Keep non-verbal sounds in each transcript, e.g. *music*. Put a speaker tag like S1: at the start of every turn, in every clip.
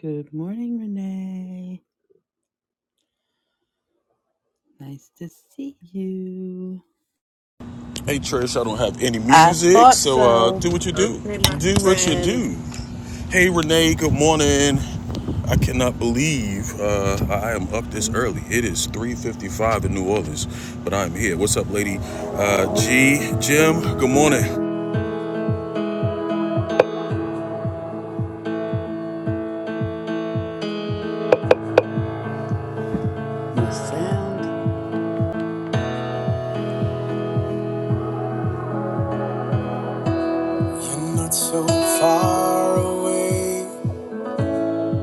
S1: Good morning, Renee. Nice to see you.
S2: Hey Trish, I don't have any
S1: I
S2: music,
S1: thought
S2: so uh,
S1: so.
S2: do what you do.
S1: Okay, my
S2: Do what you
S1: friend.
S2: do. Hey Renee, good morning. I cannot believe uh, I am up this
S3: could
S2: early. It is 3:55 in New Orleans, but I'm here. What's up, lady? Uh, G, Jim, good morning.
S1: You sound You're not so far away.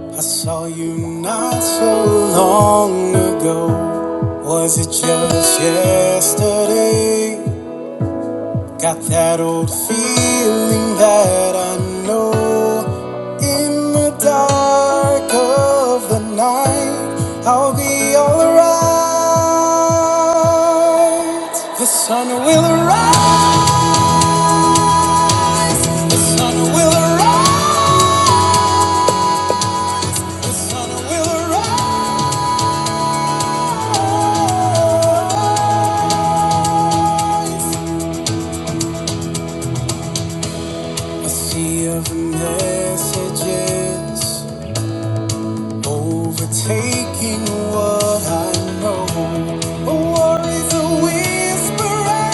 S1: I saw you not so long ago. Was it just yesterday? Got that old feeling that I know in the dark of the night I'll be alright. The sun will arise, the sun will arise, the sun will arise. A sea of messages Overtaking what I know. A war is a whisperer,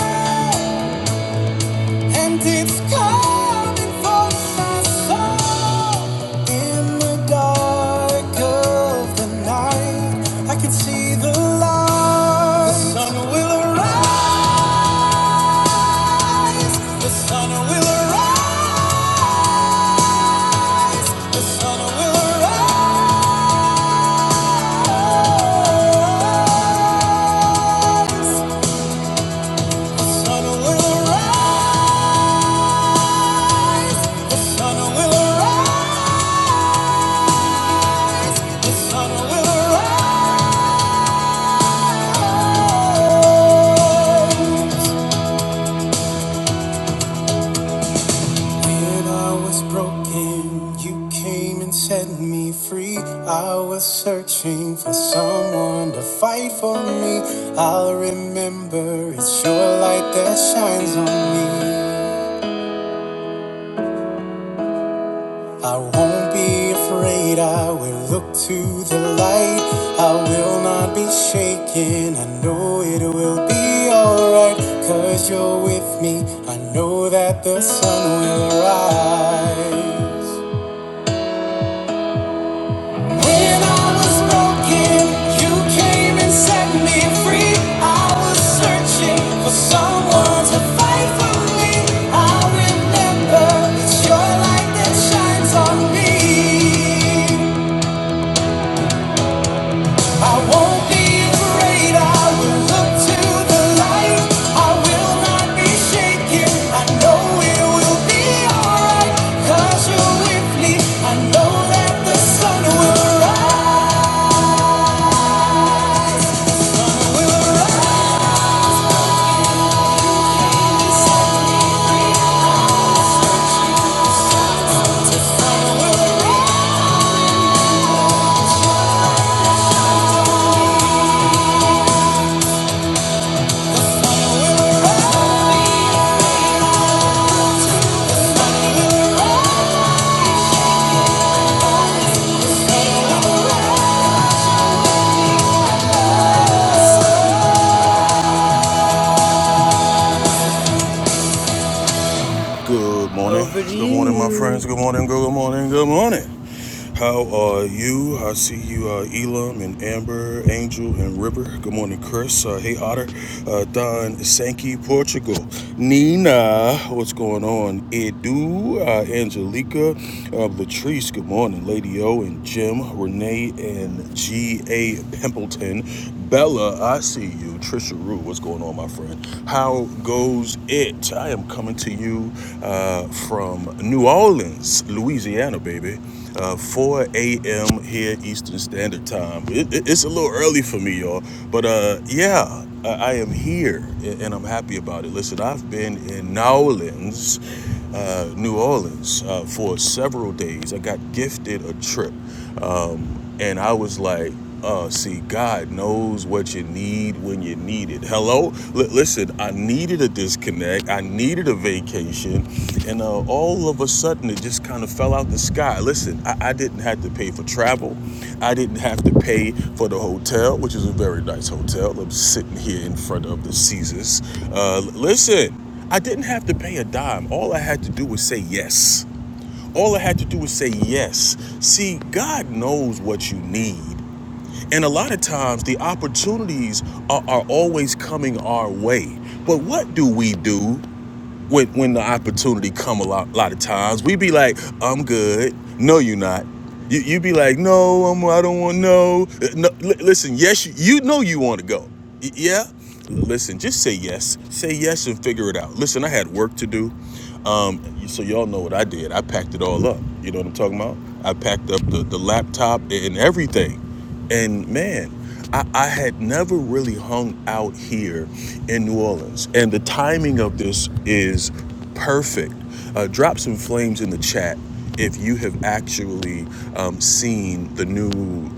S1: and it's coming for my soul. In the dark of the night, I can see the light. The sun will arise. The sun will arise. The sun will arise. The sun will rise. The sun will arise. The sun will arise. When I was broken, you came and set me free. I was searching for someone to fight for me. I'll remember it's your light that shines on me. I won't be afraid, I will look to the light. I will not be shaken, I know it will be alright. Cause you're with me, I know that the sun will rise. When I was broken, you came and set me free. I was searching for someone to fight for me. I remember it's your light that shines on me.
S2: Good morning.
S1: Over to
S2: Good morning, my friends.
S1: you.
S2: Good morning. Good morning. Good morning. How are you? I see you, uh, Elam and Amber, Angel and River. Good morning, Chris. Uh, hey, Otter. Uh, Don Sankey, Portugal. Nina, what's going on? Edu, uh, Angelica, uh, Latrice, good morning. Lady O and Jim, Renee and G.A. Pimpleton. Bella, I see you. Trisha Rue, what's going on, my friend? How goes it? I am coming to you uh, from New Orleans, Louisiana, baby uh, 4 a.m. here Eastern Standard Time. It, it- it's a little early for me, y'all, but uh, yeah, I, I am here and I'm happy about it. Listen, I've been in New Orleans, uh, New Orleans, uh, for several days. I got gifted a trip. Um, and I was like, uh, see, God knows what you need when you need it. Hello? L- listen, I needed a disconnect. I needed a vacation. And uh, all of a sudden, it just kind of fell out the sky. Listen, I-, I didn't have to pay for travel. I didn't have to pay for the hotel, which is a very nice hotel. I'm sitting here in front of the Caesars. Uh, listen, I didn't have to pay a dime. All I had to do was say yes. All I had to do was say yes. See, God knows what you need. And a lot of times the opportunities are, are always coming our way. But what do we do when, when the opportunity come a lot, lot of times? We be like, I'm good. No, you're not. You, you be like, no, I'm, I don't want no. Uh, no li- listen, yes, you, you know you want to go. Y- yeah? Listen, just say yes. Say yes and figure it out. Listen, I had work to do. Um, so y'all know what I did. I packed it all up. You know what I'm talking about? I packed up the, the laptop and everything. And man, I, I had never really hung out here in New Orleans. And the timing of this is perfect. Uh, drop some flames in the chat if you have actually um, seen the new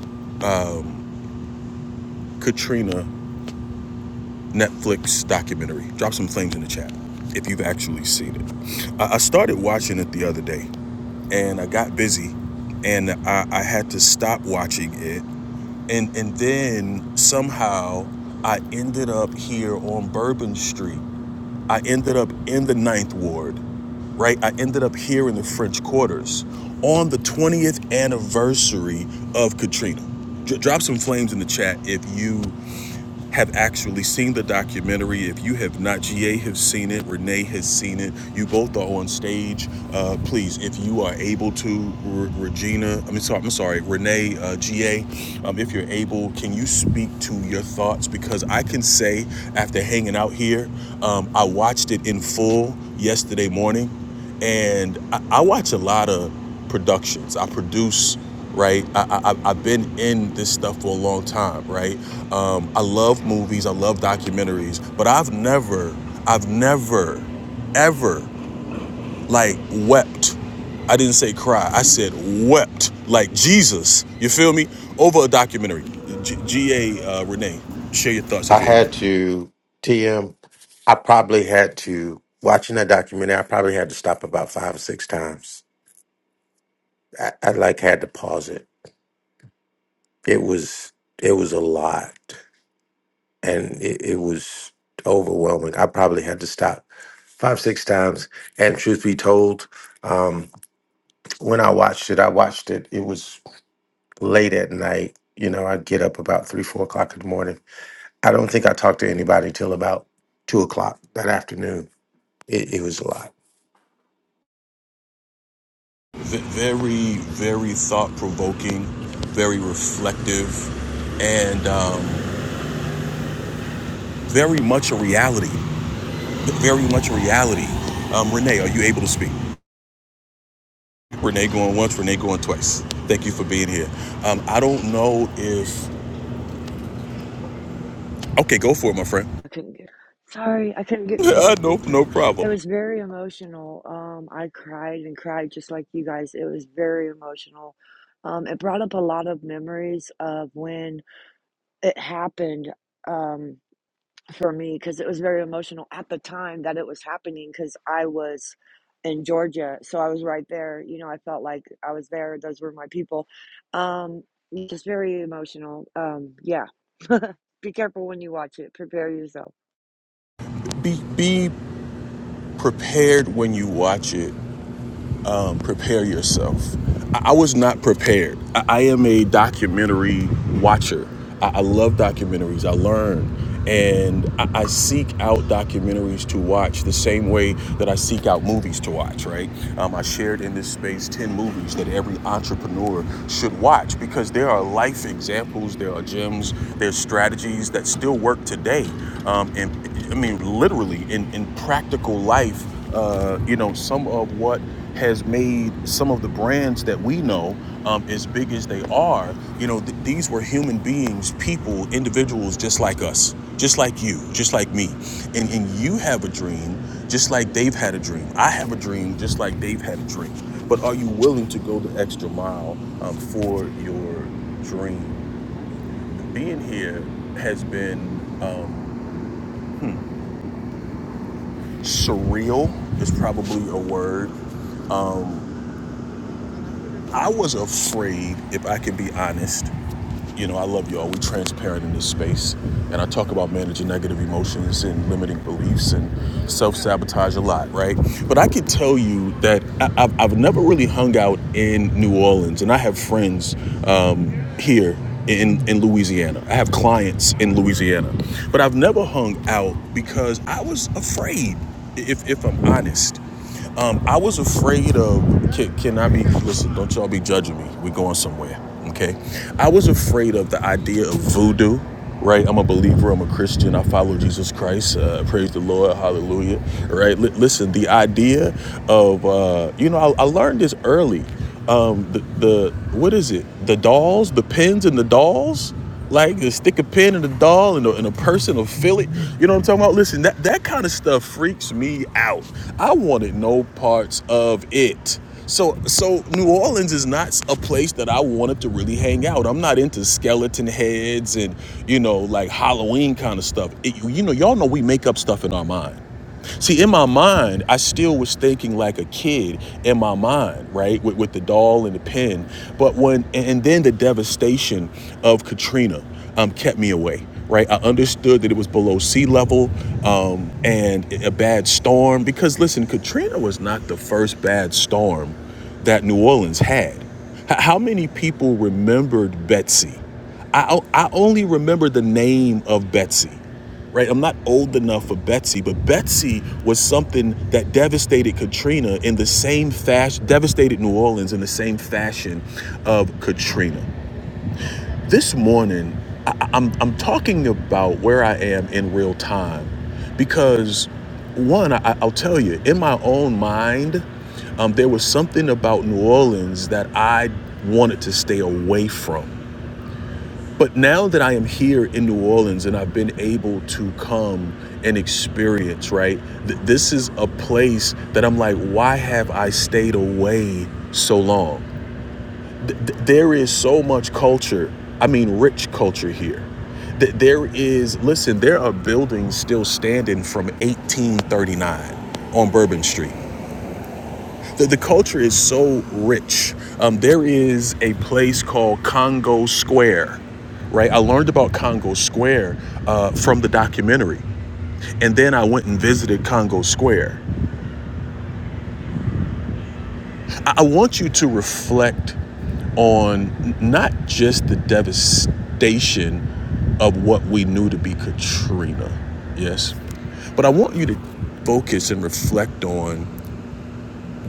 S2: Katrina Netflix documentary. Drop some flames in the chat if you've actually seen it. I, I started watching it the other day and I got busy and I, I had to stop watching it. And, and then somehow I ended up here on Bourbon Street. I ended up in the Ninth Ward, right? I ended up here in the French Quarters on the 20th anniversary of Katrina. drop some flames in the chat if you have actually seen the documentary. If you have not, GA has seen it, Renee has seen it. You both are on stage. Uh, please, if you are able to, R- Regina, I mean, sorry, I'm sorry, Renee, uh, GA, um, if you're able, can you speak to your thoughts? Because I can say, after hanging out here, um, I watched it in full yesterday morning and I, I watch a lot of productions. I produce, right? I, I, I- have been in this stuff for a long time, right? Um, I love movies, I love documentaries, but I've never, I've never, ever like wept. I didn't say cry. I said wept like Jesus. You feel me? Over a documentary. G.A. Uh, Renee, share your thoughts if
S4: I
S2: you're able.
S4: had to TM. I probably had to watching that documentary. I probably had to stop about five or six times. I, I like had to pause it. It was it was a lot, and it, it was overwhelming. I probably had to stop five six times. And truth be told, um, when I watched it, I watched it. It was late at night. You know, I'd get up about three four o'clock in the morning. I don't think I talked to anybody till about two o'clock that afternoon. It, it was a lot.
S2: very, very thought provoking, very reflective, and um, very much a reality. Very much a reality. Um, Renee, are you able to speak? Renee going once, Renee going twice. Thank you for being here. Um, I don't know if. Okay, go for it, my friend.
S3: I couldn't get. Sorry, I couldn't
S2: *laughs*
S3: get to my
S2: no,
S3: speak time.
S2: no
S3: It
S2: problem.
S3: was very emotional. Um, I cried and cried just like you guys. It was very emotional. Um, it brought up a lot of memories of when it happened um, for me because it was very emotional at the time that it was happening because I was in Georgia, so I was right there. You know, I felt like I was there. Those were my people. Um, just very emotional. Um, yeah. *laughs* Be careful when you watch it. Prepare yourself.
S2: Be be prepared when you watch it um, prepare yourself. I, I was not prepared. I, I am a documentary watcher. I, I love documentaries. I learn. And I, seek out documentaries to watch the same way that I seek out movies to watch, right? Um, I shared in this space 10 movies that every entrepreneur should watch because there are life examples, there are gems, there's strategies that still work today. Um, and I mean, literally in, in practical life uh, you know, some of what has made some of the brands that we know um, as big as they are, you know, th- these were human beings, people, individuals just like us, just like you, just like me. And, and you have a dream just like they've had a dream. I have a dream just like they've had a dream. But are you willing to go the extra mile um, for your dream? Being here has been um, surreal, is probably a word Um, I was afraid, if I can be honest. You know, I love y'all. We're transparent in this space. And I talk about managing negative emotions and limiting beliefs and self sabotage a lot, right? But I can tell you that I, I've, I've never really hung out in New Orleans. And I have friends um, here in, in Louisiana. I have clients in Louisiana. But I've never hung out because I was afraid, if, if I'm honest. Um, I was afraid of. Can, can I be? Listen, don't y'all be judging me. We're going somewhere, okay? I was afraid of the idea of voodoo, right? I'm a believer. I'm a Christian. I follow Jesus Christ. Uh, praise the Lord. Hallelujah. Right? Li- listen, the idea of uh, you know, I, I learned this early. Um, the, the what is it? The dolls, the pins, and the dolls like, you stick a pin in a doll and a, and a person will feel it. You know what I'm talking about? Listen, that, that kind of stuff freaks me out. I wanted no parts of it. So, so New Orleans is not a place that I wanted to really hang out. I'm not into skeleton heads and you know like Halloween kind of stuff. It- you know, y'all know we make up stuff in our mind. See, in my mind, I still was thinking like a kid in my mind, right? With, with the doll and the pen. But when, and then the devastation of Katrina um, kept me away, right? I understood that it was below sea level um, and a bad storm. Because listen, Katrina was not the first bad storm that New Orleans had. H- how many people remembered Betsy? I, I only remember the name of Betsy right? I'm not old enough for Betsy, but Betsy was something that devastated Katrina in the same fashion, devastated New Orleans in the same fashion of Katrina. This morning, I- I'm, I'm talking about where I am in real time because, one, I, I'll tell you, in my own mind, um, there was something about New Orleans that I wanted to stay away from but now that I am here in New Orleans and I've been able to come and experience, right? th- this is a place that I'm like, why have I stayed away so long? Th- th- there is so much culture. I mean, rich culture here. Th- there is, listen, there are buildings still standing from 1839 on Bourbon Street. The, the culture is so rich. Um, there is a place called Congo Square, right? I learned about Congo Square uh, from the documentary, and then I went and visited Congo Square. I, I want you to reflect on not just the devastation of what we knew to be Katrina, yes, but I want you to focus and reflect on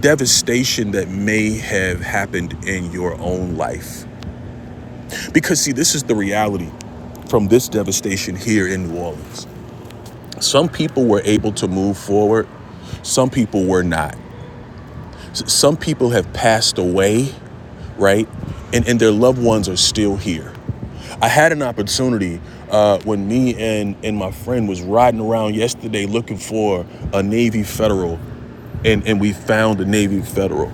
S2: devastation that may have happened in your own life Because, see, this is the reality from this devastation here in New Orleans. Some people were able to move forward, some people were not. Some people have passed away, right? And, and their loved ones are still here. I had an opportunity uh, when me and, and my friend was riding around yesterday looking for a Navy Federal, and, and we found a Navy Federal.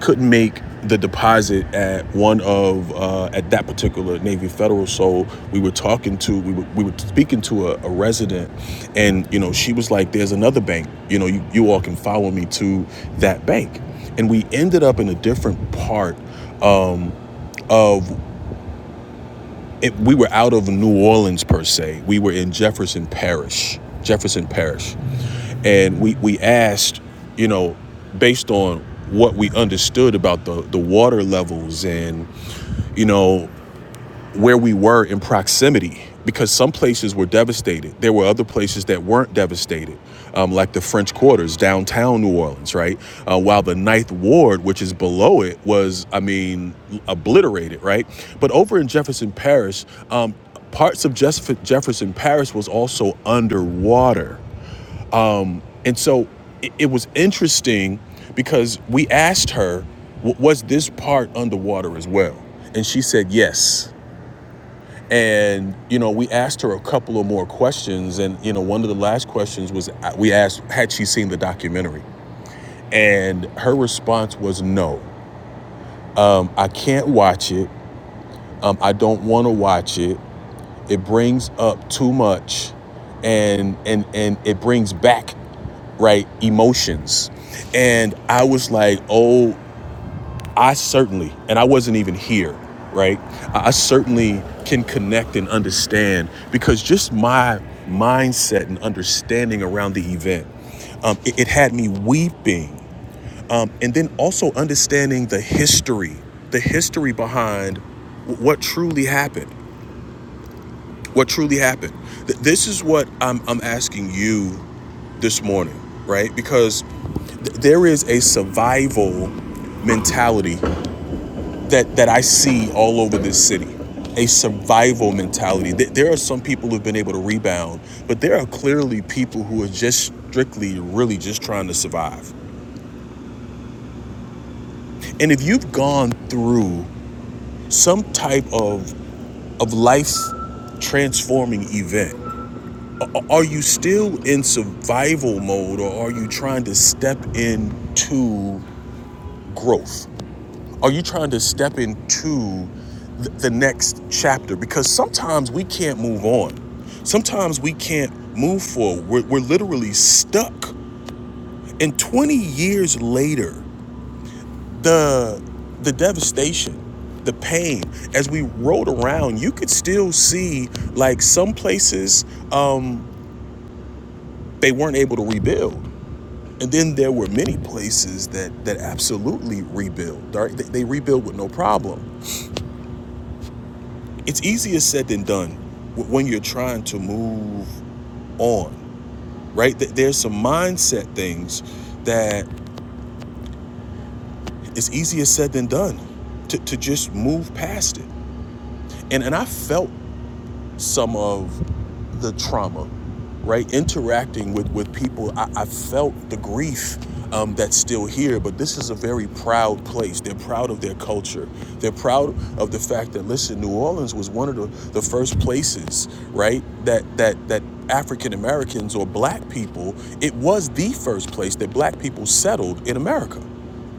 S2: couldn't make the deposit at one of uh, at that particular Navy Federal. So we were talking to we were, we were speaking to a, a resident, and you know she was like, "There's another bank. You know, you, you all can follow me to that bank." And we ended up in a different part um, of it, we were out of New Orleans per se. We were in Jefferson Parish, Jefferson Parish, and we we asked, you know, based on what we understood about the the water levels and you know where we were in proximity because some places were devastated. There were other places that weren't devastated, um, like the French Quarters, downtown New Orleans, right? Uh, while the Ninth Ward, which is below it, was, I mean, obliterated, right? But over in Jefferson Parish, um, parts of Jeff- Jefferson Parish was also underwater. And so it, it was interesting because we asked her, was this part underwater as well? And she said, yes. And you know, we asked her a couple of more questions, and you know, one of the last questions was uh, we asked, had she seen the documentary? And her response was no. Um, I can't watch it. Um, I don't want to watch it. It brings up too much, and and and it brings back right emotions. And I was like, oh I certainly, and I wasn't even here, right? I certainly can connect and understand because just my mindset and understanding around the event, um, it, it had me weeping. Um, and then also understanding the history, the history behind what truly happened. What truly happened. Th- this is what I'm, I'm asking you this morning, right? Because th- there is a survival mentality that that I see all over this city. A survival mentality. There are some people who've been able to rebound, but there are clearly people who are just strictly, really just trying to survive. And if you've gone through some type of of life transforming event, are you still in survival mode, or are you trying to step into growth? Are you trying to step into th- the next chapter? Because sometimes we can't move on. Sometimes we can't move forward. We're, we're literally stuck. And 20 years later, the the devastation, the pain, as we rode around, you could still see like some places um, they weren't able to rebuild. And then there were many places that that absolutely rebuild. Right? They, they rebuild with no problem. it's easier said than done w- when you're trying to move on, right? Th- There's some mindset things that it's easier said than done to, to just move past it. And and I felt some of the trauma, right? Interacting with, with people, I, I felt the grief um, that's still here, but this is a very proud place. They're proud of their culture. They're proud of the fact that, listen, New Orleans was one of the, the first places, right, that, that, that African Americans or black people, it was the first place that black people settled in America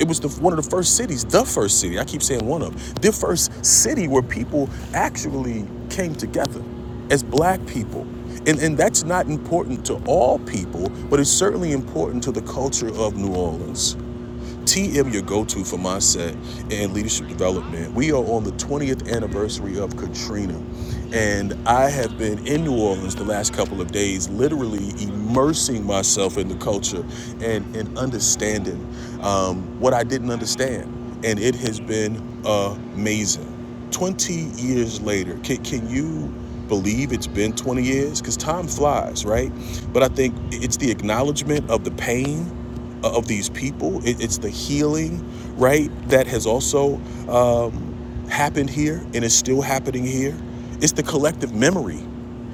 S2: it was the, one of the first cities, the first city. I keep saying one of the first city where people actually came together as black people. And, and that's not important to all people, but it's certainly important to the culture of New Orleans. TM, your go to for mindset and leadership development. We are on the 20th anniversary of Katrina, and I have been in New Orleans the last couple of days, literally immersing myself in the culture and, and understanding um, what I didn't understand. And it has been amazing. 20 years later, can, can you believe it's been 20 years? Because time flies, right? But I think it's the acknowledgement of the pain of these people. It, it's the healing, right, that has also um, happened here and is still happening here. It's the collective memory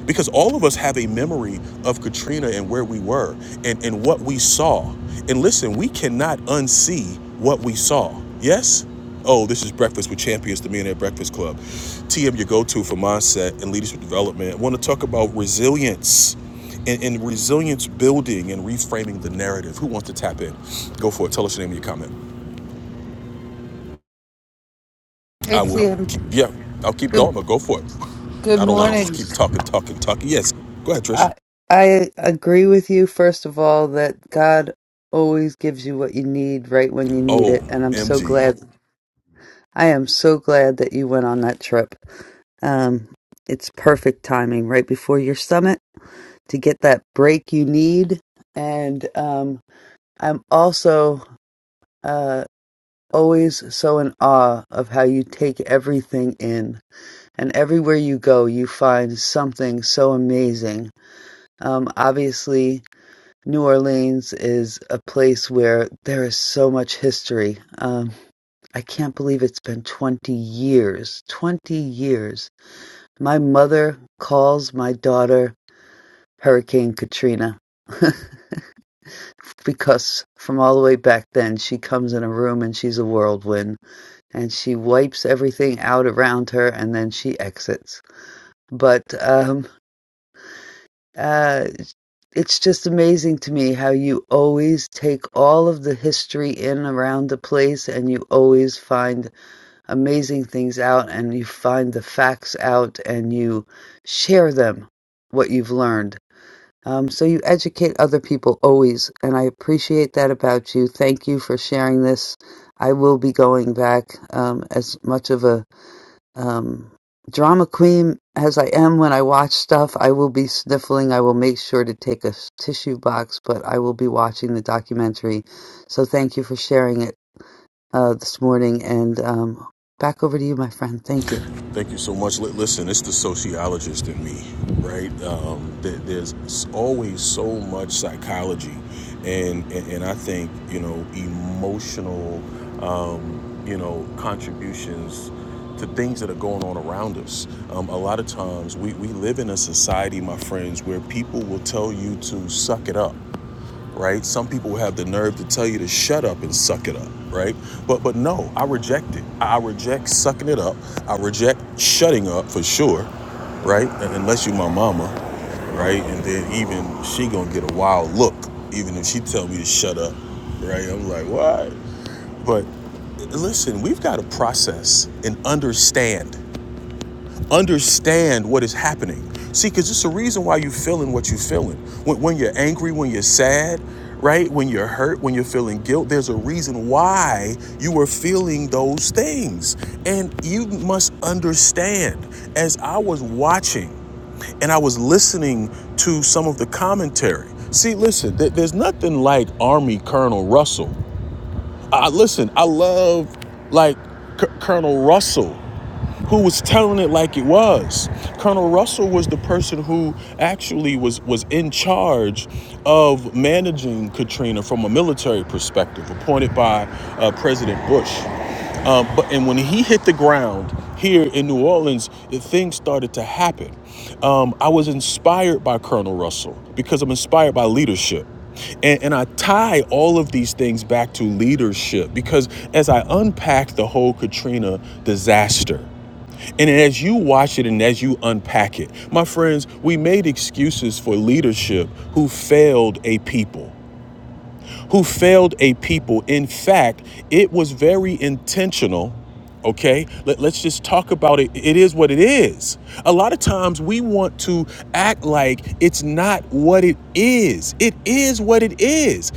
S2: because all of us have a memory of Katrina and where we were and, and what we saw. And listen, we cannot unsee what we saw. Yes? Oh, this is Breakfast with Champions, the Millionaire Breakfast Club. TM, your go to for mindset and leadership development. I want to talk about resilience and, and resilience building and reframing the narrative. Who wants to tap in? Go for it. Tell us your name and your comment.
S1: Hey
S2: I will,
S1: Tim,
S2: keep, yeah, I'll keep going,
S1: good
S2: but go for it.
S1: good
S2: I don't want to just
S1: morning.
S2: keep talking, talking, talking. Yes, go ahead, Trish.
S1: I I agree with you first of all that God always gives you what you need right when you need
S2: Oh,
S1: it, and I'm so
S2: MG.
S1: glad I am so glad that you went on that trip. Um, it's perfect timing right before your summit to get that break you need. And um, I'm also uh, always so in awe of how you take everything in. And everywhere you go, you find something so amazing. Um, obviously, New Orleans is a place where there is so much history. Um, I can't believe it's been 20 years. 20 years. My mother calls my daughter Hurricane Katrina *laughs* because from all the way back then, she comes in a room and she's a whirlwind and she wipes everything out around her and then she exits. But um, uh, it's just amazing to me how you always take all of the history in around the place and you always find amazing things out and you find the facts out and you share them, what you've learned. Um, so you educate other people always. And I appreciate that about you. Thank you for sharing this. I will be going back um, as much of a um, drama queen as I am when I watch stuff. I will be sniffling. I will make sure to take a tissue box, but I will be watching the documentary. So thank you for sharing it uh, this morning. And um, back over to you, my friend. Thank you.
S2: Thank you so much. Listen, it's the sociologist in me, right? Um, there's always so much psychology, and, and and I think you know emotional, um, you know contributions to things that are going on around us. Um, a lot of times, we we live in a society, my friends, where people will tell you to suck it up right? Some people will have the nerve to tell you to shut up and suck it up, right? But but no, I reject it. I reject sucking it up. I reject shutting up for sure, right? Un- Unless you my mama, right? And then even she gonna get a wild look, even if she tell me to shut up, right? I'm like, why? But listen, we've got to process and understand understand what is happening. See, because it's a reason why you're feeling what you're feeling. When, when you're angry, when you're sad, right? When you're hurt, when you're feeling guilt, there's a reason why you are feeling those things. And you must understand, as I was watching and I was listening to some of the commentary. See, listen, th- there's nothing like Army Colonel Russell. I, listen, I love like C- Colonel Russell who was telling it like it was. Colonel Russell was the person who actually was was in charge of managing Katrina from a military perspective, appointed by uh, President Bush. Um, but and when he hit the ground here in New Orleans, things started to happen. Um, I was inspired by Colonel Russell because I'm inspired by leadership. And, and I tie all of these things back to leadership because as I unpack the whole Katrina disaster, and as you watch it and as you unpack it, my friends, we made excuses for leadership who failed a people, who failed a people. In fact, it was very intentional. Okay, Let, us just talk about it. It is what it is. A lot of times we want to act like it's not what it is. It is what it is.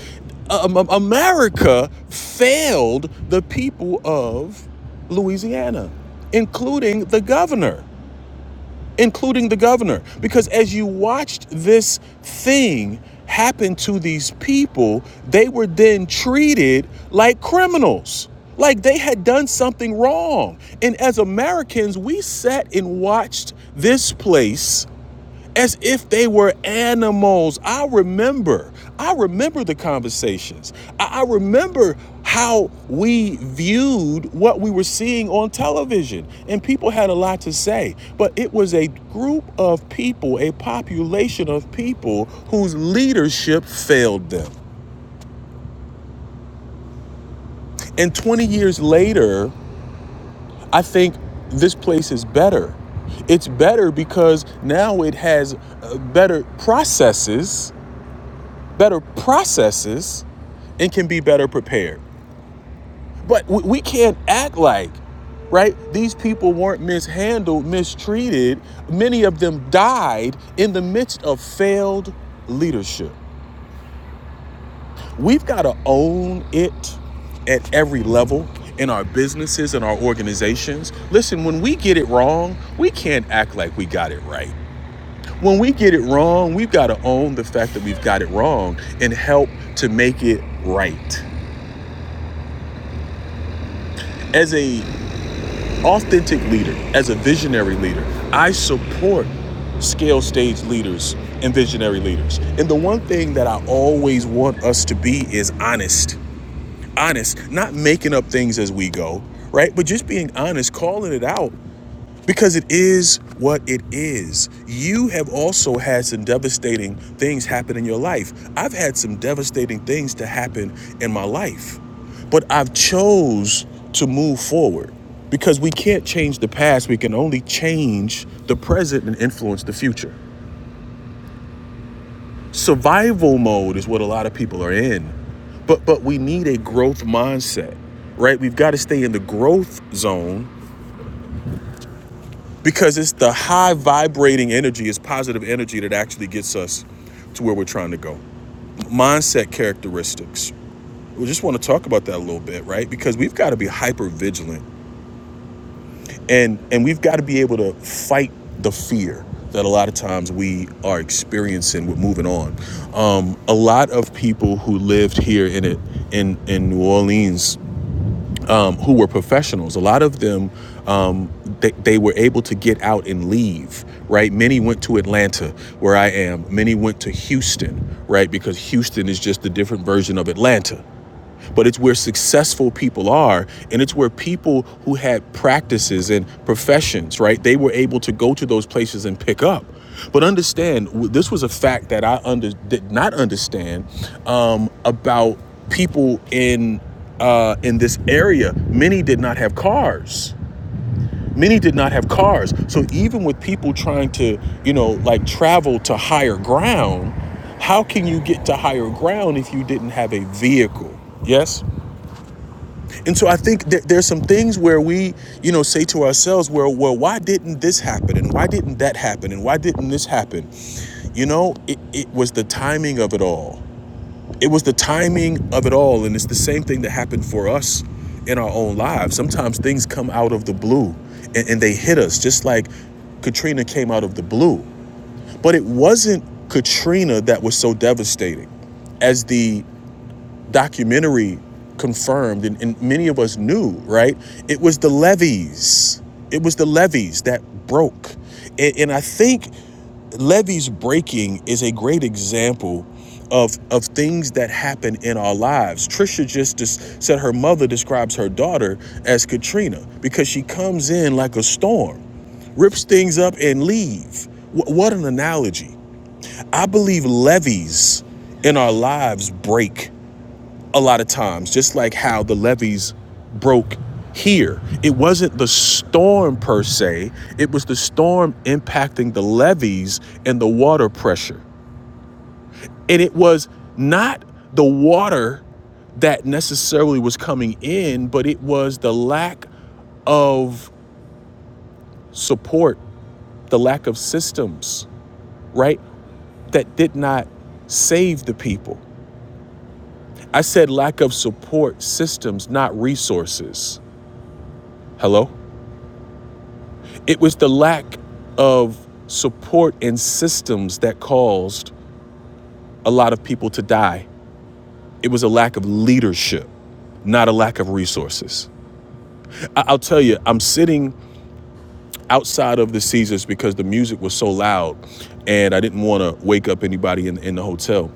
S2: Um, um, America failed the people of Louisiana, including the governor including the governor. Because as you watched this thing happen to these people, they were then treated like criminals, like they had done something wrong. And as Americans, we sat and watched this place as if they were animals. I remember, I remember the conversations. I, remember how we viewed what we were seeing on television. And people had a lot to say. But it was a group of people, a population of people whose leadership failed them. And 20 years later, I think this place is better. It's better because now it has uh, better processes better processes and can be better prepared. But we, can't act like, right, these people weren't mishandled, mistreated. Many of them died in the midst of failed leadership. We've got to own it at every level in our businesses and our organizations. Listen, when we get it wrong, we can't act like we got it right. When we get it wrong, we've got to own the fact that we've got it wrong and help to make it right. as a authentic leader, as a visionary leader, I support scale stage leaders and visionary leaders. And the one thing that I always want us to be is honest. Honest, not making up things as we go, right? But just being honest, calling it out because it is what it is. You have also had some devastating things happen in your life. I've had some devastating things to happen in my life. But I've chose to move forward because we can't change the past. We can only change the present and influence the future. Survival mode is what a lot of people are in. But but we need a growth mindset, right? We've got to stay in the growth zone because it's the high vibrating energy, it's positive energy that actually gets us to where we're trying to go. Mindset characteristics. We just want to talk about that a little bit, right? Because we've got to be hyper vigilant and and we've got to be able to fight the fear that a lot of times we are experiencing with moving on. Um, a lot of people who lived here in it in in New Orleans um, who were professionals. A lot of them, um, they, they were able to get out and leave, right? Many went to Atlanta, where I am. Many went to Houston, right? Because Houston is just a different version of Atlanta, but it's where successful people are and it's where people who had practices and professions right they were able to go to those places and pick up but understand this was a fact that i under did not understand um, about people in uh, in this area many did not have cars many did not have cars so even with people trying to you know like travel to higher ground how can you get to higher ground if you didn't have a vehicle yes and so I think that there's some things where we, you know, say to ourselves, well, well, why didn't this happen? And why didn't that happen? And why didn't this happen? You know, it, it was the timing of it all. It was the timing of it all. And it's the same thing that happened for us in our own lives. Sometimes things come out of the blue and, and they hit us, just like Katrina came out of the blue. But it wasn't Katrina that was so devastating as the documentary confirmed and, and many of us knew right it was the levees it was the levees that broke and, and i think levees breaking is a great example of of things that happen in our lives trisha just des- said her mother describes her daughter as katrina because she comes in like a storm rips things up and leave Wh- what an analogy i believe levees in our lives break a lot of times, just like how the levees broke here. It wasn't the storm per se, it was the storm impacting the levees and the water pressure. And it was not the water that necessarily was coming in, but it was the lack of support, the lack of systems, right? That did not save the people. I said lack of support systems, not resources. Hello? It was the lack of support and systems that caused a lot of people to die. It was a lack of leadership, not a lack of resources. I- will tell you, I'm sitting outside of the Caesars because the music was so loud and I didn't want to wake up anybody in, in the hotel.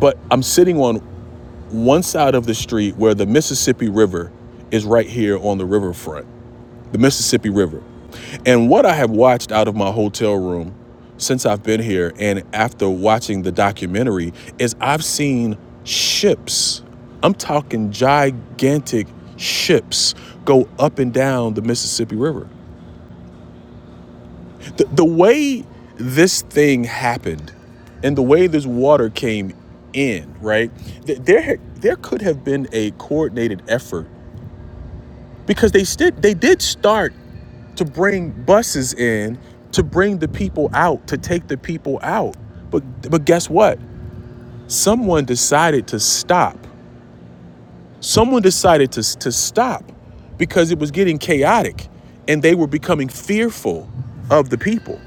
S2: But I'm sitting on one side of the street where the Mississippi River is right here on the riverfront. the Mississippi River. And what I have watched out of my hotel room since I've been here and after watching the documentary is I've seen ships. I'm talking gigantic ships go up and down the Mississippi River. The, the way this thing happened and the way this water came in, right? There, there could have been a coordinated effort because they did, they did start to bring buses in to bring the people out to take the people out but but guess what someone decided to stop someone decided to, to stop because it was getting chaotic and they were becoming fearful of the people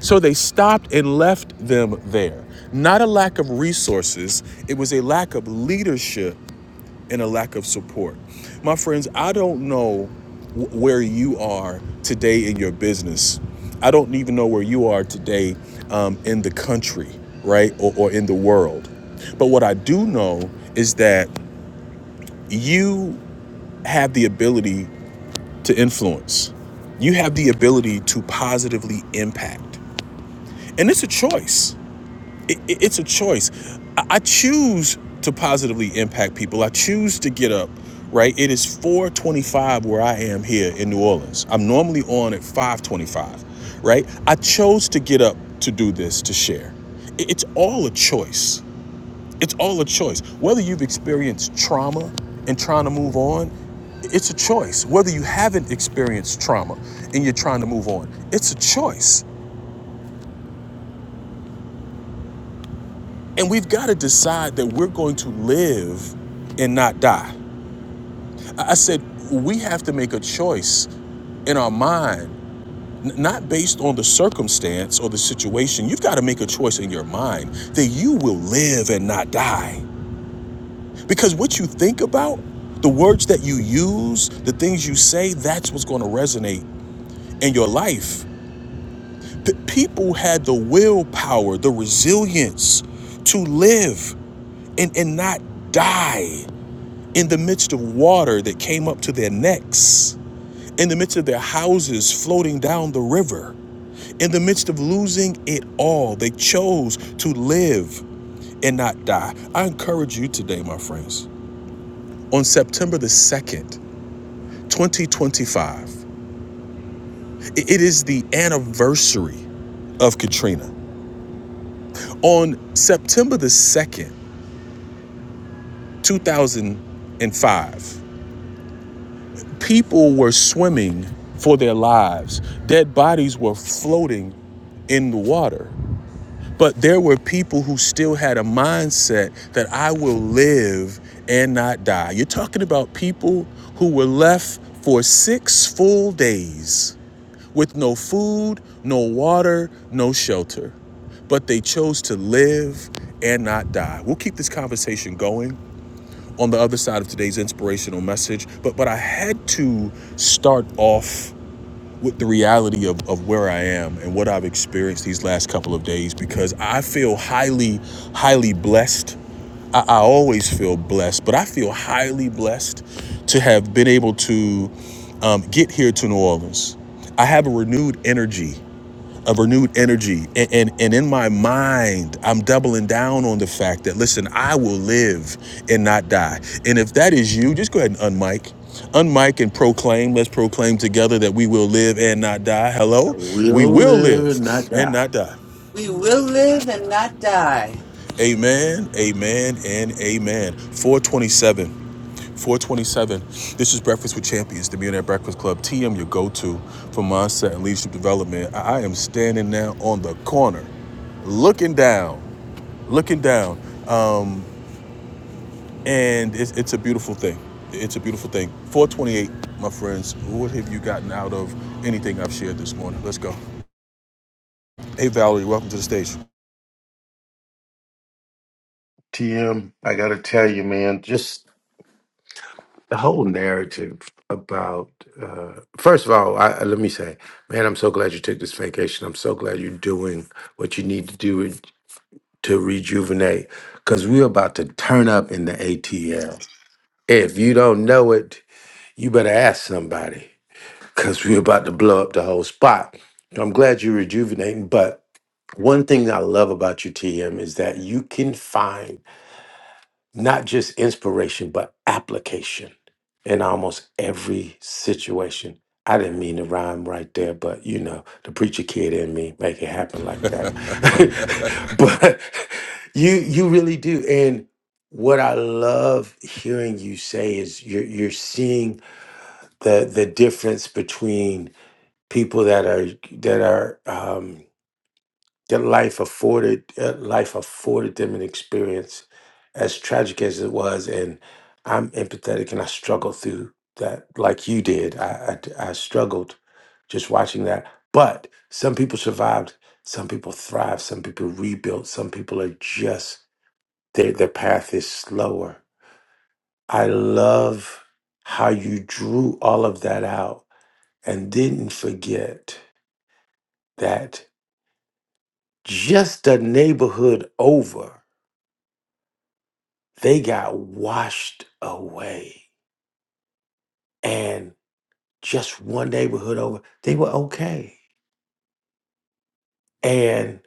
S2: so they stopped and left them there not a lack of resources it was a lack of leadership and a lack of support. My friends, I don't know where you are today in your business. I don't even know where you are today um, in the country, right? Or, or in the world. But what I do know is that you have the ability to influence, you have the ability to positively impact. And it's a choice. it, it- it's a choice. I, I choose to positively impact people. I choose to get up. Right, it is 4:25 where I am here in New Orleans. I'm normally on at 5:25. Right, I chose to get up to do this to share. It- it's all a choice. It's all a choice. Whether you've experienced trauma and trying to move on, it's a choice. Whether you haven't experienced trauma and you're trying to move on, it's a choice. And we've got to decide that we're going to live and not die. I said, we have to make a choice in our mind, not based on the circumstance or the situation. You've got to make a choice in your mind that you will live and not die. Because what you think about, the words that you use, the things you say, that's what's going to resonate in your life. P- people had the willpower, the resilience to live and, and not die. in the midst of water that came up to their necks, in the midst of their houses floating down the river, in the midst of losing it all, they chose to live and not die. I encourage you today, my friends, on September the 2nd, 2025, it is the anniversary of Katrina. On September the 2nd, 2005, People were swimming for their lives, dead bodies were floating in the water. But there were people who still had a mindset that I will live and not die. You're talking about people who were left for six full days with no food, no water, no shelter. But they chose to live and not die. We'll keep this conversation going on the other side of today's inspirational message, but but I had to start off with the reality of, of where I am and what I've experienced these last couple of days because I feel highly, highly blessed. I, I always feel blessed, but I feel highly blessed to have been able to um, get here to New Orleans. I have a renewed energy a renewed energy. And, and, and in my mind, I'm doubling down on the fact that, listen, I will live and not die. And if that is you, just go ahead and unmic. Unmic and proclaim. Let's proclaim together that we will live and not die. Hello? We
S4: We'll
S2: will
S4: live
S2: live
S4: and not
S2: and
S4: die.
S2: not die.
S1: We will live and not die,
S2: Amen, amen, and amen. 427. 427. This is Breakfast with Champions, the Millionaire Breakfast Club. TM, your go to for mindset and leadership development. I am standing now on the corner looking down looking down, and it's, it's a beautiful thing. It's a beautiful thing. 428, my friends. What have you gotten out of anything I've shared this morning? Let's go. Hey, Valerie, welcome to the station.
S4: TM, I got to tell you, man, just the whole narrative about, uh, first of all, I, I- let me say, man, I'm so glad you took this vacation. I'm so glad you're doing what you need to do to rejuvenate because we're about to turn up in the ATL. If you don't know it, you better ask somebody because we're about to blow up the whole spot. I'm glad you're rejuvenating, but one thing I love about you, TM, is that you can find not just inspiration, but application in almost every situation. I didn't mean to rhyme right there, but you know, the preacher kid in me make it happen like that. *laughs* but you you really do. And what I love hearing you say is you're you're seeing the the difference between people that are that are um their life afforded their life afforded them an experience as tragic as it was, and I'm empathetic and I struggled through that like you did. I I, I struggled just watching that. But some people survived, some people thrived, some people rebuilt, some people are just their their path is slower. I love how you drew all of that out and didn't forget that just the neighborhood over. They got washed away. And just one neighborhood over, they were okay. And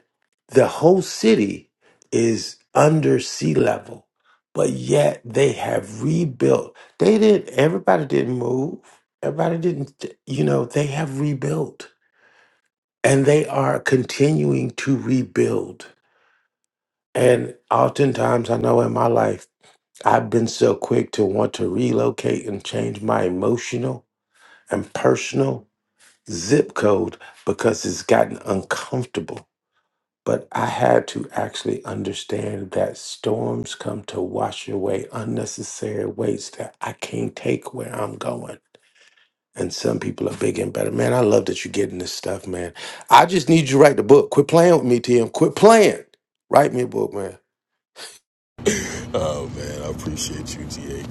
S4: the whole city is under sea level, but yet they have rebuilt. They didn't, everybody didn't move. Everybody didn't, you know, they have rebuilt and they are continuing to rebuild. And oftentimes, I know in my life, I've been so quick to want to relocate and change my emotional. and personal zip code because it's gotten uncomfortable. But I had to actually understand that storms come to wash away unnecessary weights that I can't take where I'm going. And some people are bigger and better. Man, I love that you're getting this stuff, man. I just need you to write the book. Quit playing with me, TM. Quit playing. Write me a book, man.
S2: Oh man, I appreciate you, T.A.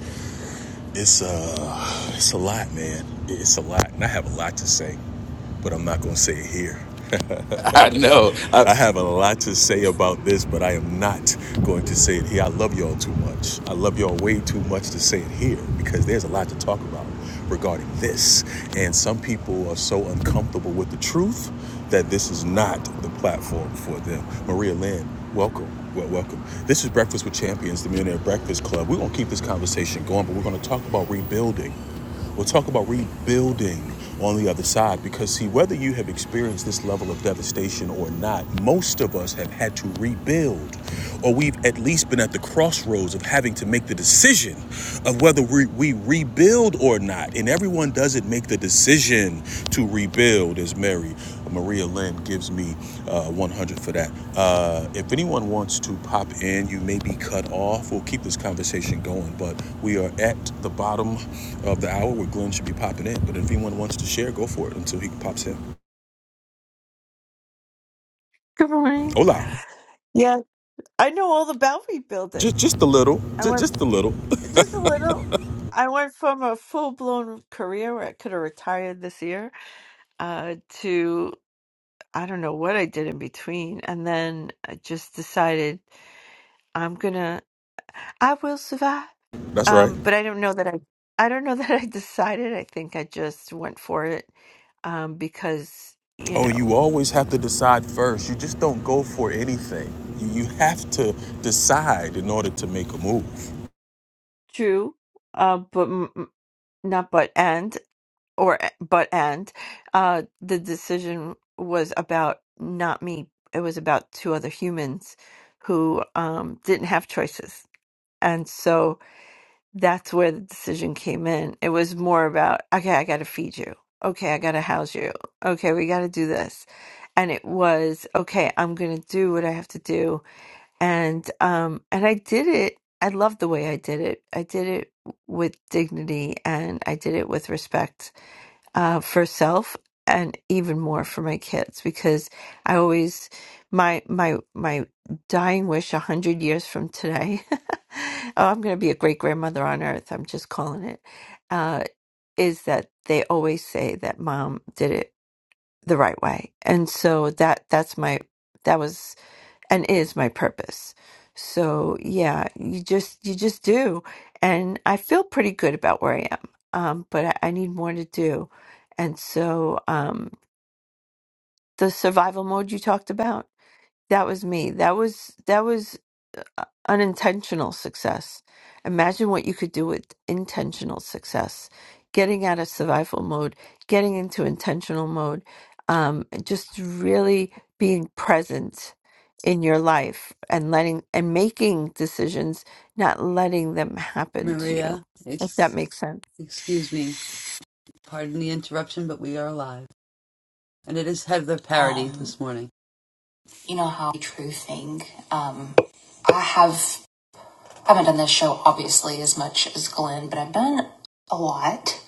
S2: It's uh, it's a lot, man. It's a lot, and I have a lot to say, but I'm not gonna say it here.
S4: *laughs* I know. I,
S2: I have a lot to say about this, but I am not going to say it here. I love y'all too much. I love y'all way too much to say it here because there's a lot to talk about regarding this. And some people are so uncomfortable with the truth that this is not the platform for them. Maria Lynn, welcome. Well, welcome. This is Breakfast with Champions, the Millionaire Breakfast Club. We're going to keep this conversation going, but we're going to talk about rebuilding We'll talk about rebuilding on the other side because, see, whether you have experienced this level of devastation or not, most of us have had to rebuild, or we've at least been at the crossroads of having to make the decision of whether we, we rebuild or not. And everyone doesn't make the decision to rebuild, as Mary Maria Lynn gives me uh, 100 for that. Uh, if anyone wants to pop in, you may be cut off. We'll keep this conversation going, but we are at the bottom of the hour where Glenn should be popping in. But if anyone wants to share, go for it until he pops in.
S5: Good morning.
S2: Hola.
S5: Yeah, I know all about
S2: Just,
S5: rebuilding.
S2: just a little,
S5: I
S2: just,
S5: went
S2: just a little.
S5: f- just a little. I went from a full blown career where I could have retired this year uh, to I don't know what I did in between, and then I just decided I'm gonna I will survive.
S2: *laughs* That's right.
S5: Um, but I don't know that I I don't know *laughs* that I decided. I think I just went for it um, because you
S2: Oh,
S5: know
S2: you always have to decide first. You just don't go for anything. You, you have to decide in order to make a move.
S5: true, uh, but m- m- not but and. or e, but and uh the decision was about not me it was about two other humans who um didn't have choices and so that's where the decision came in it was more about okay i got to feed you okay i got to house you okay we got to do this and it was okay i'm going to do what i have to do and um and i did it i loved the way i did it i did it with dignity and i did it with respect uh, for self and even more for my kids because I always my my my dying wish a hundred years from today. *laughs* oh, I'm going to be a great grandmother on earth. I'm just calling it. Uh, is that they always say that mom did it the right way, and so that that's my that was and is my purpose. So yeah, you just you just do, and I feel pretty good about where I am. Um, but I, I need more to do, and so um, the survival mode you talked about that was me. That was that was uh, unintentional success. Imagine what you could do with intentional success. Getting out of survival mode, getting into intentional mode, um, and just really being present in your life and letting and making decisions, not letting them happen to you.
S1: Maria.
S5: If that
S1: Ex-
S5: makes sense.
S1: excuse me. Pardon the interruption, but we are alive. And it is Heather Parody Um, this morning. you know how true thing. Um, I have I haven't done this show obviously as much as Glenn, but I've done a lot.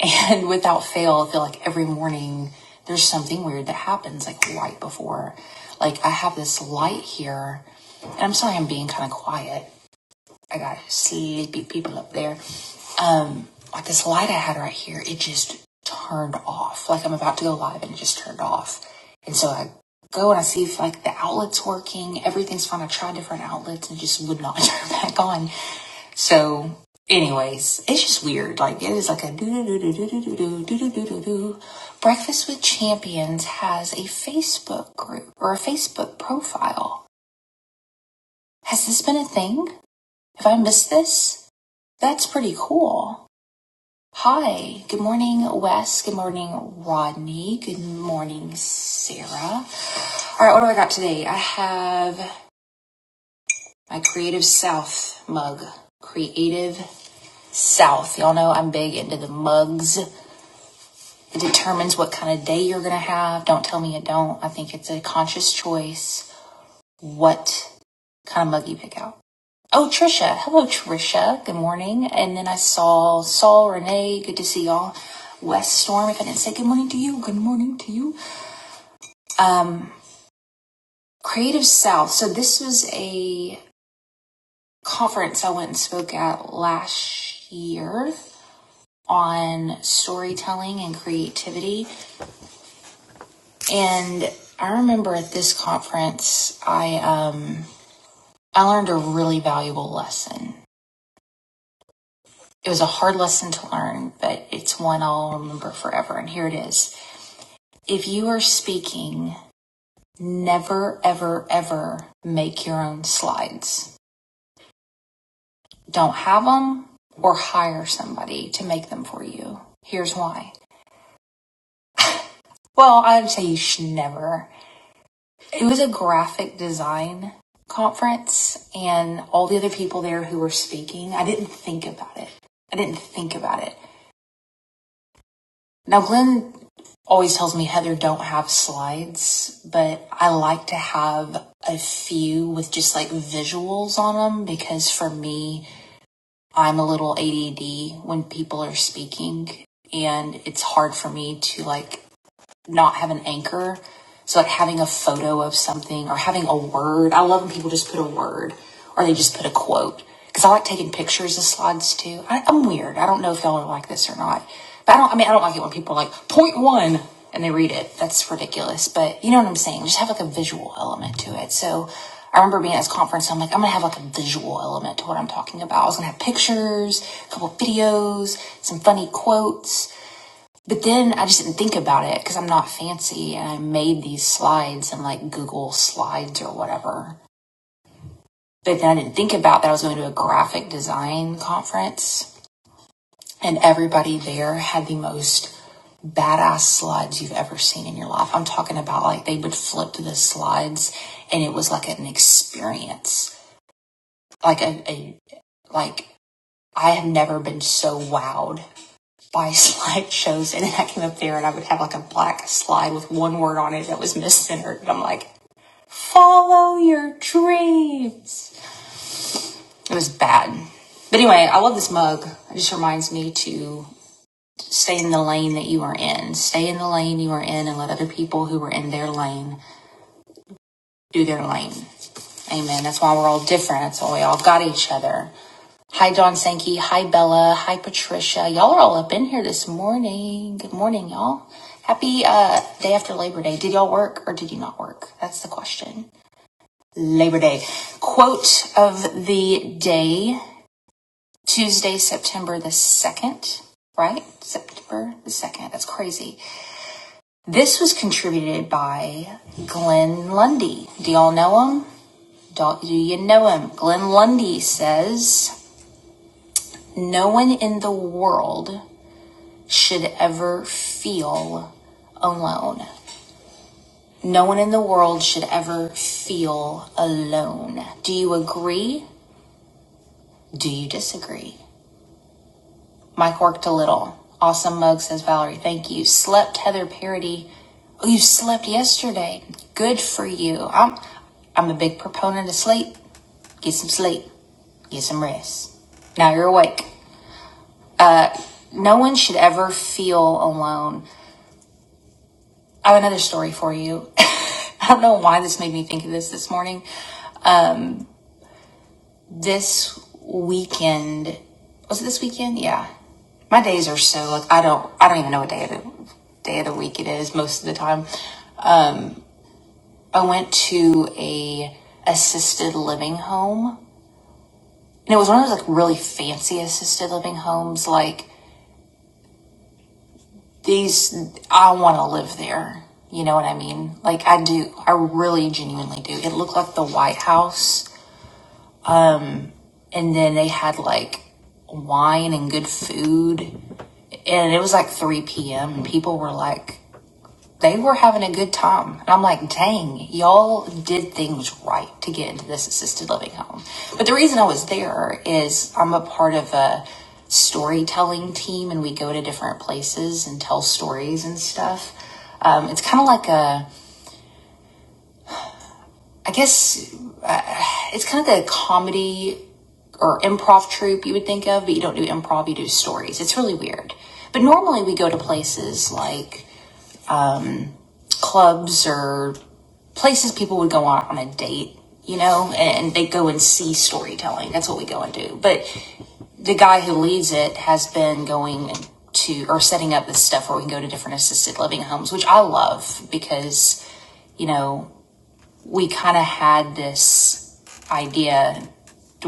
S1: And without fail, I feel like every morning there's something weird that happens, like right before. Like I have this light here, and I'm sorry I'm being kind of quiet. I got sleepy people up there. Um, like this light I had right here, it just turned off. Like I'm about to go live and it just turned off. And so I go and I see if like the outlet's working, everything's fine. I tried different outlets and it just would not *laughs* turn back on. So, anyways, it's just weird. Like it is like a do do do do do do do do do do do do. Breakfast with Champions has a Facebook group or a Facebook profile. Has this been a thing? Have I missed this? That's pretty cool. Hi. Good morning, Wes. Good morning, Rodney. Good morning, Sarah. All right, what do I got today? I have my Creative South mug. Creative South. Y'all know I'm big into the mugs. It determines what kind of day you're going to have. Don't tell me you don't. I think it's a conscious choice. What kind of mug you pick out? Oh, Trisha. Hello, Trisha. Good morning. And then I saw Saul, Renee. Good to see y'all. West Storm. If I didn't say good morning to you, good morning to you. Um, Creative South. So this was a conference I went and spoke at last year on storytelling and creativity. And I remember at this conference, I um, I learned a really valuable lesson It was a hard lesson to learn, but it's one I'll remember forever. And here it is. If you are speaking, never, ever, ever make your own slides. Don't have them or hire somebody to make them for you. Here's why. Well, I'd say you should never. It was a graphic design conference and all the other people there who were speaking, I didn't think about it. I didn't think about it. Now, Glenn always tells me, Heather, don't have slides, but I like to have a few with just like visuals on them because for me, I'm a little ADD when people are speaking and it's hard for me to like not have an anchor. So like having a photo of something or having a word. I love when people just put a word or they just put a quote. Because I like taking pictures of slides too. I, I'm weird. I don't know if y'all are like this or not. But I don't. I mean, I don't like it when people are like point one and they read it. That's ridiculous. But you know what I'm saying. Just have like a visual element to it. So I remember being at this conference. and I'm like, I'm gonna have like a visual element to what I'm talking about. I was gonna have pictures, a couple videos, some funny quotes but then I just didn't think about it because I'm not fancy and I made these slides and like Google slides or whatever. But then I didn't think about that I was going to a graphic design conference and everybody there had the most badass slides you've ever seen in your life. I'm talking about like they would flip to the slides and it was like an experience, like a, a like I have never been so wowed by *laughs* slideshows and then I came up there and I would have like a black slide with one word on it that was miscentered. And I'm like, follow your dreams. It was bad. But anyway, I love this mug. It just reminds me to stay in the lane that you are in. Stay in the lane you are in and let other people who are in their lane do their lane. Amen. That's why we're all different. That's why we all got each other. Hi, John Sankey. Hi, Bella. Hi, Patricia. Y'all are all up in here this morning. Good morning, y'all. Happy uh, day after Labor Day. Did y'all work or did you not work? That's the question. Labor Day. Quote of the day Tuesday, September the 2nd, right? September the 2nd. That's crazy. This was contributed by Glenn Lundy. Do y'all know him? do do you know him? Glenn Lundy says, No one in the world should ever feel alone. No one in the world should ever feel alone. Do you agree? Do you disagree? Mike worked a little. Awesome mug says Valerie, thank you. Slept Heather Parody. Oh, you slept yesterday. Good for you. I'm I'm a big proponent of sleep. Get some sleep. Get some rest. Now you're awake. No one should ever feel alone. I have another story for you. *laughs* I don't know why this made me think of this this morning. this weekend was it this weekend yeah my days are so like i don't i don't even know what day of the day of the week it is most of the time um i went to a assisted living home and it was one of those like really fancy assisted living homes like these i want to live there you know what i mean like i do i really genuinely do it looked like the white house Um, and then they had like wine and good food and it was like 3 p.m and people were like they were having a good time and i'm like dang y'all did things right to get into this assisted living home but the reason i was there is i'm a part of a storytelling team and we go to different places and tell stories and stuff um, it's kind of like a i guess it's kind of the comedy or improv troupe you would think of, but you don't do improv, you do stories. It's really weird. But normally we go to places like clubs or places people would go on, on a date, you know, and they go and see storytelling. That's what we go and do. But the guy who leads it has been going to or setting up this stuff where we can go to different assisted living homes, which I love because, you know, we kind of had this idea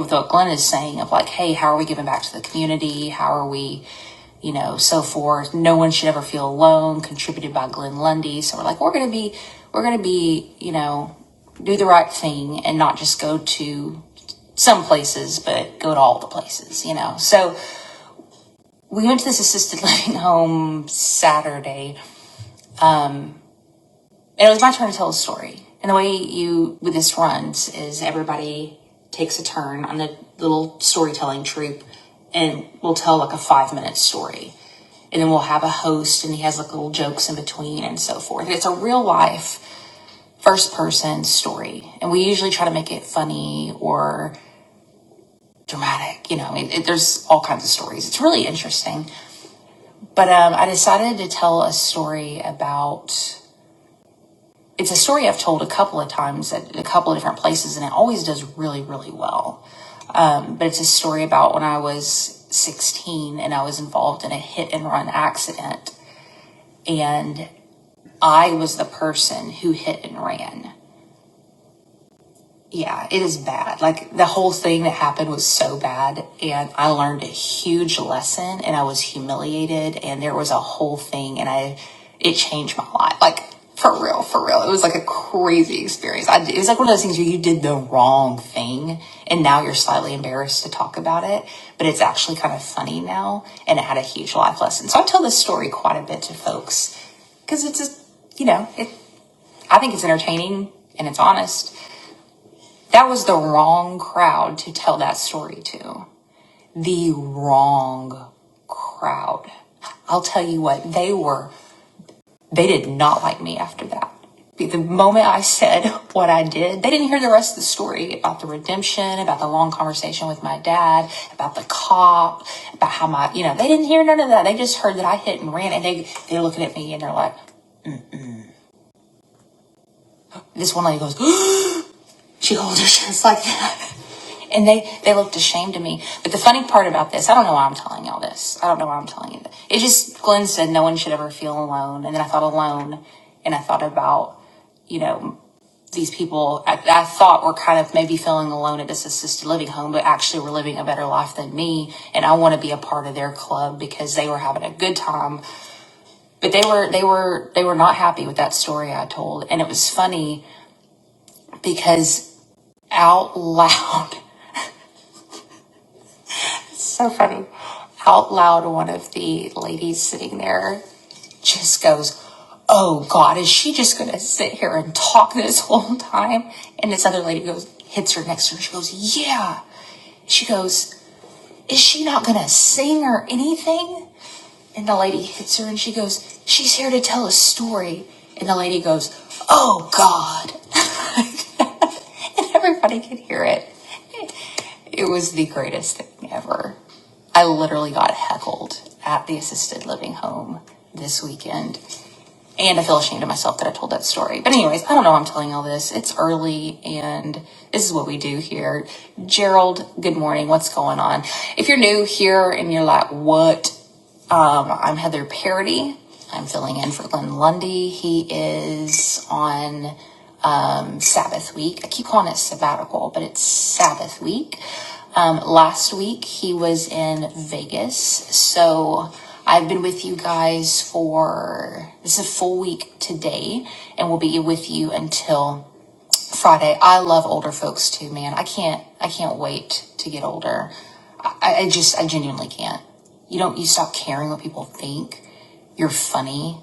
S1: with what Glenn is saying of like, hey, how are we giving back to the community? How are we, you know, so forth? No one should ever feel alone, contributed by Glenn Lundy. So we're like, we're going to be, we're going to be, you know, do the right thing and not just go to some places, but go to all the places, you know. So we went to this assisted *laughs* living home Saturday And it was my turn to tell a story. And the way you, with this runs, is everybody takes a turn on the little storytelling troupe and we'll tell like a five minute story. And then we'll have a host and he has like little jokes in between and so forth. It's a real life first person story. And we usually try to make it funny or dramatic. You know, it, it- there's all kinds of stories. It's really interesting. But um, I decided to tell a story about It's a story I've told a couple of times at a couple of different places, and it always does really, really well. But it's a story about when I was 16 and I was involved in a hit and run accident, and I was the person who hit and ran. Yeah, it is bad. Like the whole thing that happened was so bad. And I learned a huge lesson and I was humiliated. And there was a whole thing and I, it changed my life. Like for real, for real. It was like a crazy experience. I, it was like one of those things where you did the wrong thing and now you're slightly embarrassed to talk about it, but it's actually kind of funny now. And it had a huge life lesson. So I tell this story quite a bit to folks because it's a, you know, it, I think it's entertaining and it's honest that was the wrong crowd to tell that story to. The wrong crowd. I'll tell you what, they were, they did not like me after that. The moment I said *laughs* what I did, they didn't hear the rest of the story about the redemption, about the long conversation with my dad, about the cop, about how my, you know, they didn't hear none of that. They just heard that I hit and ran and they, they're looking at me and they're like, this one lady goes, *gasps* she holds her chest like that. And they, they looked ashamed of me. But the funny part about this, I don't know why I'm telling y'all this. I don't know why I'm telling you. This. It just, Glenn said no one should ever feel alone. And then I thought alone and I thought about, you know, these people I, I thought were kind of maybe feeling alone at this assisted living home, but actually were living a better life than me. And I want to be a part of their club because they were having a good time, but they were, they were, they were not happy with that story I told. And it was funny because out loud *laughs* So funny. Out loud, one of the ladies sitting there just goes, Oh God, is she just going to sit here and talk this whole time? And this other lady goes, hits her next to her. She goes, Yeah. She goes, Is she not going to sing or anything? And the lady hits her and she goes, She's here to tell a story. And the lady goes, Oh God. *laughs* and everybody could hear it. It was the greatest thing ever. I literally got heckled at the assisted living home this weekend. And I feel ashamed of myself that I told that story. But, anyways, I don't know why I'm telling all this. It's early and this is what we do here. Gerald, good morning. What's going on? If you're new here and you're like, what? Um, I'm Heather Parody. I'm filling in for Glenn Lundy. He is on Sabbath week. I keep calling it sabbatical, but it's Sabbath week. Um, last week he was in Vegas, so I've been with you guys for this is a full week today, and we will be with you until Friday. I love older folks too, man. I can't I can't wait to get older. I, I just I genuinely can't. You don't you stop caring what people think. You're funny.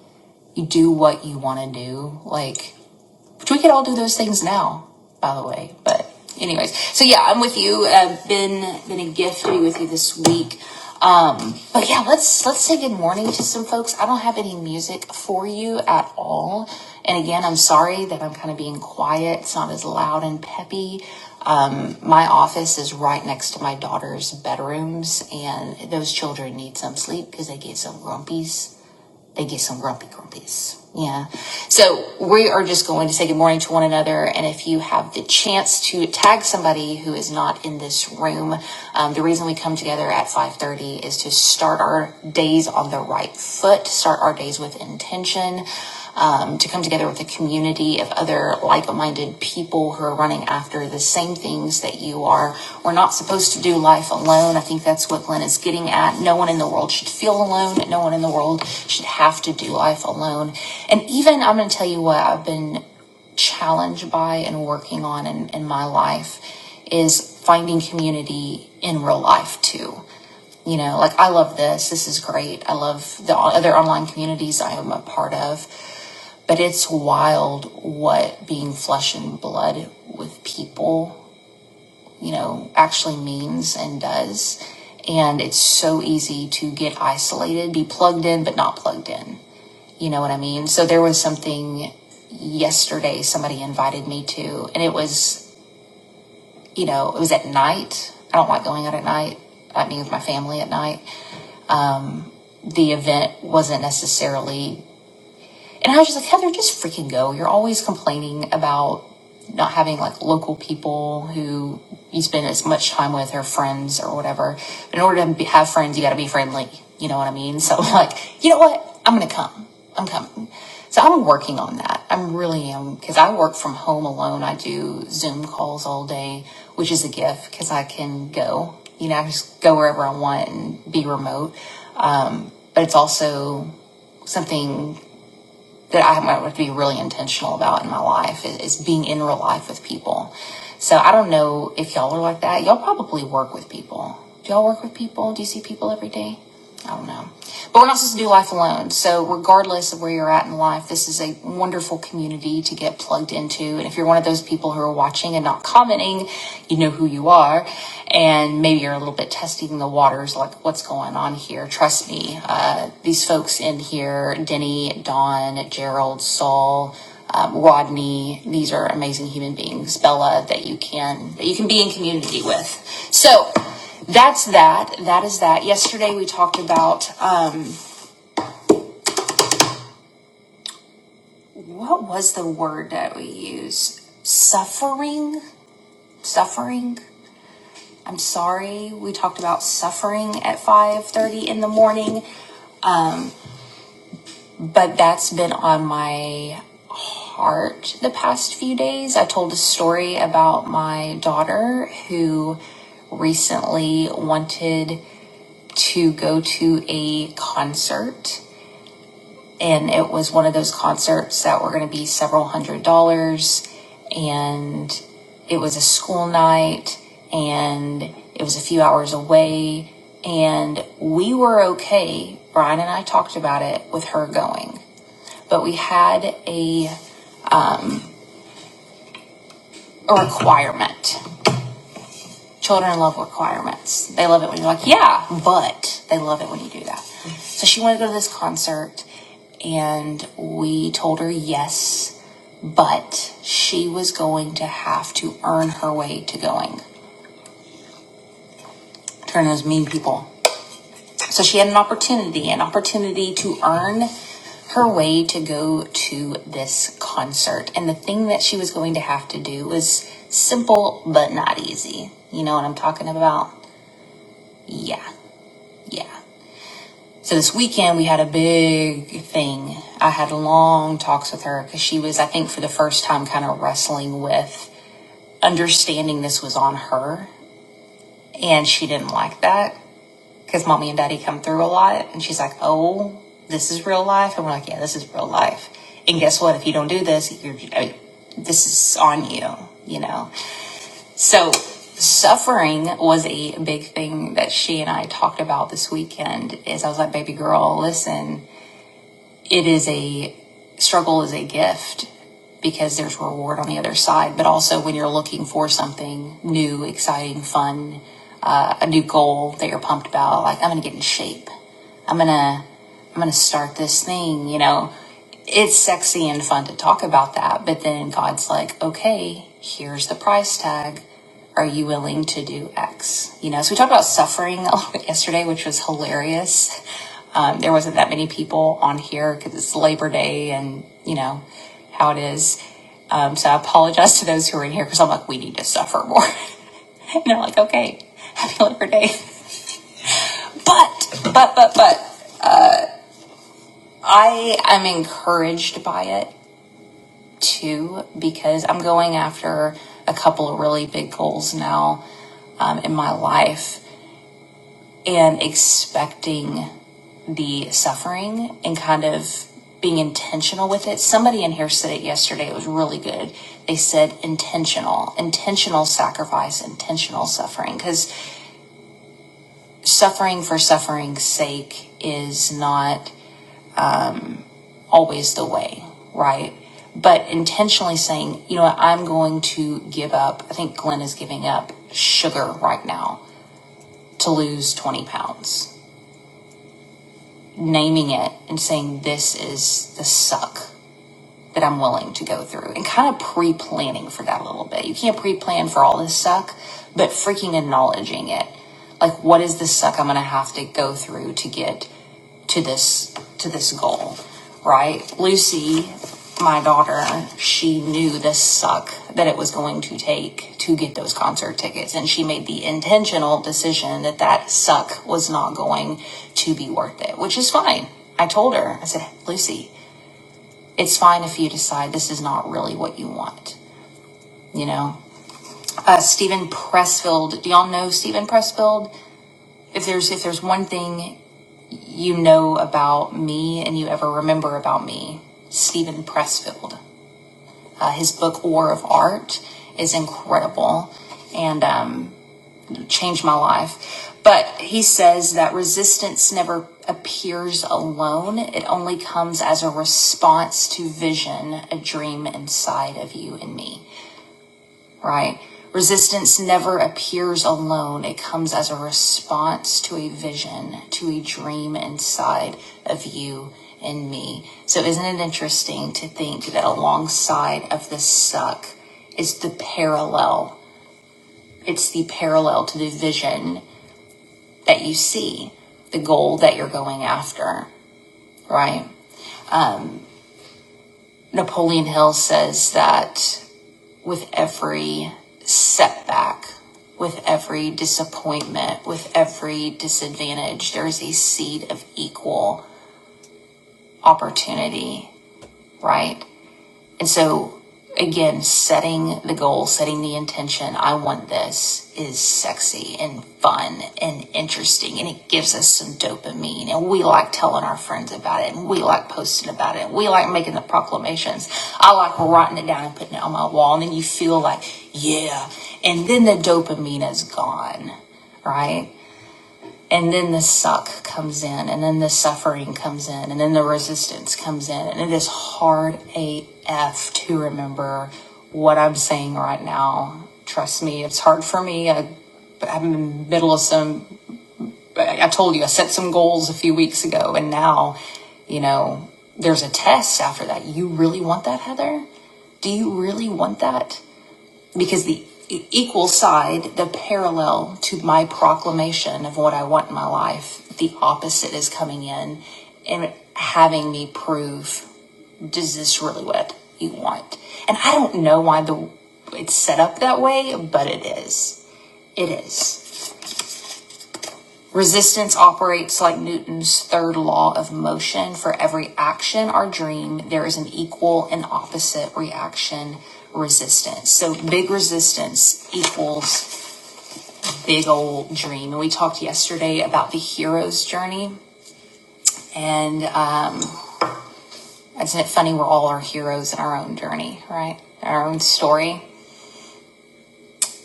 S1: You do what you want to do. Like we could all do those things now, by the way. But anyways, so yeah, I'm with you. Uh, been been a gift to be with you this week. Um, but yeah, let's let's say good morning to some folks. I don't have any music for you at all. And again, I'm sorry that I'm kind of being quiet. It's not as loud and peppy. Um, my office is right next to my daughter's bedrooms, and those children need some sleep because they get so grumpy they get some grumpy grumpies. Yeah. So we are just going to say good morning to one another. And if you have the chance to tag somebody who is not in this room, um, the reason we come together at 530 is to start our days on the right foot, start our days with intention um, to come together with a community of other like-minded people who are running after the same things that you are. We're not supposed to do life alone. I think that's what Glenn is getting at. No one in the world should feel alone. No one in the world should have to do life alone. And even, I'm going to tell you what I've been challenged by and working on in, in my life is finding community in real life too you know like i love this this is great i love the other online communities i am a part of but it's wild what being flesh and blood with people, you know, actually means and does. And it's so easy to get isolated, be plugged in, but not plugged in. You know what I mean? So there was something yesterday somebody invited me to, and it was, you know, it was at night. I don't like going out at night. I mean, with my family at night. Um, the event wasn't necessarily And I was just like, Heather, just freaking go. You're always complaining about not having like local people who you spend as much time with or friends or whatever. But in order to be, have friends, you got to be friendly. You know what I mean? So *laughs* like, you know what? I'm going to come. I'm coming. So I'm working on that. i really am because I work from home alone. I do Zoom calls all day, which is a gift because I can go. You know, I just go wherever I want and be remote. Um, but it's also something that i have to be really intentional about in my life is, is being in real life with people. So I don't know if y'all are like that. Y'all probably work with people. Do y'all work with people? Do you see people every day? I don't know. But we're not supposed to do life alone. So, regardless of where you're at in life, this is a wonderful community to get plugged into. And if you're one of those people who are watching and not commenting, you know who you are. And maybe you're a little bit testing the waters, like what's going on here. Trust me, uh, these folks in here Denny, Don, Gerald, Saul, um, Rodney. These are amazing human beings, Bella, that you can that you can be in community with. So that's that. That is that. Yesterday we talked about um, what was the word that we use? Suffering. Suffering. I'm sorry. We talked about suffering at 5:30 in the morning, but that's been on my heart the past few days. I told a story about my daughter who recently wanted to go to a concert and it was one of those concerts that were going to be several hundred dollars and it was a school night and it was a few hours away and we were okay brian and i talked about it with her going but we had a, a requirement Children love requirements. They love it when you're like, yeah, but they love it when you do that. So she wanted to go to this concert, and we told her yes, but she was going to have to earn her way to going. Turn those mean people. So she had an opportunity, an opportunity to earn her way to go to this concert. And the thing that she was going to have to do was simple but not easy. You know what I'm talking about? Yeah, yeah. So this weekend we had a big thing. I had long talks with her because she was, I think, for the first time kind of wrestling with understanding this was on her. And she didn't like that because mommy and daddy come through a lot. And she's like, oh, this is real life. And we're like, yeah, this is real life. And guess what? If you don't do this, you're, I- mean, this is on you, you know? So suffering was a big thing that she and I talked about this weekend is I was like, baby girl, listen, it is a struggle is a gift because there's reward on the other side but also when you're looking for something new exciting fun uh, a new goal that you're pumped about like i'm gonna get in shape I'm gonna I'm gonna start this thing, you know. It's sexy and fun to talk about that, but then God's like, okay, here's the price tag. Are you willing to do X? You know, so we talked about suffering a little bit yesterday, which was hilarious. Um, there wasn't that many people on here because it's Labor Day and you know how it is. Um, so I apologize to those who are in here because I'm like, we need to suffer more. *laughs* and they're like, okay, happy Labor Day. *laughs* But, but, but, but. I am encouraged by it too because I'm going after a couple of really big goals now um, in my life and expecting the suffering and kind of being intentional with it. Somebody in here said it yesterday. It was really good. They said intentional, intentional sacrifice, intentional suffering because suffering for suffering's sake is not always the way, right? But intentionally saying, you know what, I'm going to give up. I think Glenn is giving up sugar right now to lose 20 pounds. Naming it and saying, this is the suck. that I'm willing to go through and kind of pre planning for that a little bit. You can't pre plan for all this suck, but freaking acknowledging it. Like, what is this suck I'm going to have to go through to get to this to this goal right lucy my daughter she knew the suck that it was going to take to get those concert tickets and she made the intentional decision that that suck was not going to be worth it which is fine i told her i said lucy it's fine if you decide this is not really what you want. You know, uh, Stephen Pressfield. Do y'all know Stephen Pressfield? If there's if there's one thing you know about me and you ever remember about me, Stephen Pressfield. Uh, his book War of Art is incredible and um, changed my life. But he says that resistance never appears alone. It only comes as a response to vision, a dream inside of you and me. right? Resistance never appears alone. It comes as a response to a vision, to a dream inside of you and me. So, isn't it interesting to think that alongside of the suck is the parallel? It's the parallel to the vision that you see, the goal that you're going after, right? Um, Napoleon Hill says that with every setback, with every disappointment, with every disadvantage, there is a seed of equal opportunity, right? And so, again, setting the goal, setting the intention, I want this is sexy and fun and interesting. And it gives us some dopamine. And we like telling our friends about it. And we like posting about it. And we like making the proclamations. I like writing it down and putting it on my wall. And then you feel like, yeah. And then the dopamine is gone, right? And then the suck comes in, and then the suffering comes in, and then the resistance comes in. And it is hard AF to remember what I'm saying right now. Trust me, it's hard for me. I, I'm in the middle of some, I I told you, I set some goals a few weeks ago, and now, you know, there's a test after that. You really want that, Heather? Do you really want that? because the e- equal side, the parallel to my proclamation of what I want in my life, the opposite is coming in and having me prove, does this really what you want? And I don't know why the it's set up that way, but it is. It is. Resistance operates like Newton's third law of motion. For every action or dream, there is an equal and opposite reaction resistance. So big resistance equals big old dream. And we talked yesterday about the hero's journey. And um, isn't it funny? We're all our heroes in our own journey, right? Our own story.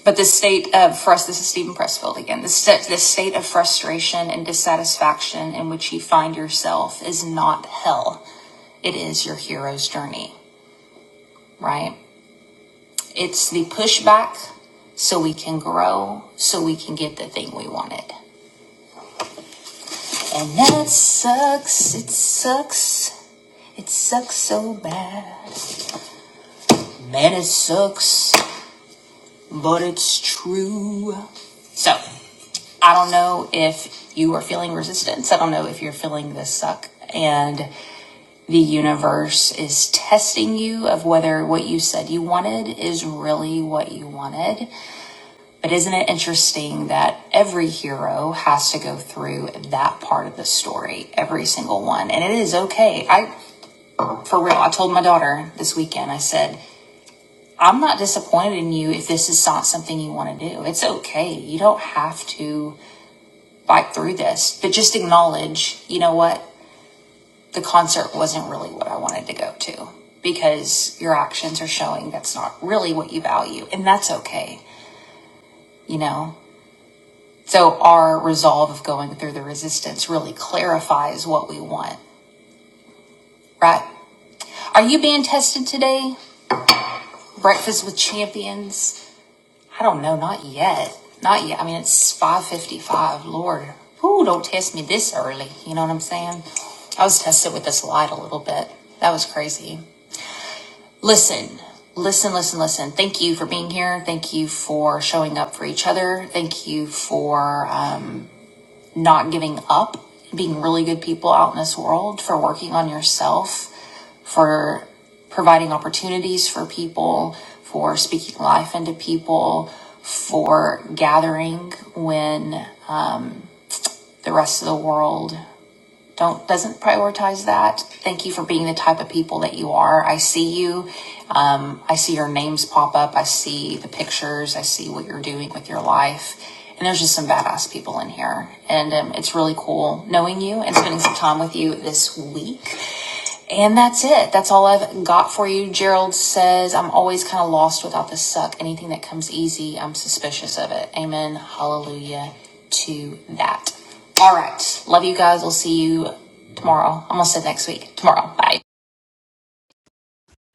S1: But the state of, for us, this is Stephen Pressfield again, the, st- the state of frustration and dissatisfaction in which you find yourself is not hell. It is your hero's journey, right? It's the pushback so we can grow, so we can get the thing we wanted. And that sucks. It sucks It sucks so bad. Man, it sucks, but it's true. So, I don't know if you are feeling resistance. I don't know if you're feeling this suck. And the universe is testing you of whether what you said you wanted is really what you wanted. But isn't it interesting that every hero has to go through that part of the story, every single one? And it is okay. I, for real, I told my daughter this weekend, I said, I'm not disappointed in you if this is not something you want to do. It's okay. You don't have to fight through this, but just acknowledge, you know what? The concert wasn't really what I wanted to go to because your actions are showing that's not really what you value. And that's okay, you know? So our resolve of going through the resistance really clarifies what we want, right? Are you being tested today? Breakfast with champions? I don't know, not yet. Not yet. I mean, it's 5:55. Lord, ooh, don't test me this early. You know what I'm saying? I was tested with this light a little bit. That was crazy. Listen. Listen, listen, listen. Thank you for being here. Thank you for showing up for each other. Thank you for uh, not giving up, being really good people out in this world, for working on yourself for providing opportunities for people, for speaking life into people, for gathering when the rest of the world don't doesn't prioritize that. Thank you for being the type of people that you are. I see you. Um, I see your names pop up. I see the pictures. I see what you're doing with your life. And there's just some badass people in here, and um, it's really cool knowing you and spending some time with you this week. And that's it. That's all I've got for you. Gerald says, I'm always kind of lost without the suck. Anything that comes easy, I'm suspicious of it. Amen. Hallelujah to that. All right. Love you guys. We'll see you tomorrow. Almost said next week. Tomorrow. Bye.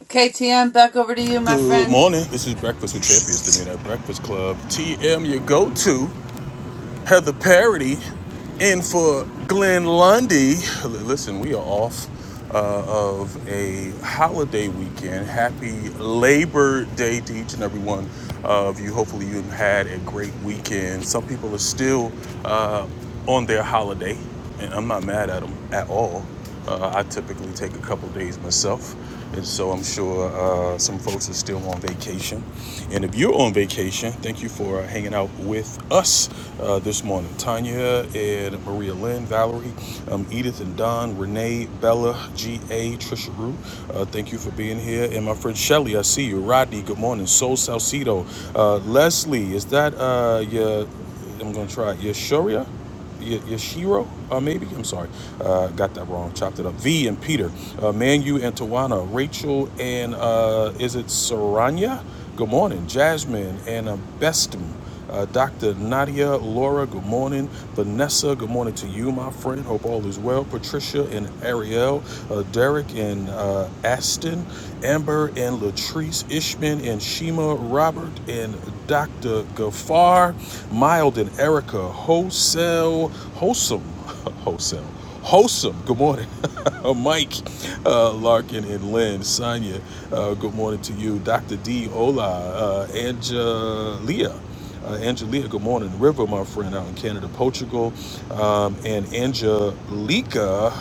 S1: Okay, TM, back over to you, my
S2: Good
S1: friend.
S2: morning. This is Breakfast with Champions, the Midnight Breakfast Club. TM, your go-to. Heather Parody, in for Glenn Lundy. Listen, we are off uh, of a holiday weekend. Happy Labor Day to each and every one of you. Hopefully, you had a great weekend. Some people are still uh, on their holiday and I'm not mad at them at all. Uh, I typically take a couple days myself, and so I'm sure uh, some folks are still on vacation. And if you're on vacation, thank you for uh, hanging out with us uh, this morning. Tanya and Maria Lynn, Valerie, um, Edith and Don, Renee, Bella, G.A., Trisha Rue, uh, thank you for being here. And my friend Shelly, I see you. Rodney, good morning. Soul Salcido, Uh, Leslie, is that uh, your, I'm going to try it, your Shuria? Yashiro, uh, maybe I'm sorry, uh, got that wrong. Chopped it up. V and Peter, uh, Manu and Tawana, Rachel and uh, is it Saranya? Good morning, Jasmine and uh, Bestum, uh, Dr. Nadia, Laura. Good morning, Vanessa. Good morning to you, my friend. Jordan. Hope all is well. Patricia and Ariel, uh, Derek and uh, Aston, Amber and Latrice, Ishman and Shima, Robert and Dr. Gafar, Mild and Erica, Hosel, Wholesome, *laughs* Wholesome. Wholesome, good morning. Uh, Mike uh, Larkin and Lynn, Sonia, uh, good morning to you. Dr. D, hola. Uh, Angelia, uh, Angelia, good morning. River, my friend, out in Canada, Portugal. Um, and Angelica,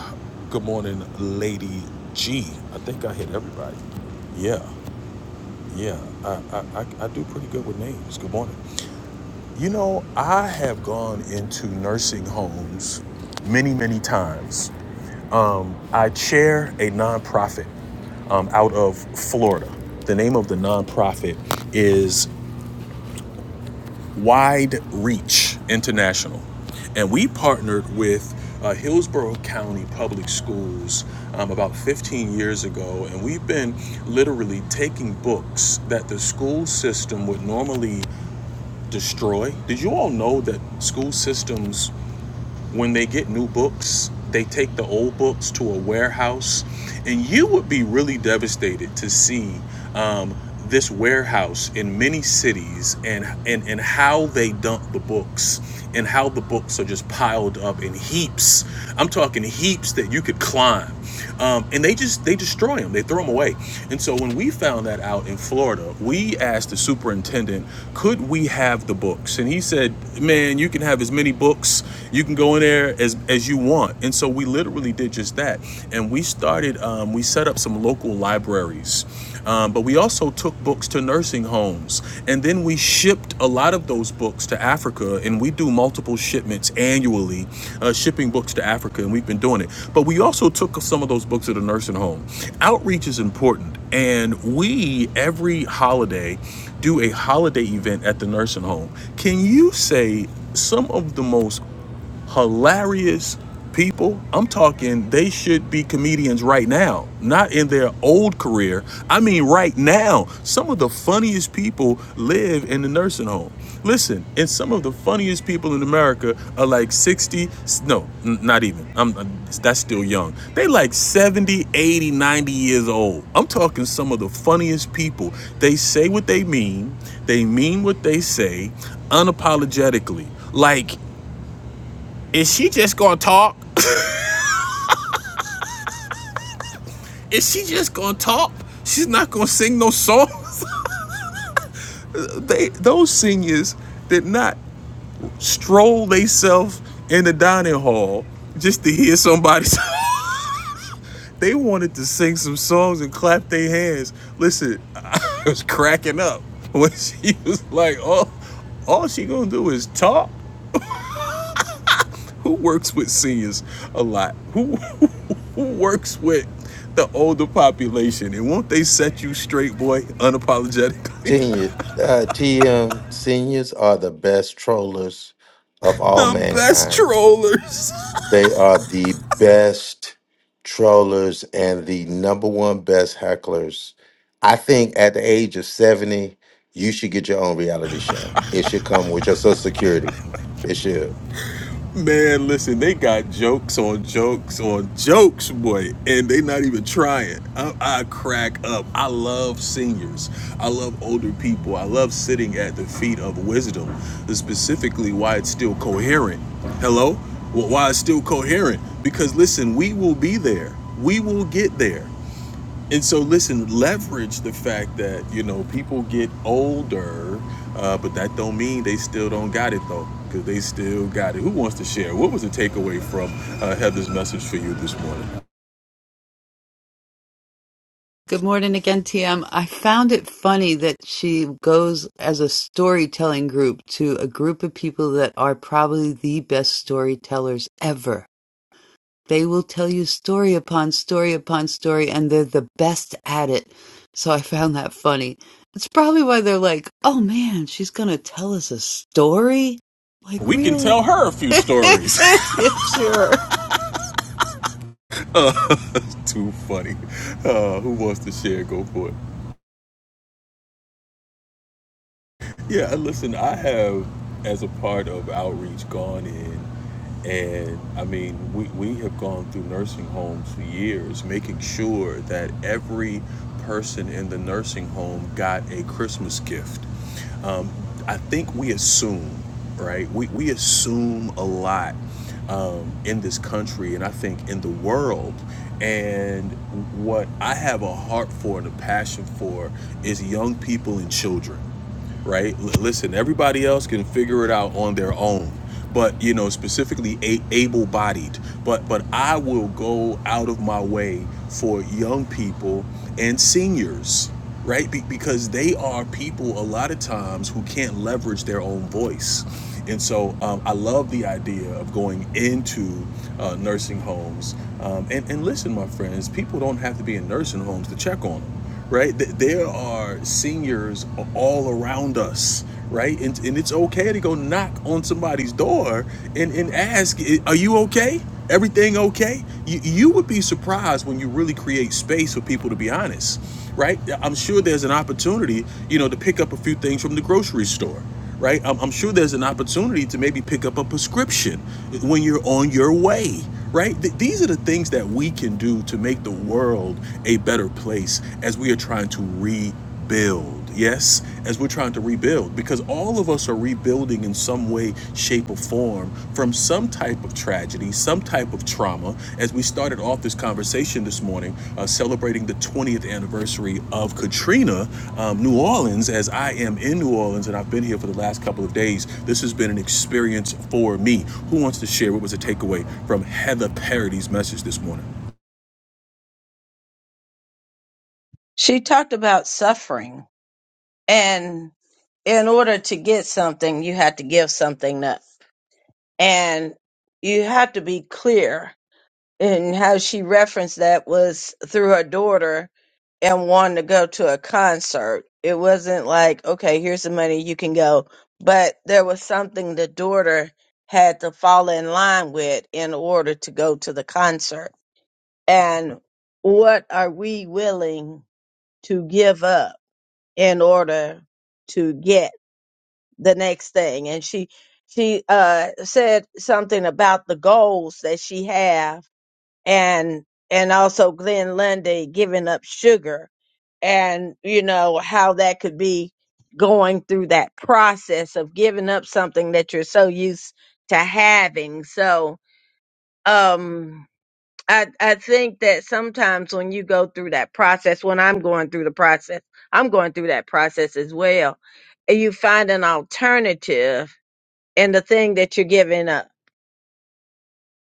S2: good morning, Lady G. I think I hit everybody. Yeah, yeah. I, I, I I do pretty good with names. Good morning. You know, I have gone into nursing homes many, many times um, I chair a nonprofit um, out of Florida. The name of the nonprofit is Wide Reach International. And we partnered with uh, Hillsborough County Public Schools um, about 15 years ago. And we've been literally taking books that the school system would normally destroy. Did you all know that school systems? when they get new books, they take the old books to a warehouse. And you would be really devastated to see um, this warehouse in many cities and, and, and how they dump the books and how the books are just piled up in heaps. I'm talking heaps that you could climb. Um, and they just they destroy them. They throw them away. And so when we found that out in Florida, we asked the superintendent, "Could we have the books?" And he said, "Man, you can have as many books. You you can go in there as as you want. And so we literally did just that. And we started. Um, we set up some local libraries, um, but we also took books to nursing homes, and then we shipped a lot of those books to Africa. And we do multiple shipments annually, uh, shipping books to Africa, and we've been doing it. But we also took some of those books to the nursing home. Outreach is important, and we every holiday do a holiday event at the nursing home. Can you say some of the most hilarious people. I'm talking they should be comedians right now, not in their old career. I mean, right now. Some of the funniest people live in the nursing home. Listen, and some of the funniest people in America are like 60. no, not even. I'm uh, that's still young. They like 70, 80, 90 years old. I'm talking some of the funniest people. They say what they mean, they mean what they say unapologetically. Like is she just gonna talk? *laughs* Is she just gonna talk? She's not gonna sing no songs. *laughs* they those singers did not stroll themselves in the dining hall just to hear somebody. sing. *laughs* they wanted to sing some songs and clap their hands. Listen, *laughs* I was cracking up when she was like, "Oh, all she gonna do is talk." who works with seniors a lot? Who *laughs* who who works with the older population? And won't they set you straight, boy, unapologetically? *laughs*
S4: Senior, uh, TM seniors are the best trollers of all
S2: The best
S4: mankind.
S2: trollers.
S4: They are the best trollers and the number one best hecklers. I think at the age of 70, you should get your own reality show. It should come with your social security. It should.
S2: Man, listen, they got jokes on jokes on jokes, boy, and they not even trying. I, I crack up. I love seniors. I love older people. I love sitting at the feet of wisdom. That's Specifically, why it's still coherent. Hello, Wh- why it's still coherent? Because listen, we will be there. We will get there. And so, listen, leverage the fact that you know people get older, uh, but that don't mean they still don't got it though, because they still got it. Who wants to share? What was the takeaway from uh, Heather's message for you this morning?
S1: Good morning again, TM. I found it funny that she goes as a storytelling group to a group of people that are probably the best storytellers ever. They will tell you story upon story upon story, and they're the best at it. So I found that funny. It's probably why they're like, oh man, she's gonna tell us a story? Like,
S2: We can
S1: really?
S2: tell her a
S1: *laughs*
S2: few stories.
S1: yeah, sure.
S2: *laughs* Too funny. Uh, who wants to share? Go for it. Yeah, listen, I have, as a part of outreach, gone in and I mean, we, we have gone through nursing homes for years, making sure that every person in the nursing home got a Christmas gift. Um, I think we assume, right? We, we assume a lot um, in this country and I think in the world. And what I have a heart for and a passion for is young people and children right? L- listen, everybody else can figure it out on their own. But you know, specifically a- able-bodied. But but I will go out of my way for young people and seniors, right? Be- because they are people a lot of times who can't leverage their own voice. And so um, I love the idea of going into uh, nursing homes. Um, and, and listen, my friends, people don't have to be in nursing homes to check on them right? There are seniors all around us, right? And, and it's okay to go knock on somebody's door and, and ask, Are you okay? Everything okay? You, you would be surprised when you really create space for people to be honest, right? I'm sure there's an opportunity, you know, to pick up a few things from the grocery store right? I'm, I'm sure there's an opportunity to maybe pick up a prescription when you're on your way, right? Th- these are the things that we can do to make the world a better place as we are trying to rebuild. Yes, as we're trying to rebuild, because all of us are rebuilding in some way, shape, or form from some type of tragedy, some type of trauma. As we started off this conversation this morning, uh, celebrating the 20th anniversary of Katrina, um, New Orleans, as I am in New Orleans and I've been here for the last couple of days, this has been an experience for me. Who wants to share what was a takeaway from Heather Parody's message this morning?
S6: She talked about suffering, and in order to get something, you have to give something up, and you have to be clear. And how she referenced that was through her daughter and wanting to go to a concert. It wasn't like, okay, here's the money, you can go. But there was something the daughter had to fall in line with in order to go to the concert. And what are we willing to give up? in order to get the next thing and she she uh said something about the goals that she have and and also Glenn Lundy giving up sugar and you know how that could be going through that process of giving up something that you're so used to having so um I, I think that sometimes when you go through that process, when I'm going through the process, I'm going through that process as well. and You find an alternative in the thing that you're giving up.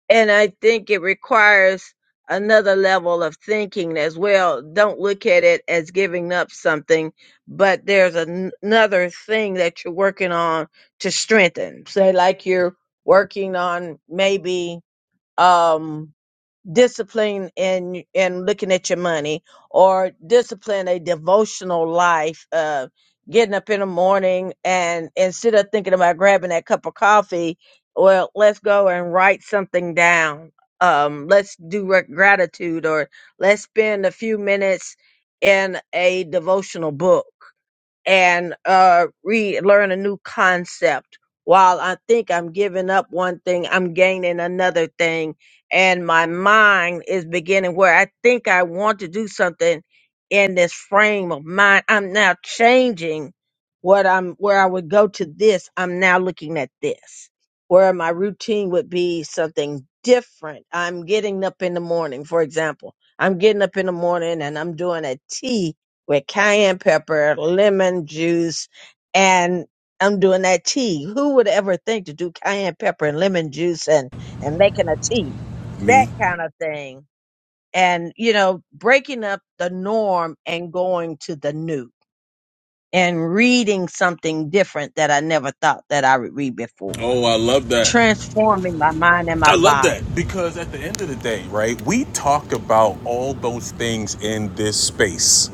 S6: And I think it requires another level of thinking as well. Don't look at it as giving up something, but there's an- another thing that you're working on to strengthen. Say, like you're working on maybe, um, discipline in in looking at your money or discipline a devotional life uh getting up in the morning and instead of thinking about grabbing that cup of coffee well let's go and write something down um let's do re- gratitude or let's spend a few minutes in a devotional book and uh, re learn a new concept. While I think I'm giving up one thing, I'm gaining another thing, and my mind is beginning where I think I want to do something in this frame of mind. I'm now changing what I'm where I would go to this. I'm now looking at this, where my routine would be something different. I'm getting up in the morning, for example. I'm getting up in the morning and I'm doing a tea with cayenne pepper, lemon juice, and I'm doing that tea. Who would ever think to do cayenne pepper and lemon juice and and making a tea? That
S2: Me.
S6: kind of thing. And you know, breaking up the norm and going to the new and reading something different that I never thought that I would read before.
S2: Oh, I love that.
S6: Transforming my mind and my
S2: I love that
S6: body.
S2: because at the end of the day, right, we talk about all those things in this space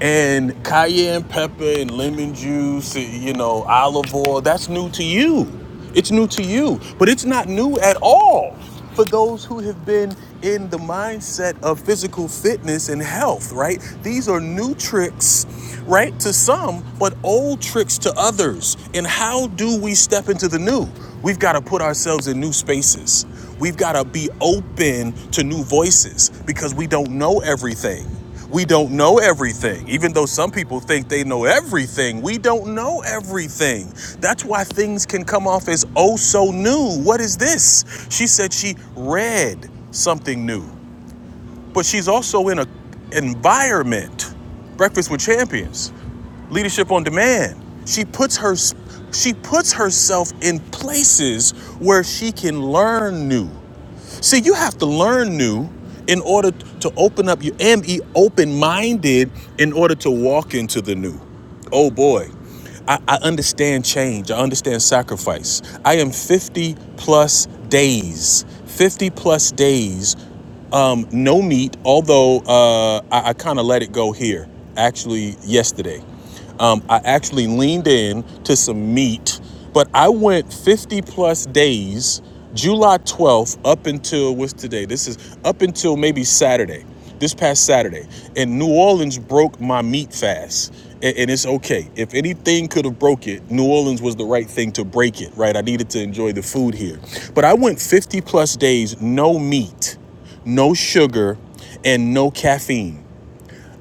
S2: and cayenne pepper and lemon juice, eh, you know, olive oil, that's new to you. It's new to you, but it's not new at all for those who have been in the mindset of physical fitness and health, right? These are new tricks, right, to some, but old tricks to others. And how do we step into the new? We've got to put ourselves in new spaces. We've got to be open to new voices because we don't know everything. We don't know everything. Even though some people think they know everything, we don't know everything. That's why things can come off as oh so new. What is this? She said she read something new, but she's also in a environment. Breakfast with Champions, Leadership on Demand. She puts her she puts herself in places where she can learn new. See, you have to learn new in order to open up your and be open-minded in order to walk into the new. Oh boy. I, I understand change. I understand sacrifice. I am 50 plus days. 50 plus days. Um, no meat, although uh, I, I kind of let it go here, actually, yesterday. Um, I actually leaned in to some meat, but I went 50 plus days, July 12th up until what's today? This is up until maybe Saturday, this past Saturday. And New Orleans broke my meat fast. And, and it's okay. If anything could have broke it, New Orleans was the right thing to break it, right? I needed to enjoy the food here. But I went 50 plus days, no meat no sugar, and no caffeine.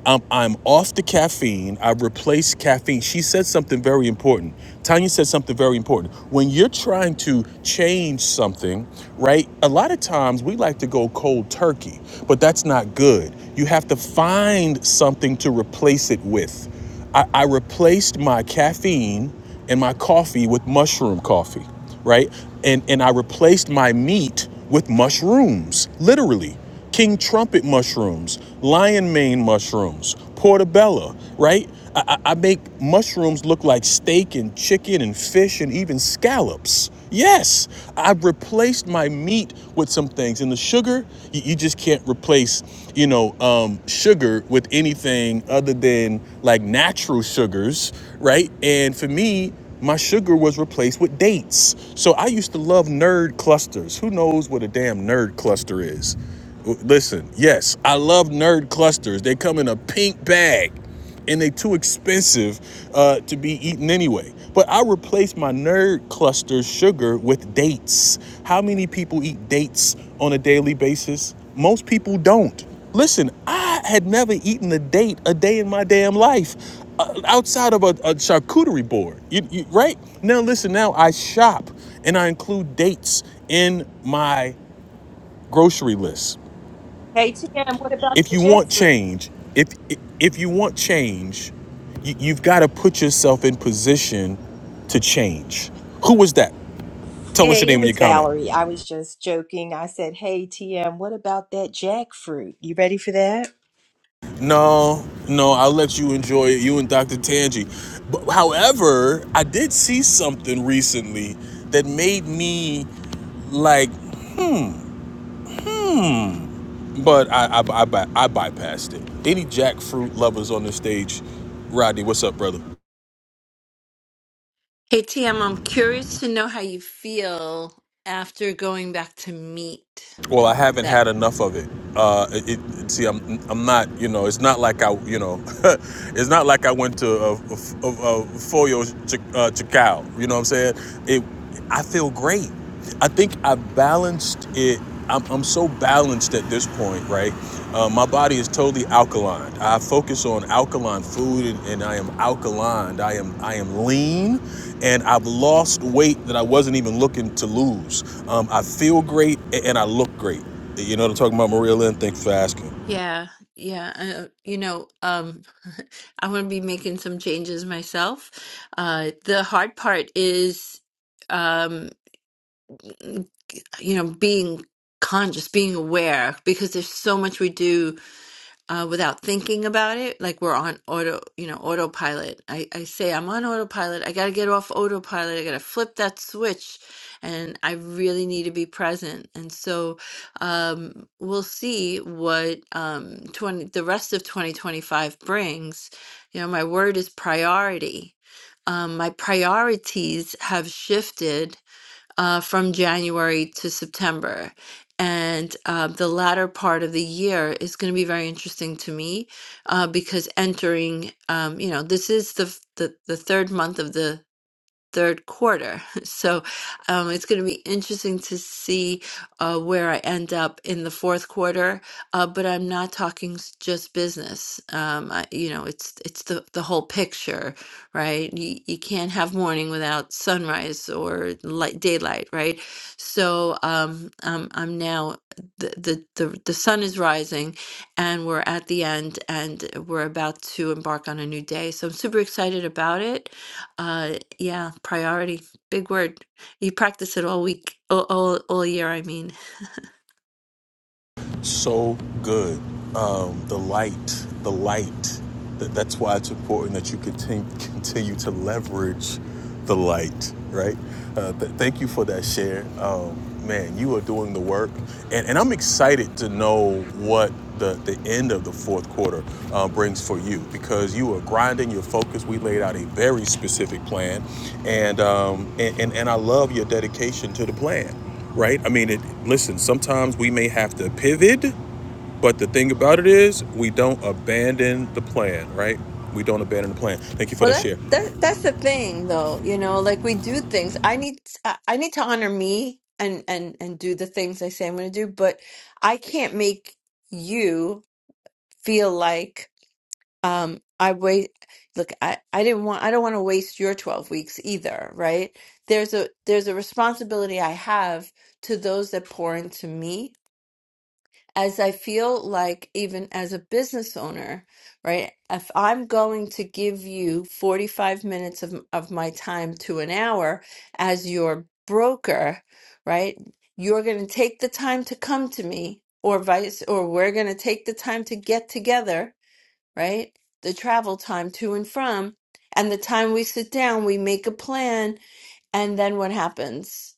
S2: I'm, I'm off the caffeine. I replaced caffeine. She said something very important. Tanya said something very important. When you're trying to change something, right? A lot of times we like to go cold turkey, but that's not good. You have to find something to replace it with. I, I replaced my caffeine and my coffee with mushroom coffee right? And and I replaced my meat with mushrooms, literally. King trumpet mushrooms, lion mane mushrooms, portobello, right? I, I I make mushrooms look like steak and chicken and fish and even scallops. Yes, I've replaced my meat with some things, and the sugar you, you just can't replace, you know, um, sugar with anything other than like natural sugars, right? And for me, my sugar was replaced with dates. So I used to love nerd clusters. Who knows what a damn nerd cluster is? W- Listen, yes, I love nerd clusters. They come in a pink bag and they are too expensive uh, to be eaten anyway. But I replaced my nerd cluster sugar with dates. How many people eat dates on a daily basis? Most people don't. Listen, I had never eaten a date a day in my damn life uh, outside of a, a charcuterie board, you, you, right? Now, listen, now I shop and I include dates in my grocery list
S7: Hey TM, what about
S2: if
S7: the
S2: you
S7: jet
S2: want
S7: fruit?
S2: change, if if you want change, you, you've got to put yourself in position to change. Who was that? Tell us your
S7: Hey, it
S2: name in your
S7: was
S2: comment.
S7: Valerie. I was just joking. I said, Hey TM, what about that jackfruit? You ready for that?
S2: No, no, I'll let you enjoy it. You and Dr. Tanji. But however, I did see something recently that made me like, hmm. But I I, I, I bypassed it. Any jackfruit lovers on the stage? Rodney, what's up, brother?
S5: Hey, Tam, I'm curious to know how you feel after going back to meet
S2: Well, I haven't
S5: that.
S2: had enough of it. Uh, it, it see, I'm I'm not you know it's not like I you know *laughs* it's not like I went to a, a, a, a Foyo Ch- uh, Chacao. You know what I'm saying? It I feel great. I think I balanced it. I'm, I'm so balanced at this point, right? Uh, my body is totally alkaline. I focus on alkaline food, and, and I am alkaline. I am I am lean, and I've lost weight that I wasn't even looking to lose. Um, I feel great, and I look great. You know what I'm talking about, Maria Lynn? Thanks for asking.
S5: Yeah, yeah. Uh, you know, um, *laughs* I'm going to be making some changes myself. Uh, the hard part is, um, you know, being conscious, being aware, because there's so much we do uh, without thinking about it. Like we're on auto, you know, autopilot. I, I say I'm on autopilot. I got to get off autopilot. I got to flip that switch, and I really need to be present. And so um, we'll see what um, 20, the rest of 2025 brings. You know, my word is priority. Um, my priorities have shifted uh, from January to September. And uh, the latter part of the year is going to be very interesting to me uh, because entering, um, you know, this is the, f- the the third month of the third quarter. *laughs* So um, it's going to be interesting to see uh, where I end up in the fourth quarter. Uh, but I'm not talking s- just business. Um, I, you know, it's it's the the whole picture, right? You, you can't have morning without sunrise or light daylight, right? So um, um, I'm now the, the the the sun is rising, and we're at the end, and we're about to embark on a new day. So I'm super excited about it uh, yeah, priority. Big word. You practice it all week, all, all, all year, I mean.
S2: so good. Um, the light, the light. That, that's why it's important that you continue, continue to leverage the light, right? Uh, th- thank you for that share. Um, man, you are doing the work. And, and I'm excited to know what the, the end of the fourth quarter uh, brings for you because you are grinding your focus. We laid out a very specific plan. And, um, and, and, and I love your dedication to the plan right? I mean, it, listen, sometimes we may have to pivot, but the thing about it is we don't abandon the plan, right? We don't abandon the plan. Thank you for
S5: Well,
S2: that
S5: that,
S2: share.
S5: that that's the thing, though. You know, like we do things. I need I I need to honor me and and and do the things I say I'm going to do, but I can't make you feel like um I wait. Look, I I didn't want I don't want to waste your 12 weeks either, right? There's a there's a responsibility I have to those that pour into me as I feel like even as a business owner, right? If I'm going to give you 45 minutes of, of my time to an hour as your broker, right? You're going to take the time to come to me or vice, or we're going to take the time to get together, right? The travel time to and from and the time we sit down, we make a plan. And then what happens?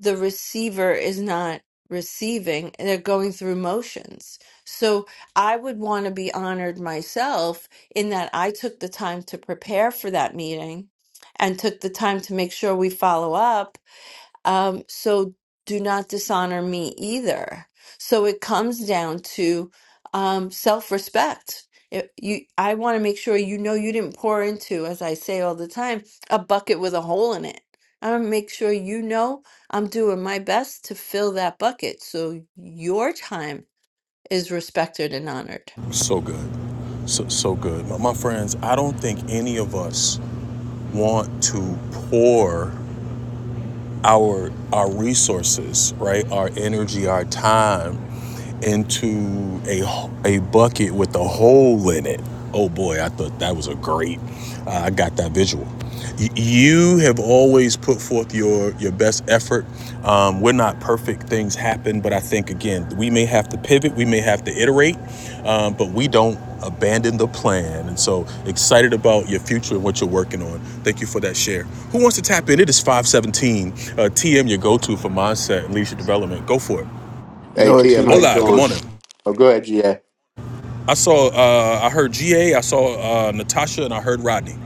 S5: the receiver is not receiving and they're going through motions. So I would want to be honored myself in that I took the time to prepare for that meeting and took the time to make sure we follow up um, so do not dishonor me either. So it comes down to um, self-respect. If you, I want to make sure you know you didn't pour into, as I say all the time, a bucket with a hole in it. I want to make sure you know I'm doing my best to fill that bucket so your time is respected and honored.
S2: So good. So, so good. My, my friends, I don't think any of us want to pour our our resources, right? Our energy, our time into a a bucket with a hole in it. Oh boy, I thought that was a great. Uh, I got that visual. You have always put forth your your best effort. Um, we're not perfect. Things happen, but I think again, we may have to pivot, we may have to iterate, um, but we don't abandon the plan. And so excited about your future and what you're working on. Thank you for that share. Who wants to tap in? It is 517 uh, TM, your go-to for mindset and leadership development. Go for it.
S4: You
S8: Hey
S4: know what,
S8: TM, how you
S4: TM?
S2: Hola, good
S8: doing?
S2: morning.
S8: Oh, go ahead, GA.
S2: I saw, uh, I heard GA, I saw uh, Natasha, and I heard Rodney.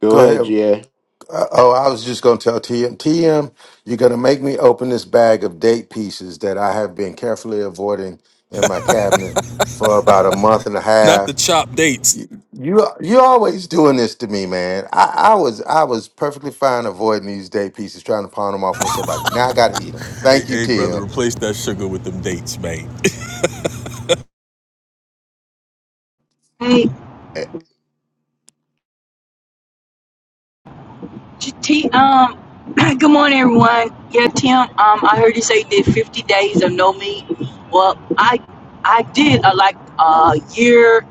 S8: Go
S4: Go ahead.
S8: ahead, GA.
S4: Uh, Oh, I was just going to tell TM, TM, you're going to make me open this bag of date pieces that I have been carefully avoiding in my cabinet for about a month and a
S2: Not
S4: half.
S2: the chop dates.
S4: You you you always doing this to me, man. I, I was I was perfectly fine avoiding these day pieces, trying to pawn them off on somebody. Now I got to eat them.
S2: Hey,
S4: Thank you,
S2: hey, brother,
S4: Tim.
S2: replace that sugar with them dates, man. *laughs*
S9: Hey,
S8: *laughs*
S9: T, um, *clears throat* good morning, everyone. Yeah, Tim, um, I heard you say you did 50 days of no meat. Well, I I did a, like a year,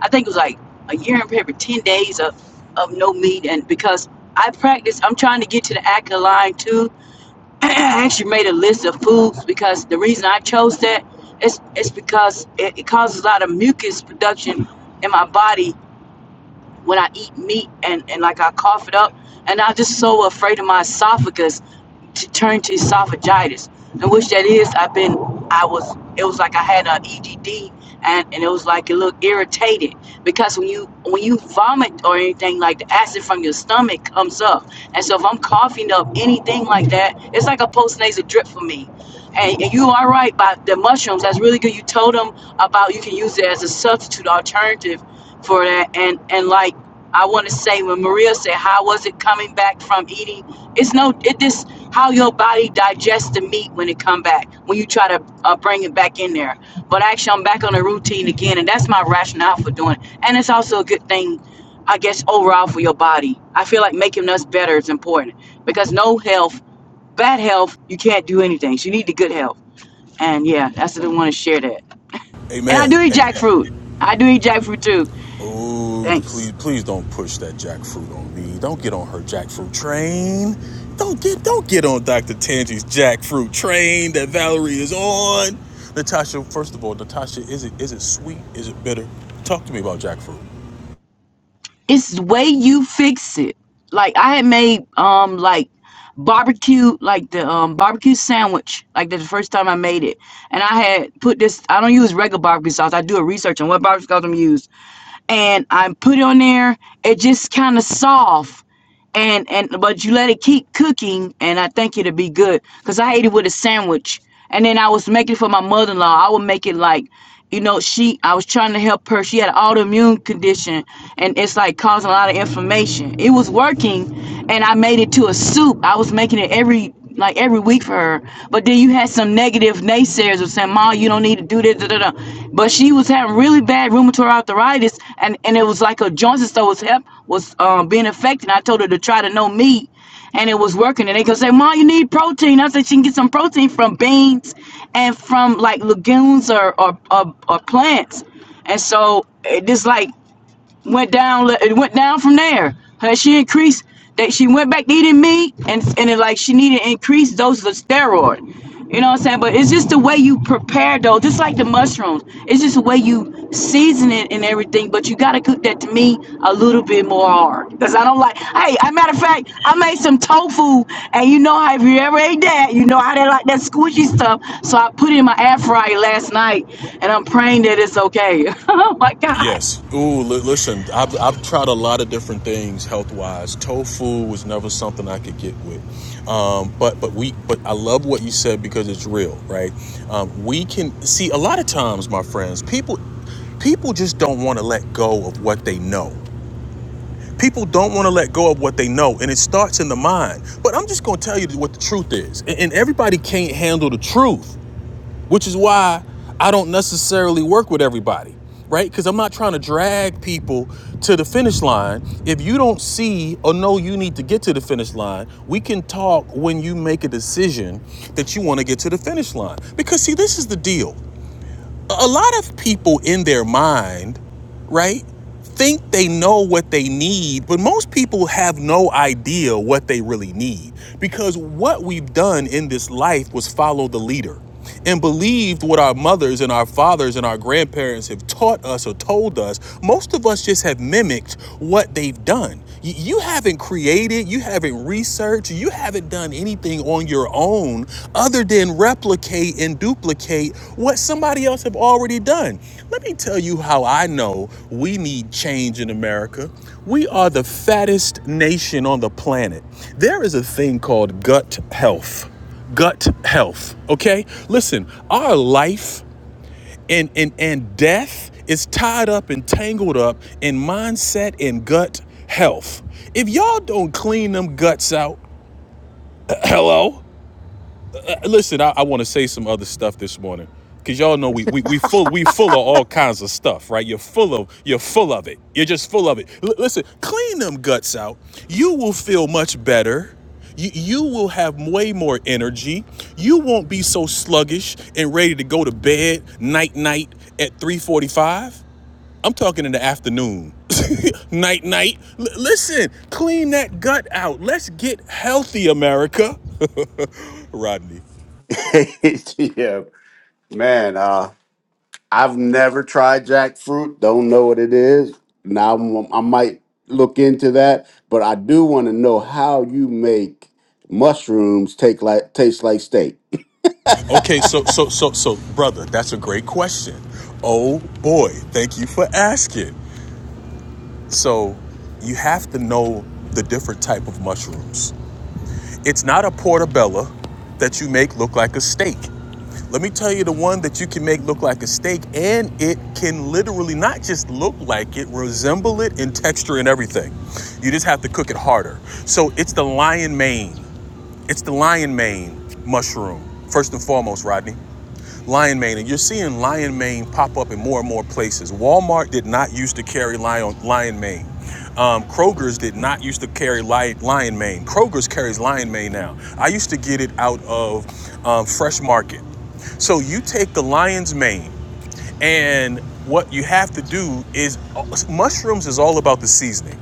S9: I think it was like a year and probably 10 days of, of no meat. And because I practice, I'm trying to get to the active line too. *clears throat* I actually made a list of foods because the reason I chose that is, is because it, it causes a lot of mucus production in my body when I eat meat and, and like I cough it up, and I'm just so afraid of my esophagus to turn to esophagitis. And which that is, I've been, I was, it was like I had an EDD, and, and it was like it looked irritated because when you when you vomit or anything like the acid from your stomach comes up, and so if I'm coughing up anything like that, it's like a postnasal drip for me. And, and you are right about the mushrooms. That's really good. You told them about you can use it as a substitute alternative for that and and like i want to say when maria said how was it coming back from eating it's no it this how your body digests the meat when it come back when you try to uh, bring it back in there but actually i'm back on the routine again and that's my rationale for doing it and it's also a good thing i guess overall for your body i feel like making us better is important because no health bad health you can't do anything so you need the good health and yeah that's what i want to share that and i do
S2: Amen.
S9: eat jackfruit i do eat jackfruit too
S2: Oh, the
S9: thanks
S2: please, please don't push that jackfruit on me. Don't get on her jackfruit train. Don't get, don't get on Dr. Tangi's jackfruit train that Valerie is on. Natasha, first of all, Natasha, is it, is it sweet? Is it bitter? Talk to me about jackfruit.
S9: it's the way you fix it. Like I had made um like barbecue like the um barbecue sandwich like the first time I made it, and I had put this. I don't use regular barbecue sauce. I do a research on what barbecue sauce I'm use and I put it on there. It just kind of soft, and and but you let it keep cooking, and I think it'll be good. Cause I ate it with a sandwich, and then I was making it for my mother-in-law. I would make it like, you know, she. I was trying to help her. She had an autoimmune condition, and it's like causing a lot of inflammation. It was working, and I made it to a soup. I was making it every like every week for her. But then you had some negative naysayers of saying, "Ma, you don't need to do this." Da, da, da. But she was having really bad rheumatoid arthritis, and and it was like her joints and stuff was help was um, being affected. I told her to try to no meat, and it was working. And they could say, "Ma, you need protein." I said she can get some protein from beans and from like legumes or or, or, or plants. And so it is like went down it went down from there her she increased that she went back needing me and and it, like she needed increased doses of steroid you know what i'm saying but it's just the way you prepare though just like the mushrooms it's just the way you season it and everything but you gotta cook that to me a little bit more hard because i don't like hey as a matter of fact i made some tofu and you know how if you ever ate that you know how they like that squishy stuff so i put it in my air fryer last night and i'm praying that it's okay *laughs* oh my god
S2: Yes. Ooh, li- listen, I've, I've tried a lot of different things health wise. Tofu was never something I could get with. Um, but but we but I love what you said because it's real, right? Um, we can see a lot of times, my friends, people people just don't want to let go of what they know. People don't want to let go of what they know, and it starts in the mind. But I'm just going to tell you what the truth is, and and everybody can't handle the truth which is why I don't necessarily work with everybody, right? Because I'm not trying to drag people to the finish line. If you don't see or know you need to get to the finish line, we can talk when you make a decision that you want to get to the finish line. Because, see, this is the deal a lot of people in their mind, right, think they know what they need, but most people have no idea what they really need. Because what we've done in this life was follow the leader and believed what our mothers and our fathers and our grandparents have taught us or told us. Most of us just have mimicked what they've done. You haven't created, you haven't researched, you haven't done anything on your own other than replicate and duplicate what somebody else have already done. Let me tell you how I know we need change in America. We are the fattest nation on the planet. There is a thing called gut health. Gut health, okay? Listen, our life and and and death is tied up and tangled up in mindset and gut health. If y'all don't clean them guts out, *clears throat* hello, Listen, I, I want to say some other stuff this morning because y'all know we, we we full we full of all kinds of stuff, right? You're full of you're full of it. You're just full of it. L- listen, clean them guts out. You will feel much better. You, you will have way more energy. You won't be so sluggish and ready to go to bed night night at 3:45. I'm talking in the afternoon. *laughs* night night. L- listen, clean that gut out. Let's get healthy, America. *laughs* Rodney.
S8: Hey TM, man, uh, I've never tried jackfruit. Don't know what it is. Now I'm- I might look into that, but I do want to know how you make mushrooms take like taste like steak.
S2: Okay, so so so so brother, that's a great question. Oh boy, thank you for asking. So, you have to know the different type of mushrooms. It's not a portobello that you make look like a steak. Let me tell you the one that you can make look like a steak and it can literally not just look like it, resemble it in texture and everything. You just have to cook it harder. So, it's the lion mane. It's the lion mane mushroom. First and foremost, Rodney lion mane, and you're seeing lion mane pop up in more and more places. Walmart did not used to carry lion lion mane. Um, Kroger's did not used to carry lion, lion mane. Kroger's carries lion mane now. I used to get it out of um, Fresh Market. So you take the lion's mane and what you have to do is mushrooms is all about the seasoning.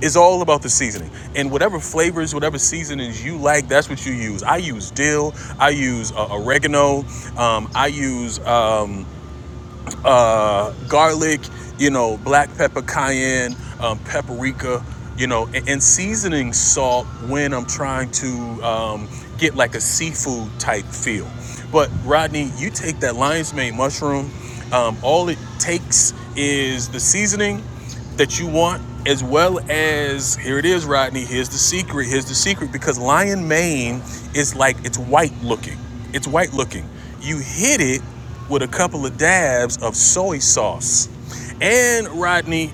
S2: It's all about the seasoning. And whatever flavors, whatever seasonings you like, that's what you use. I use dill, I use uh, oregano, um, I use. Um, uh, garlic, you know, black pepper, cayenne, um, paprika, you know, and, and seasoning salt when I'm trying to um, get like a seafood type feel. But Rodney, you take that lion's mane mushroom. Um, all it takes is the seasoning that you want, as well as here it is, Rodney. Here's the secret. Here's the secret because lion mane is like it's white looking. It's white looking. You hit it with a couple of dabs of soy sauce, and Rodney,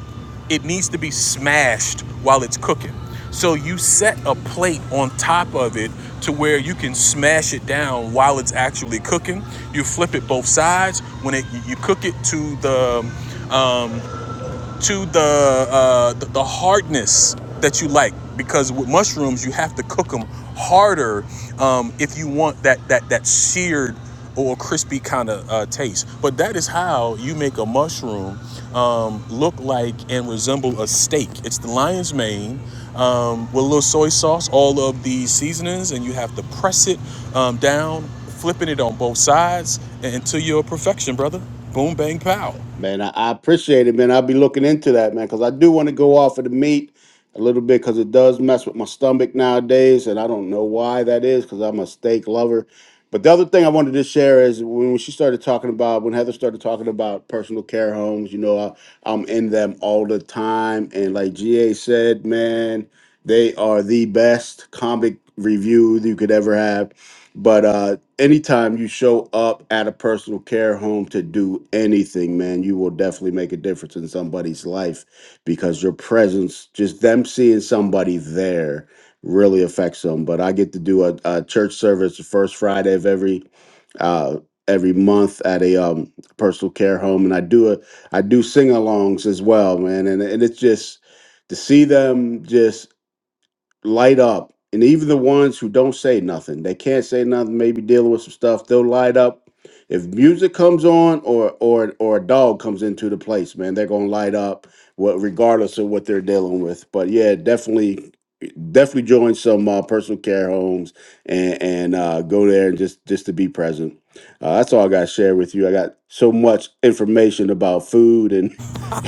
S2: it needs to be smashed while it's cooking. So you set a plate on top of it to where you can smash it down while it's actually cooking. You flip it both sides when it you cook it to the um, to the uh, the, the hardness that you like because with mushrooms you have to cook them harder um, if you want that that that seared or crispy kind of uh, taste. But that is how you make a mushroom um, look like and resemble a steak. It's the lion's mane um, with a little soy sauce, all of the seasonings, and you have to press it um, down, flipping it on both sides until you're perfection, brother. Boom, bang, pow.
S8: Man, I, I appreciate it, man. I'll be looking into that, man, because I do want to go off of the meat a little bit because it does mess with my stomach nowadays, and I don't know why that is because I'm a steak lover. But the other thing I wanted to share is when she started talking about, when Heather started talking about personal care homes, you know, I, I'm in them all the time. And like GA said, man, they are the best comic review you could ever have but uh, anytime you show up at a personal care home to do anything, man, you will definitely make a difference in somebody's life because your presence, just them seeing somebody there, really affects them. But I get to do a, a church service the first Friday of every uh, every month at a um, personal care home, and I do a I do sing-alongs as well, man, and and it's just to see them just light up. And even the ones who don't say nothing, they can't say nothing, maybe dealing with some stuff, they'll light up. If music comes on or or or a dog comes into the place, man, they're gonna light up what regardless of what they're dealing with. But yeah, definitely definitely join some uh, personal care homes and and uh, go there and just just to be present. Uh, that's all I got to share with you. I got so much information about food and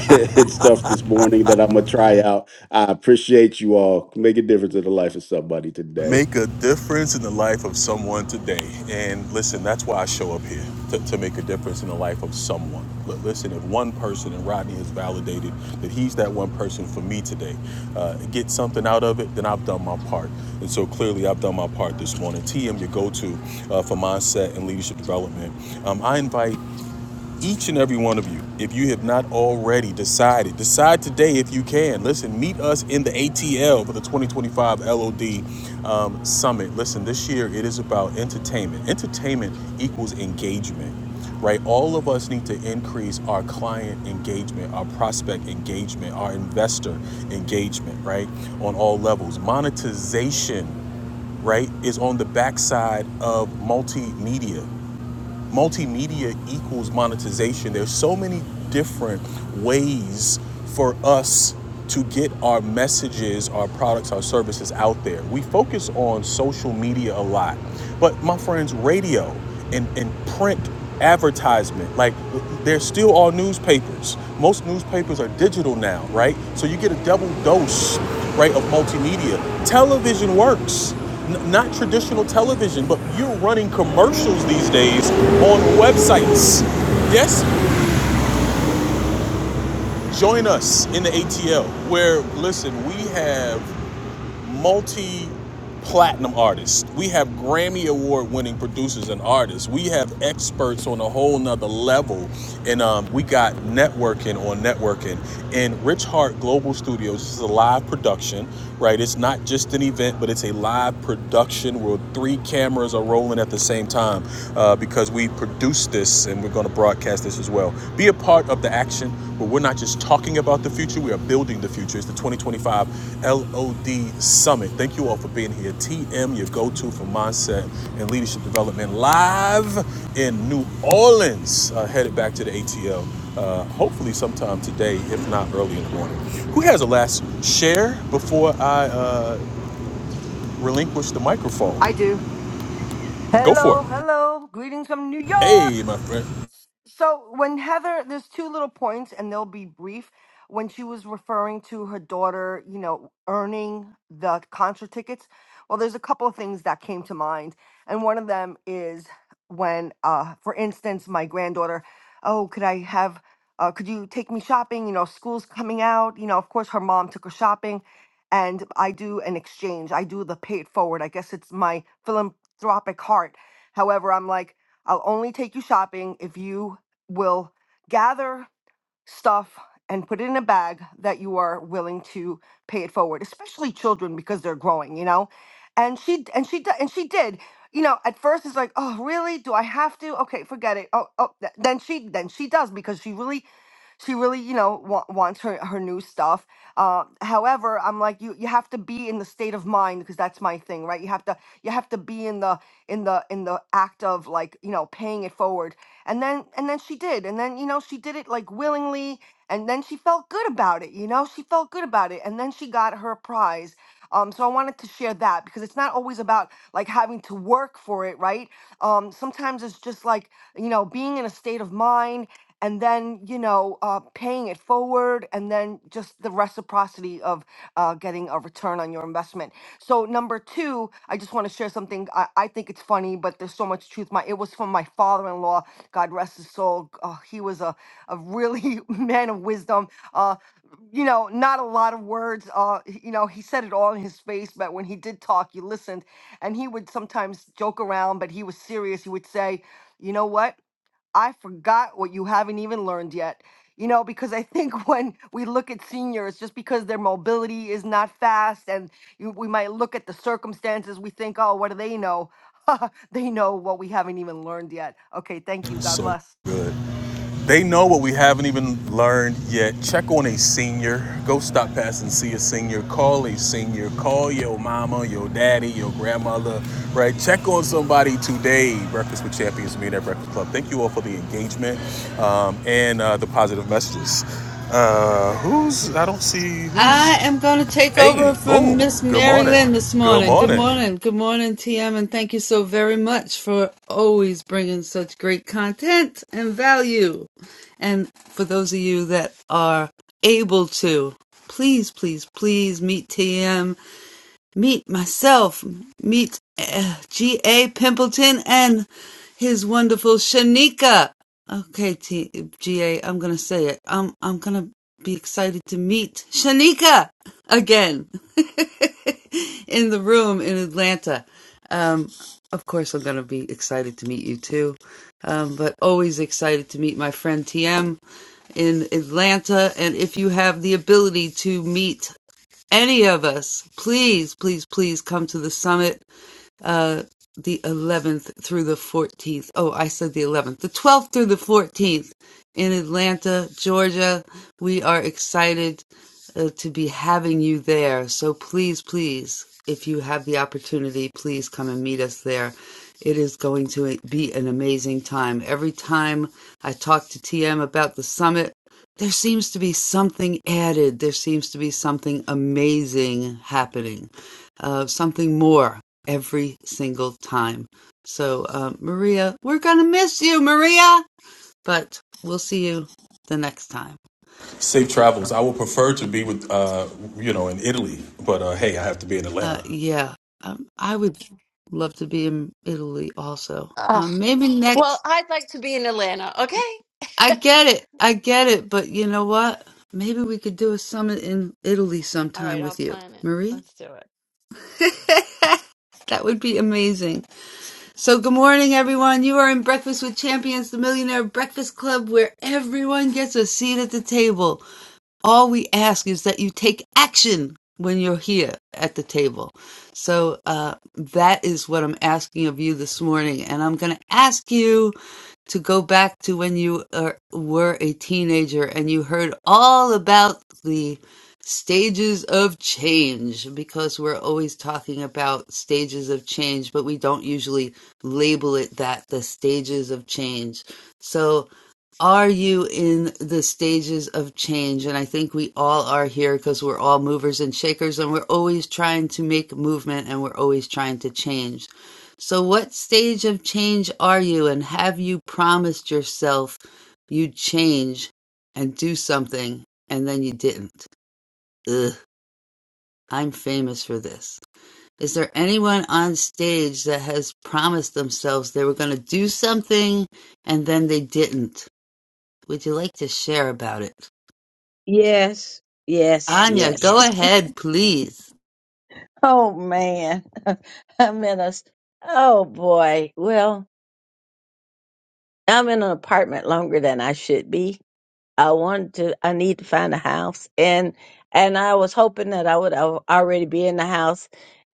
S8: *laughs* and stuff this morning that I'm gonna try out. I appreciate you all. Make a difference in the life of somebody today.
S2: make a difference in the life of someone today. And listen, that's why I show up here to, to make a difference in the life of someone. But listen, if one person and Rodney has validated that he's that one person for me today, uh, get something out of it, then I've done my part. And so clearly, I've done my part this morning. TM, your go to uh, for mindset and leadership development. Um, I invite each and every one of you, if you have not already decided, decide today if you can. Listen, meet us in the ATL for the 2025 LOD um, Summit. Listen, this year it is about entertainment. Entertainment equals engagement, right? All of us need to increase our client engagement, our prospect engagement, our investor engagement, right? On all levels. Monetization right, is on the backside of multimedia multimedia equals monetization. There's so many different ways for us to get our messages, our products, our services out there. We focus on social media a lot, but my friends, radio and, and print advertisement, like they're still all newspapers. Most newspapers are digital now, right? So you get a double dose, right, of multimedia. Television works. N- not traditional television, but you're running commercials these days on websites. Yes, join us in the ATL where, listen, we have multi platinum artists. We have Grammy award winning producers and artists. We have experts on a whole nother level. And um, we got networking on networking. And Rich Hart Global Studios is a live production, right? It's not just an event, but it's a live production where three cameras are rolling at the same time uh, because we produced this and we're going to broadcast podcasters as well. Be a part of the action where we're not just talking about the future, we are building the future. It's the 2025 LOD Summit. Thank you all for being here. TM, your go to for mindset and leadership development, live in New Orleans, uh, headed back to the ATL. Uh, hopefully, sometime today, if not early in the morning. Who has a last share before I uh, relinquish the microphone?
S10: I do.
S2: Go for it.
S10: Hello, hello. Greetings from New
S2: Hey,
S10: York.
S2: my friend.
S10: So when Heather, there's two little points, and they'll be brief. When she was referring to her daughter, you know, earning the concert tickets, well, there's a couple of things that came to mind, and one of them is when, uh, for instance, my granddaughter, oh, could I have, uh, could you take me shopping? You know, school's coming out. You know, of course, her mom took her shopping, and I do an exchange. I do the pay it forward. I guess it's my philanthropic heart. However, I'm like. I'll only take you shopping if you will gather stuff and put it in a bag that you are willing to pay it forward especially children because they're growing you know and she d- and she d- and she did you know at first it's like oh really do i have to okay forget it oh oh th- then she then she does because she really she really you know wa- wants her her new stuff uh however i'm like you you have to be in the state of mind because that's my thing right you have to you have to be in the in the in the act of like you know paying it forward and then and then she did and then you know she did it like willingly and then she felt good about it you know she felt good about it and then she got her prize um so i wanted to share that because it's not always about like having to work for it right um sometimes it's just like you know being in a state of mind and then you know uh, paying it forward and then just the reciprocity of uh, getting a return on your investment so so number two, I just want to share something. I, I think it's funny, but there's so much truth. My it was from my father-in-law. God rest his soul. Uh, he was a a really *laughs* man of wisdom. Uh, you know, not a lot of words. Uh, h- you know, he said it all in his face, but when he did talk, you listened. And he would sometimes joke around, but he was serious. He would say, "You know what? I forgot what you haven't even learned yet. You know, because I think *laughs* when we look at seniors, just because their mobility is not fast and you, we might look at the circumstances, we think, oh, what do they know? *laughs* they know what we haven't even learned yet. Okay, thank you. God
S2: So
S10: bless.
S2: good. They know what we haven't even learned yet. Check on a senior. Go stop past and see a senior. Call a senior. Call your mama, your daddy, your grandmother, right? Check on somebody today. Breakfast with Champions, me and at Breakfast Club. Thank you all for the engagement um, and uh, the positive messages. Uh, who's, I don't see who's,
S1: I am going to take
S2: hey,
S1: over from
S2: boom.
S1: Miss
S2: Good
S1: Mary
S2: morning.
S1: Lynn this
S2: Good
S1: morning. Good
S2: morning.
S1: morning. Good morning, TM, and thank you so very much for always bringing such great content and value. And for those of you that are able to, please, please, please meet TM meet myself, meet uh, G.A. Pimpleton and his wonderful Shanika. Okay, T- am going to say it. I'm, I'm going to be excited to meet Shanika again *laughs* in the room in Atlanta. Um, of course, I'm going to be excited to meet you too, um, but always excited to meet my friend TM in Atlanta. And if you have the ability to meet any of us, please, please, please come to the summit uh the 11th through the 14th. Oh, I said the 11th. The 12th through the 14th in Atlanta, Georgia. We are excited uh, to be having you there. So please, please, if you have the opportunity, please come and meet us there. It is going to be an amazing time. Every time I talk to TM about the summit, there seems to be something added. There seems to be something amazing happening, uh, something more every single time. So, uh, Maria, we're going to miss you, Maria, but we'll see you the next time.
S2: Safe travels. I would prefer to be with, uh, you know, in Italy, but uh, hey, I have to be in
S1: Uh,
S2: Atlanta.
S1: yeah, um, I would love to be in Italy also. Um, maybe
S5: Well,
S1: next.
S5: I'd like to be in Atlanta, okay?
S1: I get it. I get it. But you know what? Maybe we could do a summit in Italy
S5: All
S1: sometime
S5: right, I'll
S1: with you,
S5: plan it.
S1: Maria.
S5: Let's do it.
S1: *laughs* that would be amazing. So, good morning, everyone. You are in Breakfast with Champions, the Millionaire Breakfast Club, where everyone gets a seat at the table. all we ask is that you take action when you're here at the table. So uh, that is what I'm asking of you this morning. And I'm going to ask you to go back to when you are, were a teenager and you heard all about the stages of change because we're always talking about stages of change, but we don't usually label it that the stages of change. So, are you in the stages of change? And I think we all are here because we're all movers and shakers and we're always trying to make movement and we're always trying to change. So, what stage of change are you? And have you promised yourself you'd change and do something and then you didn't? Ugh, I'm famous for this. Is there anyone on stage that has promised themselves they were going to do something and then they didn't? Would you like to share about it?
S6: Yes, yes,
S1: Anya,
S6: yes.
S1: go Yes. ahead, please.
S6: Oh man. *laughs* I'm in a s- oh boy. Well, I'm in an apartment longer than I should be. I wanted to, I need to find a house, and and I was hoping that I would al- already be in the house,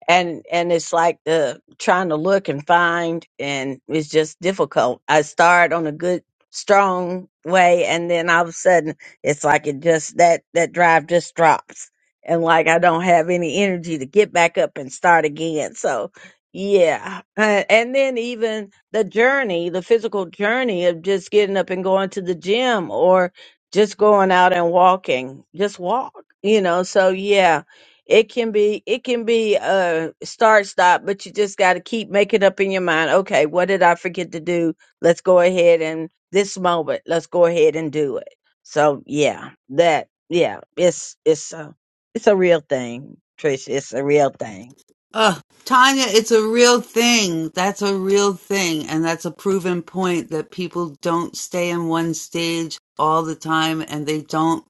S6: and and it's like the trying to look and find, and it's just difficult. I start on a good, strong way, and then all of a sudden, it's like it just that that drive just drops, and like I don't have any energy to get back up and start again. So. Yeah. Uh, And then even the journey, the physical journey of just getting up and going to the gym or just going out and walking just walk you know so yeah it can be it can be a start stop but you just got to keep making up in your mind okay what did i forget to do let's go ahead and this moment let's go ahead and do it so yeah that yeah it's it's uh, it's a real thing, Trish. It's a real thing.
S1: Ugh, Tanya, it's a real thing. That's a real thing. And that's a proven point that people don't stay in one stage all the time and they don't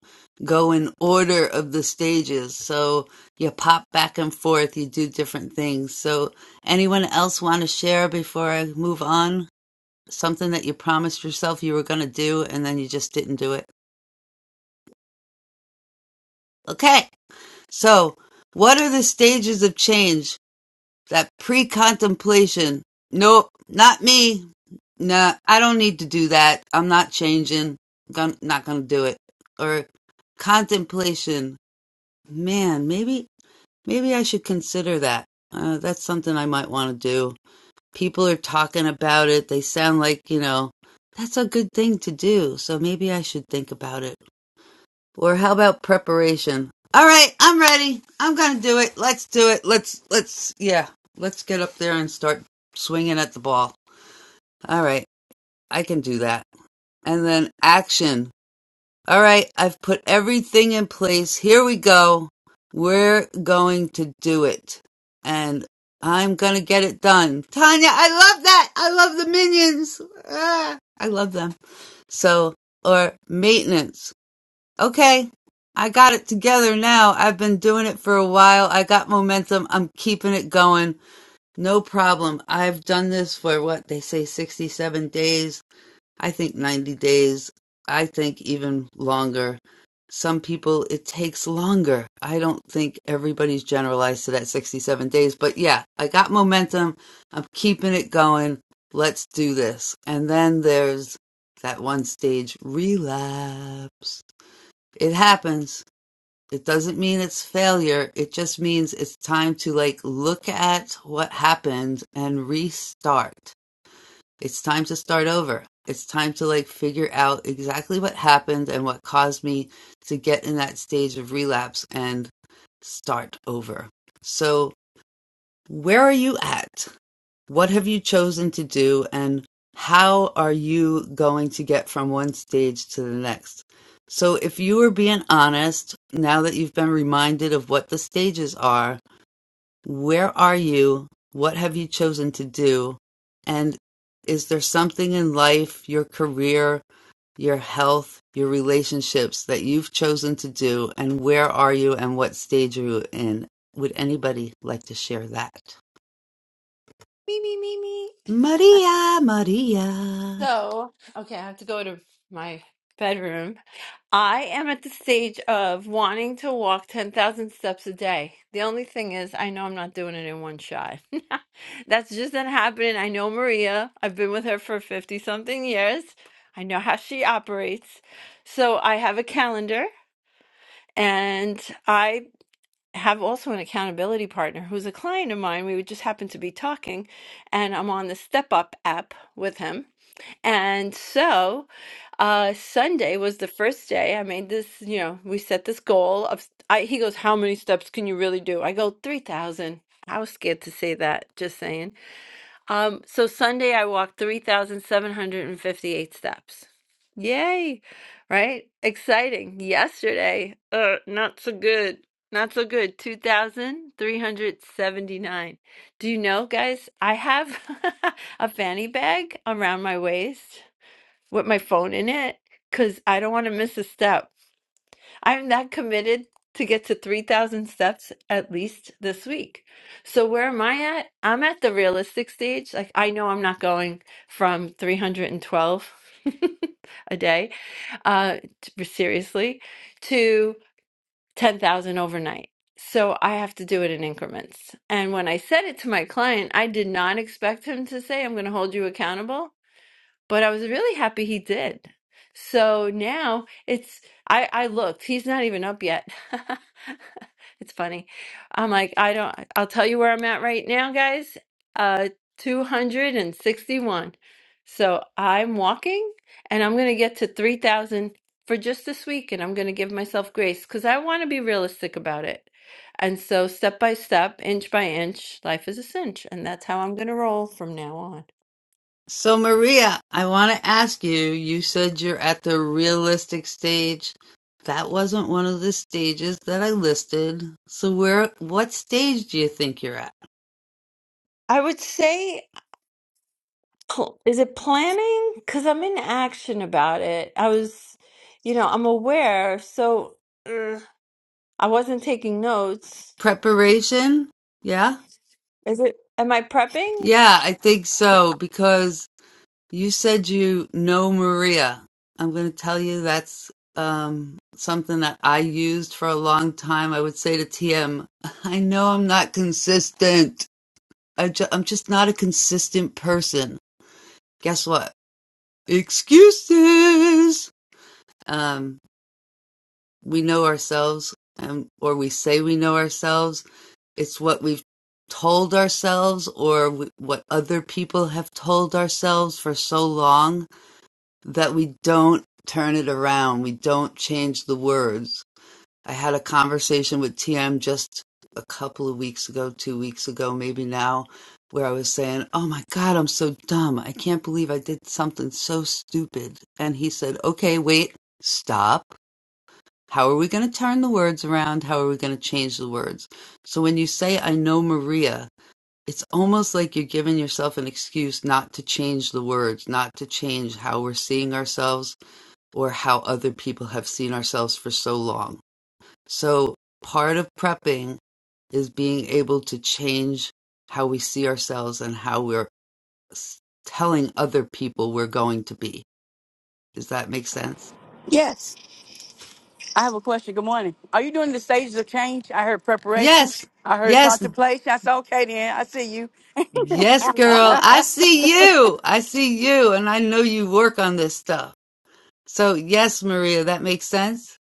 S1: go in order of the stages. So you pop back and forth, you do different things. So, anyone else want to share before I move on? Something that you promised yourself you were going to do and then you just didn't do it. Okay. So, what are the stages of change? That pre contemplation. Nope, not me. Nah, I don't need to do that. I'm not changing. Gon- not gonna do it. Or contemplation. Man, maybe maybe I should consider that. Uh, that's something I might want to do. People are talking about it. They sound like you know that's a good thing to do. So maybe I should think about it. Or how about preparation? All right, I'm ready. I'm gonna do it. Let's do it. Let's let's yeah. Let's get up there and start swinging at the ball. All right, I can do that. And then action. All right, I've put everything in place. Here we go. We're going to do it. And I'm gonna get it done. Tanya, I love that. I love the minions. Ah, I love them. So, or maintenance. Okay, I got it together now. I've been doing it for a while. I got momentum. I'm keeping it going. No problem. I've done this for what they say 67 days. I think 90 days. I think even longer. Some people it takes longer. I don't think everybody's generalized to that 67 days, but yeah, I got momentum. I'm keeping it going. Let's do this. And then there's that one stage relapse it happens. It doesn't mean it's failure. It just means it's time to like look at what happened and restart. It's time to start over. It's time to like figure out exactly what happened and what caused me to get in that stage of relapse and start over. So, where are you at? What have you chosen to do and how are you going to get from one stage to the next? So if you were being honest, now that you've been reminded of what the stages are, where are you? What have you chosen to do? And is there something in life, your career, your health, your relationships that you've chosen to do? And where are you and what stage are you in? Would anybody like to share that?
S5: Me, me, me, me.
S1: Maria, Maria.
S5: So, okay, I have to go to my bedroom. I am at the stage of wanting to walk 10,000 steps a day. The only thing is, I know I'm not doing it in one shot. *laughs* That's just not happening. I know Maria. I've been with her for 50 something years. I know how she operates. So I have a calendar and I have also an accountability partner who's a client of mine. We would just happen to be talking, and I'm on the Step Up app with him. And so uh, Sunday was the first day. I made this, you know, we set this goal of. I, he goes, "How many steps can you really do?" I go, 3,000. I was scared to say that. Just saying. Um, so Sunday I walked 3,758 steps. Yay, right? Exciting. Yesterday, uh, not so good. Not so good. 2,379. Do you know, guys, I have *laughs* a fanny bag around my waist with my phone in it because I don't want to miss a step. I'm that committed to get to 3,000 steps at least this week. So where am I at? I'm at the realistic stage. Like I know I'm not going from 312 *laughs* a day, uh, t- seriously, to 10,000 overnight. So I have to do it in increments. And when I said it to my client, I did not expect him to say, I'm going to hold you accountable but I was really happy he did. So now it's I I looked. He's not even up yet. *laughs* It's funny. I'm like, I don't I'll tell you where I'm at right now, guys. Uh 261. So I'm walking and I'm going to get to 3000 for just this week and I'm going to give myself grace cuz I want to be realistic about it. And so step by step, inch by inch, life is a cinch and that's how I'm going to roll from now on.
S1: So, Maria, I want to ask you you said you're at the realistic stage. That wasn't one of the stages that I listed. So, where, what stage do you think you're at?
S5: I would say pl- is it planning? Because I'm in action about it. I was, you know, I'm aware, so uh, I wasn't taking notes.
S1: Preparation? Yeah?
S5: Is it, am I prepping?
S1: Yeah, I think so, because you said you know Maria. I'm going to tell you that's um, something that I used for a long time. I would say to TM, *laughs* I know I'm not consistent. I ju- I'm just not a consistent person. Guess what? Excuses. Um, we know ourselves, um, or we say we know ourselves. It's what we've told ourselves, or w- what other people have told ourselves for so long that we don't turn it around. We don't change the words. I had a conversation with TM just a couple of weeks ago, two weeks ago, maybe now, where I was saying, Oh my God, I'm so dumb. I can't believe I did something so stupid. And he said, Okay, wait, stop. How are we going to turn the words around? How are we going to change the words? So when you say, I know Maria, it's almost like you're giving yourself an excuse not to change the words, not to change how we're seeing ourselves or how other people have seen ourselves for so long so part of prepping is being able to change how we see ourselves and how we're s- telling other people we're going to be. Does that make sense?
S9: Yes. I have a question. Good morning. Are you doing the stages of change? I heard preparation.
S1: Yes.
S9: I heard
S1: Yes.
S9: contemplation. I said, okay, then. I see you.
S1: Yes, girl. I see you. I see you. And I know you work on this stuff. So, yes, Maria, that makes sense.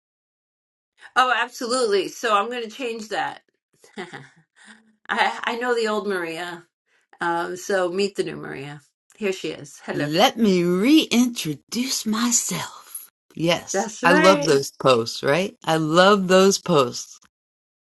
S5: Oh, absolutely. So I'm going to change that. *laughs* I I know the old Maria. Um, so meet the new Maria. Here she is. Hello.
S1: Let me reintroduce myself. Yes.
S5: That's
S1: I love
S5: right.
S1: those posts, right? I love those posts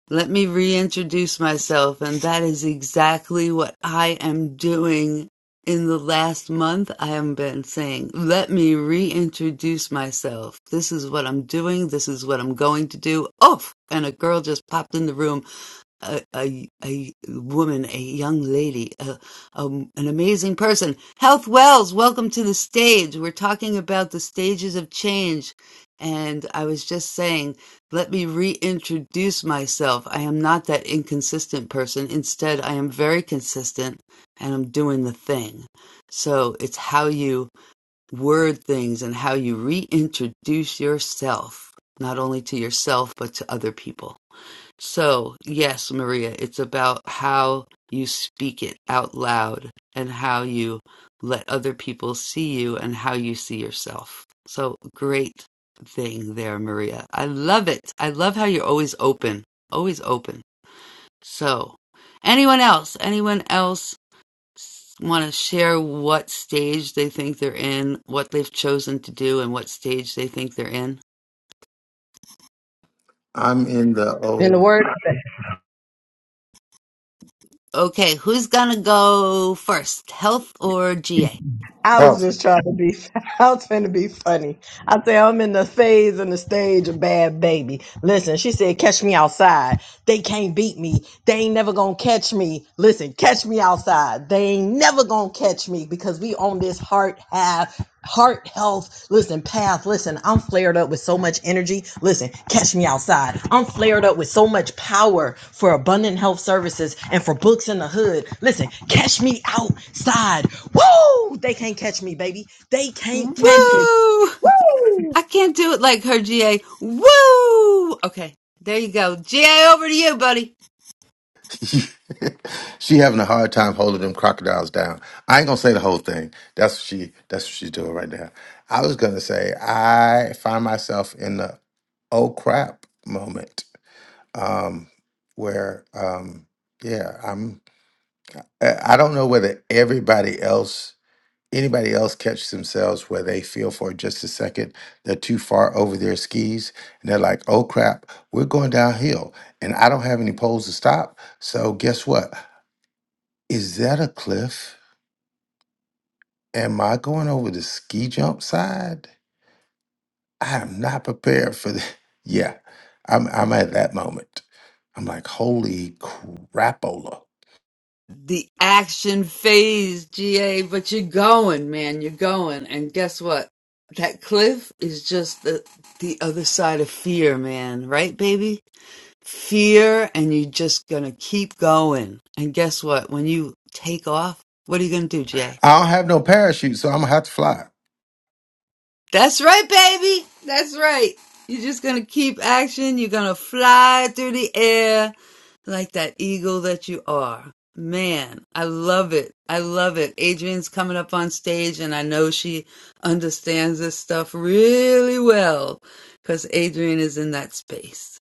S1: Let me reintroduce myself, and that is exactly what I am doing in the last month. I have been saying, let me reintroduce myself. This is what I'm doing. This is what I'm going to do. Oh, and a girl just popped in the room a, a, a woman, a young lady, a, um, an amazing person. Health Wells, welcome to the stage. We're talking about the stages of change. And I was just saying, let me reintroduce myself. I am not that inconsistent person. Instead, I am very consistent and I'm doing the thing. So it's how you word things and how you reintroduce yourself, not only to yourself, but to other people. So, yes, Maria, it's about how you speak it out loud and how you let other people see you and how you see yourself. So, great thing there, Maria. I love it. I love how you're always open, always open. So, anyone else? Anyone else want to share what stage they think they're in, what they've chosen to do, and what stage they think they're in?
S4: I'm in the old
S1: Okay, who's gonna go first? Health or GA?
S4: house.
S1: Woo! I can't do it like her, GA. Woo! Okay, there you go. GA, over to you, buddy.
S4: *laughs* she having a hard time holding them crocodiles down. I ain't gonna say the whole thing. That's what she that's what she's doing right now. I was gonna say I find myself in the oh crap moment um where um yeah i'm i I don't know whether everybody else anybody else catch themselves where they feel for just a second they're too far over their skis and they're like, oh crap, we're going downhill and I don't have any poles to stop. So guess what? Is that a cliff? Am I going over the ski jump side? I am not prepared for that. *laughs* Yeah, I'm, I'm at that moment. I'm like, holy crapola.
S1: The action phase, GA, but you're going, man. You're going. And guess what? That cliff is just the, the other side of fear, man. Right, baby? Fear, and you're just gonna keep going. And guess what? When you take off, what are you gonna do, GA?
S4: I don't have no parachute, so I'm going to have to fly.
S1: That's right, baby. That's right. You're just going to keep action. You're going to fly through the air like that eagle that you are. Man, I love it. I love it. Adrian's coming up on stage, and I know she understands this stuff really well because Adrian is in that space.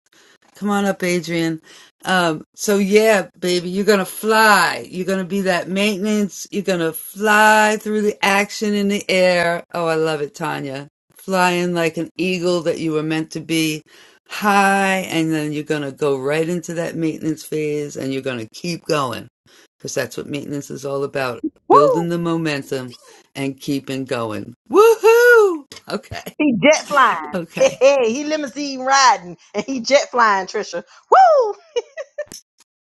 S1: Come on up, Adrian. Um, so yeah, baby, you're gonna fly. You're gonna be that maintenance. You're gonna fly through the action in the air. Oh, I love it, Tanya. Flying like an eagle that you were meant to be high, and then you're gonna go right into that maintenance phase and you're gonna keep going. Cause that's what maintenance is all about. Building the momentum and keeping going. Woohoo! Okay. okay.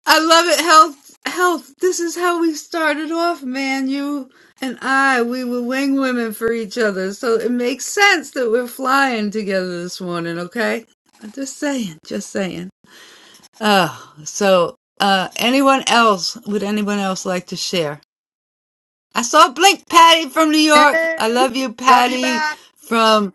S1: I love it, health. Health. This is how we started off, man. You and I, we were wing women for each other, so it makes sense that we're flying together this morning. Okay, I'm just saying, just saying. Oh, so uh, anyone else? Would anyone else like to share? I saw Blink Patty from New York. I
S10: Hey,
S1: love you,
S10: love you
S1: Patty
S10: back,
S1: from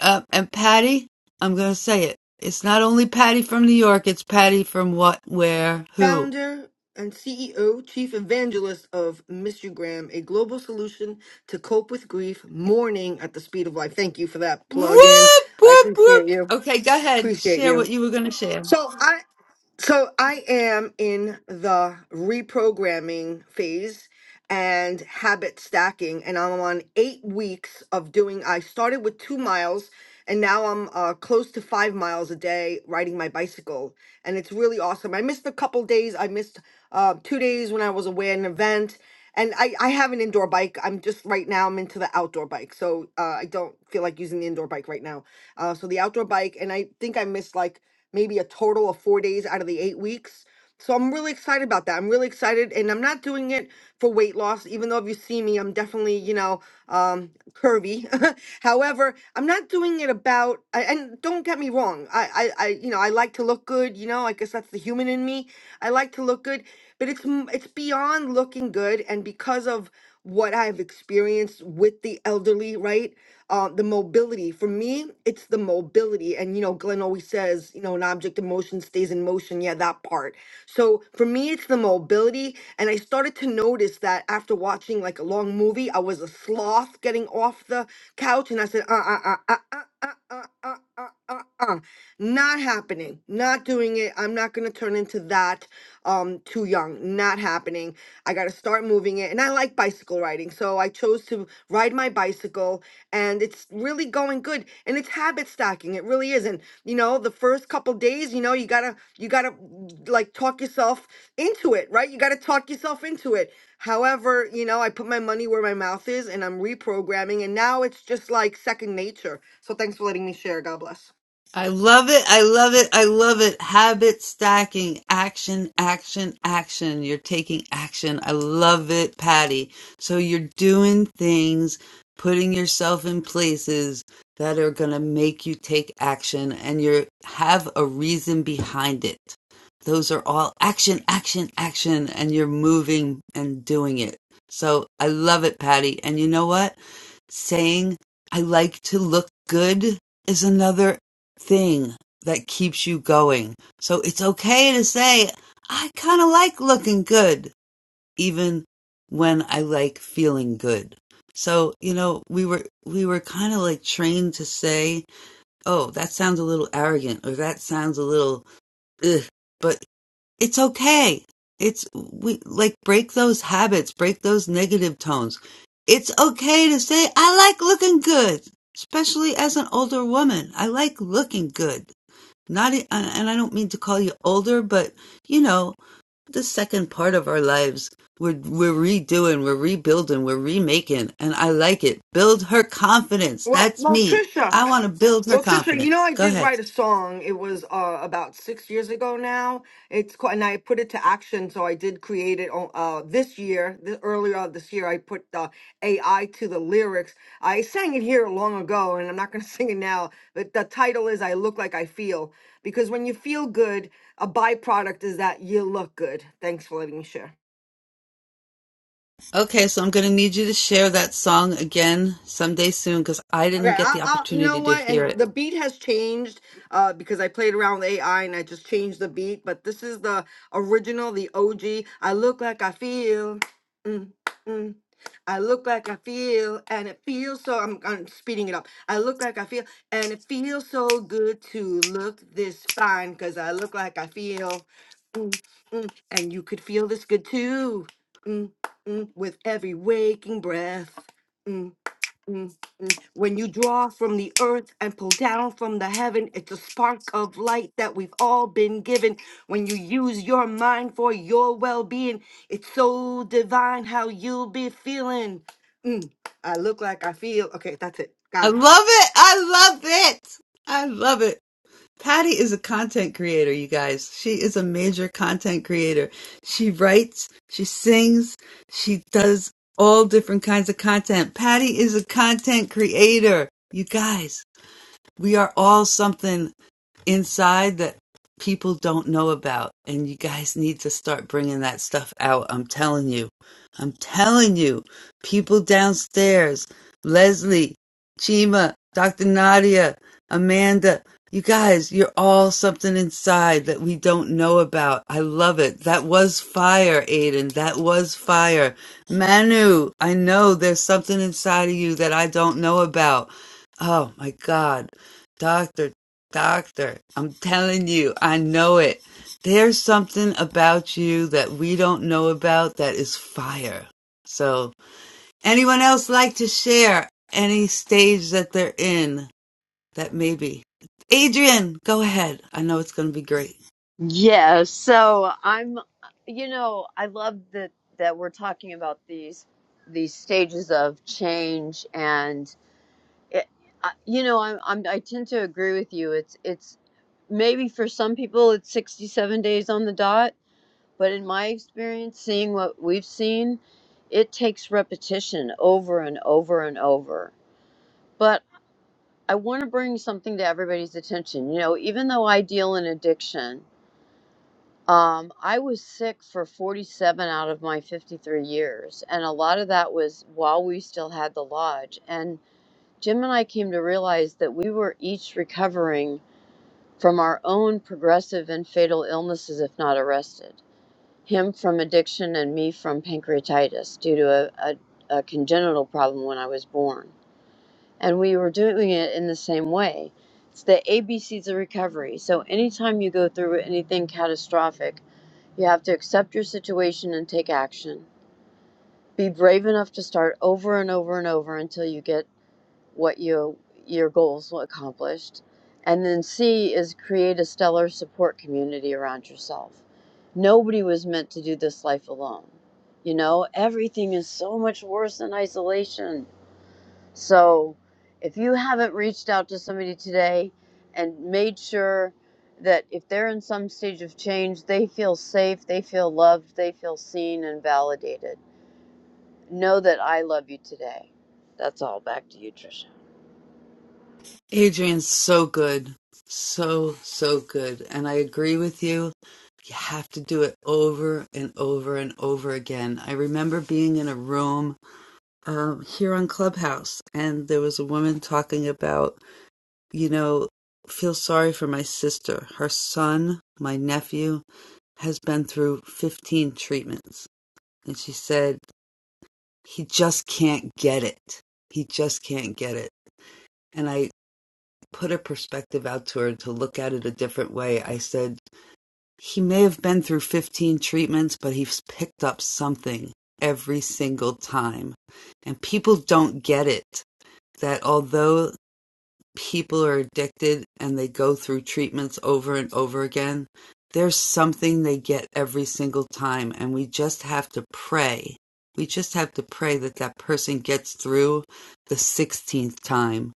S1: uh, and Patty. I'm gonna say it. It's not only Patty from New York. It's Patty from what, where, who.
S10: founder and CEO, chief evangelist of Mr. Graham, a global solution to cope with grief, mourning at the speed of life. Thank you for that plug in.
S1: Whoop,
S10: I
S1: whoop,
S10: appreciate
S1: whoop.
S10: you.
S1: Okay, go ahead.
S10: Appreciate
S1: Share what
S10: you.
S1: you were going to share.
S10: So I so I am in the reprogramming phase and habit stacking and I'm on 8 weeks of doing I started with 2 miles and now I'm uh, close to 5 miles a day riding my bicycle and it's really awesome. I missed a couple days. I missed uh, 2 days when I was away at an event and I, I have an indoor bike. I'm just right now I'm into the outdoor bike. So uh, I don't feel like using the indoor bike right now. Uh, so the outdoor bike and I think I missed like maybe a total of four days out of the eight weeks. So I'm really excited about that. I'm really excited, and I'm not doing it for weight loss, even though if you see me, I'm definitely, you know, um, curvy. *laughs* However, I'm not doing it about, a- and don't get me wrong, I, I, I, you know, I like to look good. You know, I guess that's the human in me. I like to look good, but it's m- it's beyond looking good, and because of what I've experienced with the elderly, right? uh, the mobility. For me, it's the mobility. And, you know, Glenn always says, you know, an object in motion stays in motion. Yeah, that part. So for me, it's the mobility. And I started to notice that after watching like a long movie, I was a sloth getting off the couch and I said, uh, uh, uh, uh, uh, uh, uh, uh, uh, uh, uh, uh." not happening, not doing it. I'm not going to turn into that um, too young, not happening. I got to start moving it. And I like bicycle riding. So I chose to ride my bicycle and it's really going good and it's habit stacking it really is and you know the first couple days you know you gotta you gotta mm, like talk yourself into it right you gotta talk yourself into it however you know i put my money where my mouth is and i'm reprogramming and now it's just like second nature so thanks for letting me share god bless
S1: I love it. I love it. I love it. Habit stacking, action, action, action. You're taking action. I love it, Patty. So you're doing things, putting yourself in places that are going to make you take action and you have a reason behind it. Those are all action, action, action, and you're moving and doing it. So I love it, Patty. And you know what? Saying I like to look good is another thing that keeps you going. So it's okay to say, I kind of like looking good, even when I like feeling good. So, you know, we were, we were kind of like trained to say, oh, that sounds a little arrogant or that sounds a little, ugh, but it's okay. It's, we like break those habits, break those negative tones. It's okay to say, I like looking good, especially as an older woman. I like looking good not, e, and I don't mean to call you older, but you know, the second part of our lives, we're we're redoing, we're rebuilding, we're remaking, and I like it. Build her confidence.
S10: well
S1: That's
S10: well
S1: me.
S10: trisha
S1: I want to build her
S10: Well, Trisha, you know,
S1: confidence.
S10: I
S1: Go
S10: did
S1: ahead.
S10: write a song. It was uh, about six years ago now. It's called, and I put it to action. So I did create it on- uh, this year. This, earlier this year, I put the AI to the lyrics. I sang it here long ago, and I'm not going to *laughs* sing it now. But the title is "I Look Like I Feel" because when you feel good, a byproduct is that you look good. Thanks for letting me share.
S1: Okay, so I'm going to need you to share that song again someday soon because I
S10: Okay,
S1: didn't get
S10: I'll,
S1: the
S10: I'll, you know
S1: opportunity to
S10: what?
S1: hear
S10: And
S1: it.
S10: the beat has changed uh, because I played around with AI and I just changed the beat. But this is the original, the OG. I look like I feel. Mm, mm. I look like I feel, and it feels so. I'm, I'm speeding it up. I look like I feel, and it feels so good to look this fine because I look like I feel. Mm, mm, and you could feel this good too. Mm, mm, with every waking breath. mm, Mm, mm. When you draw from the earth and pull down from the heaven, it's a spark of light that we've all been given. When you use your mind for your well being, it's so divine how you'll be feeling. Mm, I look like I feel. Okay, that's it.
S1: I
S10: Got it.
S1: love it. I love it. I love it. Patty is a content creator, you guys. She is a major content creator. She writes, she sings, she does all different kinds of content. Patty is a content creator. You guys, we are all something inside that people don't know about and you guys need to start bringing that stuff out i'm telling you i'm telling you people downstairs leslie chima dr nadia amanda you guys you're all something inside that we don't know about i love it that was fire aiden that was fire manu i know there's something inside of you that i don't know about oh my god Doctor. Doctor, I'm telling you, I know it. There's something about you that we don't know about that is fire. So, anyone else like to share any stage that they're in that maybe? Adrian, go ahead. I know it's going to be great.
S11: Yeah, so I'm, you know, I love that that we're talking about these these stages of change, and it, I- you know, I'm, I'm I tend to agree with you. It's it's maybe for some people it's 67 days on the dot, but in my experience, seeing what we've seen, it takes repetition over and over and over. But I want to bring something to everybody's attention. You know, even though I deal in addiction. Um, I was sick for 47 out of my 53 years, and a lot of that was while we still had the lodge. And Jim and I came to realize that we were each recovering from our own progressive and fatal illnesses if not arrested. Him from addiction, and me from pancreatitis due to a, a, a congenital problem when I was born. And we were doing it in the same way. It's the ABCs of recovery. So anytime you go through anything catastrophic, you have to accept your situation and take action. Be brave enough to start over and over and over until you get what you your goals accomplished. And then C is create a stellar support community around yourself. Nobody was meant to do this life alone. You know, everything is so much worse in isolation. So if you haven't reached out to somebody today and made sure that if they're in some stage of change, they feel safe, they feel loved, they feel seen and validated. Know that I love you today. That's all. Back to you, Tricia.
S1: Adrian's so good. So, so good. And I agree with you. You have to do it over and over and over again. I remember being in a room um, here on Clubhouse, and there was a woman talking about, you know, feel sorry for my sister. Her son, my nephew, has been through 15 treatments. And she said, he just can't get it. He just can't get it. And I put a perspective out to her to look at it a different way. I said, he may have been through 15 treatments, but he's picked up something every single time. And people don't get it that although people are addicted and they go through treatments over and over again, there's something they get every single time. And we just have to pray. We just have to pray that that person gets through the 16th time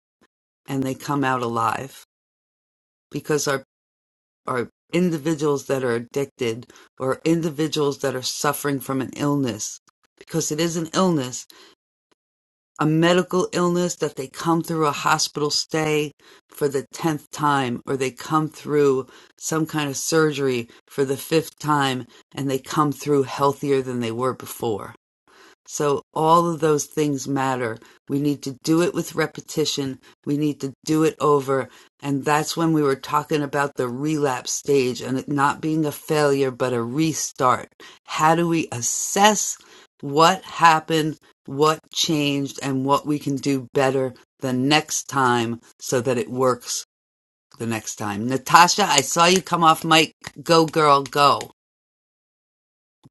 S1: and they come out alive because our, our individuals that are addicted or individuals that are suffering from an illness, because it is an illness a medical illness that they come through a hospital stay for the 10th time or they come through some kind of surgery for the fifth time and they come through healthier than they were before. So all of those things matter. We need to do it with repetition. We need to do it over. And that's when we were talking about the relapse stage and it not being a failure, but a restart. How do we assess what happened, what changed, and what we can do better the next time so that it works the next time? Natasha, I saw you come off mic. Go, girl, go.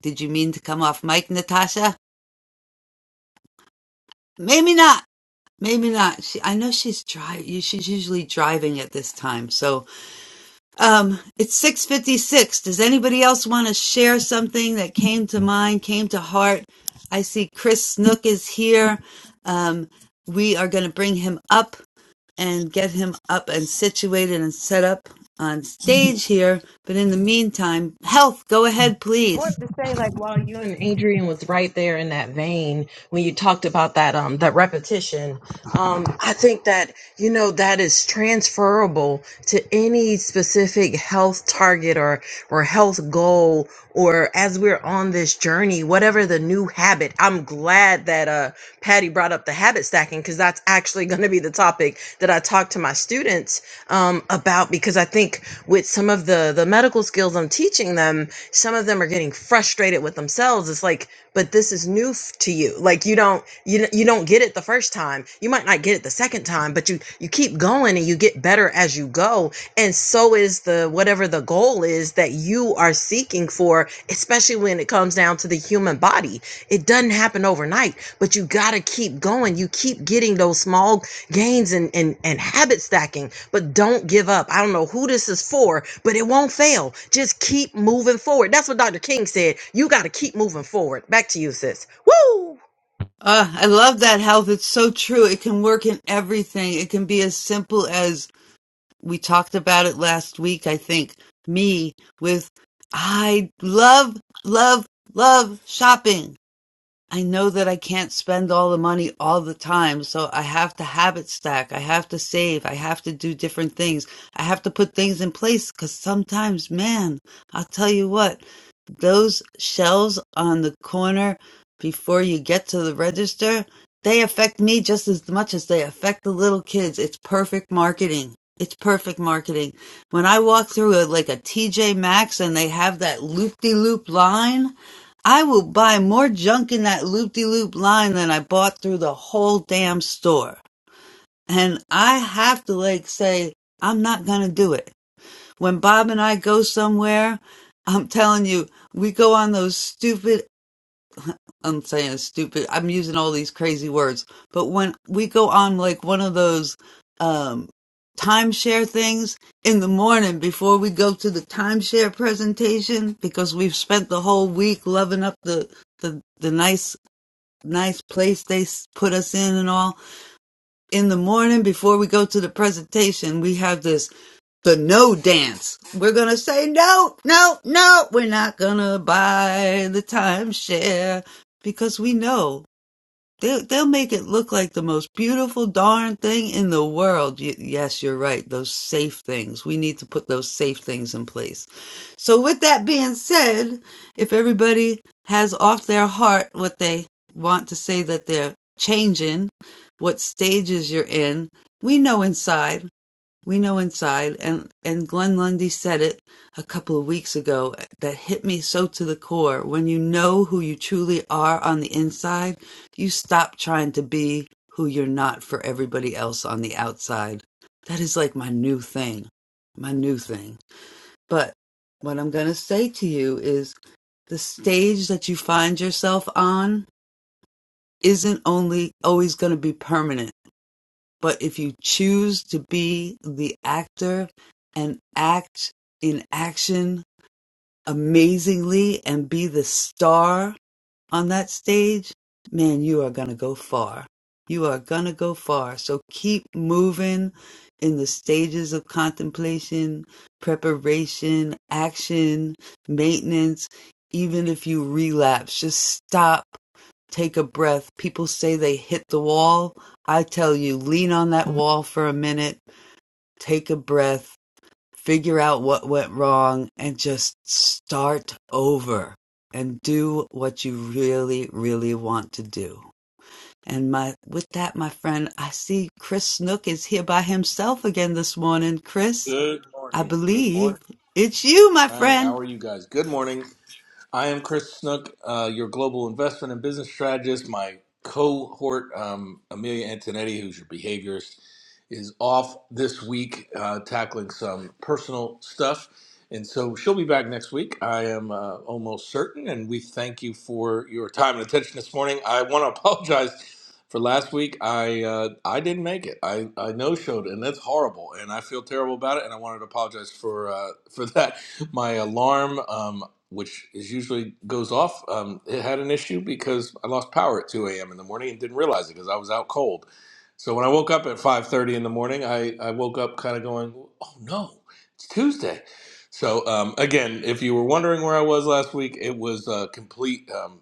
S1: Did you mean to come off mic, Natasha? Maybe not. Maybe not. She, I know she's driving. She's usually driving at this time. So, um, it's six fifty six. Does anybody else want to share something that came to mind, came to heart? I see Chris Snook is here. Um, we are going to bring him up and get him up and situated and set up on stage here. But in the meantime, health, go ahead, please. Uh, I love that health. It's so true. It can work in everything. It can be as simple as we talked about it last week, I think, me with I love, love, love shopping. I know that I can't spend all the money all the time, so I have to habit stack. I have to save. I have to do different things. I have to put things in place because sometimes, man, I'll tell you what, those shelves on the corner before you get to the register, they affect me just as much as they affect the little kids. It's perfect marketing. It's perfect marketing. When I walk through a, like a TJ Maxx and they have that loop-de-loop line, I will buy more junk in that loop-de-loop line than I bought through the whole damn store. And I have to like say, I'm not gonna do it. When Bob and I go somewhere, I'm telling you, we go on those stupid, I'm saying stupid, I'm using all these crazy words, but when we go on like one of those, um, timeshare things in the morning before we go to the timeshare presentation because we've spent the whole week loving up the, the, the nice, nice place they s- put us in and all. In the morning before we go to the presentation, we have this the no dance. We're gonna say no, no, no. We're not gonna buy the timeshare because we know they'll they'll make it look like the most beautiful darn thing in the world. Y- yes, you're right. Those safe things. We need to put those safe things in place. So with that being said, if everybody has off their heart what they want to say that they're changing, what stages you're in, we know inside. We know inside, and and Glenn Lundy said it a couple of weeks ago that hit me so to the core. When you know who you truly are on the inside, you stop trying to be who you're not for everybody else on the outside. That is like my new thing, my new thing. But what I'm going to say to you is the stage that you find yourself on isn't only always going to be permanent but if you choose to be the actor and act in action amazingly and be the star on that stage, man, you are going to go far. You are going to go far. So keep moving in the stages of contemplation, preparation, action, maintenance. Even if you relapse, just stop take a breath. People say they hit the wall. I tell you, lean on that wall for a minute, take a breath, figure out what went wrong and just start over and do what you really, really want to do. And my, with that, my friend, I see Chris Snook is here by himself again this morning. Chris,
S12: Good
S1: I
S12: morning. Good
S1: believe
S12: morning.
S1: it's you, my
S12: Hi, how
S1: friend.
S12: are you guys? Good morning. I am Chris Snook, uh, your global investment and business strategist. My cohort, um, Amelia Antonetti, who's your behaviorist, is off this week uh, tackling some personal stuff. And so she'll be back next week. I am uh, almost certain. And we thank you for your time and attention this morning. I want to *laughs* apologize for last week. I uh, I didn't make it. I, I no showed, and that's horrible. And I feel terrible about it. And I wanted to apologize for uh, for *laughs* that my alarm. Um, which is usually goes off. Um, it had an issue because I lost power at 2 a.m. in the morning and didn't realize it because I was out cold. So when I woke up at 5:30 in the morning, I, I woke up kind of going, "Oh no, it's Tuesday." So um, again, if you were wondering where I was last week, it was a complete um,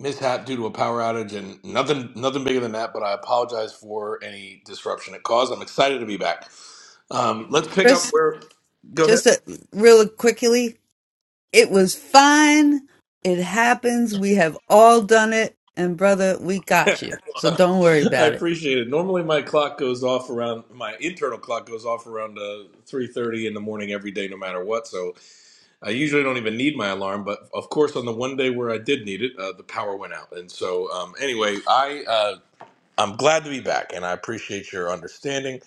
S12: mishap due to a power outage and nothing nothing bigger than that. But I apologize for any disruption it caused. I'm excited to be back. Um, let's pick up
S1: Chris,
S12: where. Go
S1: just
S12: ahead.
S1: a, real quickly, it was fine. It happens. We have all done it. And brother, we
S12: *laughs*
S1: got you. So don't worry
S12: I
S1: about it.
S12: appreciate it. Normally, my clock goes off around my internal clock goes off around uh, three thirty in the morning every day, no matter what. So I usually don't even need my alarm. But of course, on the one day where I did need it, uh, the power went out. And so, um, anyway, I uh, I'm glad to be back, and I appreciate your understanding.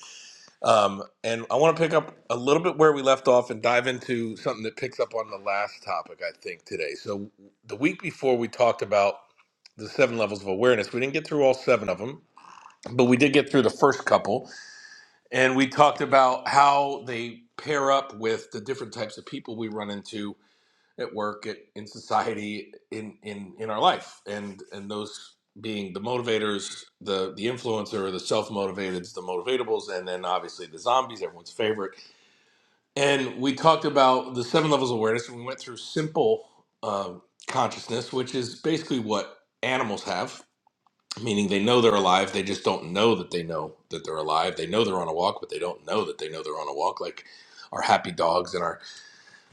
S12: Um, and I want to pick up a little bit where we left off and dive into something that picks up on the last topic I think today. So the week before, we talked about the seven levels of awareness. We didn't get through all seven of them but we did get through the first couple and we talked about how they pair up with the different types of people we run into at work at, in society in, in in our life and and those being the motivators the the influencer the self-motivated the motivatables and then obviously the zombies everyone's favorite and we talked about the seven levels of awareness and we went through simple um consciousness which is basically what animals have meaning they know they're alive they just don't know that they know that they're alive they know they're on a walk but they don't know that they know they're on a walk like our happy dogs and our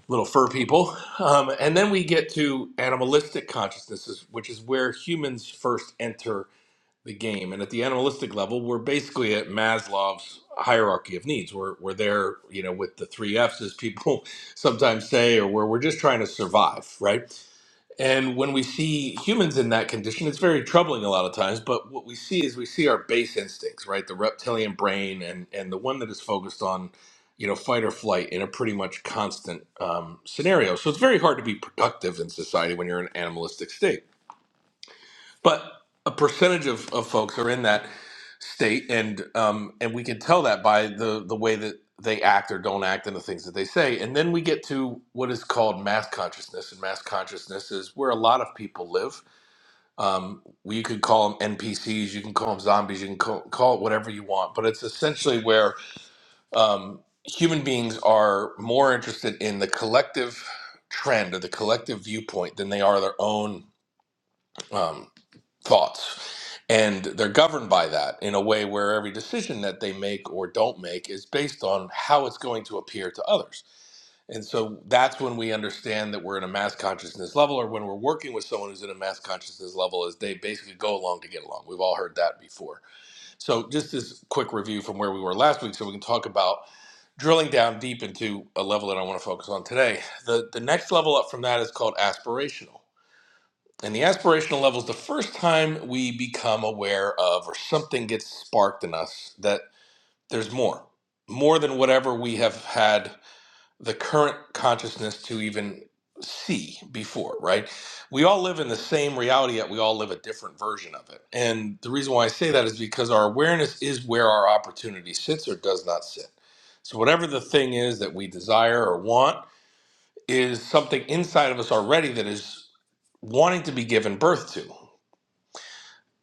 S12: little fur people um, and then we get to animalistic consciousnesses which is where humans first enter the game and at the animalistic level we're basically at maslow's hierarchy of needs we're, we're there you know with the three f's as people *laughs* sometimes say or where we're just trying to survive right and when we see humans in that condition, it's very troubling a lot of times. But what we see is we see our base instincts, right? The reptilian brain and, and the one that is focused on, you know, fight or flight in a pretty much constant um, scenario. So it's very hard to be productive in society when you're in an animalistic state but a percentage of, of folks are in that state and um, and we can tell that by the the way that they act or don't act and the things that they say and then we get to what is called mass consciousness and mass consciousness is where a lot of people live um, you could call them npcs you can call them zombies you can call, call it whatever you want but it's essentially where um, human beings are more interested in the collective trend or the collective viewpoint than they are their own Um, thoughts. And they're governed by that in a way where every decision that they make or don't make is based on how it's going to appear to others. And so that's when we understand that we're in a mass consciousness level, or when we're working with someone who's in a mass consciousness level, is they basically go along to get along. We've all heard that before. So, just this quick review from where we were last week, so we can talk about drilling down deep into a level that I want to focus on today. The, the next level up from that is called aspirational and the aspirational level is the first time we become aware of or something gets sparked in us that there's more, more than whatever we have had the current consciousness to even see before, right? We all live in the same reality, yet we all live a different version of it. And the reason why I say that is because our awareness is where our opportunity sits or does not sit. So, whatever the thing is that we desire or want is something inside of us already that is wanting to be given birth to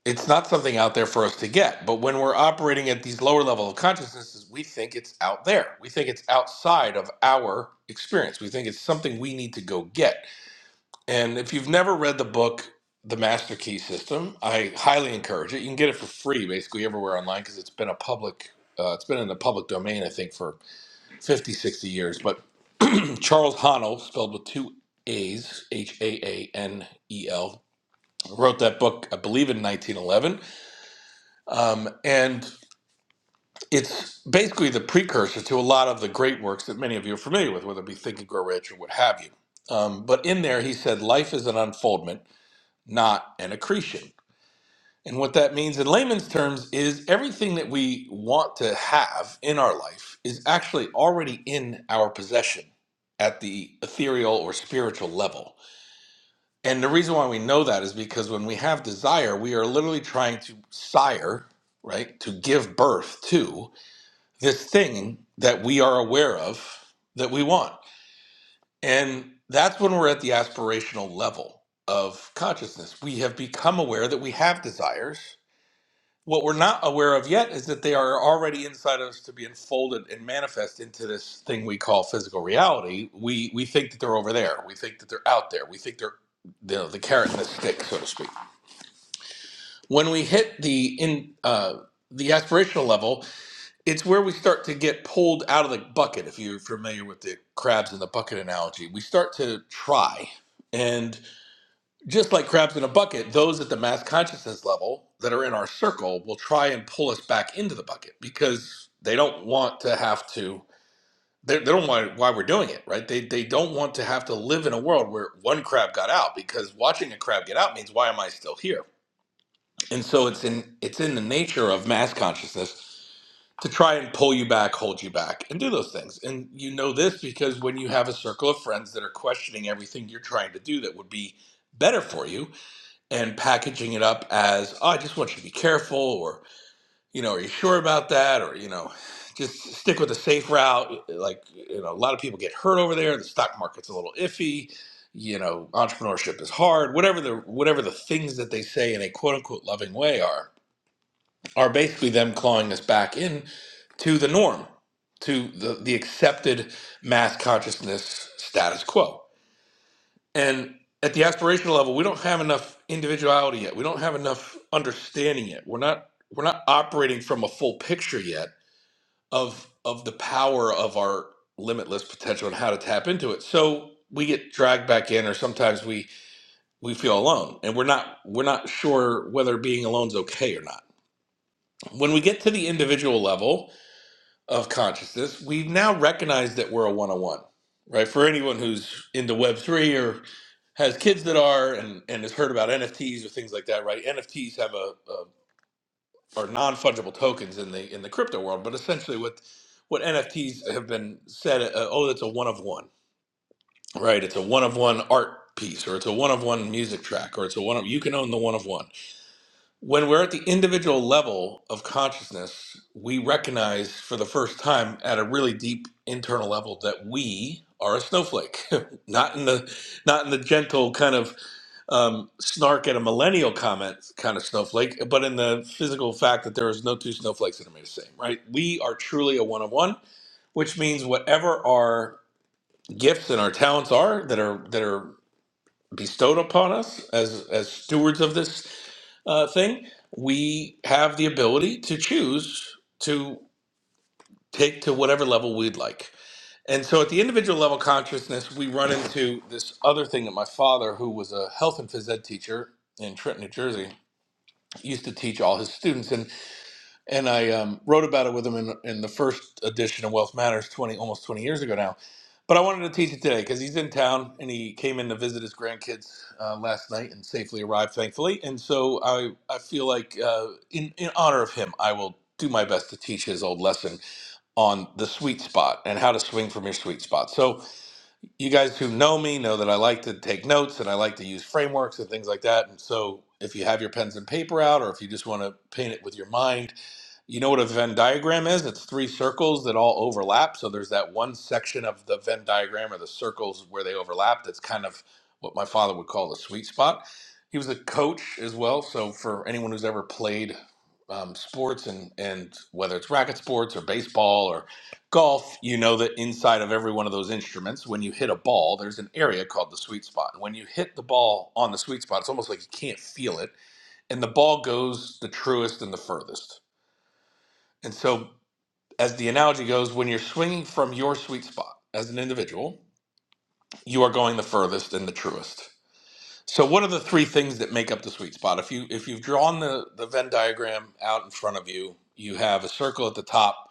S12: it's not something out there for us to get. But when we're operating at these lower level of consciousnesses, we think it's out there. We think it's outside of our experience. We think it's something we need to go get. And if you've never read the book, The Master Key System, I highly encourage it. You can get it for free basically everywhere online because it's been a public. Uh, it's been in the public domain, I think, for 50, 60 years. But *clears throat* Charles Honnell, spelled with two A's, H A A N E L, wrote that book, I believe, in 1911. Um, and it's basically the precursor to a lot of the great works that many of you are familiar with, whether it be Think and Grow Rich or what have you. Um, but in there, he said, life is an unfoldment, not an accretion. And what that means in layman's terms is everything that we want to have in our life is actually already in our possession at the ethereal or spiritual level. And the reason why we know that is because when we have desire, we are literally trying to sire, right, to give birth to this thing that we are aware of that we want. And that's when we're at the aspirational level of consciousness. We have become aware that we have desires. What we're not aware of yet is that they are already inside of us to be unfolded and manifest into this thing we call physical reality. We we think that they're over there. We think that they're out there. We think they're you know, the carrot and the stick, so to speak. When we hit the in uh, the aspirational level, it's where we start to get pulled out of the bucket if you're familiar with the crabs in the bucket analogy we start to try and just like crabs in a bucket those at the mass consciousness level that are in our circle will try and pull us back into the bucket because they don't want to have to they, they don't want why we're doing it right they, they don't want to have to live in a world where one crab got out because watching a crab get out means why am i still here and so it's in it's in the nature of mass consciousness to try and pull you back, hold you back, and do those things. And you know this because when you have a circle of friends that are questioning everything you're trying to do that would be better for you and packaging it up as, oh, I just want you to be careful, or, you know, are you sure about that? Or, you know, just stick with the safe route. Like, you know, a lot of people get hurt over there. The stock market's a little iffy. You know, entrepreneurship is hard. Whatever the whatever the things that they say in a quote unquote loving way are, are basically them clawing us back in to the norm, to the, the accepted mass consciousness status quo. And at the aspirational level, we don't have enough individuality yet. We don't have enough understanding yet. We're not we're not operating from a full picture yet of of the power of our limitless potential and how to tap into it. So we get dragged back in or sometimes we we feel alone and we're not we're not sure whether being alone is okay or not. When we get to the individual level, of consciousness, we've now recognized that we're a one on one, right? For anyone who's into Web3 or has kids that are and, and has heard about NFTs or things like that, right? NFTs have a, a are non fungible tokens in the in the crypto world, but essentially what what NFTs have been said, uh, oh, it's a one of one, right? It's a one of one art piece, or it's a one of one music track, or it's a one of you can own the one of one when we're at the individual level of consciousness, we recognize for the first time at a really deep internal level that we are a snowflake, *laughs* not in the not in the gentle kind of um, snark at a millennial comment kind of snowflake, but in the physical fact that there is no two snowflakes that are made the same. Right? We are truly a one of one, which means whatever our gifts and our talents are that are that are bestowed upon us as as stewards of this uh, thing, we have the ability to choose to take to whatever level we'd like. And so at the individual level consciousness, we run into this other thing that my father, who was a health and phys ed teacher in Trenton, New Jersey, used to teach all his students. and and I um, wrote about it with him in, in the first edition of Wealth Matters twenty almost twenty years ago now. But I wanted to teach it today because he's in town and he came in to visit his grandkids uh, last night and safely arrived, thankfully. And so I I feel like uh, in in honor of him, I will do my best to teach his old lesson on the sweet spot and how to swing from your sweet spot. So you guys who know me know that I like to take notes and I like to use frameworks and things like that. And so if you have your pens and paper out or if you just want to paint it with your mind you know what a Venn diagram is? It's three circles that all overlap. So there's that one section of the Venn diagram or the circles where they overlap. That's kind of what my father would call the sweet spot. He was a coach as well. So for anyone who's ever played um, sports and, and whether it's racket sports or baseball or golf, you know that inside of every one of those instruments, when you hit a ball, there's an area called the sweet spot. And when you hit the ball on the sweet spot, it's almost like you can't feel it. And the ball goes the truest and the furthest. And so as the analogy goes, when you're swinging from your sweet spot as an individual, you are going the furthest and the truest. So, what are the three things that make up the sweet spot? If you if you've drawn the the Venn diagram out in front of you, you have a circle at the top,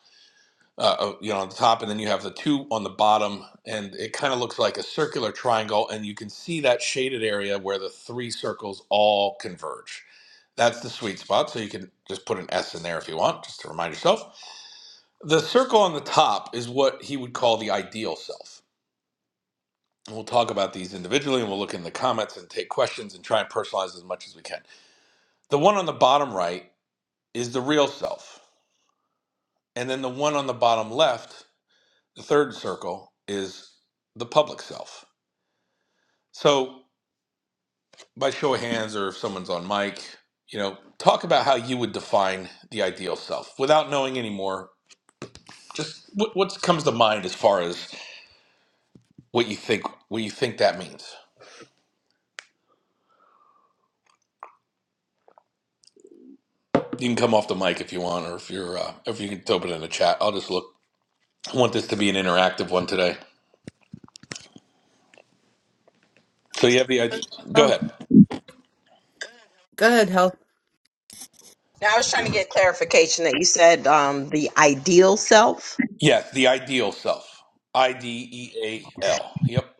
S12: uh, uh, you know, on the top, and then you have the two on the bottom, and it kind of looks like a circular triangle, and you can see that shaded area where the three circles all converge. That's the sweet spot. So you can just put an S in there if you want, just to remind yourself the circle on the top is what he would call the ideal self. And we'll talk about these individually and we'll look in the comments and take questions and try and personalize as much as we can. The one on the bottom right is the real self. And then the one on the bottom left, the third circle, is the public self. So, by show of hands or if someone's on mic, you know, talk about how you would define the ideal self without knowing any more. Just what what comes to mind as far as what you think what you think that means. You can come off the mic if you want, or if you're uh, if you can throw it in the chat. I'll just look. I want this to be an interactive one today. So you have the idea. Go
S1: Um,
S12: ahead.
S1: go ahead, Health.
S12: Yes, the ideal self. I D E A L. Yep.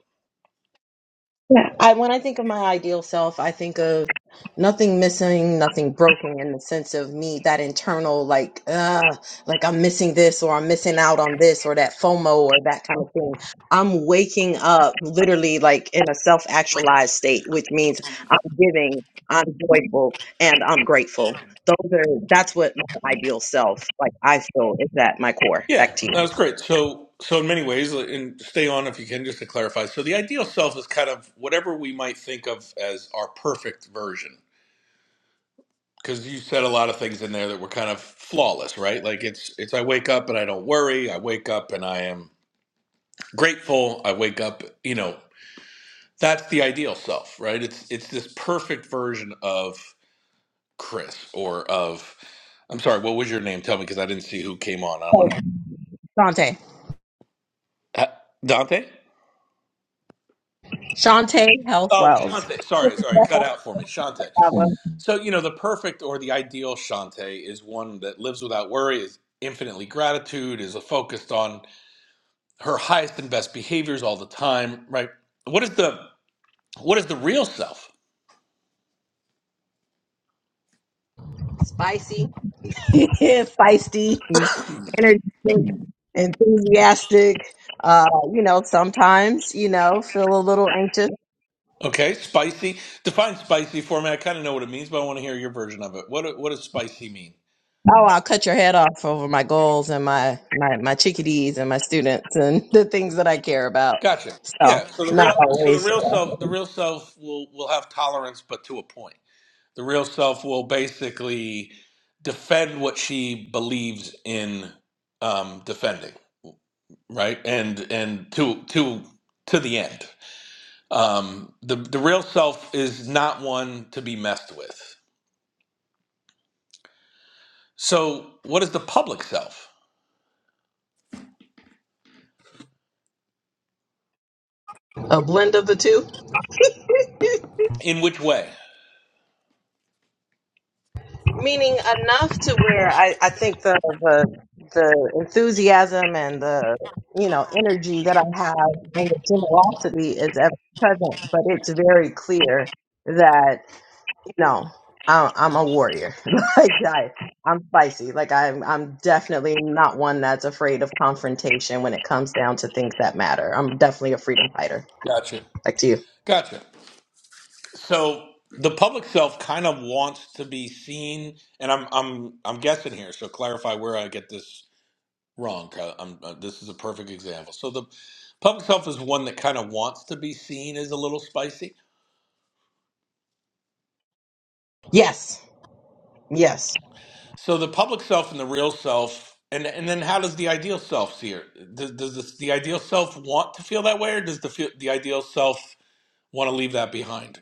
S12: Yeah, that was great. So so in many ways, uh, and stay on if you can just to clarify. So the ideal self is kind of whatever we might think of as our perfect version. Because you said a lot of things in there that were kind of flawless, right? Like it's it's I wake up and I don't worry. I wake up and I am grateful. I wake up, you know, that's the ideal self, right? It's it's this perfect version of Chris or of I'm sorry, what was your name? Tell me because I didn't see who came on. I want to Dante. Oh, Shante. Sorry, sorry, cut out for me, Shante. So you know, the perfect or the ideal Shante is one that lives without worry, is infinitely gratitude, is focused on her highest and best behaviors all the time, right? What is the what is the real self? Okay, spicy. Define spicy for me. I kind of know what it means, but I want to hear your version of it. What what does spicy mean? Gotcha. Yeah. So the real so the real self the real self will will have tolerance, but to a point. The real self will basically defend what she believes in um, defending, right? And and to to to the end. Um, the the real self is not one to be messed with. So what is the public self? In which way? Gotcha. Gotcha. So the public self kind of wants to be seen, and I'm I'm I'm guessing here. So clarify where I get this wrong. 'cause I'm, uh, this is a perfect example. So the public self is one that kind of wants to be seen as a little spicy. So the public self and the real self, and and then how does the ideal self see it? Does, does this, the ideal self want to feel that way, or does the feel, the ideal self want to leave that behind?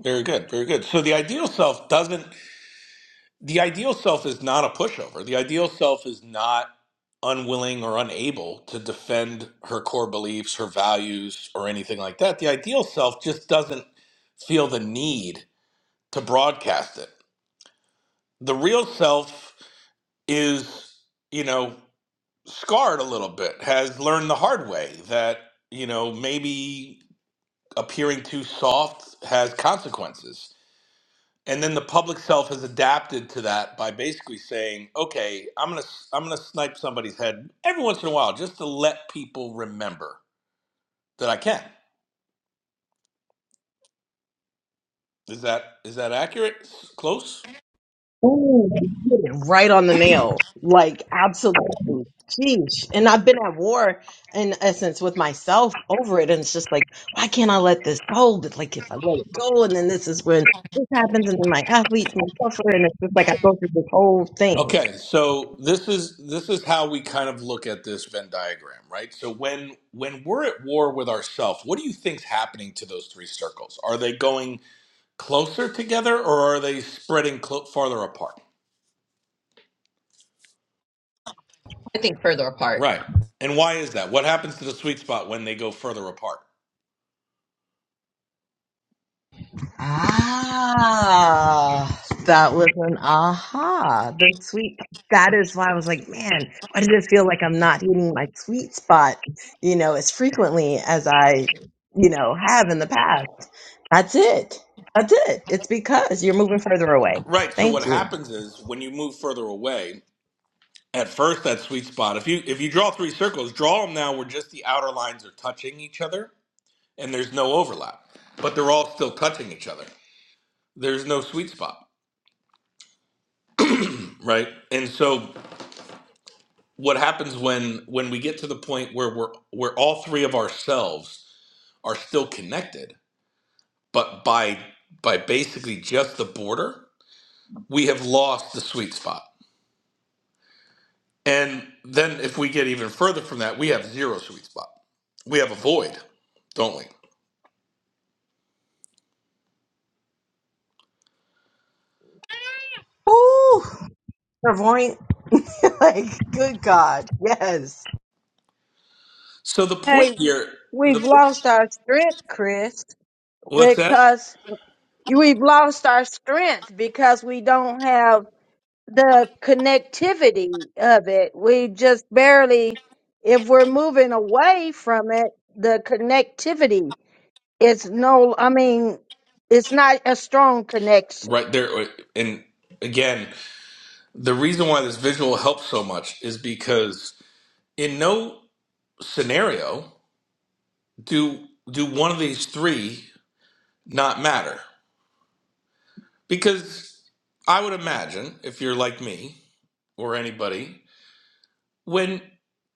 S12: Very good, very good. So the ideal self doesn't. the ideal self is not a pushover. The ideal self is not unwilling or unable to defend her core beliefs, her values, or anything like that. The ideal self just doesn't feel the need to broadcast it. The real self is, you know, scarred a little bit, has learned the hard way that, you know, maybe appearing too soft has consequences. and then the public self has adapted to that by basically saying, "Okay, I'm gonna I'm gonna snipe somebody's head every once in a while just to let people remember that I can." Is that is that accurate? Close. Okay, so this is this is how we kind of look at this Venn diagram, right? So when when we're at war with ourself, what do you think's happening to those three circles? Are they going closer together or are they spreading clo- farther apart? Right. And why is that? What happens to the sweet spot when they go further apart? Right. So what happens is when you move further away, at first that sweet spot, if you if you draw three circles, draw them now where just the outer lines are touching each other and there's no overlap, but they're all still touching each other. There's no sweet spot, right? And so what happens when when we get to the point where we're where all three of ourselves are still connected, but by by basically just the border, we have lost the sweet spot And then if we get even further from that, we have zero sweet spot. We have a void, don't we? So the
S6: Hey,
S12: point here,
S6: we've
S12: the
S6: lost our strength, Chris,
S12: what's that?
S6: because we've lost our strength because we don't have the connectivity of it. We just barely, if we're moving away from it, the connectivity is no, I mean, it's not a strong connection.
S12: Right there uh, and again, the reason why this visual helps so much is because in no scenario do do one of these three not matter. Because I would imagine if you're like me or anybody when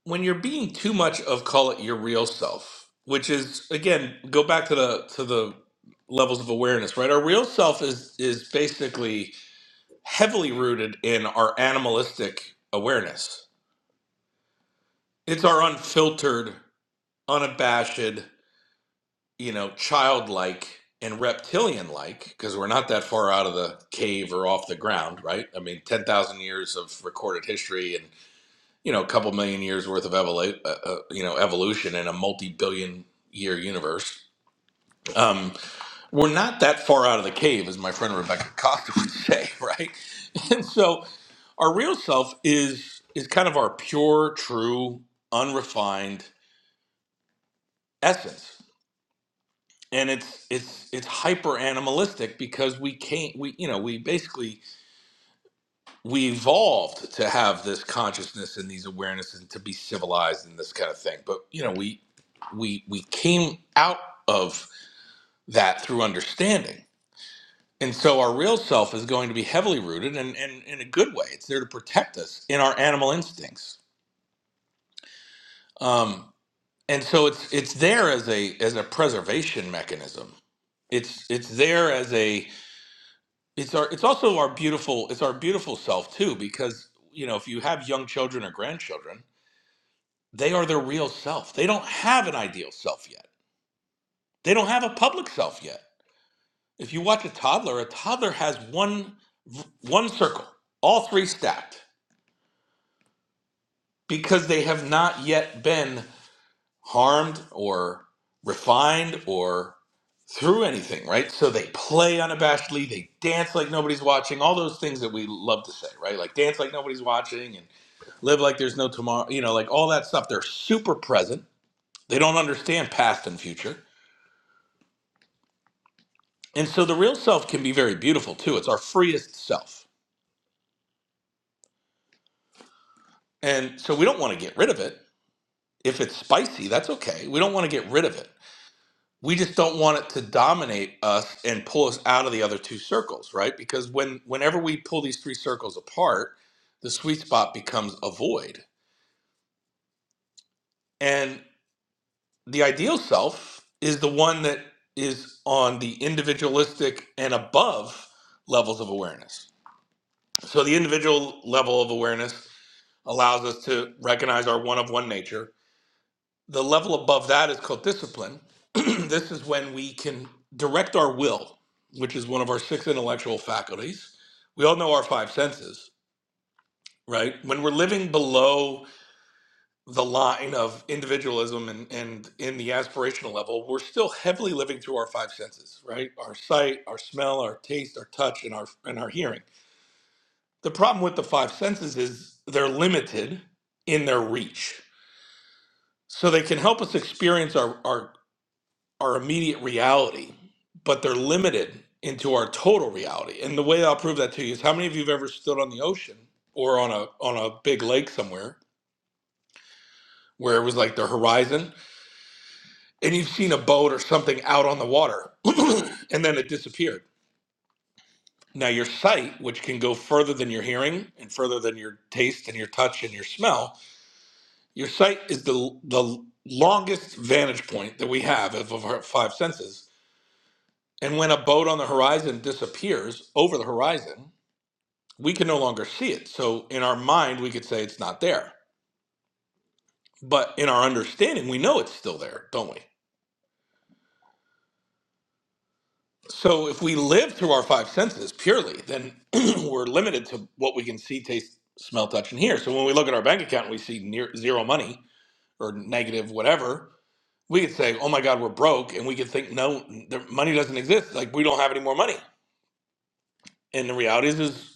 S12: when you're being too much of call it your real self which is again go back to the to the levels of awareness right our real self is is basically heavily rooted in our animalistic awareness it's our unfiltered unabashed you know childlike and reptilian like because we're not that far out of the cave or off the ground right i mean 10,000 years of recorded history you know a couple million years worth of evolu- uh, uh, you know evolution in a multi-billion year universe um, we're not that far out of the cave as my friend rebecca cox would say *laughs* right and so our real self is is kind of our pure true unrefined essence and it's it's it's hyper animalistic because we can't we you know we basically we evolved to have this consciousness and these awarenesses and to be civilized and this kind of thing but you know we we we came out of that through understanding and so our real self is going to be heavily rooted and, and in a good way it's there to protect us in our animal instincts um, and so it's it's there as a as a preservation mechanism it's it's there as a it's our it's also our beautiful it's our beautiful self too because you know if you have young children or grandchildren they are their real self. They don't have an ideal self yet. They don't have a public self yet. If you watch a toddler, a toddler has one one circle, all three stacked, because they have not yet been harmed or refined or through anything, right? So they play unabashedly, they dance like nobody's watching, all those things that we love to say, right? Like dance like nobody's watching and live like there's no tomorrow, you know, like all that stuff. They're super present. They don't understand past and future And so the real self can be very beautiful too. It's our freest self. And so we don't want to get rid of it. If it's spicy, that's okay. We don't want to get rid of it. We just don't want it to dominate us and pull us out of the other two circles, right? Because when whenever we pull these three circles apart, the sweet spot becomes a void. And the ideal self is the one that is on the individualistic and above levels of awareness. So the individual level of awareness allows us to recognize our one of one nature. The level above that is called discipline. *clears throat* this is when we can direct our will, which is one of our six intellectual faculties. We all know our five senses, right? When we're living below the line of individualism and, and in the aspirational level, we're still heavily living through our five senses, right? Our sight, our smell, our taste, our touch, and our and our hearing. The problem with the five senses is they're limited in their reach So they can help us experience our, our, our immediate reality, but they're limited into our total reality. And the way I'll prove that to you is how many of you have ever stood on the ocean or on a on a big lake somewhere where it was like the horizon and you've seen a boat or something out on the water *coughs* *clears throat* and then it disappeared. Now your sight, which can go further than your hearing and further than your taste and your touch and your smell, your sight is the the longest vantage point that we have of, of our five senses And when a boat on the horizon disappears over the horizon, we can no longer see it. So in our mind, we could say it's not there. But in our understanding, we know it's still there, don't we? So if we live through our five senses purely, then *clears throat* we're limited to what we can see, taste, smell, touch, and hear. So when we look at our bank account and we see near zero money or negative whatever, we could say, "Oh my God, we're broke," and we could think, "No, the money doesn't exist. Like we don't have any more money." And the reality is, is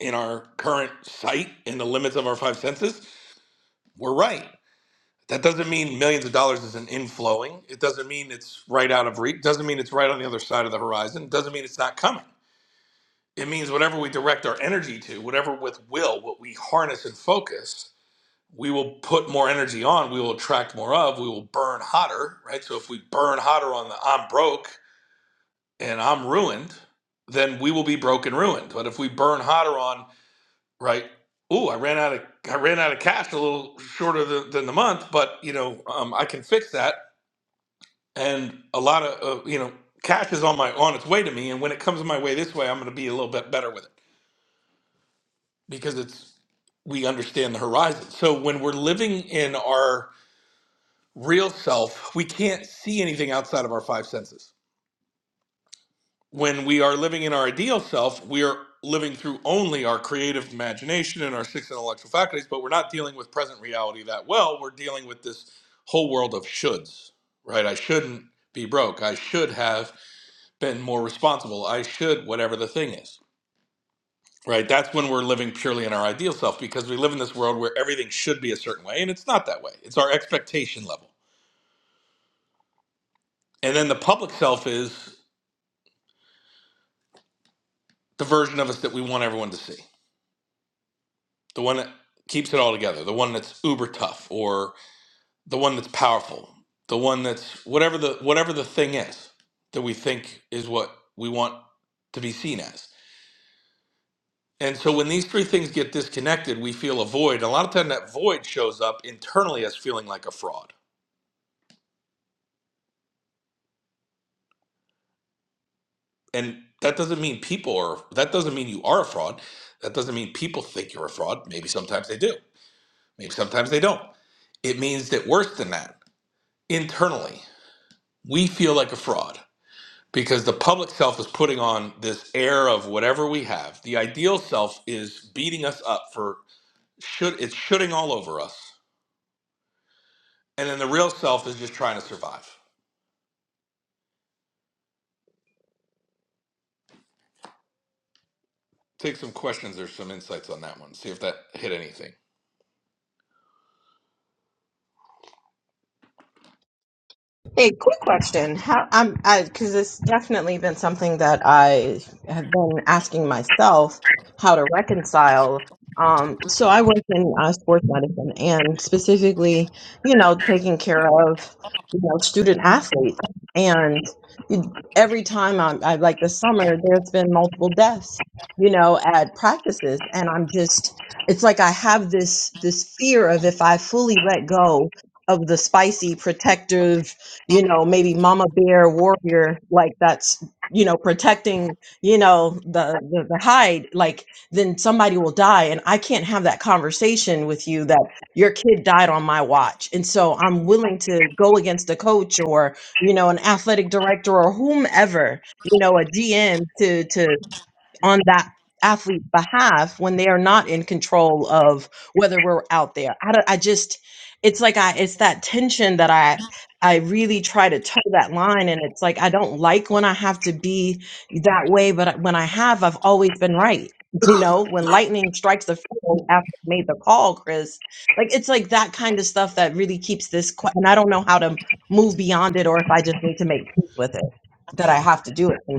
S12: in our current sight in the limits of our five senses, we're right. That doesn't mean millions of dollars is an inflowing. It doesn't mean it's right out of reach. Doesn't mean it's right on the other side of the horizon. It doesn't mean it's not coming. It means whatever we direct our energy to, whatever with will, what we harness and focus, we will put more energy on. We will attract more of. We will burn hotter, right? So if we burn hotter on the I'm broke and I'm ruined, then we will be broke and ruined. But if we burn hotter on right? Ooh, I ran out of I ran out of cash a little shorter than, than the month, but you know um, I can fix that. And a lot of uh, you know cash is on my on its way to me, and when it comes my way this way, I'm going to be a little bit better with it because it's we understand the horizon. So when we're living in our real self, we can't see anything outside of our five senses when we are living in our ideal self, we are living through only our creative imagination and our six intellectual faculties, but we're not dealing with present reality that well. We're dealing with this whole world of shoulds, right? I shouldn't be broke. I should have been more responsible. I should, whatever the thing is, right? That's when we're living purely in our ideal self because we live in this world where everything should be a certain way and it's not that way. It's our expectation level. And then the public self is the version of us that we want everyone to see the one that keeps it all together, the one that's uber tough, or the one that's powerful, the one that's whatever the whatever the thing is that we think is what we want to be seen as. And so when these three things get disconnected, we feel a void. A lot of time that void shows up internally as feeling like a fraud. And that doesn't mean people are that doesn't mean you are a fraud. That doesn't mean people think you're a fraud. Maybe sometimes they do. Maybe sometimes they don't. It means that worse than that, internally, we feel like a fraud because the public self is putting on this air of whatever we have. The ideal self is beating us up for should it's shooting all over us, and then the real self is just trying to survive. Take some questions or some insights on that one. See if that hit anything.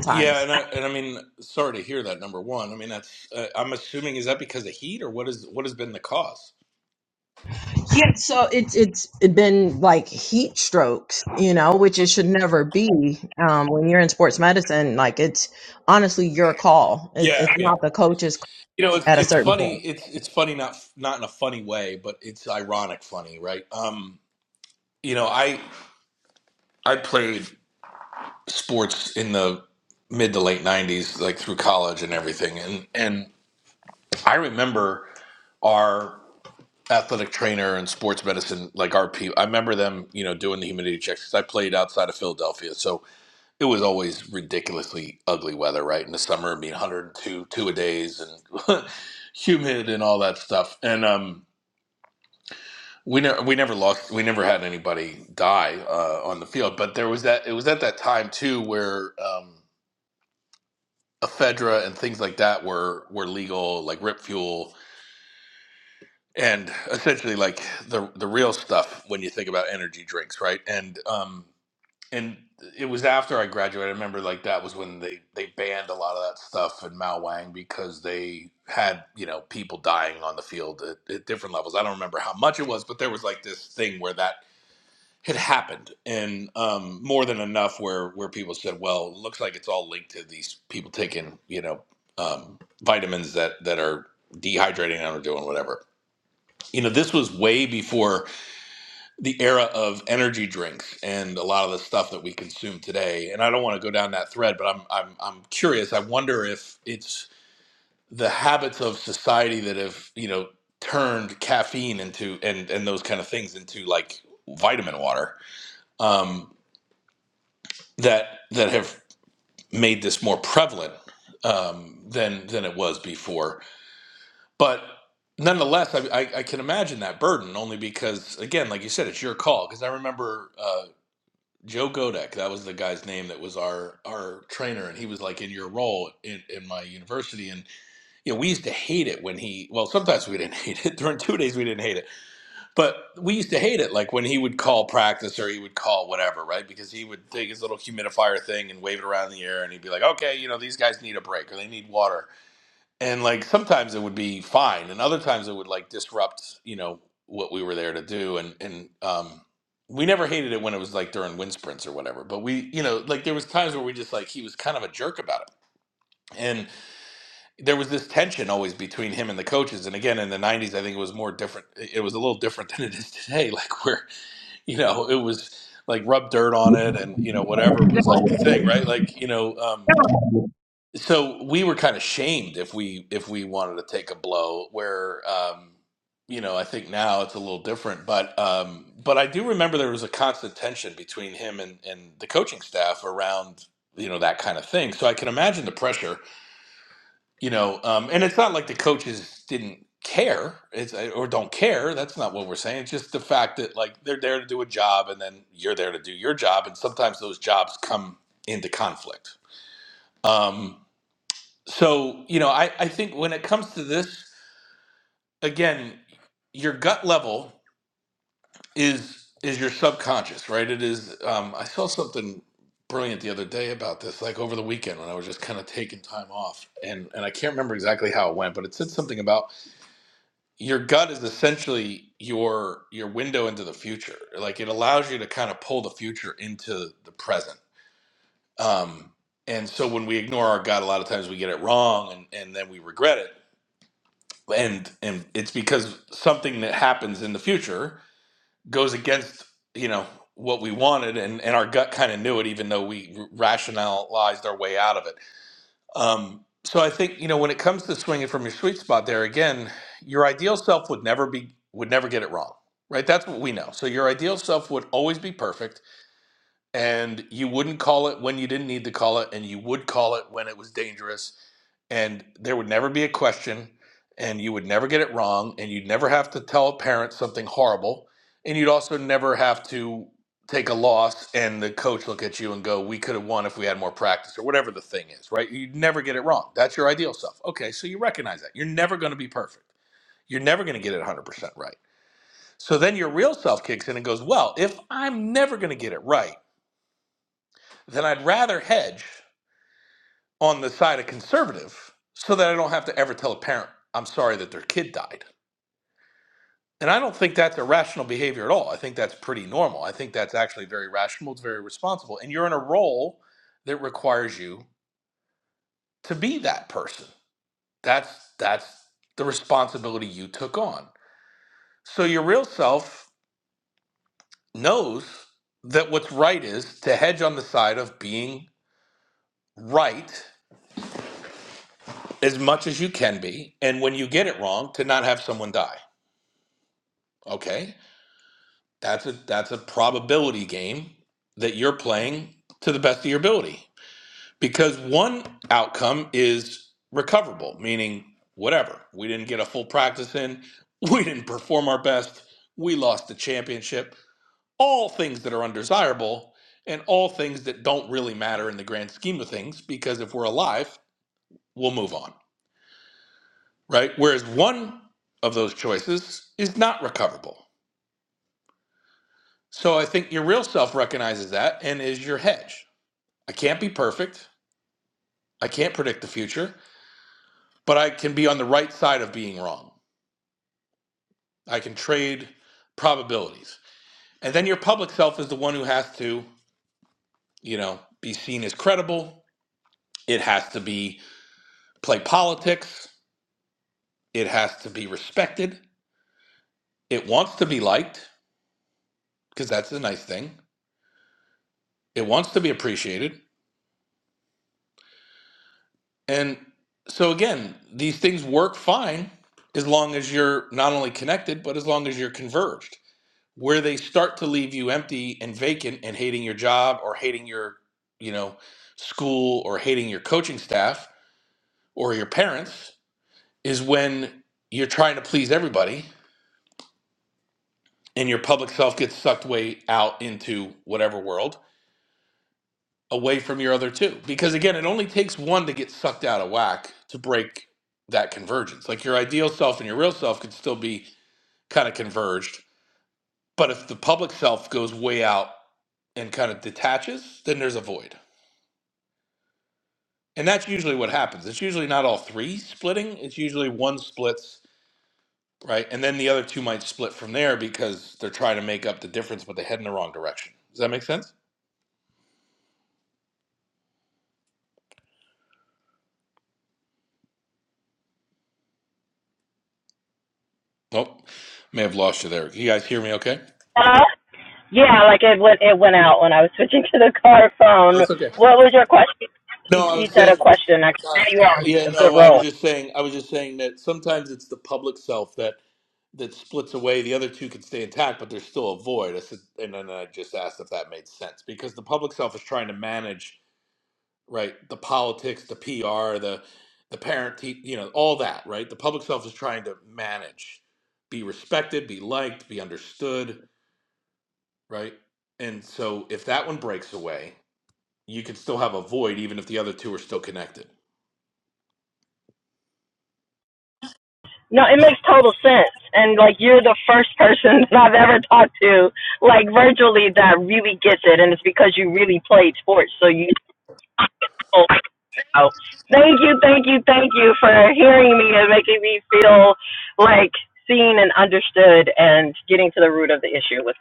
S12: Yeah, and I, and I mean, sorry to hear that. Number one, I mean, that's uh, I'm assuming is that because of heat or what is what has been the cause? Yeah, yeah. You know, it's it's funny. It's it's funny not not in a funny way, but it's ironic funny, right? Um, you know, I I played. sports in the mid to late 90s like through college and everything and and i remember our athletic trainer and sports medicine like our people i remember them you know doing the humidity checks 'cause i played outside of philadelphia so it was always ridiculously ugly weather right in the summer it'd be 102 two two a days and *laughs* humid and all that stuff and um we never we never lost we never had anybody die uh, on the field but there was that it was at that time too where um, ephedra and things like that were were legal, like Rip Fuel and essentially like the the real stuff when you think about energy drinks, right? And um and it was after I graduated. I remember like that was when they they banned a lot of that stuff in Mao Wang because they had you know people dying on the field at, at different levels. I don't remember how much it was, but there was like this thing where that had happened and um, more than enough where where people said well it looks like it's all linked to these people taking you know um, vitamins that that are dehydrating and are doing whatever you know this was way before the era of energy drinks and a lot of the stuff that we consume today and i don't want to go down that thread but i'm i'm, I'm curious i wonder if it's the habits of society that have you know turned caffeine into and and those kind of things into like vitamin water Um, that that have made this more prevalent um, than than it was before. But nonetheless, I, I, I can imagine that burden only because, again, like you said, it's your call. Because I remember uh, Joe Godek, that was the guy's name that was our our trainer, and he was like in your role in, in my university, and you know we used to hate it when he. Well, sometimes we didn't hate it. *laughs* During two days, we didn't hate it but we used to hate it, like when he would call practice or he would call whatever, right? Because he would take his little humidifier thing and wave it around in the air, and he'd be like, "Okay, you know, these guys need a break or they need water." And like sometimes it would be fine, and other times it would like disrupt, you know, what we were there to do. And and um, we never hated it when it was like during wind sprints or whatever. But we, you know, like there was times where we just like he was kind of a jerk about it, and there was this tension always between him and the coaches. And again, in the '90s, I think it was more different. It was a little different *laughs* than it is today, like where you know it was like rub dirt on it and you know whatever was like the thing right like you know um so we were kind of shamed if we if we wanted to take a blow where um you know i think now it's a little different but um but i do remember there was a constant tension between him and and the coaching staff around you know that kind of thing so i can imagine the pressure you know um, and it's not like the coaches didn't care it's uh, or don't care that's not what we're saying it's just the fact that like they're there to do a job and then you're there to do your job and sometimes those jobs come into conflict um, so you know I, I think when it comes to this again your gut level is is your subconscious right it is um, i saw something brilliant the other day about this like over the weekend when i was just kind of taking time off and and i can't remember exactly how it went but it said something about your gut is essentially your your window into the future like it allows you to kind of pull the future into the present um and so when we ignore our gut a lot of times we get it wrong and and then we regret it and and it's because something that happens in the future goes against you know what we wanted and and our gut kind of knew it even though we r- rationalized our way out of it um, so I think you know when it comes to swinging from your sweet spot, there again, your ideal self would never be would never get it wrong, right? That's what we know. So your ideal self would always be perfect, and you wouldn't call it when you didn't need to call it, and you would call it when it was dangerous and there would never be a question and you would never get it wrong and you'd never have to tell a parent something horrible and you'd also never have to take a loss and the coach look at you and go we could have won if we had more practice or whatever the thing is right you'd never get it wrong that's your ideal self okay so you recognize that you're never going to be perfect you're never going to get it 100% right so then your real self kicks in and goes well if i'm never going to get it right then i'd rather hedge on the side of conservative so that I don't have to ever tell a parent, I'm sorry that their kid died. And I don't think that's irrational behavior at all. I think that's pretty normal. I think that's actually very rational. It's very responsible. And you're in a role that requires you to be that person. That's that's the responsibility you took on. So your real self knows that what's right is to hedge on the side of being right as much as you can be. And when you get it wrong, to not have someone die. Okay. That's a that's a probability game that you're playing to the best of your ability. Because one outcome is recoverable, meaning whatever. We didn't get a full practice in, *laughs* we didn't perform our best, we lost the championship. All things that are undesirable and all things that don't really matter in the grand scheme of things because if we're alive, we'll move on, right? Whereas one of those choices is not recoverable. So I think your real self recognizes that and is your hedge I can't be perfect. I can't predict the future, but I can be on the right side of being wrong. I can trade probabilities. And then your public self is the one who has to, you know, be seen as credible. It has to be play politics. It has to be respected. It wants to be liked because that's the nice thing. It wants to be appreciated. And so again, these things work fine as long as you're not only connected, but as long as you're converged where they start to leave you empty and vacant and hating your job or hating your you know school or hating your coaching staff or your parents is when you're trying to please everybody and your public self gets sucked way out into whatever world away from your other two because again it only takes one to get sucked out of whack to break that convergence like your ideal self and your real self could still be kind of converged but if the public self goes way out and kind of detaches then there's a void And that's usually what happens. It's usually not all three splitting. It's usually one splits, right? And then the other two might split from there because they're trying to make up the difference, but they head in the wrong direction. Does that make sense? Nope. May have lost you there. You guys hear me okay? No, it's okay. No, I was saying, uh, yeah, no, I was just saying, I was just saying that sometimes it's the public self that that splits away. The other two can stay intact, but there's still a void. I said, and then I just asked if that made sense because the public self is trying to manage right? The politics, the PR, the the parent, te- you know, all that, right? The public self is trying to manage, be respected, be liked, be understood, right? And so if that one breaks away, you can still have a void even if the other two are still connected.
S13: No, it makes total sense. And like you're the first person *laughs* that I've ever talked to, like virtually that really gets it and it's because you really played sports. So you know. So Thank you, thank you, thank you for hearing me and making me feel like seen and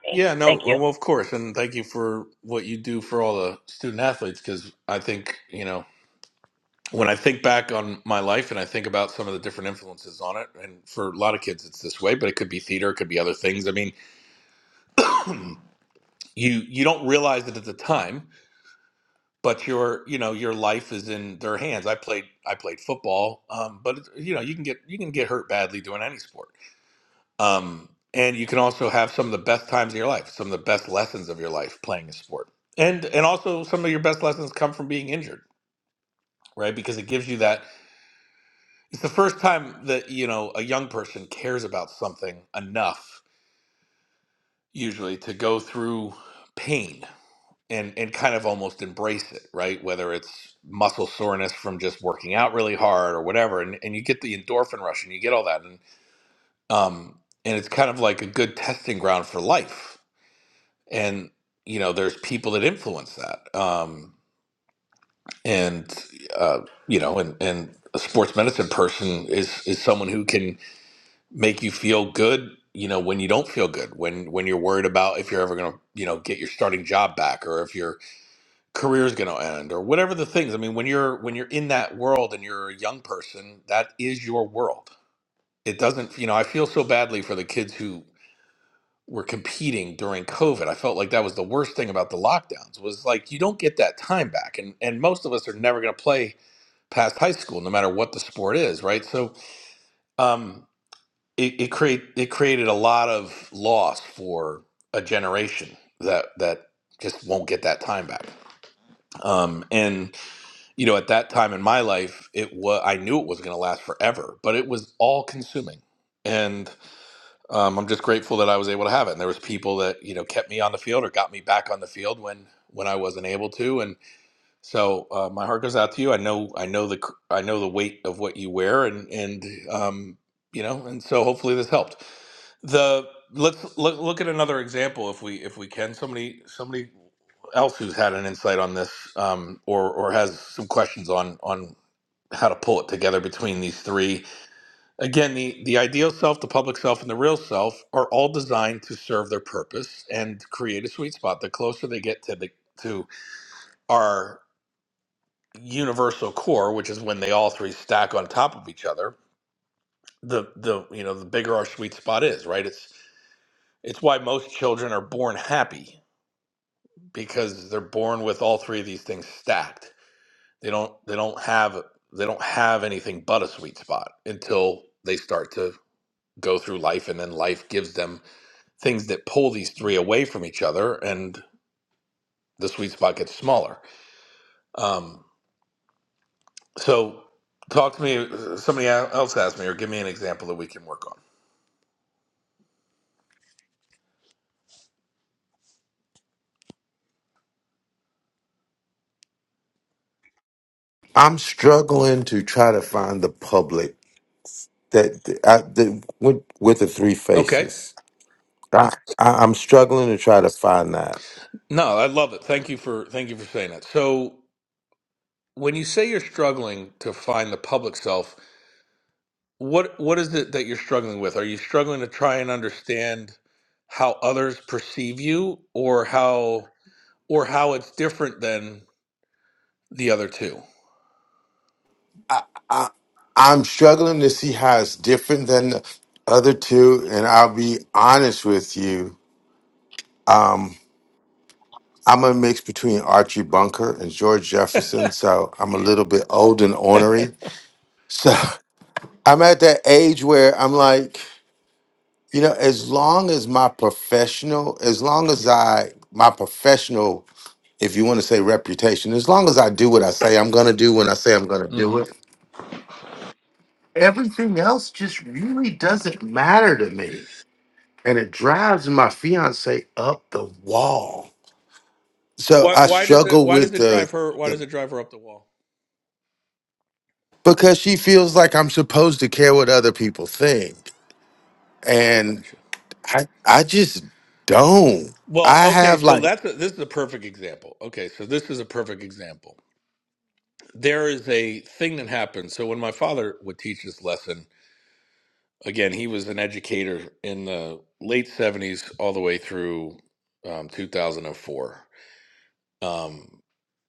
S12: Yeah, no, oh, well, of course, and thank you for what you do for all the student athletes because I think you know when I think back on my life and I think about some of the different influences on it, and for a lot of kids it's this way, but it could be theater, it could be other things. I mean, you you don't realize it at the time but your you know your life is in their hands i played i played football um, but it's- you know you can get you can get hurt badly doing any sport um, and you can also have some of the best times of your life some of the best lessons of your life playing a sport and and also some of your best lessons come from being injured right because it gives you that it's the first time that you know a young person cares about something enough usually to go through pain and and kind of almost embrace it, right? Whether it's muscle soreness from just working out really hard or whatever, and, and you get the endorphin rush and you get all that, and um, and it's kind of like a good testing ground for life. And you know, there's people that influence that, um, and uh, you know, and and a sports medicine person is is someone who can make you feel good. You know, when you don't feel good, when when you're worried about if you're ever going to, you know, get your starting job back, or if you're career's going to end or whatever the things i mean when you're when you're in that world and you're a young person that is your world it doesn't you know i feel so badly for the kids who were competing during covid i felt like that was the worst thing about the lockdowns was like you don't get that time back and and most of us are never going to play past high school no matter what the sport is right so um it, it create it created a lot of loss for a generation that that just won't get that time back um and you know, at that time in my life, it was I knew it was going to last forever, but it was all consuming. And um, I'm just grateful that I was able to have it. And there was people that you know kept me on the field or got me back on the field when when I wasn't able to. And so uh, my heart goes out to you. I know, I know the, I know the weight of what you wear, and and um, you know, and so hopefully this helped. The let's look look at another example if we if we can. Somebody somebody else who's had an insight on this, um, or or has some questions on on how to pull it together between these three. Again, the the ideal self, the public self, and the real self are all designed to serve their purpose and create a sweet spot. The closer they get to the to our universal core, which is when they all three stack on top of each other, the the you know the bigger our sweet spot is, right? It's it's why most children are born happy because they're born with all three of these things stacked. They don't they don't have they don't have anything but a sweet spot until they start to go through life and then life gives them things that pull these three away from each other and the sweet spot gets smaller. Um, so talk to me somebody else asked me or give me an example that we can work on.
S4: I'm struggling to try to find the public that I, the, with, with the three
S12: Okay.
S4: faces. I, I, I'm struggling to try to find that.
S12: No, I love it. Thank you for thank you for saying that. So, when you say you're struggling to find the public self, what what is it that you're struggling with? Are you struggling to try and understand how others perceive you or how or how it's different than the other 2
S4: I, I'm struggling to see how it's different than the other two, and I'll be honest with you. Um, I'm a mix between Archie Bunker and George Jefferson, so I'm a little bit old and ornery. So *laughs* I'm at that age where I'm like, you know, as long as my professional, as long as I my professional if you want to say reputation, as long as I do what I say I'm going to do when I say I'm going to do
S12: Mm-hmm.
S4: it, everything else just really doesn't matter to me. And it drives my fiance up the wall. So
S12: Why
S4: I
S12: why does it
S4: struggle
S12: why does
S4: with
S12: it drive
S4: the,
S12: her why does
S4: the
S12: it drive her up the wall?
S4: because she feels like I'm supposed to care what other people think. And
S12: Gotcha.
S4: I I just don't.
S12: Well,
S4: I
S12: okay,
S4: have
S12: so
S4: like
S12: that's a, this is a perfect example. Okay, so this is a perfect example. There is a thing that happens. So when my father would teach this lesson, Again, he was an educator in the late 70s all the way through um, 2004. Um,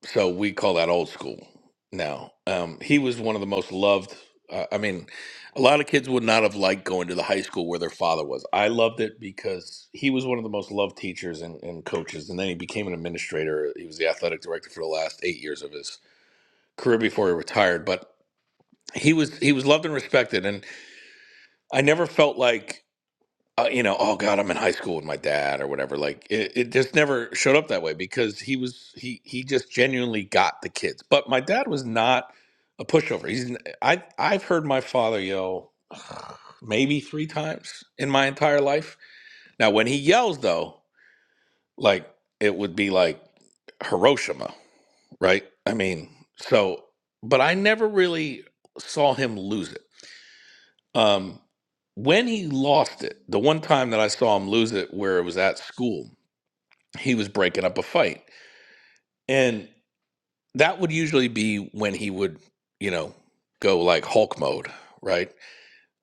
S12: so we call that old school now. Um, he was one of the most loved. Uh, I mean, a lot of kids would not have liked going to the high school where their father was. I loved it because he was one of the most loved teachers and, and coaches. And then he became an administrator. He was the athletic director for the last eight years of his career before he retired. But he was he was loved and respected. And I never felt like uh, you know, oh God, I'm in high school with my dad or whatever. Like it, it just never showed up that way because he was he he just genuinely got the kids. But my dad was not a pushover. He's n- I I've heard my father yell *sighs* maybe three times in my entire life. Now when he yells though, like it would be like Hiroshima, right? I mean, so but I never really saw him lose it um, when he lost it, the one time that I saw him lose it, where it was at school, he was breaking up a fight, and that would usually be when he would, you know, go like Hulk mode, right?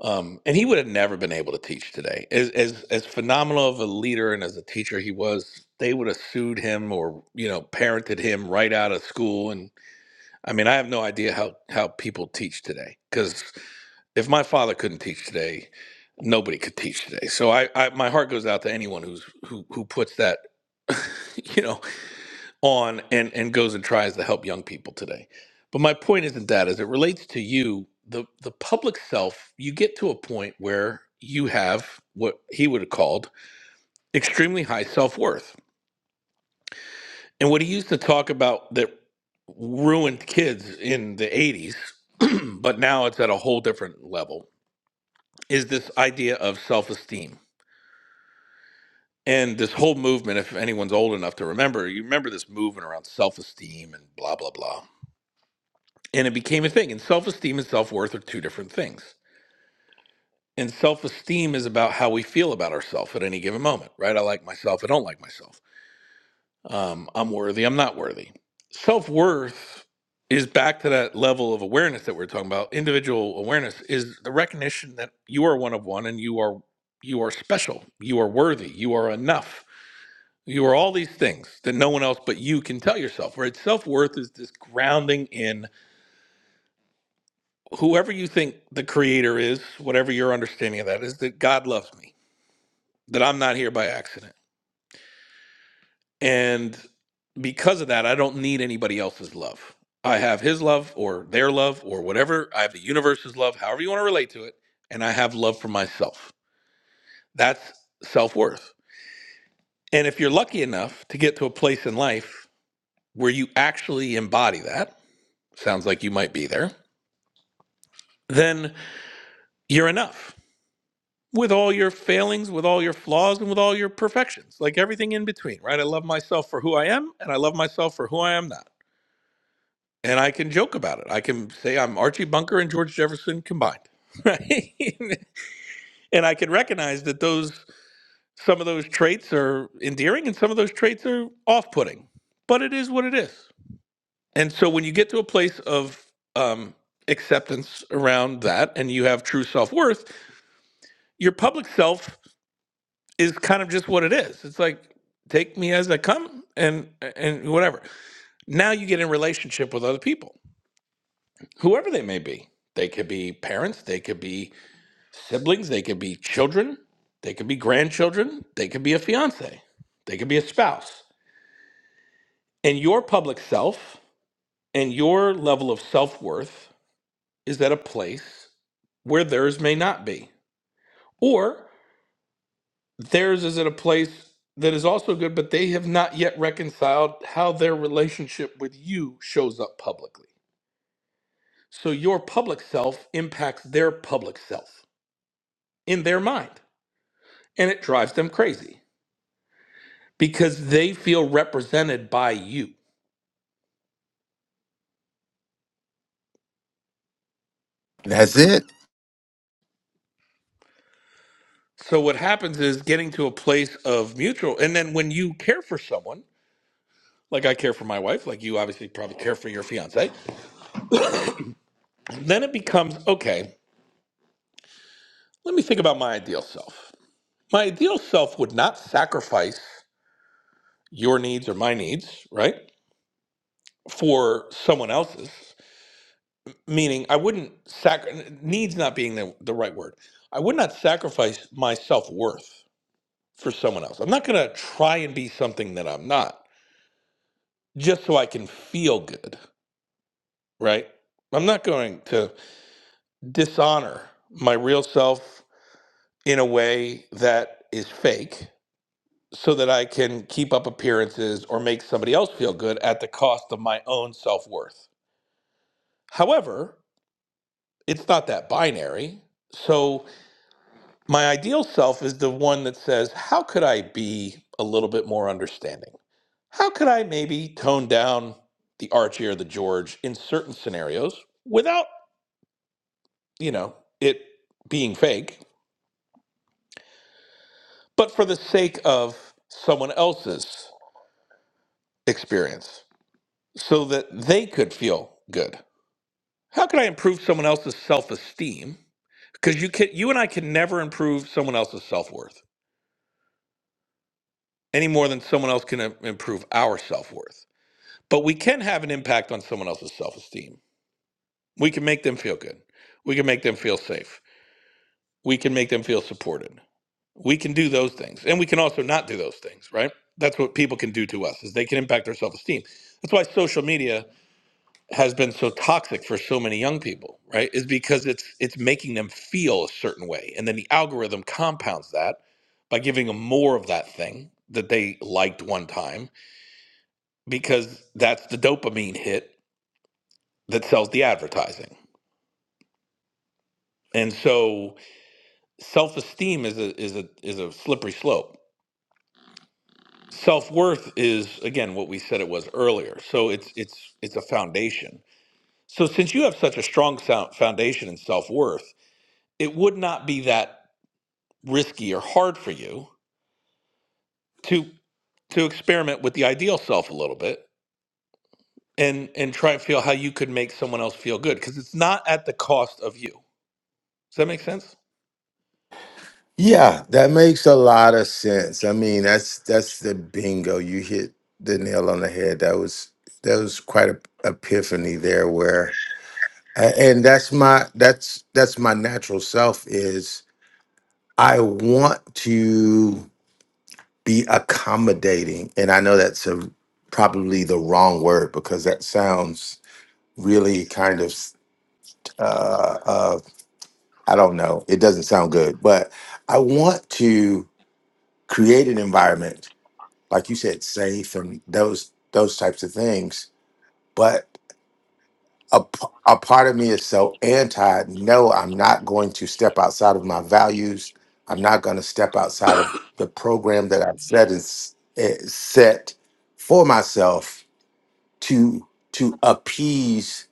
S12: Um, and he would have never been able to teach today. As as as phenomenal of a leader and as a teacher he was, they would have sued him or you know parented him right out of school. And I mean, I have no idea how how people teach today because if my father couldn't teach today, nobody could teach today. So I, I my heart goes out to anyone who's who who puts that, *laughs* you know, on and and goes and tries to help young people today. But my point isn't that as it relates to you, the the public self, you get to a point where you have what he would have called extremely high self-worth. And what he used to talk about that ruined kids in the 80s, *clears throat* but now it's at a whole different level, is this idea of self-esteem And this whole movement, if anyone's old enough to remember, you remember this movement around self esteem and blah, blah, blah. And it became a thing. And self esteem and self worth are two different things. And self esteem is about how we feel about ourselves at any given moment, right? I like myself. I don't like myself. Um, I'm worthy. I'm not worthy. Self worth is back to that level of awareness that we we're talking about. Individual awareness is the recognition that you are one of one and you are you are special. You are worthy. You are enough You are all these things that no one else but you can tell yourself, right? Self worth is this grounding in whoever you think the creator is, whatever your understanding of that is, that God loves me, that I'm not here by accident. And because of that, I don't need anybody else's love. I have his love or their love or whatever. I have the universe's love, however you want to relate to it. And I have love for myself. That's self worth. And if you're lucky enough to get to a place in life where you actually embody that, sounds like you might be there then you're enough with all your failings, with all your flaws, and with all your perfections, like everything in between, right? I love myself for who I am, and I love myself for who I am not. And I can joke about it. I can say I'm Archie Bunker and George Jefferson combined, right? *laughs* and I can recognize that those some of those traits are endearing and some of those traits are off-putting. But it is what it is. And so when you get to a place of um, acceptance around that, and you have true self-worth, your public self is kind of just what it is. It's like take me as I come and and whatever. Now you get in relationship with other people, whoever they may be. They could be parents, they could be siblings, they could be children, they could be grandchildren, they could be a fiance, they could be a spouse. And your public self and your level of self-worth is at a place where theirs may not be. or. Theirs is at a place that is also good, but they have not yet reconciled how their relationship with you shows up publicly. So your public self impacts their public self in their mind, and it drives them crazy because they feel represented by you.
S4: that's it.
S12: So what happens is getting to a place of mutual, and then when you care for someone, like I care for my wife, like you obviously probably care for your fiance, then it becomes okay. Let me think about my ideal self. My ideal self would not sacrifice your needs or my needs, right, for someone else's. Meaning, I wouldn't sac- needs not being the, the right word. I would not sacrifice my self worth for someone else. I'm not going to try and be something that I'm not just so I can feel good, right? I'm not going to dishonor my real self in a way that is fake so that I can keep up appearances or make somebody else feel good at the cost of my own self worth. However, it's not that binary. So, my ideal self is the one that says, How could I be a little bit more understanding? How could I maybe tone down the Archie or the George in certain scenarios without, you know, it being fake, but for the sake of someone else's experience so that they could feel good? How can I improve someone else's self esteem? Because you can, you and I can never improve someone else's self worth any more than someone else can im- improve our self worth. But we can have an impact on someone else's self esteem. We can make them feel good. We can make them feel safe. We can make them feel supported. We can do those things, and we can also not do those things. Right? That's what people can do to us is they can impact our self esteem. That's why social media has been so toxic for so many young people, right? Is because it's it's making them feel a certain way, and then the algorithm compounds that by giving them more of that thing that they liked one time because that's the dopamine hit that sells the advertising. And so self-esteem is a is a is a slippery slope. Self-worth is again what we said it was earlier. So it's it's it's a foundation. So since you have such a strong sound foundation in self-worth, it would not be that risky or hard for you to to experiment with the ideal self a little bit and and try and feel how you could make someone else feel good because it's not at the cost of you does that make sense
S4: Yeah, that makes a lot of sense. I mean, that's that's the bingo. You hit the nail on the head. That was that was quite a epiphany there where a- and that's my that's that's my natural self is I want to be accommodating. And I know that's a probably the wrong word because that sounds really kind of uh, uh I don't know. It doesn't sound good, but I want to create an environment like you said, safe and those those types of things. But a, p- a part of me is so anti. No, I'm not going to step outside of my values. I'm not going to step outside of the program that I've set is, is set for myself to to appease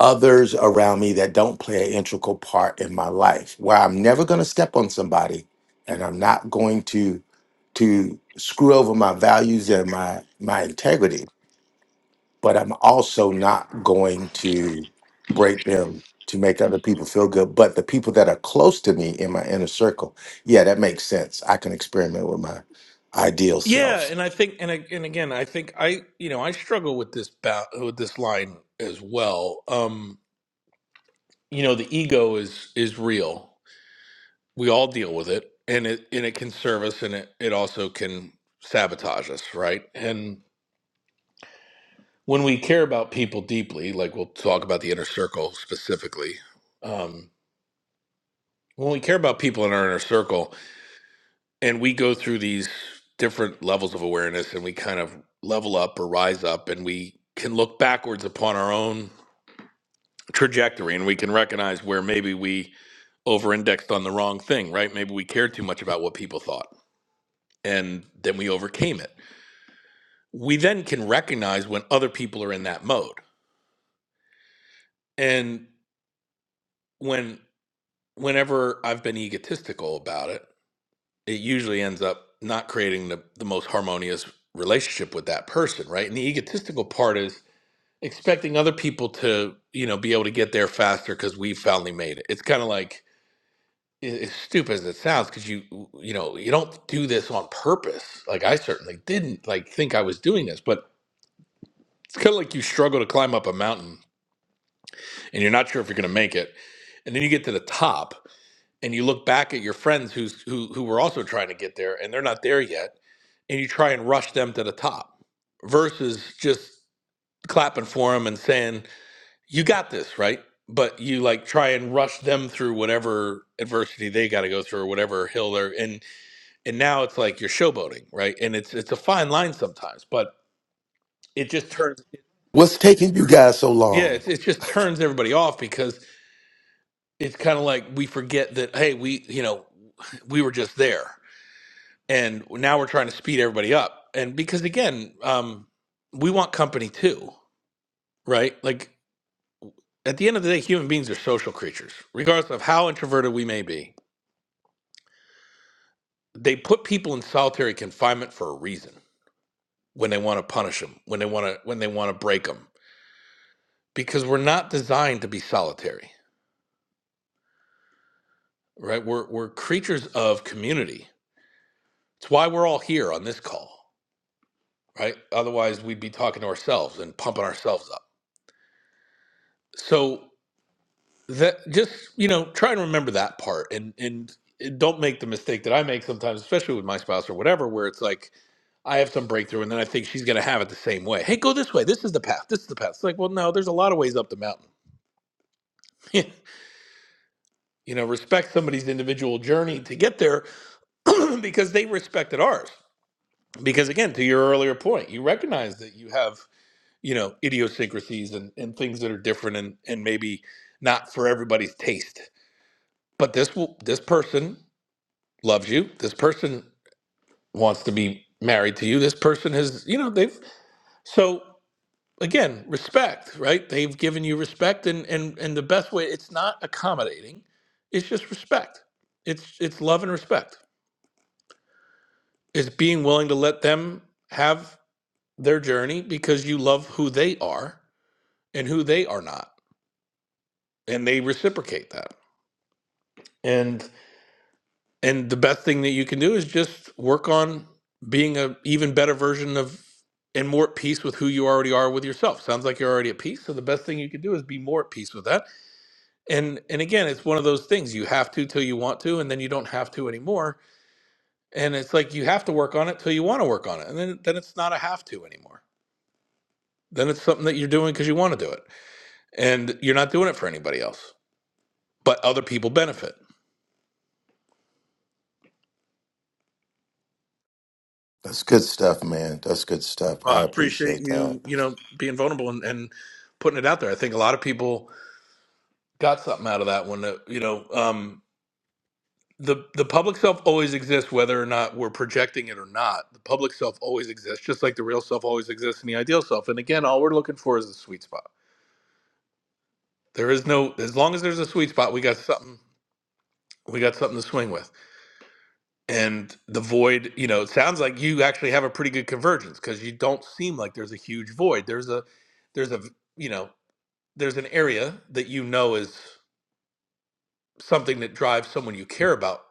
S4: others around me that don't play an integral part in my life where i'm never going to step on somebody and i'm not going to to screw over my values and my my integrity but i'm also not going to break them to make other people feel good but the people that are close to me in my inner circle yeah that makes sense i can experiment with my ideal
S12: yeah
S4: self
S12: and i think and, I, and again i think i you know i struggle with this ba- with this line as well um you know the ego is is real we all deal with it and it and it can serve us and it, it also can sabotage us right and when we care about people deeply, like we'll talk about the inner circle specifically, um, when we care about people in our inner circle and we go through these different levels of awareness and we kind of level up or rise up and we can look backwards upon our own trajectory and we can recognize where maybe we over indexed on the wrong thing, right? Maybe we cared too much about what people thought and then we overcame it. We then can recognize when other people are in that mode. And when whenever I've been egotistical about it, it usually ends up not creating the, the most harmonious relationship with that person, right? And the egotistical part is expecting other people to, you know, be able to get there faster because we finally made it. It's kind of like, i- as stupid as it sounds, because you, you know, you don't do this on purpose. Like I certainly didn't like think I was doing this, but it's kind of like you struggle to climb up a mountain and you're not sure if you're going to make it. And then you get to the top and you look back at your friends who's who who were also trying to get there and they're not there yet and you try and rush them to the top versus just clapping for them and saying you got this right but you like try and rush them through whatever adversity they got to go through or whatever hill they're and and now it's like you're showboating right and it's it's a fine line sometimes but it just turns
S4: what's taking you guys so
S12: yeah
S4: long
S12: it, it just turns everybody off because it's kind of like we forget that hey we you know we were just there and now we're trying to speed everybody up and because again um we want company too right like at the end of the day human beings are social creatures regardless of how introverted we may be they put people in solitary confinement for a reason when they want to punish them when they want to when they want to break them because we're not designed to be solitary right we're we're creatures of community it's why we're all here on this call right otherwise we'd be talking to ourselves and pumping ourselves up so that just you know try and remember that part and and don't make the mistake that i make sometimes especially with my spouse or whatever where it's like i have some breakthrough and then i think she's going to have it the same way hey go this way this is the path this is the path it's like well no there's a lot of ways up the mountain *laughs* you know respect somebody's individual journey to get there *clears throat* because they respected ours because again to your earlier point you recognize that you have you know idiosyncrasies and, and things that are different and and maybe not for everybody's taste but this will this person loves you. This person wants to be married to you. This person has, you know, they've so again, respect, right? They've given you respect and and and the best way it's not accommodating. It's just respect. It's it's love and respect. It's being willing to let them have their journey because you love who they are and who they are not and they reciprocate that. And. and the best thing that you can do is just work on being a even better version of and more at peace with who you already are with yourself sounds like you're already at peace so the best thing you can do is be more at peace with that and and again it's one of those things you have to till you want to and then you don't have to anymore and it's like you have to work on it till you want to work on it and then then it's not a have to anymore then it's something that you're doing because you want to do it and you're not doing it for anybody else but other people benefit
S4: that's good stuff man that's good stuff
S12: Well,
S4: i
S12: I appreciate
S4: appreciate that
S12: you, you know, being vulnerable and, and putting it out there. I think a lot of people got something out of that one. That, you know, um, the the public self always exists, whether or not we're projecting it or not. The public self always exists, just like the real self always exists and the ideal self. And again, all we're looking for is the sweet spot. There is no, as long as there's a sweet spot, we got something. We got something to swing with. And the void, you know, it sounds like you actually have a pretty good convergence because you don't seem like there's a huge void. There's a, there's a, you know, there's an area that you know is something that drives someone you care about,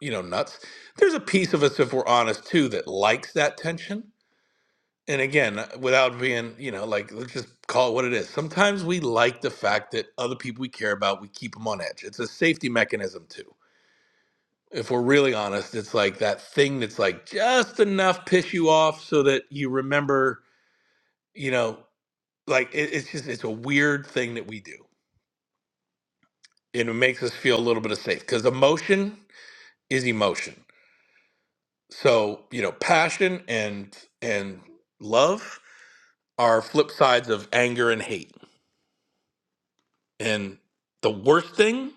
S12: you know, nuts. There's a piece of us, if we're honest, too, that likes that tension. And again, uh, without being, you know, like, let's just call it what it is. Sometimes we like the fact that other people we care about, we keep them on edge. It's a safety mechanism, too. If we're really honest, it's like that thing that's like just enough piss you off so that you remember, you know, like it, it's just, it's a weird thing that we do and it makes us feel a little bit of safe because emotion is emotion. So, you know, passion and and love are flip sides of anger and hate. And the worst thing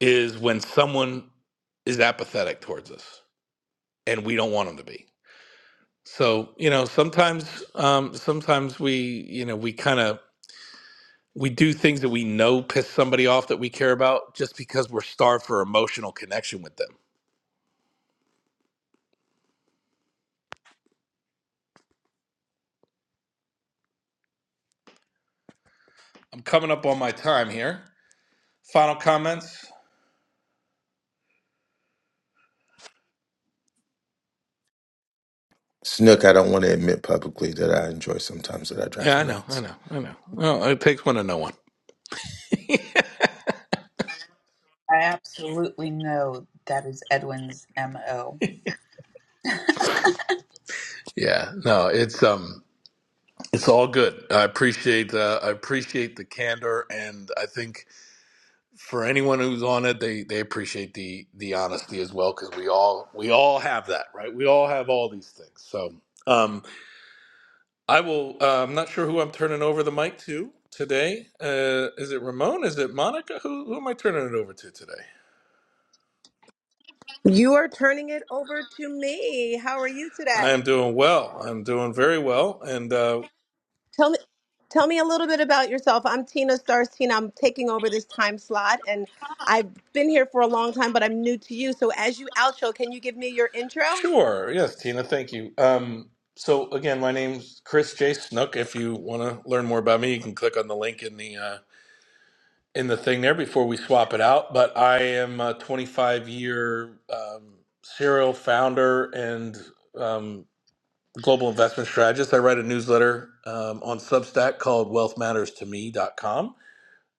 S12: is when someone is apathetic towards us and we don't want them to be. So, you know, sometimes um sometimes we, you know, we kind of we do things that we know piss somebody off that we care about just because we're starved for emotional connection with them. I'm coming up on my time here. Final comments?
S4: Snook, I don't want to admit publicly that I enjoy sometimes that I drive
S12: Yeah,
S4: her
S12: I know, I
S4: nuts.
S12: know, I know. Oh, it takes one to know one.
S14: I absolutely know that is Edwin's MO.
S12: Yeah, no, it's um, it's all good. I appreciate uh, I appreciate the candor, and I think for anyone who's on it, they they appreciate the the honesty as well because we all we all have that, right? We all have all these things. So um, I will. Uh, I'm not sure who I'm turning over the mic to today. Uh, is it Ramon? Is it Monica? Who who am I turning it over to today?
S15: You are turning it over to me. How are you
S12: I am
S15: today?
S12: doing well. I'm doing very well, and uh,
S15: Tell me tell me a little bit about yourself. I'm Tina Stars Tina. I'm taking over this time slot and I've been here for a long time, but I'm new to you. So as you outro, can you give me your intro?
S12: Sure. Yes, Tina, thank you. Um, so again, my name's Chris J. Snook. If you want to learn more about me, you can click on the link in the uh, in the thing there before we swap it out. But I am a 25 year um, serial founder and um, global investment strategist. I write a newsletter um, on Substack called wealth matters to me dot com,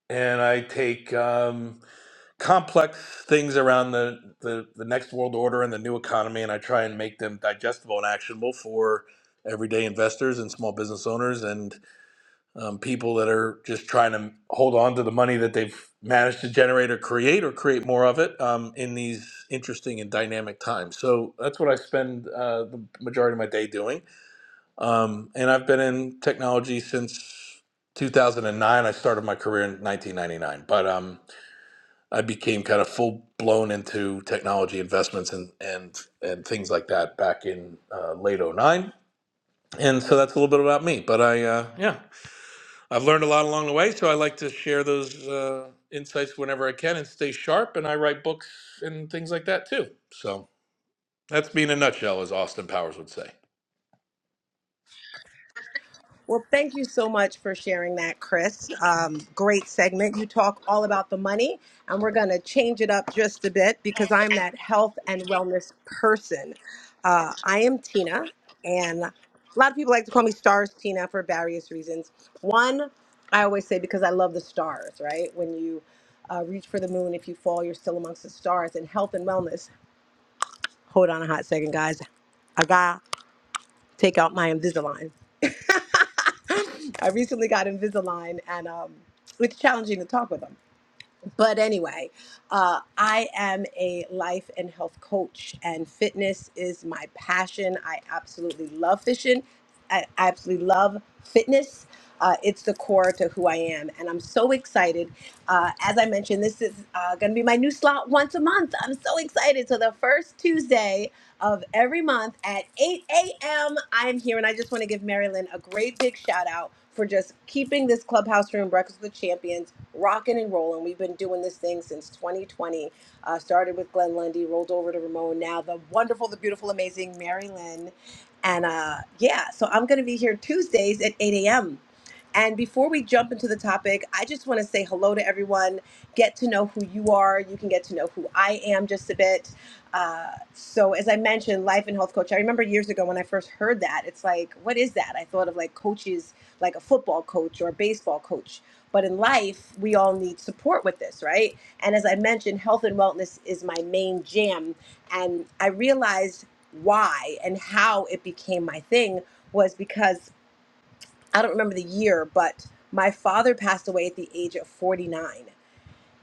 S12: and I take um, complex things around the, the the next world order and the new economy and i try and make them digestible and actionable for everyday investors and small business owners and um, people that are just trying to hold on to the money that they've managed to generate or create or create more of it um, in these interesting and dynamic times so that's what i spend uh, the majority of my day doing um, and i've been in technology since 2009 i started my career in 1999 but um, I became kind of full blown into technology investments and and and things like that back in uh, late '09. And so that's a little bit about me. But I uh, yeah, I've learned a lot along the way. So I like to share those uh, insights whenever I can and stay sharp. And I write books and things like that too. So that's me in a nutshell, as Austin Powers would say.
S15: Well, thank you so much for sharing that, Chris. Um, great segment. You talk all about the money, and we're going to change it up just a bit because I'm that health and wellness person. Uh, I am Tina, and a lot of people like to call me Stars Tina for various reasons. One, I always say because I love the stars, right? When you uh, reach for the moon, if you fall, you're still amongst the stars. And health and wellness, hold on a hot second, guys. I got to take out my Invisalign. *laughs* I recently got Invisalign, and um, it's challenging to talk with them. But anyway, uh, I am a life and health coach, and fitness is my passion. I absolutely love fishing. I absolutely love fitness. Uh, it's the core to who I am, and I'm so excited. Uh, as I mentioned, this is uh, going to be my new slot once a month. I'm so excited. So the first Tuesday of every month at 8 a.m. I am here, and I just want to give Marilyn a great big shout out for just keeping this clubhouse room, Breakfast with Champions, rocking and rolling. We've been doing this thing since 2020. Uh, started with Glenn Lundy, rolled over to Ramon, now the wonderful, the beautiful, amazing Marilyn. And uh, yeah, so I'm going to be here Tuesdays at 8 a.m. And before we jump into the topic, I just want to say hello to everyone. Get to know who you are. You can get to know who I am just a bit. Uh, so as I mentioned, life and health coach. I remember years ago when I first heard that, it's like, what is that? I thought of like coaches, like a football coach or a baseball coach. But in life, we all need support with this, right? And as I mentioned, health and wellness is my main jam. And I realized why and how it became my thing was because I don't remember the year, but my father passed away at the age of 49.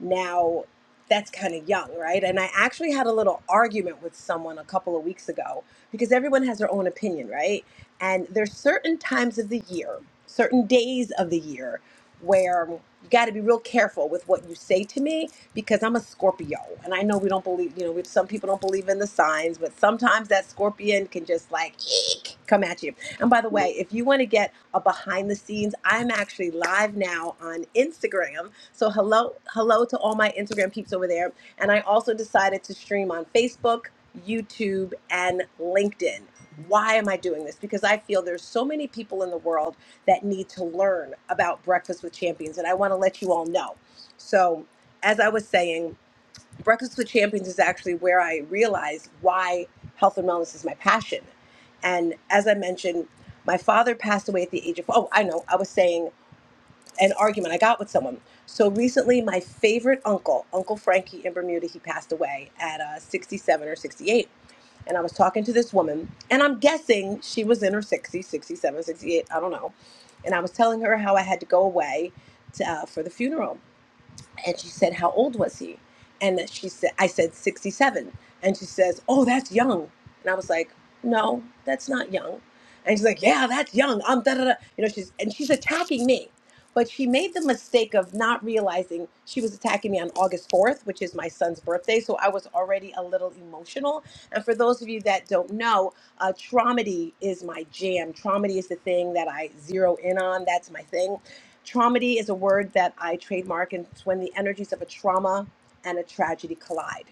S15: Now, that's kind of young, right? And I actually had a little argument with someone a couple of weeks ago because everyone has their own opinion, right? And there's certain times of the year, certain days of the year where you got to be real careful with what you say to me because I'm a Scorpio and I know we don't believe, you know, we, some people don't believe in the signs, but sometimes that scorpion can just like eek, come at you. And by the way, if you want to get a behind the scenes, I'm actually live now on Instagram so hello, hello to all my Instagram peeps over there. And I also decided to stream on Facebook, YouTube, and LinkedIn. Why am I doing this? Because I feel there's so many people in the world that need to learn about Breakfast with Champions, and I want to let you all know. So, as I was saying, Breakfast with Champions is actually where I realized why health and wellness is my passion. And as I mentioned, my father passed away at the age of, oh, I know, I was saying an argument I got with someone. So recently, my favorite uncle, Uncle Frankie in Bermuda, he passed away at uh, 67 or 68. And I was talking to this woman, and I'm guessing she was in her 60s, 67, 68, I don't know. And I was telling her how I had to go away to, uh, for the funeral. And she said, How old was he? And she said, I said, 67. And she says, Oh, that's young. And I was like, No, that's not young. And she's like, Yeah, that's young. I'm da da da. You know, she's, and she's attacking me. But she made the mistake of not realizing she was attacking me on August 4th, which is my son's birthday. So I was already a little emotional. And for those of you that don't know, uh, Traumedy is my jam. Traumedy is the thing that I zero in on. That's my thing. Traumedy is a word that I trademark, and it's when the energies of a trauma and a tragedy collide.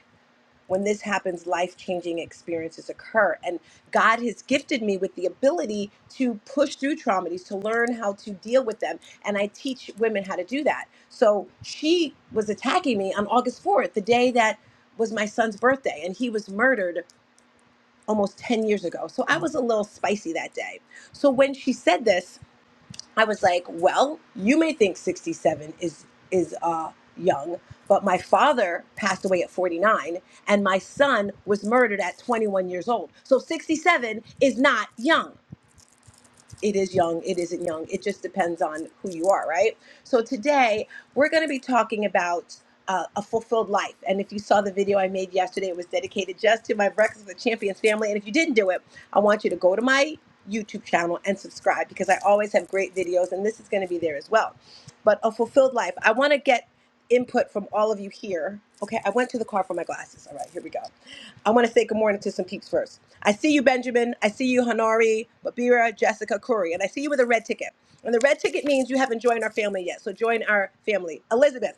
S15: When this happens, life changing experiences occur. And God has gifted me with the ability to push through traumas, to learn how to deal with them. And I teach women how to do that. So she was attacking me on August 4th, the day that was my son's birthday, and he was murdered almost 10 years ago. So I was a little spicy that day. So when she said this, I was like, well, you may think 67 is is uh young, but my father passed away at 49 and my son was murdered at 21 years old. So 67 is not young. It is young, it isn't young. It just depends on who you are, right? So today we're going to be talking about a, a fulfilled life. And if you saw the video I made yesterday, it was dedicated just to my Breakfast with Champions family. And if you didn't do it, I want you to go to my YouTube channel and subscribe because I always have great videos, and this is going to be there as well. But a fulfilled life. I want to get input from all of you here. Okay, I went to the car for my glasses. All right, here we go. I want to say good morning to some peeps first. I see you, Benjamin. I see you, Hanari, Babira, Jessica, Curry, and I see you with a red ticket. And the red ticket means you haven't joined our family yet. So join our family. Elizabeth,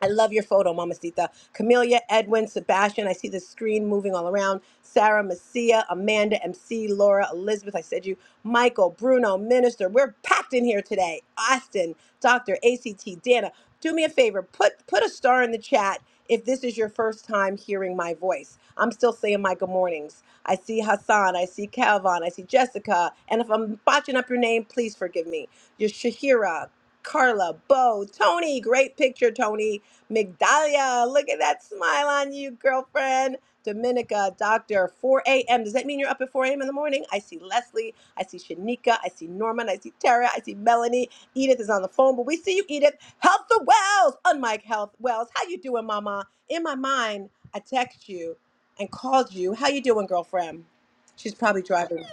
S15: I love your photo, Mamacita. Camelia, Edwin, Sebastian. I see the screen moving all around. Sarah, Messia, Amanda, MC, Laura, Elizabeth. I said you. Michael, Bruno, Minister. We're packed in here today. Austin, Doctor, ACT, Dana. Do me a favor. Put put a star in the chat if this is your first time hearing my voice. I'm still saying my good mornings. I see Hassan. I see Calvin. I see Jessica. And if I'm botching up your name, please forgive me. Your Shahira, Carla, Bo, Tony, great picture, Tony. Migdalia, look at that smile on you, girlfriend. Dominica, doctor, 4 a.m. Does that mean you're up at 4 a.m. in the morning? I see Leslie, I see Shanika, I see Norman, I see Tara, I see Melanie. Edith is on the phone, but we see you, Edith. Health the Wells, unmike Health Wells. How you doing, Mama? In my mind, I text you and called you. How you doing, girlfriend? She's probably driving.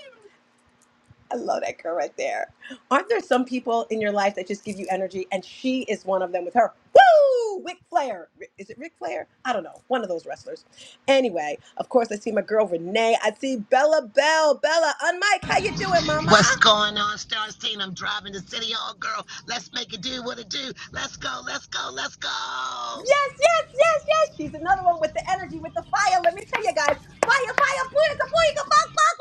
S15: I love that girl right there. Aren't there some people in your life that just give you energy? And she is one of them with her. Woo! Ric Flair. Ri- Is it Ric Flair? I don't know. One of those wrestlers. Anyway, of course, I see my girl Renee. I see Bella Bell. Bella, on Mike, how you doing, mama?
S16: What's going on, Stars Team? I'm driving to City Hall, girl. Let's make it do what it do. Let's go, let's go, let's go.
S15: Yes, yes, yes, yes. She's another one with the energy, with the fire. Let me tell you guys. Fire, fire, booyaka, booyaka,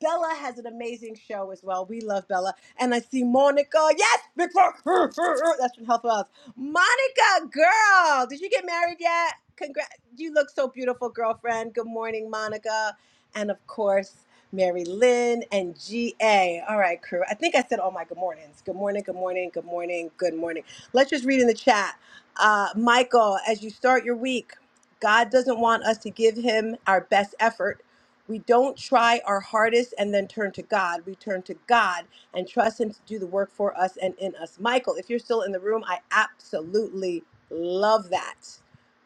S15: Bella has an amazing show as well. We love Bella. And I see Monica. Yes, big rock. *laughs* That's from Health Wells. Monica, girl, did you get married yet? Congrats. You look so beautiful, girlfriend. Good morning, Monica. And of course, Mary Lynn and GA. All right, crew. I think I said all my good mornings. Good morning, good morning, good morning, good morning. Let's just read in the chat. Uh, Michael, as you start your week, God doesn't want us to give him our best effort we don't try our hardest and then turn to God. We turn to God and trust Him to do the work for us and in us. Michael, if you're still in the room, I absolutely love that.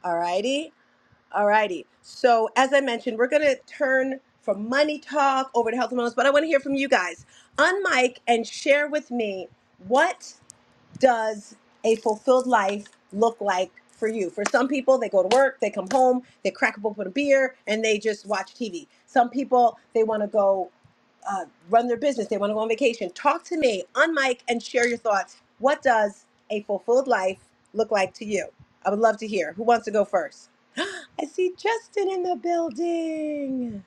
S15: All righty. All righty. So, as I mentioned, we're going to turn from money talk over to health and wellness, but I want to hear from you guys. Unmic and share with me what does a fulfilled life look like for you? For some people, they go to work, they come home, they crack open a beer, and they just watch TV. Some people, they want to go uh, run their business, they want to go on vacation. Talk to me on mic and share your thoughts. What does a fulfilled life look like to you? I would love to hear. Who wants to go first? I see Justin in the building.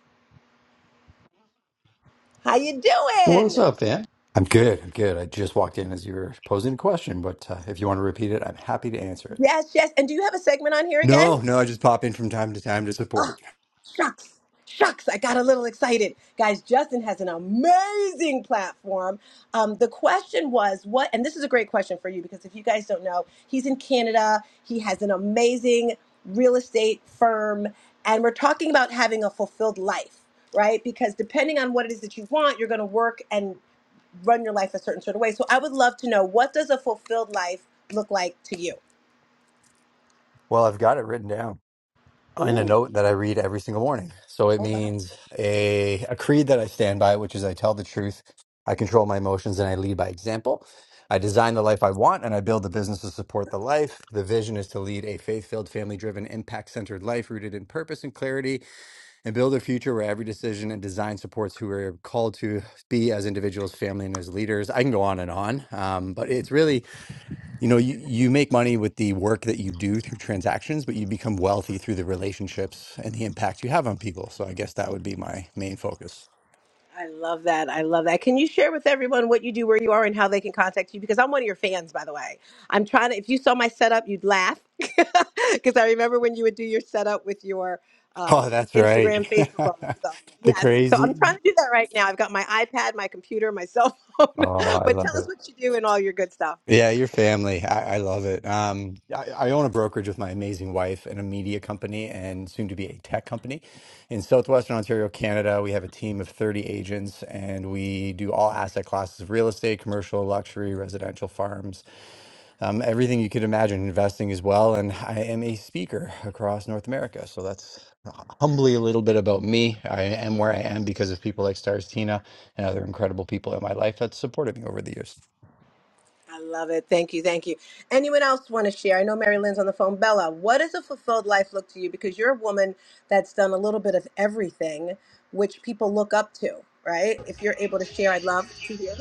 S15: How you
S17: What's
S15: doing?
S17: up, Van? I'm good. I'm good. I just walked in as you were posing a question, but uh, if you want to repeat it, I'm happy to answer it.
S15: Yes, yes. And do you have a segment on here again?
S17: No, no, I just pop in from time to time to
S15: *laughs*
S17: support.
S15: Shucks, shucks, I got a little excited. Guys, Justin has an amazing platform. Um, the question was what, and this is a great question for you because if you guys don't know, he's in Canada. He has an amazing real estate firm, and we're talking about having a fulfilled life, right? Because depending on what it is that you want, you're going to work and run your life a certain sort of way. So I would love to know what does a fulfilled life look like to you?
S17: Well, I've got it written down in a
S15: Ooh,
S17: note that I read every single morning. So it
S15: oh wow.
S17: means a a creed that I stand by, which is I tell the truth, I control my emotions, and I lead by example. I design the life I want, and I build the business to support the life. The vision is to lead a faith-filled, family-driven, impact-centered life rooted in purpose and clarity. and build a future where every decision and design supports who we're called to be as individuals, family, and as leaders. I can go on and on, um, but it's really, you know, you, you make money with the work that you do through transactions, but you become wealthy through the relationships and the impact you have on people. So I guess that would be my main focus. *laughs*
S15: I love that. I love that. Can you share with everyone what you do, where you are, and how they can contact you? Because I'm one of your fans, by the way. I'm trying to, if you saw my setup, you'd laugh. *laughs* Because I remember when you would do your setup with your uh,
S17: Oh, that's right.
S15: Instagram,
S17: *laughs*
S15: Facebook, all that stuff.
S17: the
S15: Yes. So I'm
S17: crazy.
S15: trying to do that right now. I've got my iPad, my computer, my cell phone.
S17: Oh, I
S15: *laughs* but tell
S17: love
S15: us
S17: it.
S15: what you do and all your good stuff.
S17: Yeah, your family. I, I love it. Um, I, I own a brokerage with my amazing wife and a media company and soon to be a tech company. In Southwestern Ontario, Canada, we have a team of 30 agents and we do all asset classes of real estate, commercial, luxury, residential farms, um, everything you could imagine investing as well. And I am a speaker across North America. So that's humbly a little bit about me. I am where I am because of people like Stars Tina and other incredible people in my life that supported me over the years.
S15: I love it. Thank you. Thank you. Anyone else want to share? I know Mary Lynn's on the phone. Bella, what does a fulfilled life look to you? Because you're a woman that's done a little bit of everything, which people look up to, right? If you're able to share, I'd love to hear.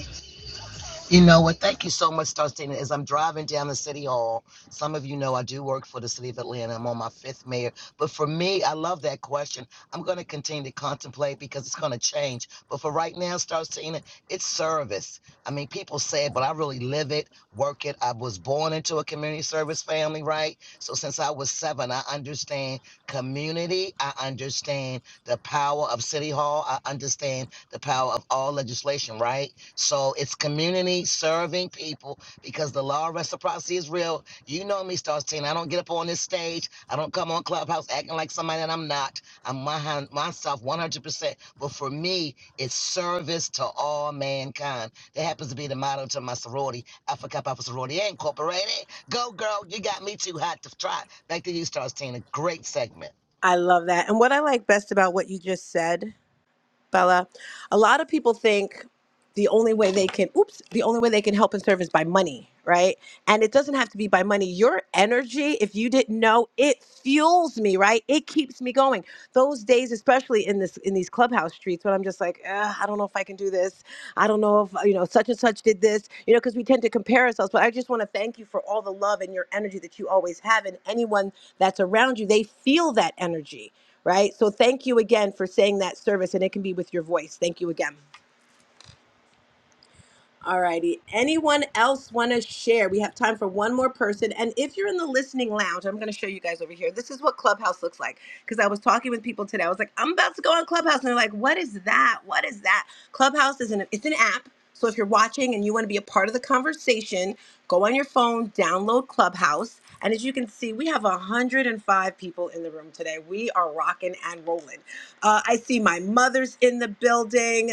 S16: You know what? Thank you so much, Darcina. As I'm driving down the city hall, some of you know I do work for the city of Atlanta. I'm on my fifth mayor. But for me, I love that question. I'm going to continue to contemplate because it's going to change. But for right now, Starcina, it's service. I mean, people say it, but I really live it, work it. I was born into a community service family, right? So since I was seven, I understand community. I understand the power of city hall. I understand the power of all legislation, right? So it's community serving people because the law of reciprocity is real. You know me, Star Teen. I don't get up on this stage. I don't come on Clubhouse acting like somebody that I'm not. I'm my, myself 100%. But for me, it's service to all mankind. That happens to be the motto to my sorority, Alpha Kappa Alpha Sorority Incorporated. Go, girl. You got me too hot to try. Back to you, Star Teen. A great segment.
S15: I love that. And what I like best about what you just said Bella. A lot of people think the only way they can oops, the only way they can help and serve is by money, right? And it doesn't have to be by money. Your energy, if you didn't know, it fuels me, right? It keeps me going. Those days, especially in this in these clubhouse streets when I'm just like, "Ugh, I don't know if I can do this. I don't know if you know such and such did this, you know, because we tend to compare ourselves. But I just want to thank you for all the love and your energy that you always have and anyone that's around you, they feel that energy right? So thank you again for saying that service, and it can be with your voice. Thank you again. All righty. Anyone else want to share? We have time for one more person. And if you're in the listening lounge, I'm going to show you guys over here. This is what Clubhouse looks like. Because I was talking with people today. I was like, I'm about to go on Clubhouse. And they're like, what is that? What is that? Clubhouse is an, it's an app. So if you're watching and you want to be a part of the conversation, go on your phone, download Clubhouse. And as you can see, we have 105 people in the room today. We are rocking and rolling. Uh, I see my mother's in the building.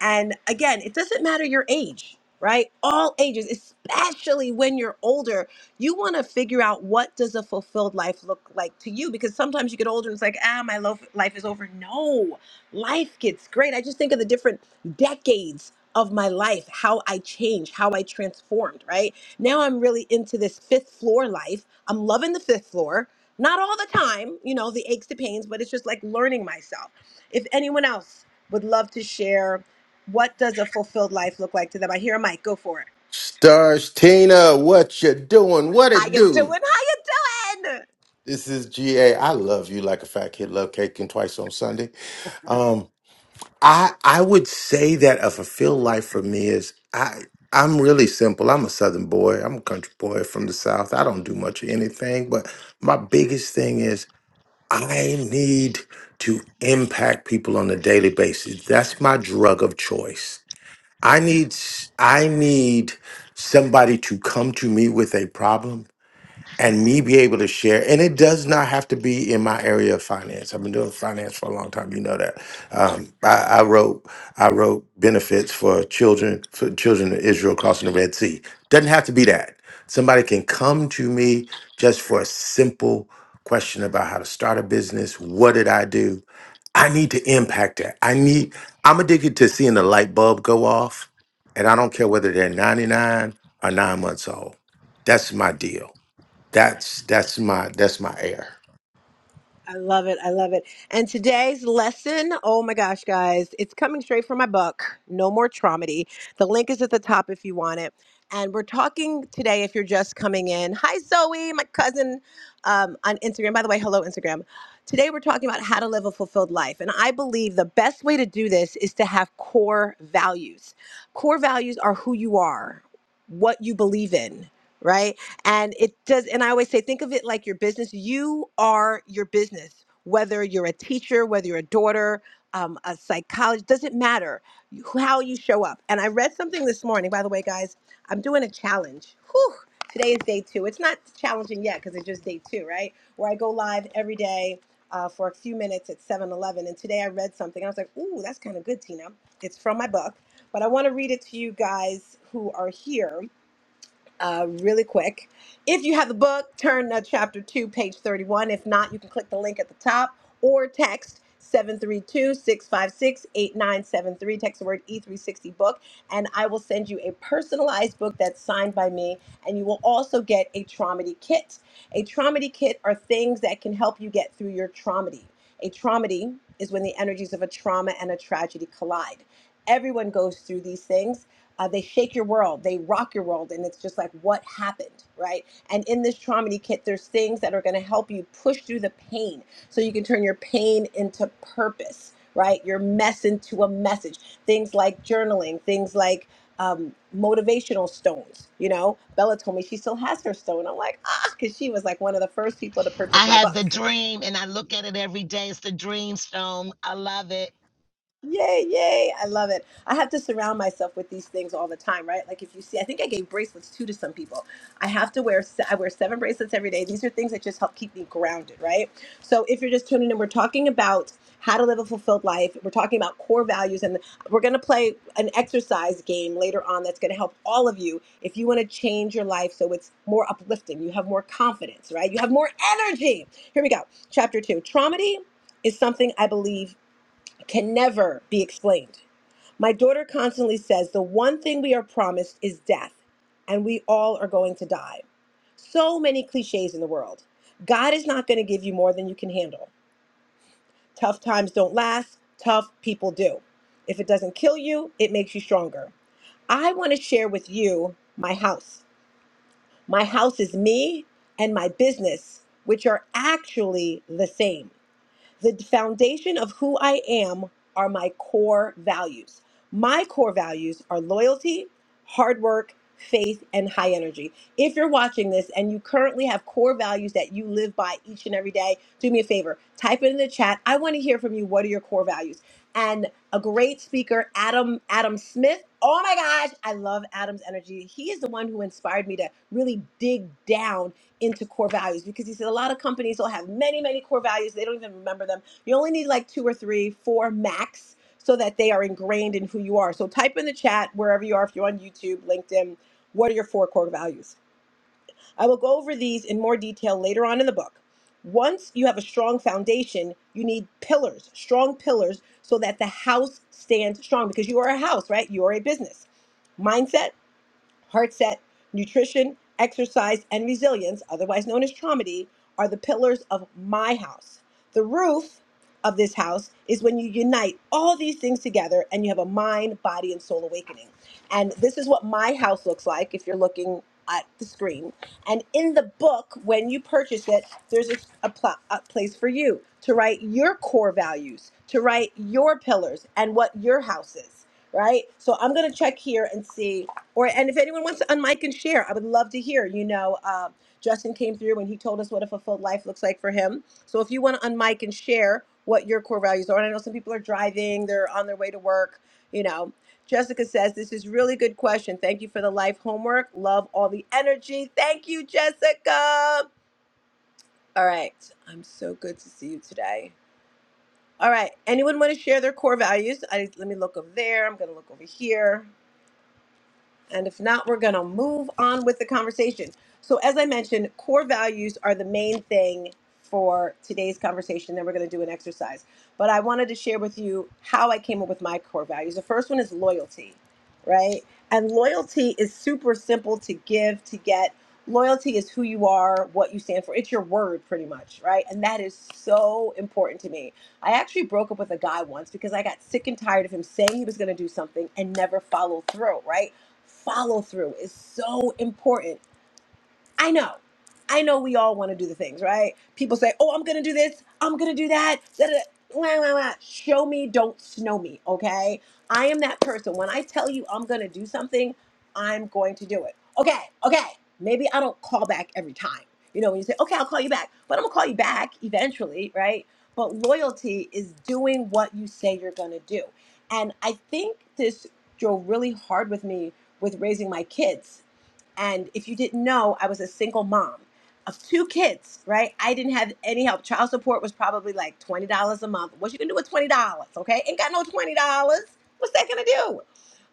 S15: And again, it doesn't matter your age, right? All ages, especially when you're older, you want to figure out what does a fulfilled life look like to you because sometimes you get older and it's like, ah, my lo- life is over. No, life gets great. I just think of the different decades of my life, how I changed, how I transformed, right? Now I'm really into this fifth floor life. I'm loving the fifth floor. Not all the time, you know, the aches, the pains, but it's just like learning myself. If anyone else would love to share what does a fulfilled life look like to them? I hear a mic. Go for it.
S4: Stars Tina, what you doing? What
S15: How
S4: it
S15: you doing?
S4: do?
S15: How you doing?
S4: This is GA. I love you like a fat kid love cake and twice on Sunday. Um, I I would say that a fulfilled life for me is I I'm really simple. I'm a southern boy. I'm a country boy from the south. I don't do much of anything, but my biggest thing is I need to impact people on a daily basis. That's my drug of choice. I need s- I need somebody to come to me with a problem and me be able to share. And it does not have to be in my area of finance. I've been doing finance for a long time. You know that. Um, I, I wrote I wrote benefits for children for children in Israel crossing the Red Sea. Doesn't have to be that. Somebody can come to me just for a simple question about how to start a business. What did I do? I need to impact that. I need, I'm addicted to seeing the light bulb go off. And I don't care whether they're 99 or nine months old. That's my deal. That's that's my that's my air.
S15: I love it. I love it. And today's lesson, oh my gosh, guys, it's coming straight from my book, No More Traumedy. The link is at the top if you want it. And we're talking today if you're just coming in. Hi, Zoe, my cousin um, on Instagram. By the way, hello, Instagram. Today we're talking about how to live a fulfilled life. And I believe the best way to do this is to have core values. Core values are who you are, what you believe in, right? And it does, and I always say, think of it like your business. You are your business, whether you're a teacher, whether you're a daughter, um, a psychologist, doesn't matter you- how you show up. And I read something this morning, by the way, guys, I'm doing a challenge. Whew, today is day two. It's not challenging yet because it's just day two, right? Where I go live every day. Uh, for a few minutes at 7:11. And today I read something. I was like, ooh, that's kind of good, Tina. It's from my book. But I want to read it to you guys who are here uh, really quick. If you have the book, turn to chapter 2, page 31. If not, you can click the link at the top or text seven three two six five six eight nine seven three. Text the word E360 book and I will send you a personalized book that's signed by me. And you will also get a Traumedy kit. A Traumedy kit are things that can help you get through your Traumedy. A Traumedy is when the energies of a trauma and a tragedy collide. Everyone goes through these things. Uh, they shake your world, they rock your world, and it's just like, what happened, right? And in this Traumedy kit, there's things that are going to help you push through the pain so you can turn your pain into purpose, right? Your mess into a message. Things like journaling, things like um, motivational stones. You know, Bella told me she still has her stone. I'm like, ah, because she was like one of the first people to purchase
S16: I
S15: my
S16: have
S15: book.
S16: the dream and I look at it every day. It's the dream stone. I love it.
S15: Yay, yay. I love it. I have to surround myself with these things all the time, right? Like if you see, I think I gave bracelets too to some people. I have to wear, se- I wear seven bracelets every day. These are things that just help keep me grounded, right? So if you're just tuning in, we're talking about how to live a fulfilled life. We're talking about core values and we're going to play an exercise game later on that's going to help all of you if you want to change your life so it's more uplifting. You have more confidence, right? You have more energy. Here we go. Chapter two, traumedy is something I believe can never be explained. My daughter constantly says the one thing we are promised is death, and we all are going to die. So many cliches in the world. God is not going to give you more than you can handle. Tough times don't last, tough people do. If it doesn't kill you, it makes you stronger. I want to share with you my house. My house is me and my business, which are actually the same. The foundation of who I am are my core values. My core values are loyalty, hard work, faith, and high energy. If you're watching this and you currently have core values that you live by each and every day, do me a favor, type it in the chat. I want to hear from you. What are your core values? And a great speaker, Adam Adam Smith. Oh my gosh, I love Adam's energy. He is the one who inspired me to really dig down into core values because he said a lot of companies will have many, many core values. They don't even remember them. You only need like two or three, four max, so that they are ingrained in who you are. So type in the chat wherever you are, if you're on YouTube, LinkedIn, what are your four core values? I will go over these in more detail later on in the book. Once you have a strong foundation, you need pillars, strong pillars, so that the house stands strong because you are a house, right? You are a business. Mindset, Heart set, nutrition, exercise, and resilience, otherwise known as traumedy, are the pillars of my house. The roof of this house is when you unite all these things together and you have a mind, body, and soul awakening. And this is what my house looks like if you're looking at the screen. And in the book, when you purchase it, there's a, a, pla- a place for you to write your core values, to write your pillars and what your house is right? So I'm gonna check here and see, or and if anyone wants to unmic and share, I would love to hear. You know, uh, Justin came through and he told us what a fulfilled life looks like for him. So if you want to unmic and share what your core values are, and I know some people are driving, they're on their way to work. You know, Jessica says this is really good question. Thank you for the life homework. Love all the energy. Thank you, Jessica. All right, I'm so good to see you today. All right, anyone want to share their core values? I, let me look over there. I'm gonna look over here. And if not, we're going to move on with the conversation. So, as I mentioned, core values are the main thing for today's conversation. Then we're going to do an exercise. But I wanted to share with you how I came up with my core values. The first one is loyalty, right? And loyalty is super simple to give, to get. Loyalty is who you are, what you stand for. It's your word, pretty much, right? And that is so important to me. I actually broke up with a guy once because I got sick and tired of him saying he was going to do something and never follow through, right? Follow through is so important. I know. I know we all want to do the things, right? People say, oh, I'm going to do this. I'm going to do that. Da, da, da. Wah, wah, wah. Show me, don't snow me, okay? I am that person. When I tell you I'm going to do something, I'm going to do it. Okay, okay. Maybe I don't call back every time. You know, when you say, okay, I'll call you back, but I'm going to call you back eventually, right? But loyalty is doing what you say you're going to do. And I think this drove really hard with me with raising my kids and if you didn't know, I was a single mom of two kids, right? I didn't have any help. Child support was probably like $20 a month. What you can do with $20, okay? Ain't got no $20. What's that gonna do?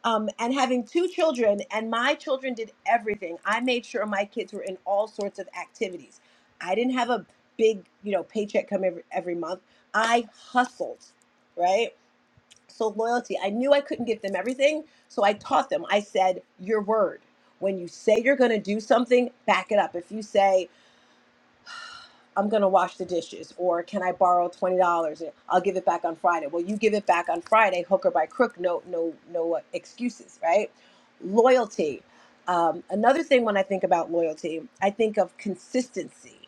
S15: Um, and having two children, and my children did everything. I made sure my kids were in all sorts of activities. I didn't have a big, you know, paycheck come every, every month. I hustled, right? So, loyalty, I knew I couldn't give them everything. So, I taught them. I said, Your word. When you say you're going to do something, back it up. If you say, I'm going to wash the dishes or can I borrow $20 and I'll give it back on Friday. Well, you give it back on Friday, hook or by crook, no no no uh, excuses, right? Loyalty. Um, another thing when I think about loyalty, I think of consistency,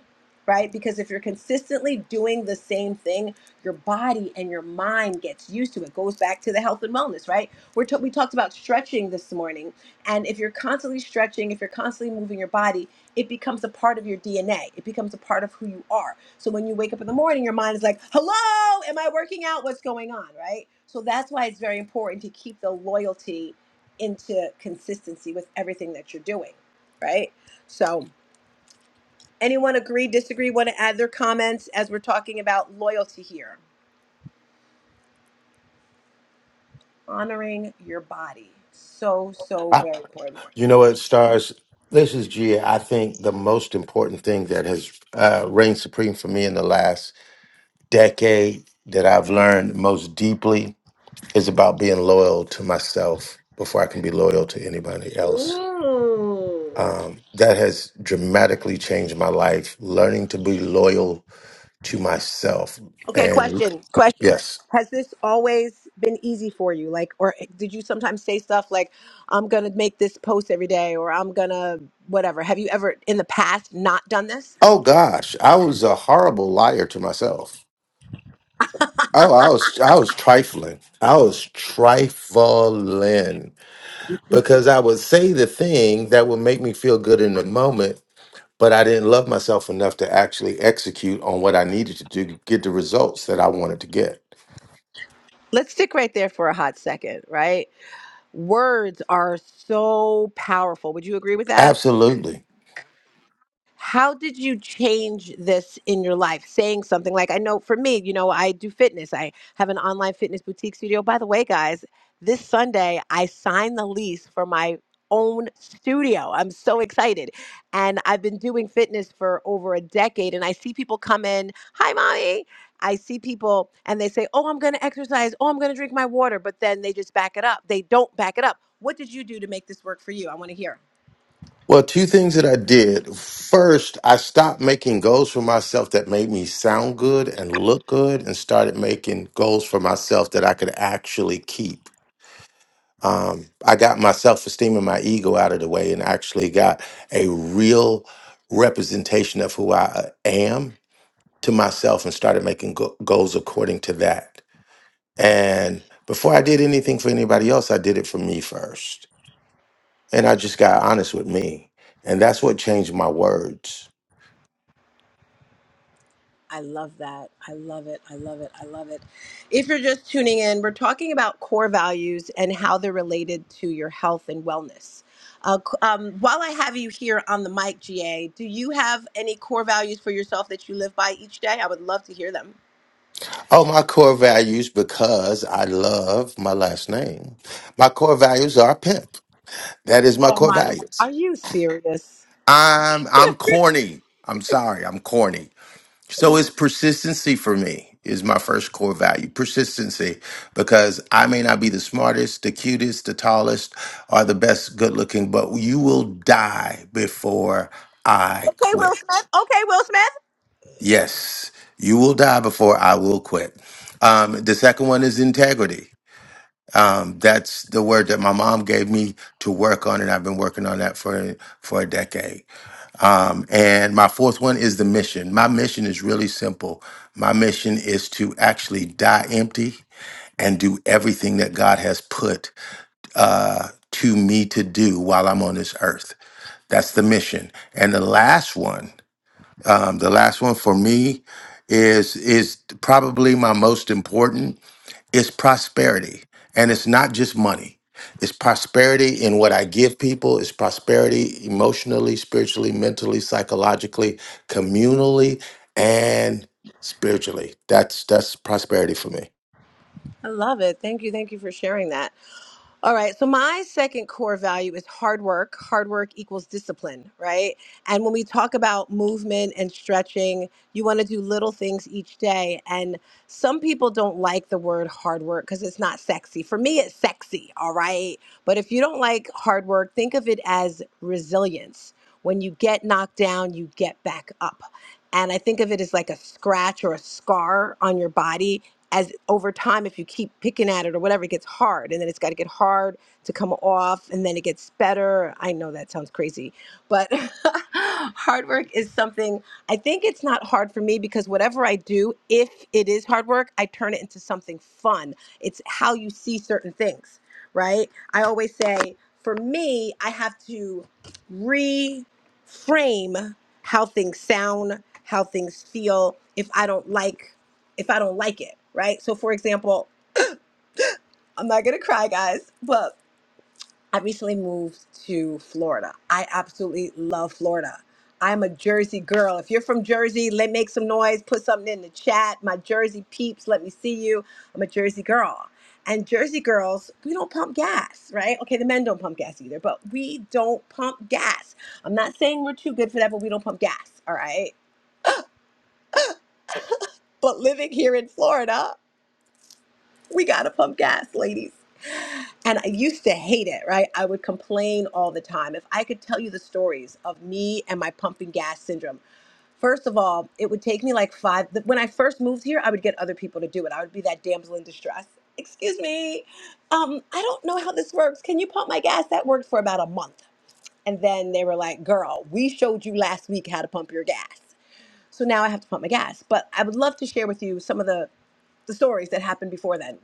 S15: right? Because if you're consistently doing the same thing, your body and your mind gets used to it. Goes back to the health and wellness, right? We're t- we talked about stretching this morning, and if you're constantly stretching, if you're constantly moving your body, it becomes a part of your DNA. It becomes a part of who you are. So when you wake up in the morning, your mind is like, hello, am I working out? What's going on? Right. So that's why it's very important to keep the loyalty into consistency with everything that you're doing. Right. So, anyone agree, disagree, want to add their comments as we're talking about loyalty here? Honoring your body. So, so
S4: I,
S15: very important.
S4: you know what, stars? This is Gia. I think the most important thing that has uh, reigned supreme for me in the last decade that I've learned most deeply is about being loyal to myself before I can be loyal to anybody else
S15: Ooh.
S4: um, that has dramatically changed my life. Learning to be loyal to myself,
S15: Okay,
S4: and
S15: question, question.
S4: yes,
S15: Has this always been easy for you? Like, or eh, did you sometimes say stuff like, I'm going to make this post every day or I'm going to whatever? Have you ever in the past not done this?
S4: oh gosh, I was a horrible liar to myself. Oh, I was I was trifling. I was trifling because I would say the thing that would make me feel good in the moment, but I didn't love myself enough to actually execute on what I needed to do to get the results that I wanted to get.
S15: Let's stick right there for a hot second, right? Words are so powerful. Would you agree with that?
S4: Absolutely.
S15: how did you change this in your life saying something like i know for me you know i do fitness i have an online fitness boutique studio by the way guys this sunday i signed the lease for my own studio i'm so excited and i've been doing fitness for over a decade and i see people come in hi mommy i see people and they say oh i'm going to exercise oh i'm going to drink my water but then they just back it up they don't back it up what did you do to make this work for you i want to hear
S4: Well, two things that I did. First, I stopped making goals for myself that made me sound good and look good and started making goals for myself that I could actually keep. Um, I got my self esteem and my ego out of the way and actually got a real representation of who I uh, am to myself and started making go- goals according to that. And before I did anything for anybody else, I did it for me first. And I just got honest with me. And that's what changed my words.
S15: I love that. I love it. I love it. I love it. If you're just tuning in, we're talking about core values and how they're related to your health and wellness. Uh, c- um, while I have you here on the mic, GA, do you have any core values for yourself that you live by each day? I would love to hear them.
S4: Oh, my core values because I love my last name. My core values are pimp. That is my
S15: Oh
S4: core
S15: my,
S4: values.
S15: are you serious?
S4: I'm I'm corny. I'm sorry, I'm corny. So it's persistency for me is my first core value. Persistency because I may not be the smartest, the cutest, the tallest, or the best good looking, but you will die before I
S15: Okay, Will
S4: quit.
S15: Smith. Okay, Will Smith.
S4: Yes, you will die before I will quit. Um, the second one is integrity Um, that's the word that my mom gave me to work on, and I've been working on that for for a decade. Um, and my fourth one is the mission. My mission is really simple. My mission is to actually die empty and do everything that God has put uh, to me to do while I'm on this earth. That's the mission. And the last one, um, the last one for me is is probably my most important it's prosperity. And it's not just money. It's prosperity in what I give people. It's prosperity emotionally, spiritually, mentally, psychologically, communally, and spiritually. That's that's prosperity for me.
S15: I love it. Thank you. Thank you for sharing that. All right. So my second core value is hard work. Hard work equals discipline, right? And when we talk about movement and stretching, you want to do little things each day. And some people don't like the word hard work because it's not sexy. For me, it's sexy. All right. But if you don't like hard work, think of it as resilience. When you get knocked down, you get back up. And I think of it as like a scratch or a scar on your body as over time if you keep picking at it or whatever it gets hard and then it's got to get hard to come off and then it gets better i know that sounds crazy but *laughs* hard work is something i think it's not hard for me because whatever i do if it is hard work i turn it into something fun it's how you see certain things right i always say for me i have to reframe how things sound how things feel if i don't like if I don't like it, right? So, for example, I'm not gonna cry, guys, but I recently moved to Florida. I absolutely love Florida. I'm a Jersey girl. If you're from Jersey, let make some noise, put something in the chat. My Jersey peeps, let me see you. I'm a Jersey girl. And Jersey girls, we don't pump gas, right? Okay, the men don't pump gas either, but we don't pump gas. I'm not saying we're too good for that, but we don't pump gas, all right? But living here in Florida, we gotta pump gas, ladies. And I used to hate it, right? I would complain all the time. If I could tell you the stories of me and my pumping gas syndrome, First of all, it would take me like five. th- When I first moved here, I would get other people to do it. I would be that damsel in distress. Excuse me, um, I don't know how this works. Can you pump my gas? That worked for about a month. And then they were like, girl, we showed you last week how to pump your gas. So now I have to pump my gas. But I would love to share with you some of the, the stories that happened before then.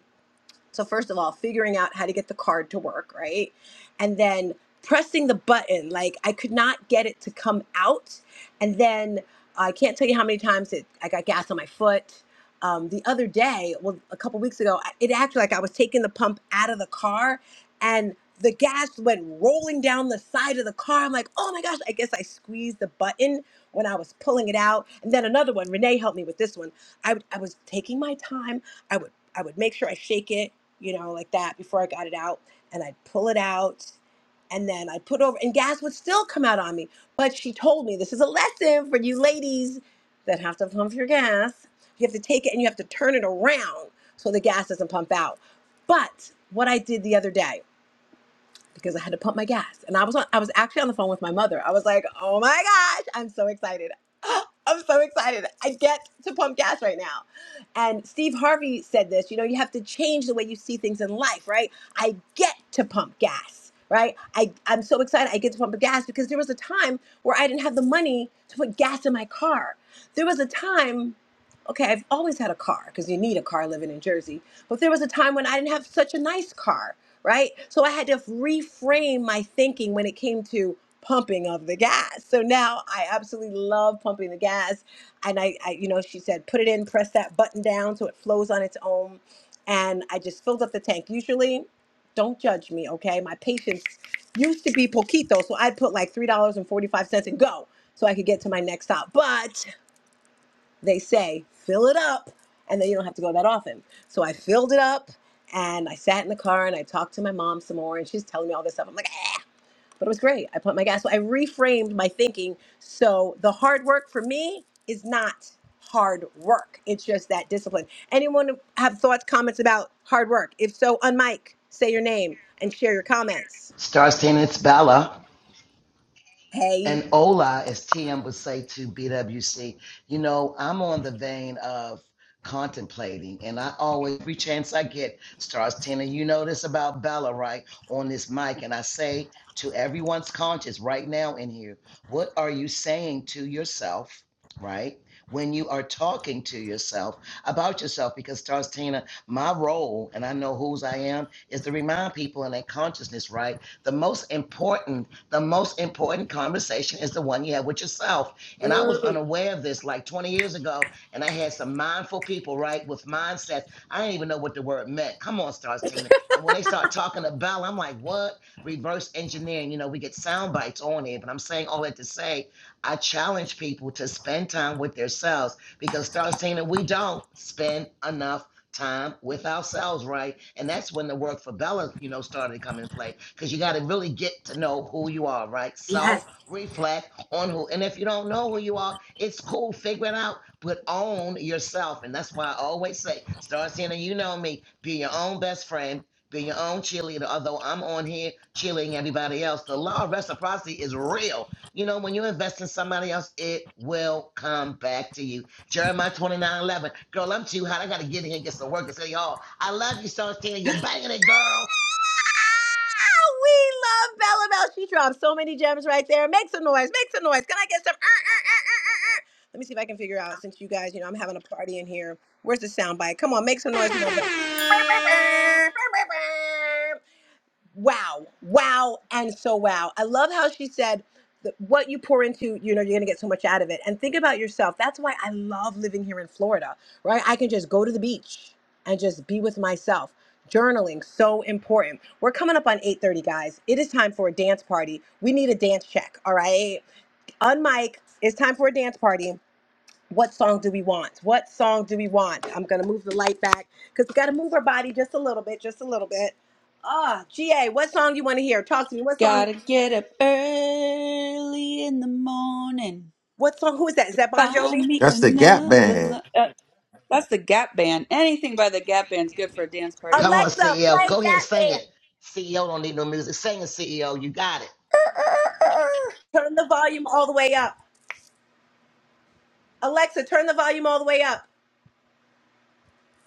S15: So first of all, figuring out how to get the card to work, right? And then pressing the button. Like I could not get it to come out. And then uh, I can't tell you how many times it I got gas on my foot. Um, the other day, well, a couple weeks ago, I- it acted like I was taking the pump out of the car, and the gas went rolling down the side of the car. I'm like, oh my gosh! I guess I squeezed the button when I was pulling it out. And then another one. Renee helped me with this one. I, would- I was taking my time. I would I would make sure I shake it you know, like that before I got it out. And I'd pull it out and then I'd put over, and gas would still come out on me. But she told me this is a lesson for you ladies that have to pump your gas. You have to take it and you have to turn it around so the gas doesn't pump out. But what I did the other day, because I had to pump my gas. And I was on, I was actually on the phone with my mother. I was like, "Oh my gosh, I'm so excited. *gasps* I'm so excited. I get to pump gas right now." And Steve Harvey said this, you know, you have to change the way you see things in life, right? I get to pump gas, right? I I'm so excited I get to pump gas because there was a time where I didn't have the money to put gas in my car. There was a time Okay, I've always had a car because you need a car living in Jersey. But there was a time when I didn't have such a nice car right? So I had to reframe my thinking when it came to pumping of the gas. So now I absolutely love pumping the gas. And I, I you know, she said, put it in, press that button down so it flows on its own. And I just filled up the tank. Usually, don't judge me, okay? My patience used to be poquito. So I'd put like $3.45 and forty-five cents and go so I could get to my next stop. But they say fill it up and then you don't have to go that often so i filled it up and i sat in the car and i talked to my mom some more and she's telling me all this stuff i'm like ah! but it was great i put my gas so i reframed my thinking so the hard work for me is not hard work it's just that discipline anyone have thoughts comments about hard work if so on say your name and share your comments
S16: Star Teen, it's Bella.
S15: hey
S16: and Ola, as TM would say to BWC, you know, I'm on the vein of contemplating, and I always, every chance I get, stars Tina, you know this about Bella, right? On this mic, and I say to everyone's conscious right now in here, what are you saying to yourself, right? When you are talking to yourself about yourself, because stars Tina, my role, and I know whose I am, is to remind people in their consciousness, right? The most important the most important conversation is the one you have with yourself. And I was unaware of this like 20 years ago, and I had some mindful people, right, with mindsets. I didn't even know what the word meant. Come on, Star Tina. And when they start talking to Bella, I'm like, what? Reverse engineering. You know, we get sound bites on it, but I'm saying all that to say, I challenge people to spend time with themselves because, Star Tina, we don't spend enough time with ourselves, right? And that's when the work for Bella, you know, started to come in play because you got to really get to know who you are, right?
S15: Yes.
S16: Self reflect on who, and if you don't know who you are, it's cool, figure it out, but own yourself. And that's why I always say, start seeing, you know me, be your own best friend. Be your own cheerleader, although I'm on here cheerleading everybody else. The law of reciprocity is real. You know, when you invest in somebody else, it will come back to you Jeremiah 29 11 Girl, I'm too hot. I got to get in here and get some work at City Hall. I love you, Star Tina. You're banging it, girl.
S15: Ah, we love Bella Bell. She dropped so many gems right there. Make some noise. Make some noise. Can I get some? uh, uh, uh, uh, uh? uh? Let me see if I can figure out since you guys, you know, I'm having a party in here. Where's the sound bite? Come on, make some noise for my Bella wow, wow, and so wow. I love how she said that what you pour into, you know, you're gonna get so much out of it. And think about yourself. That's why I love living here in Florida, right? I can just go to the beach and just be with myself. Journaling so important. We're coming up on 8:30, guys. It is time for a dance party. We need a dance check, all right? On mic, it's time for a dance party what song do we want? What song do we want? I'm gonna move the light back because we gotta move our body just a little bit, just a little bit. Ah, GA, what song you want to hear? Talk to me. What song?
S14: Gotta get up early in the morning.
S15: What song? Who is that? Is that Bon
S14: Find
S15: Jovi?
S14: me
S4: That's the gap
S14: another.
S4: band.
S14: Lo- uh, that's the Gap Band. Anything by the Gap Band's good for a dance
S16: Come
S14: party.
S16: on,
S15: Alexa,
S16: CEO.
S15: play
S16: Go ahead and
S15: that
S16: sing
S15: band.
S16: it. CEO don't need no music. Sing it, CEO. You got it.
S14: *laughs*
S15: Turn the volume all the way up. Alexa, turn the volume all the way up.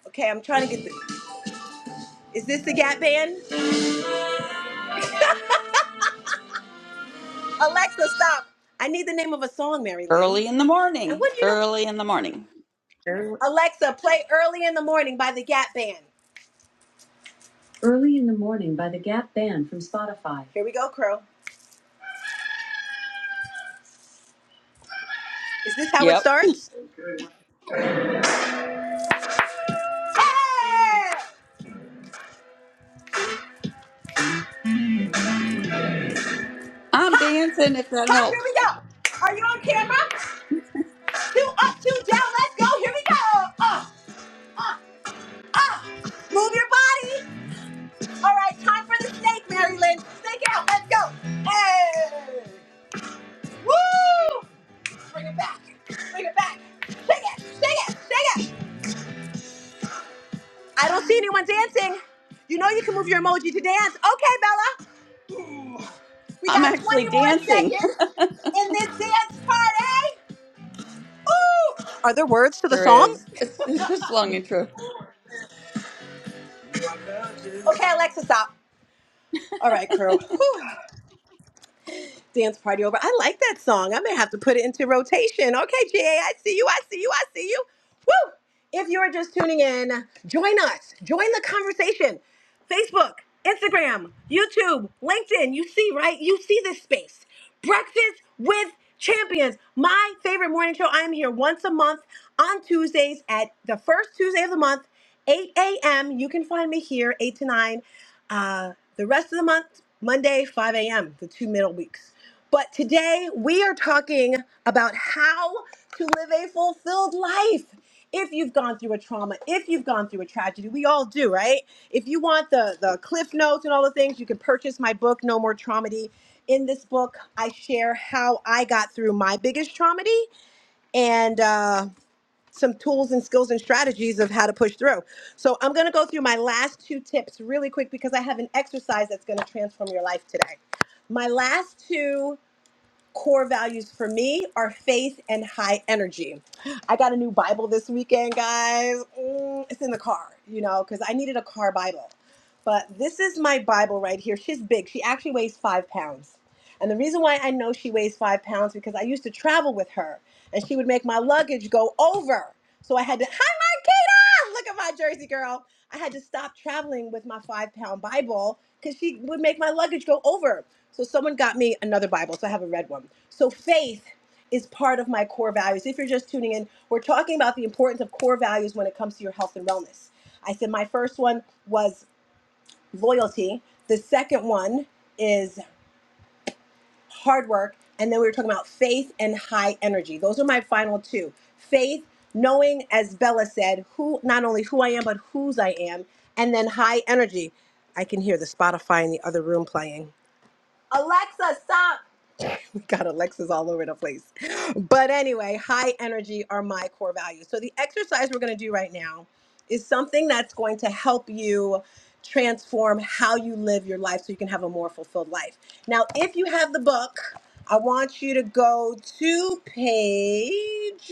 S15: Okay, I'm trying to get the. Is this the Gap Band? Alexa, stop. I need the name of a song, Mary Lynn.
S14: Early in the
S15: And
S14: morning.
S15: what do you know?
S14: Early in the morning. Early.
S15: Alexa, play Early in the Morning by the Gap Band. Early in the morning by the Gap Band from Spotify. Here we go, Crow. Is this how it
S14: Yep.
S15: starts? Hey!
S14: I'm dancing if that
S15: Ha, here
S14: helps.
S15: we go. Are you on camera? Two up, two down, let's go. Here we go. Up, up. Move your body. All right, time for the snake, Mary Lynn. Snake out, let's go. Hey! Woo! Bring it back, bring it back. Shake it, shake it, shake it. I don't see anyone dancing. You know you can move your emoji to dance. Okay, Bella. We
S14: I'm
S15: got
S14: actually
S15: 20 more
S14: dancing.
S15: seconds.
S14: *laughs*
S15: in this dance party. Ooh! Are there words to the
S14: There
S15: song?
S14: is. It's, it's just long intro.
S15: Okay, Alexa, stop. All right, crew. Whew. Dance party over. I like that song. I may have to put it into rotation. Okay, GA, I see you. I see you. I see you. Woo! If you are just tuning in, join us. Join the conversation. Facebook, Instagram, YouTube, LinkedIn. You see, right? You see this space. Breakfast with Champions, my favorite morning show. I am here once a month on Tuesdays at the first Tuesday of the month, 8 a.m. You can find me here, 8 to 9. Uh, the rest of the month, Monday, 5 a.m., the two middle weeks. But today we are talking about how to live a fulfilled life. If you've gone through a trauma, if you've gone through a tragedy, we all do, right? If you want the, the cliff notes and all the things, you can purchase my book, No More Traumedy. In this book, I share how I got through my biggest traumedy and uh, some tools and skills and strategies of how to push through. So I'm gonna go through my last two tips really quick because I have an exercise that's gonna transform your life today. My last two core values for me are faith and high energy. I got a new Bible this weekend, guys. Mm, it's in the car, you know, because I needed a car Bible. But this is my Bible right here. She's big. She actually weighs five pounds. And the reason why I know she weighs five pounds because I used to travel with her and she would make my luggage go over. So I had to, hi, Marquita! Look at my Jersey girl. I had to stop traveling with my five pound Bible because she would make my luggage go over. So someone got me another Bible, so I have a red one. So faith is part of my core values. If you're just tuning in, we're talking about the importance of core values when it comes to your health and wellness. I said my first one was loyalty. The second one is hard work, and then we were talking about faith and high energy. Those are my final two. Faith, knowing, as Bella said, who not only who I am, but whose I am, and then high energy. I can hear the Spotify in the other room playing. Alexa, stop. Got Alexis all over the place. But anyway, high energy are my core values. So the exercise we're going to do right now is something that's going to help you transform how you live your life so you can have a more fulfilled life. Now, if you have the book, I want you to go to page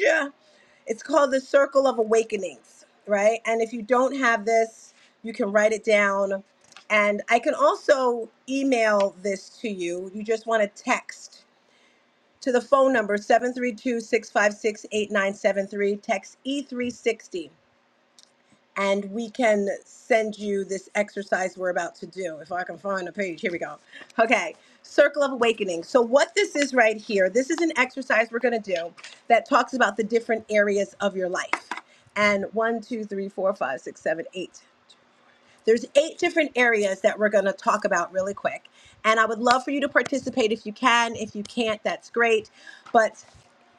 S15: it's called The Circle of Awakenings, right? And if you don't have this, you can write it down and I can also email this to you. You just want to text to the phone number seven three two six five six eight nine seven three, text e360 and we can send you this exercise we're about to do if i can find a page here we go okay circle of awakening so what this is right here this is an exercise we're going to do that talks about the different areas of your life and one two three four five six seven eight there's eight different areas that we're going to talk about really quick and i would love for you to participate if you can if you can't that's great but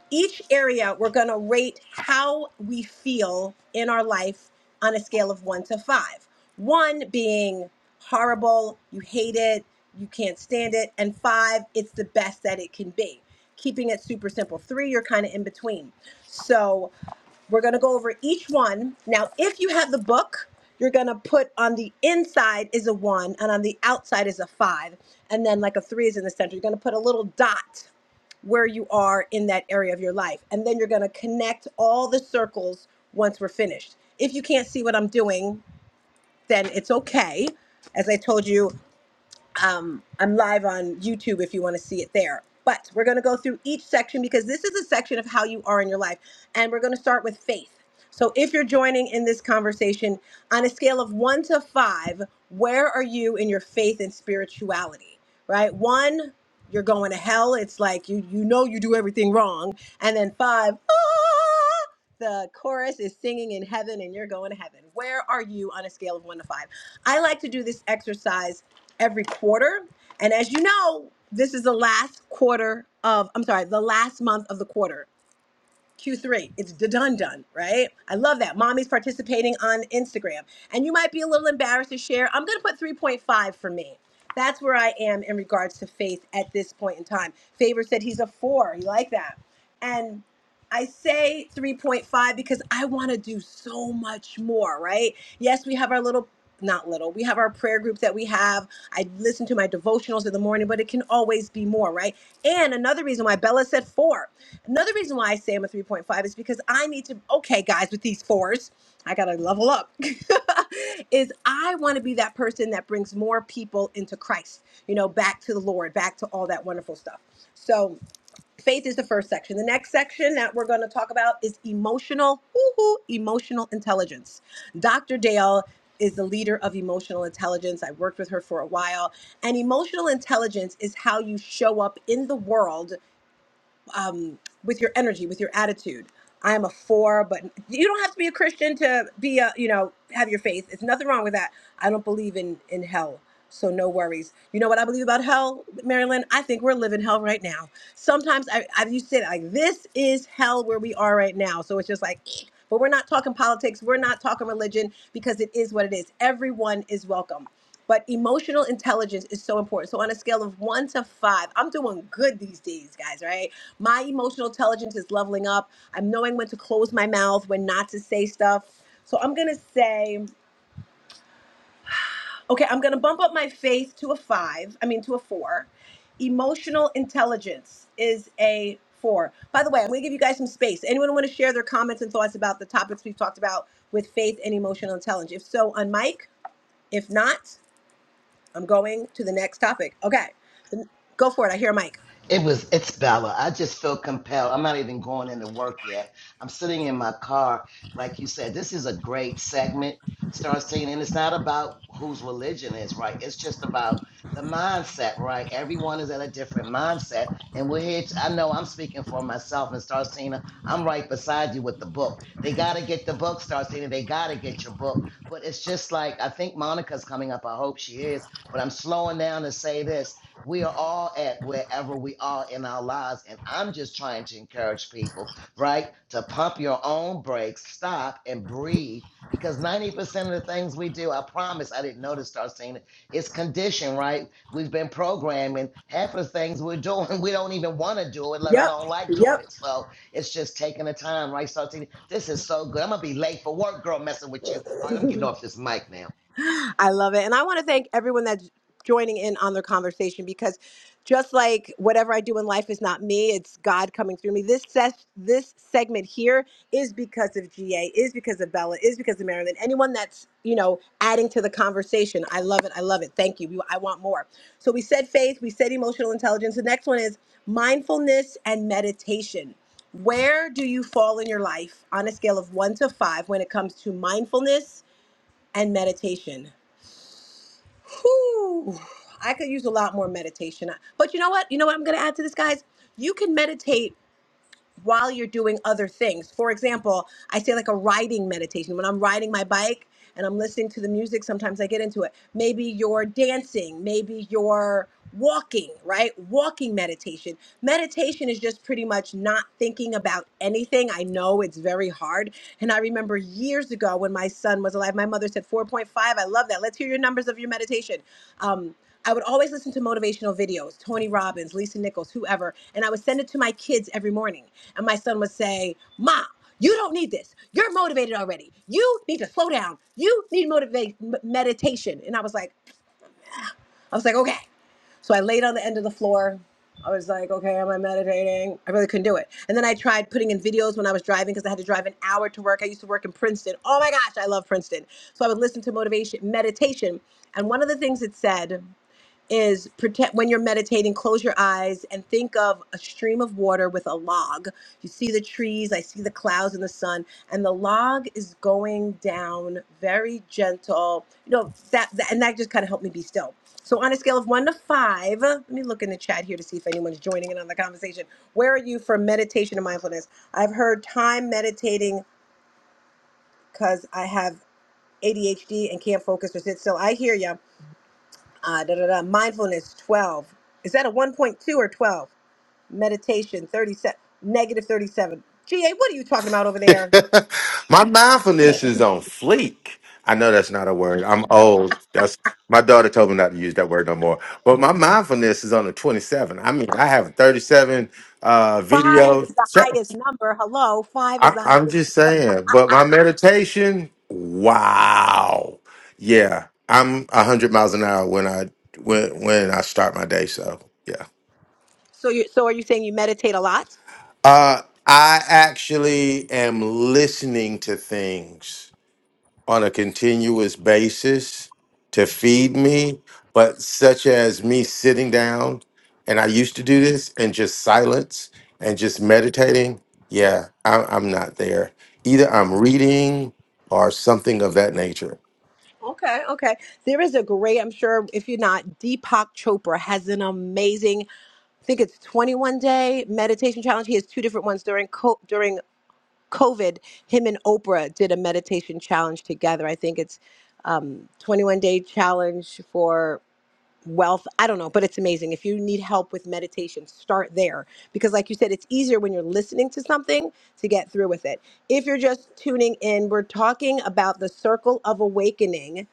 S15: each area we're going to rate how we feel in our life on a scale of one to five. One being horrible, you hate it, you can't stand it, and five, it's the best that it can be. Keeping it super simple. Three, you're kind of in between. So we're going to go over each one. Now, if you have the book, you're going to put on the inside is a one and on the outside is a five. And then, like a three is in the center. You're going to put a little dot where you are in that area of your life. And then you're going to connect all the circles once we're finished. If you can't see what I'm doing, then it's okay. As I told you, um, I'm live on YouTube if you want to see it there. But we're going to go through each section because this is a section of how you are in your life. And we're going to start with faith. So if you're joining in this conversation on a scale of one to five, where are you in your faith and spirituality? Right? One, you're going to hell. It's like you you know you do everything wrong. And then five, ah, the chorus is singing in heaven and you're going to heaven. Where are you on a scale of one to five? I like to do this exercise every quarter. And as you know, this is the last quarter of, I'm sorry, the last month of the quarter. Q3. It's done done, right? I love that. Mommy's participating on Instagram. And you might be a little embarrassed to share. I'm going to put 3.5 for me. That's where I am in regards to faith at this point in time. Favor said he's a 4. You like that? And I say 3.5 because I want to do so much more, right? Yes, we have our little not little. We have our prayer groups that we have. I listen to my devotionals in the morning, but it can always be more, right? And another reason why Bella said 4 Another reason why I say I'm a 3.5 is because I need to, okay, guys, with these fours, I got to level up. *laughs* is I want to be that person that brings more people into Christ, you know, back to the Lord, back to all that wonderful stuff. So, faith is the first section. The next section that we're going to talk about is emotional, woohoo, emotional intelligence. Dr. Dale is the leader of emotional intelligence. I worked with her for a while. And emotional intelligence is how you show up in the world um, with your energy, with your attitude. I am a four, but you don't have to be a Christian to be a, you know, have your faith. It's nothing wrong with that. I don't believe in in hell, so no worries. You know what I believe about hell, Marilyn? I think we're living hell right now. Sometimes I, I used to say that, like this is hell where we are right now. So it's just like, *sniffs* *clears throat* but we're not talking politics. We're not talking religion because it is what it is. Everyone is welcome. But emotional intelligence is so important. So on a scale of one to five, I'm doing good these days, guys, right? My emotional intelligence is leveling up. I'm knowing when to close my mouth, when not to say stuff. So I'm gonna say, okay, I'm gonna bump up my faith to a five, I mean to a four. Emotional intelligence is a four. By the way, I'm gonna give you guys some space. Anyone wanna share their comments and thoughts about the topics we've talked about with faith and emotional intelligence? If so, on mic. If not, I'm going to the next topic. Okay. Go for it. I hear a mic.
S16: It was it's Bella. I just feel compelled. I'm not even going into work yet. I'm sitting in my car. Like you said, this is a great segment. Start seeing, and it's not about whose religion is right. It's just about the mindset, right? Everyone is at a different mindset, and we're here. To, I know I'm speaking for myself, and Star Cena, I'm right beside you with the book. They got to get the book, Star Cena. They got to get your book. But it's just like I think Monica's coming up. I hope she is. But I'm slowing down to say this we are all at wherever we are in our lives. And I'm just trying to encourage people, right, to pump your own brakes, stop and breathe. Because 90% of the things we do, I promise I didn't notice, start seeing it. It's conditioned, right? We've been programming. Half of the things we're doing, *laughs* we don't even want to do it, let
S15: Yep.
S16: alone like
S15: Yep.
S16: doing it. So it's just taking the time, right? Start seeing, this is so good. I'm going to be late for work, girl, messing with you. All right, I'm getting off this mic now.
S15: I love it. And I want to thank everyone that's joining in on the conversation because just like whatever I do in life is not me, it's God coming through me. This ses- this segment here is because of GA, is because of Bella, is because of Marilyn. Anyone that's, you know, adding to the conversation. I love it. I love it. Thank you. We, I want more. So we said faith, we said emotional intelligence. The next one is mindfulness and meditation. Where do you fall in your life on a scale of 1 to 5 when it comes to mindfulness and meditation? Whew. I could use a lot more meditation. But you know what? You know what I'm going to add to this, guys? You can meditate while you're doing other things. For example, I say like a riding meditation. When I'm riding my bike and I'm listening to the music, sometimes I get into it. Maybe you're dancing, maybe you're walking, right? Walking meditation. Meditation is just pretty much not thinking about anything. I know it's very hard. And I remember years ago when my son was alive, my mother said 4.5. I love that. Let's hear your numbers of your meditation. Um, I would always listen to motivational videos, Tony Robbins, Lisa Nichols, whoever, and I would send it to my kids every morning. And my son would say, Mom, you don't need this. You're motivated already. You need to slow down. You need motivate m- meditation. And I was like, I was like, okay. So I laid on the end of the floor. I was like, okay, am I meditating? I really couldn't do it. And then I tried putting in videos when I was driving because I had to drive an hour to work. I used to work in Princeton. Oh my gosh, I love Princeton. So I would listen to motivation meditation. And one of the things it said is protect when you're meditating close your eyes and think of a stream of water with a log you see the trees i see the clouds and the sun and the log is going down very gentle you know that, that and that just kind of helped me be still so on a scale of one to five let me look in the chat here to see if anyone's joining in on the conversation where are you for meditation and mindfulness i've heard time meditating because i have adhd and can't focus or sit still i hear ya uh, da, da, da, mindfulness 12 is that a 1.2 or 12 meditation 37 negative 37 ga what are you talking about over
S4: *laughs*
S15: there
S4: my mindfulness is on fleek. I know that's not a word. I'm old. That's my daughter told me not to use that word no more. But my mindfulness is on the 27. I mean, I have 37 uh
S15: five
S4: video.
S15: is the highest number hello five is
S4: I,
S15: the
S4: I'm
S15: highest
S4: just saying, but my meditation, wow, yeah, I'm a hundred miles an hour when I when when I start my day. So yeah,
S15: so you so are you saying you meditate a lot
S4: uh, I actually am listening to things. on a continuous basis to feed me, but such as me sitting down, and I used to do this, and just silence and just meditating, yeah, I, I'm not there. Either I'm reading or something of that nature.
S15: Okay, okay. There is a great, I'm sure if you're not, Deepak Chopra has an amazing, I think it's 21 day meditation challenge. He has two different ones during co- during COVID, him and Oprah did a meditation challenge together. I think it's um, 21 day challenge for wealth. I don't know, but it's amazing. If you need help with meditation, start there because, like you said, it's easier when you're listening to something to get through with it. If you're just tuning in, we're talking about the circle of awakening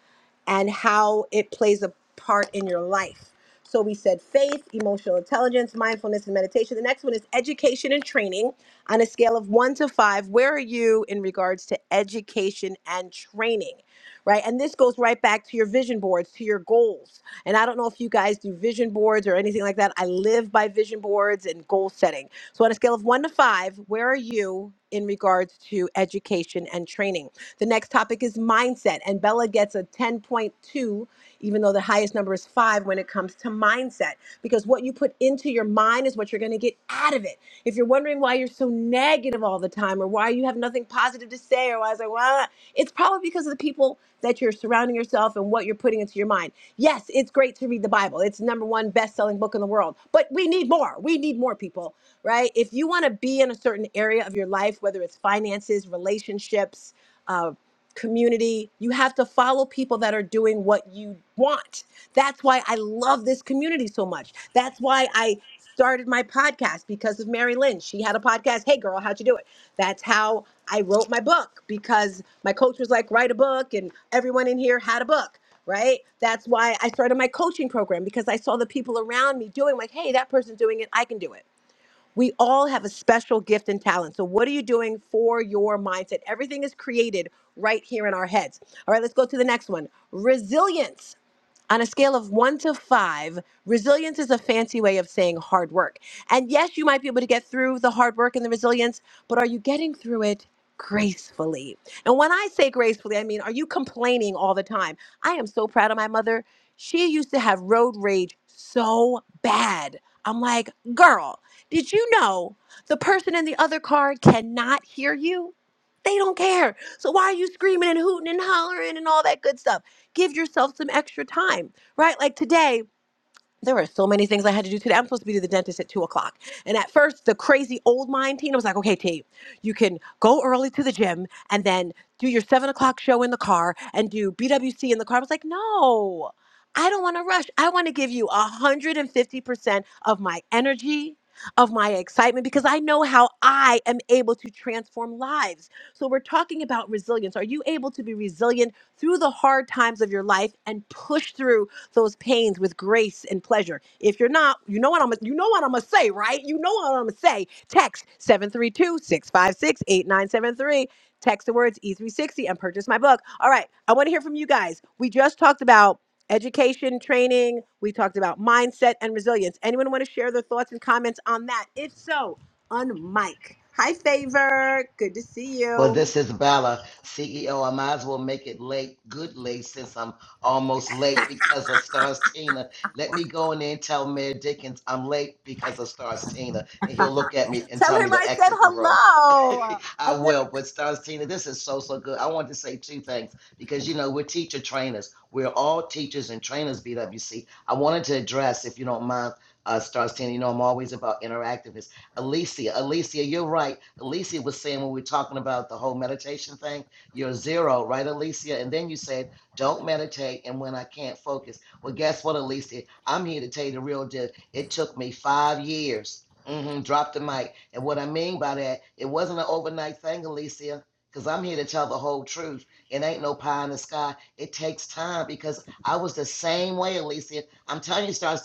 S15: and how it plays a part in your life. So we said faith, emotional intelligence, mindfulness, and meditation. The next one is education and training. On a scale of one to five, where are you in regards to education and training? Right. And this goes right back to your vision boards, to your goals. And I don't know if you guys do vision boards or anything like that. I live by live by vision boards and goal setting. So, on a scale of one to five, where are you in regards to education and training? The next topic is mindset, and Bella gets a 10.2, even though the highest number is five when it comes to mindset, because what you put into your mind is what you're going to get out of it. If you're wondering why you're so negative all the time or why you have nothing positive to say or why it's like, well, it's probably because of the people that you're surrounding yourself and what you're putting into your mind. Yes, it's great to read the Bible. It's the number one best-selling book in the world. But we need more. We need more people, right? If you want to be in a certain area of your life, whether it's finances, relationships, uh community. You have to follow people that are doing what you want. That's why I love this community so much. That's why I started my podcast because of Mary Lynn. She had a podcast. Hey girl, how'd you do it? That's how I wrote my book because my coach was like, write a book, and everyone in here had a book. Right. That's why I started my coaching program because I saw the people around me doing like, hey, that person's doing it. I can do it we all have a special gift and talent. So, what are you doing for your mindset? Everything is created right here in our heads. All right, let's go to the next one resilience. On a scale of one to five, resilience is a fancy way of saying hard work. And yes, you might be able to get through the hard work and the resilience, but are you getting through it gracefully? And when I say gracefully, I mean, are you complaining all the time? I am so proud of my mother. She used to have road rage so bad. I'm like, girl, did you know the person in the other car cannot hear you? They don't care. So why are you screaming and hooting and hollering and all that good stuff? Give yourself some extra time, right? Like today, there were so many things I had to do today. I'm supposed to be to the dentist at two o'clock. And at first, the crazy old mind Tina was like, okay, T, you can go early to the gym and then do your seven o'clock show in the car and do BWC in the car. I was like, no, I don't want to rush. I want to give you 150% of my energy, of my excitement, because I know how I am able to transform lives. So we're talking about resilience. Are you able to be resilient through the hard times of your life and push through? those pains with grace and pleasure. If you're not, you know what I'm you know what I'm gonna say, right? You know what I'm gonna say. Text seven three two six five six eight nine seven three. Text the words E360 and purchase my book. All right, I want to hear from you guys. We just talked about education, training, we talked about mindset and resilience. Anyone want to share their thoughts and comments on that? If so, on mic. Hi favor. Good to see
S16: Well,
S15: you.
S16: this is Bella, CEO. I might as well make it late, good late, since I'm almost late because of Stars Tina. Let me go in there and tell Mayor Dickens I'm late because of Stars Tina, and he'll look at me and
S15: Tell
S16: tell me
S15: him I
S16: to
S15: said
S16: exit the room.
S15: hello.
S16: *laughs* I
S15: I've never
S16: will. But Stars Tina, this is so, so good. I want to say two things because, you know, we're teacher trainers. We're all teachers and trainers, BWC. I wanted to address, if you don't mind, uh, Stars Tina, you know, I'm always about interactiveness Alicia, Alicia, you're right. Alicia was saying when we were talking about the whole meditation thing, you're zero, right, Alicia? And then you said, don't meditate. And when I can't focus, well, guess what, Alicia? I'm here to tell you the real deal. It took me five years. Mm-hmm, drop the mic. And what I mean by that, it wasn't an overnight thing, Alicia, because I'm here to tell the whole truth. It ain't no pie in the sky. It takes time because I was the same way, Alicia. I'm telling you, Star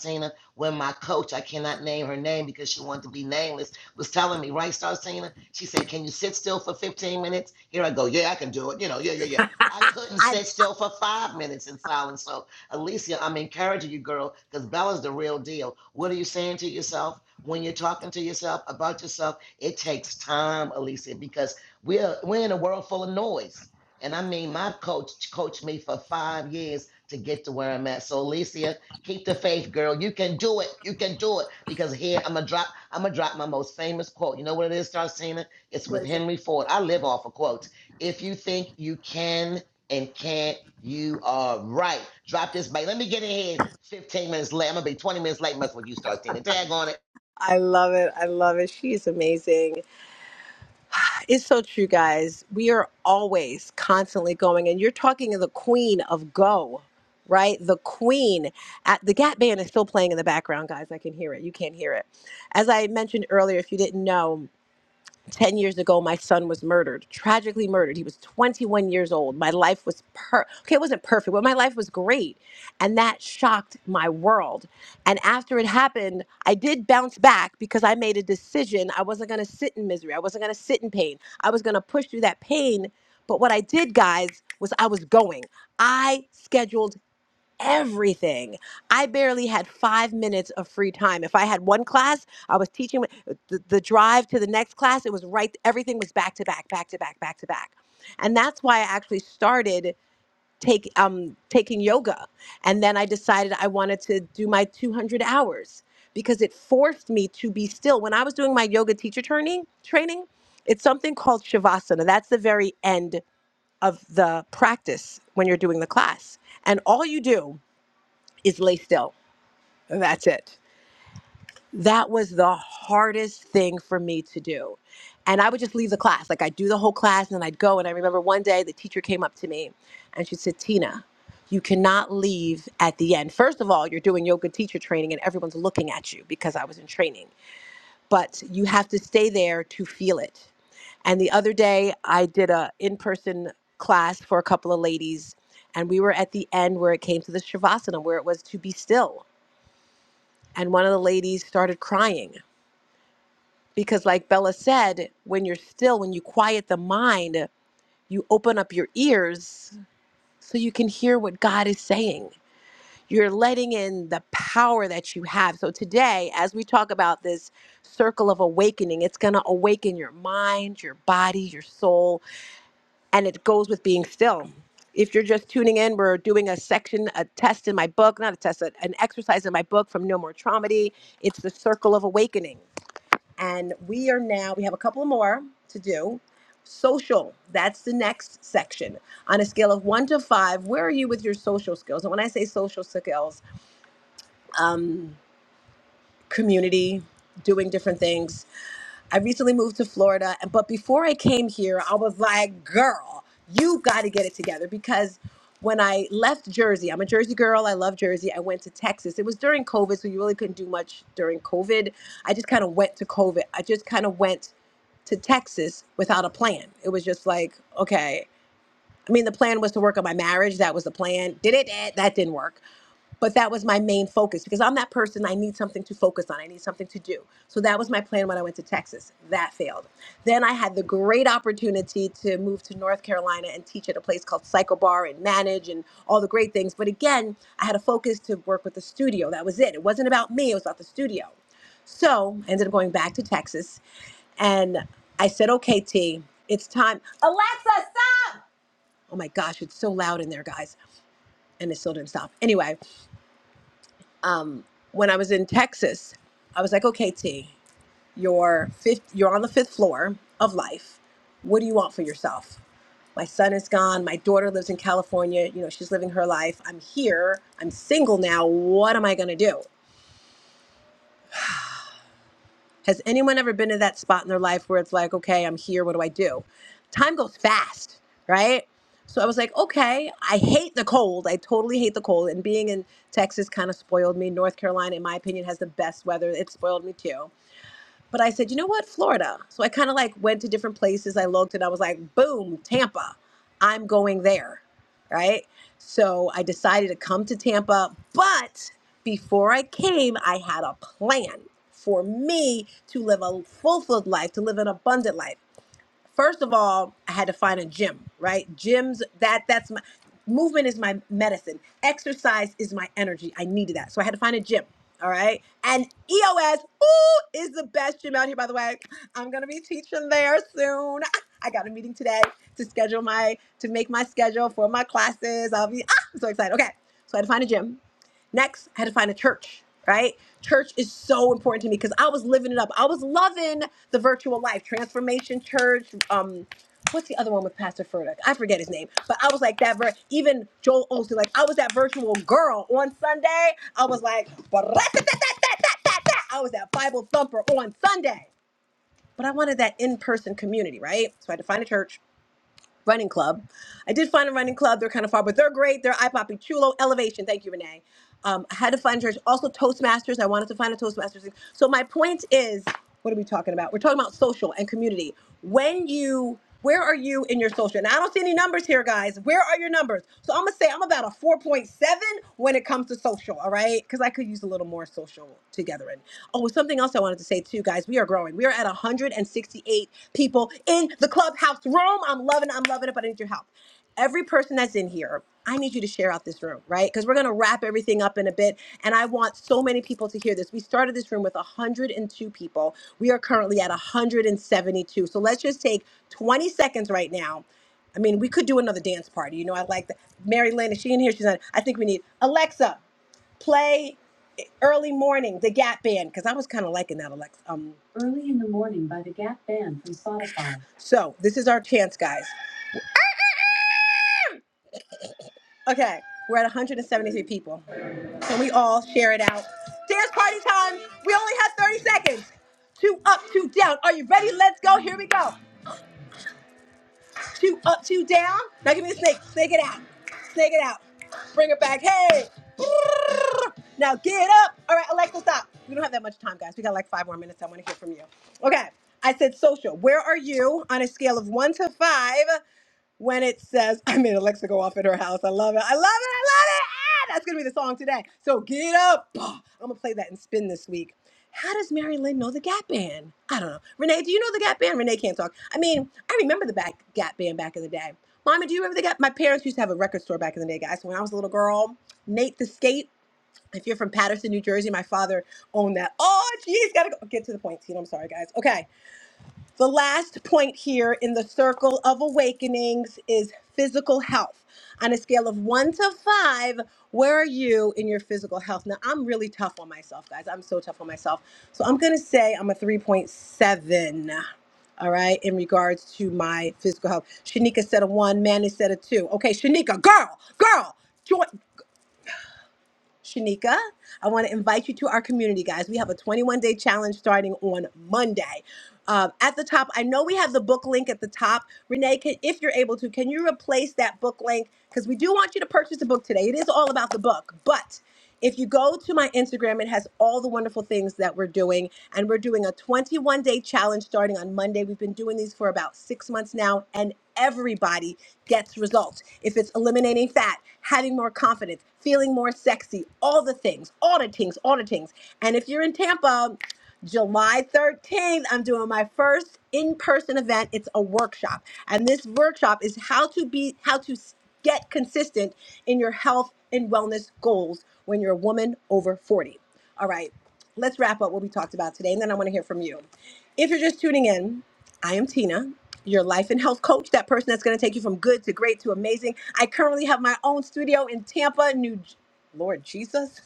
S16: when my coach, I cannot name her name because she wanted to be nameless, was telling me, right, Starsina? She said, Can you sit still for 15 minutes? Here I go, yeah, I can do it. You know, yeah, yeah, yeah. I couldn't
S15: I
S16: sit still for five minutes in silence. So, Alicia, I'm encouraging you, girl, because Bella's the real deal. What are you saying to yourself? When you're talking to yourself about yourself, it takes time, Alicia, because we're we're in a world full of noise. And I mean, my coach coached me for five years to get to where I'm at. So, Alicia, Keep the faith, girl. You can do it. You can do it. Because here I'm gonna drop. I'm gonna drop my most famous quote. You know what it is, Starcina? It's
S15: what
S16: with
S15: is it?
S16: Henry Ford. I live off of quotes. If you think you can and can't, you are right. Drop this mic. Let me get ahead. 15 minutes late. I'm gonna be 20 minutes late messing with you, Starcina. Tag on it.
S15: I love it. I love it. She is amazing. It's so true, guys. We are always constantly going, and you're talking to the queen of go, right? The queen. At the Gap Band is still playing in the background, guys. I can hear it. You can't hear it. As I mentioned earlier, if you didn't know, 10 years ago my son was murdered tragically murdered he was 21 years old my life was per okay it wasn't perfect but my life was great and that shocked my world and after it happened i did bounce back because i made a decision i wasn't going to sit in misery i wasn't going to sit in pain i was going to push through that pain but what i did guys was i was going i scheduled everything. I barely had five minutes of free time. If I had one class, I was teaching the, the drive to the next class. It was right, everything was back to back, back to back, back to back. And that's why I actually started take um taking yoga and then I decided I wanted to do my 200 hours because it forced me to be still when I was doing my yoga teacher training training it's something called shavasana that's the very end of the practice when you're doing the class and all you do is lay still. That's it. That was the hardest thing for me to do. And I would just leave the class. Like I'd do the whole class and then I'd go. And I remember one day the teacher came up to me and she said, Tina, you cannot leave at the end. First of all, you're doing yoga teacher training and everyone's looking at you because I was in training, but you have to stay there to feel it. And the other day, I did a in-person class for a couple of ladies, and we were at the end where it came to the shavasana, where it was to be still. and one of the ladies started crying because like bella said when you're still when you quiet the mind you open up your ears so you can hear what god is saying you're letting in the power that you have so today as we talk about this circle of awakening it's going to awaken your mind your body your soul and it goes with being still if you're just tuning in we're doing a section a test in my book not a test a- an exercise in my book from no more traumedy it's the circle of awakening And we are now, we have a couple more to do. Social, that's the next section. On a scale of one to five, where are you with your social skills? And when I say social skills, um, community, doing different things, I recently moved to Florida, and but before I came here, I was like, girl, you got to get it together because when I left Jersey, I'm a Jersey girl. I love Jersey. I went to Texas. It was during COVID, so you really couldn't do much during COVID. I just kind of went to COVID. I just kind of went to Texas without a plan. It was just like, okay. I mean, the plan was to work on my marriage. That was the plan. Did it? Eh, That didn't work. But that was my main focus because I'm that person. I need something to focus on. I need something to do. So that was my plan when I went to Texas. That failed. Then I had the great opportunity to move to North Carolina and teach at a place called Psycho Bar and manage and all the great things. But again, I had a focus to work with the studio. That was it. It wasn't about me. It was about the studio. So I ended up going back to Texas and I said, "Okay, T, it's time." Alexa, Oh my gosh, it's so loud in there, guys. And it still didn't stop. Anyway, um, when I was in Texas, I was like, okay, T, you're fifth, you're on the fifth floor of life. What do you want for yourself? My son is gone. My daughter lives in California. You know, she's living her life. I'm here. I'm single now. What am I going to do? Has anyone ever been in that spot in their life where it's like, okay, I'm here, what do I do? Time goes fast, right? So I was like, okay, I hate the cold. I totally hate the cold. And being in Texas kind of spoiled me. North Carolina, in my opinion, has the best weather. It spoiled me too. But I said, you know what, Florida. So I kind of like went to different places. I looked and I was like, boom, Tampa. I'm going there. Right. So I decided to come to Tampa. But before I came, I had a plan for me to live a fulfilled life, to live an abundant life first of all, I had to find a gym, right? Gyms that that's my movement is my medicine. Exercise is my energy. I needed that. So I had to find a gym. All right. And EOS, ooh, is the best gym out here, by the way. I'm gonna be teaching there soon. Ah, I got a meeting today to schedule my to make my schedule for my classes. I'll be ah, I'm so excited. Okay. So I had to find a gym. Next, I had to find a church, right? Church is so important to me because I was living it up. I was loving the virtual life, transformation church. Um, what's the other one with Pastor Furtick? I forget his name, but I was like that. Vir- even Joel Osteen, like I was that virtual girl on Sunday. I was like, I was that Bible thumper on Sunday. But I wanted that in person community, right? So I had to find a church running club. I did find a running club. They're kind of far, but they're great. They're iPoppy Chulo Elevation. Thank you, Renee. Um, I had to find a church. Also, Toastmasters. I wanted to find a Toastmasters. So my point is, what are we talking about? We're talking about social and community. When you, where are you in your social? And I don't see any numbers here, guys. Where are your numbers? So I'm gonna say I'm about a 4.7 when it comes to social. All right, because I could use a little more social together. And oh, something else I wanted to say too, guys. We are growing. We are at 168 people in the clubhouse room. I'm loving it. I'm loving it, but I need your help. Every person that's in here, I need you to share out this room, right? Because we're going to wrap everything up in a bit. And I want so many people to hear this. We started this room with 102 people. We are currently at 172. So let's just take 20 seconds right now. I mean, we could do another dance party. You know, I like that. Mary Lynn, is she in here? She's not. I think we need Alexa, play. Early morning, the Gap Band, because I was kind of liking that, Alexa. Um, Early in the morning by the Gap Band from Spotify. So this is our chance, guys. Okay, we're at 173 people. Can we all share it out? Dance party time. We only have 30 seconds. Two up, two down. Are you ready? Let's go. Here we go. two up, two down. Now give me the snake. Snake it out. Snake it out. Bring it back. Hey. Now get up. All right, Alexa, stop. We don't have that much time, guys. We got like five more minutes. I want to hear from you. Okay. I said social. Where are you on a scale of one to five? when it says, *laughs* I made Alexa go off in her house. I love it. I love it. I love it. Ah, that's going to be the song today. So get up. *gasps* Oh, I'm going to play that and spin this week. How does Mary Lynn know the Gap Band? I don't know. Renee, do you know the Gap Band? Renee can't talk. I mean, I remember the back Gap Band back in the day. Mama, do you remember the Gap? My parents used to have a record store back in the day, guys. When I was a little girl, Nate the Skate. If you're from Paterson, New Jersey, my father owned that. Oh, geez, gotta go. Get to the point, Tina. I'm sorry, guys. Okay. The last point here in the circle of awakenings is physical health. On a scale of one to five, where are you in your physical health? Now, I'm really tough on myself, guys. I'm so tough on myself. So I'm going to say I'm a 3.7. All right, in regards to my physical health, Shanika said a one, Manny said a two. Okay, Shanika, girl, girl, join. Shanika. I want to invite you to our community, guys. We have a 21 day challenge starting on Monday. Um, at the top, I know we have the book link at the top. Renee, can, if you're able to, can you replace that book link? Because we do want you to purchase a book today. It is all about the book, but if you go to my Instagram, it has all the wonderful things that we're doing. And we're doing a 21 day challenge starting on Monday. We've been doing these for about six months now, and everybody gets results. If it's eliminating fat, having more confidence, feeling more sexy, all the things, all the things, all the things. And if you're in Tampa, July 13th, I'm doing my first in-person event. It's a workshop. And this workshop is how to be how to Get consistent in your health and wellness goals when you're a woman over 40. All right, let's wrap up what we talked about today, and then I want to hear from you. If you're just tuning in, I am Tina, your life and health coach, that person that's going to take you from good to great to amazing. I currently have my own studio in Tampa, New J- Lord Jesus.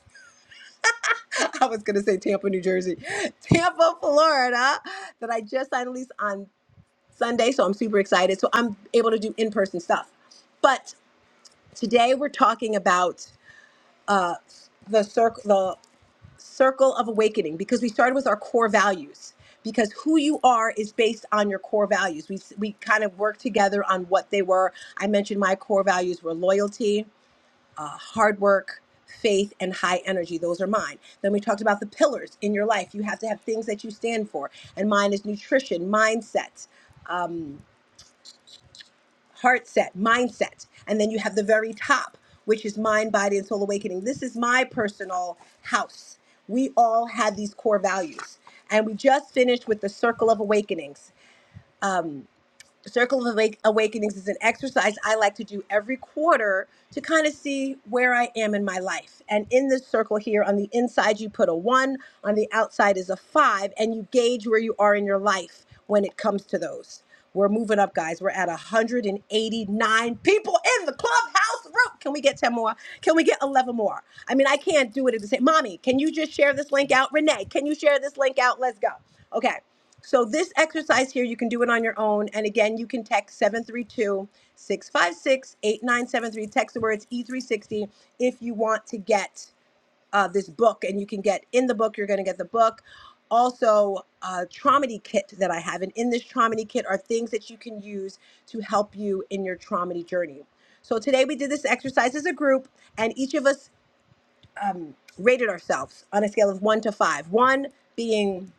S15: *laughs* I was going to say Tampa, New Jersey, Tampa, Florida, that I just signed a lease on Sunday. So I'm super excited. So I'm able to do in person stuff. But Today we're talking about uh, the circle, the circle of awakening, because we started with our core values. Because who you are is based on your core values. We we kind of worked together on what they were. I mentioned my core values were loyalty, uh, hard work, faith, and high energy. Those are mine. Then we talked about the pillars in your life. You have to have things that you stand for, and mine is nutrition, mindset. heart set, mindset. And then you have the very top, which is mind, body, and soul awakening. This is my personal house. We all had these core values. And we just finished with the circle of awakenings. Um, Circle of Awake- Awakenings is an exercise I like to do every quarter to kind of see where I am in my life. And in this circle here, on the inside, you put a one, on the outside is a five, and you gauge where you are in your life when it comes to those. We're moving up, guys. We're at 189 people in the clubhouse room. Can we get 10 more? Can we get 11 more? I mean, I can't do it at the same. Mommy, can you just share this link out? Renee, can you share this link out? Let's go. Okay. So this exercise here, you can do it on your own. And again, you can text seven three two six five six eight nine seven three. Text the words E360 if you want to get uh, this book. And you can get in the book, you're going to get the book. Also, a traumedy kit that I have. And in this traumedy kit are things that you can use to help you in your traumedy journey. So today we did this exercise as a group, and each of us rated ourselves on a scale of one to five. One being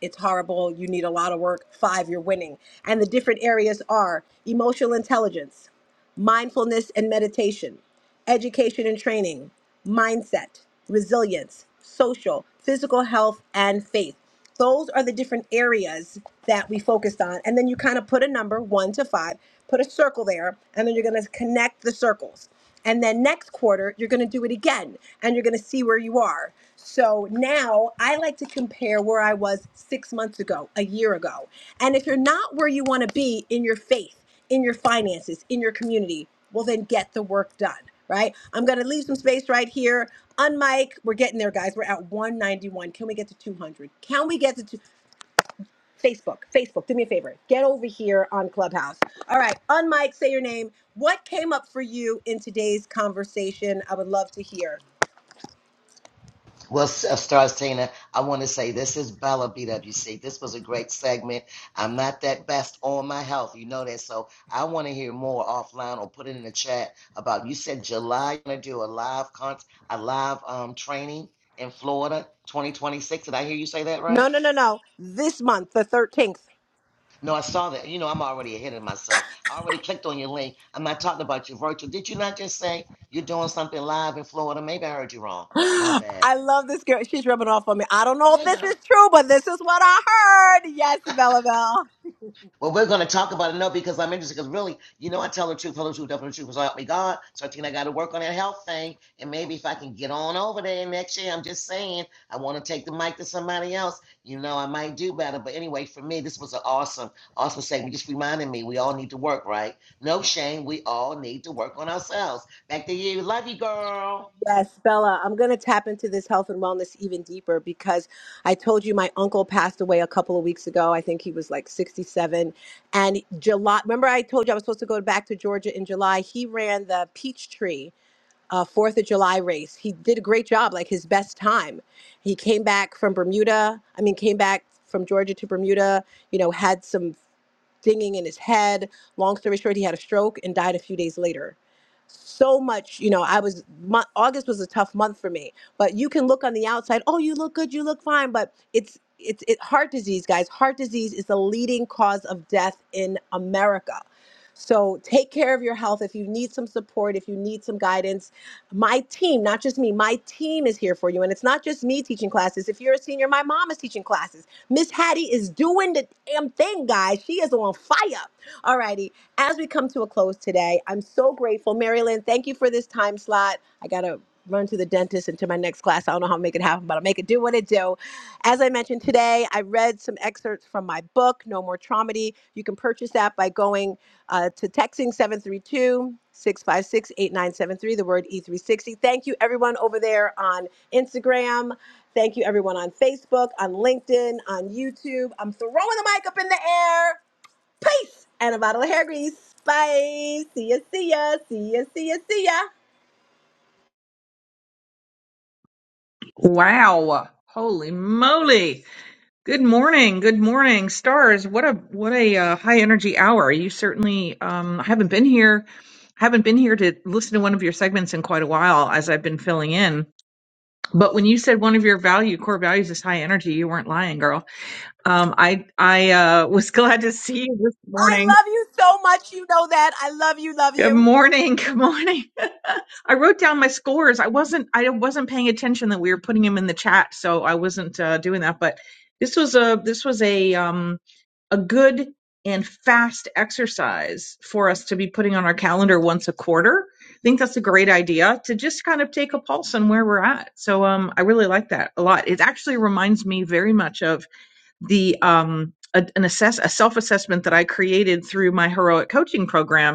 S15: it's horrible, you need a lot of work, five, you're winning. And the different areas are emotional intelligence, mindfulness and meditation, education and training, mindset, resilience, social, physical health, and faith. Those are the different areas that we focused on. And then you kind of put a number, one to five, put a circle there, and then you're going to connect the circles. And then next quarter, you're going to do it again and you're going to see where you are. So now I like to compare where I was six months ago, a year ago. And if you're not where you want to be in your faith, in your finances, in your community, well, then get the work done right? I'm going to leave some space right here. Unmic, we're getting there, guys. We're at 191. Can we get to 200? Can we get to two? Facebook? Facebook, do me a favor. Get over here on Clubhouse. All right, unmic, say your name. What came up for you in today's conversation? I would love to hear.
S16: Well, S- uh, Stars Tina, I want to say this is Bella BWC. This was a great segment. I'm not that best on my health. You know that. So I want to hear more offline or put it in the chat about you said July you're going to do a live con- a live um, training in Florida 2026. Did I hear you say that
S15: No,
S16: right?
S15: no, no, no. This month, the 13th.
S16: No, I saw that. You know, I'm already ahead of myself. I already clicked on your link. I'm not talking about your virtual. Did you not just say you're doing something live in Florida? Maybe I heard you wrong.
S15: *gasps*
S16: My bad.
S15: I love this girl. She's rubbing off on me. I don't know if
S16: Yeah,
S15: this
S16: girl.
S15: is true, but this is what I heard. Yes, Bella Bell.
S16: Well, we're going to talk about it now because I'm interested. Because really, you know, I tell the truth, tell the truth, tell the truth. So help me God. So I think I got to work on that health thing, and maybe if I can get on over there next year, I'm just saying I want to take the mic to somebody else. You know, I might do better. But anyway, for me, this was an awesome, awesome segment. Just reminding me we all need to work, right? No shame. We all need to work on ourselves. Back to you. Love you, girl.
S15: Yes, Bella, I'm going to tap into this health and wellness even deeper because I told you my uncle passed away a couple of weeks ago. I think he was like 67. And July, remember I told you I was supposed to go back to Georgia in July? He ran the Peachtree uh, 4th of July race. He did a great job, like his best time. He came back from Bermuda, I mean, came back from Georgia to Bermuda, you know, had some dinging in his head. Long story short, he had a stroke and died a few days later. So much, you know, I was, mo- August was a tough month for me, but you can look on the outside, oh, you look good, you look fine, but it's, it's it, heart disease, guys. Heart disease is the leading cause of death in America. So take care of your health. If you need some support, if you need some guidance, my team, not just me, my team is here for you. And it's not just me teaching classes. If you're a senior, my mom is teaching classes Miss Hattie is doing the damn thing, guys. She is on fire. All righty. As we come to a close today, I'm so grateful. Marilyn, thank you for this time slot. I got to run to the dentist and to my next class. I don't know how to make it happen, but I'll make it do what it do. As I mentioned today, I read some excerpts from my book, No More Traumedy. You can purchase that by going uh, to texting 732 656 8973. the word E360. Thank you, everyone over there on Instagram. Thank you, everyone on Facebook, on LinkedIn, on YouTube. I'm throwing the mic up in the air. Peace and a bottle of hair grease. Bye. See ya, see ya, see ya, see ya, see ya.
S18: Wow. Holy moly. Good morning. Good morning, stars. What a what a uh, high energy hour. You certainly um I haven't been here haven't been here to listen to one of your segments in quite a while as I've been filling in. But when you said one of your value core values is high energy, you weren't lying, girl. Um I I uh *laughs* was glad to see you this
S15: I
S18: morning.
S15: love you so much. You know that. I love you, love
S18: Good
S15: you.
S18: morning. Good morning. *laughs* I wrote down my scores. I wasn't I wasn't paying attention that we were putting them in the chat, so I wasn't uh, doing that. But this was a this was a um a good and fast exercise for us to be putting on our calendar once a quarter. I think that's a great idea to just kind of take a pulse on where we're at. So um I really like that a lot. It actually reminds me very much of the um a, an assess a self assessment that I created through my heroic coaching program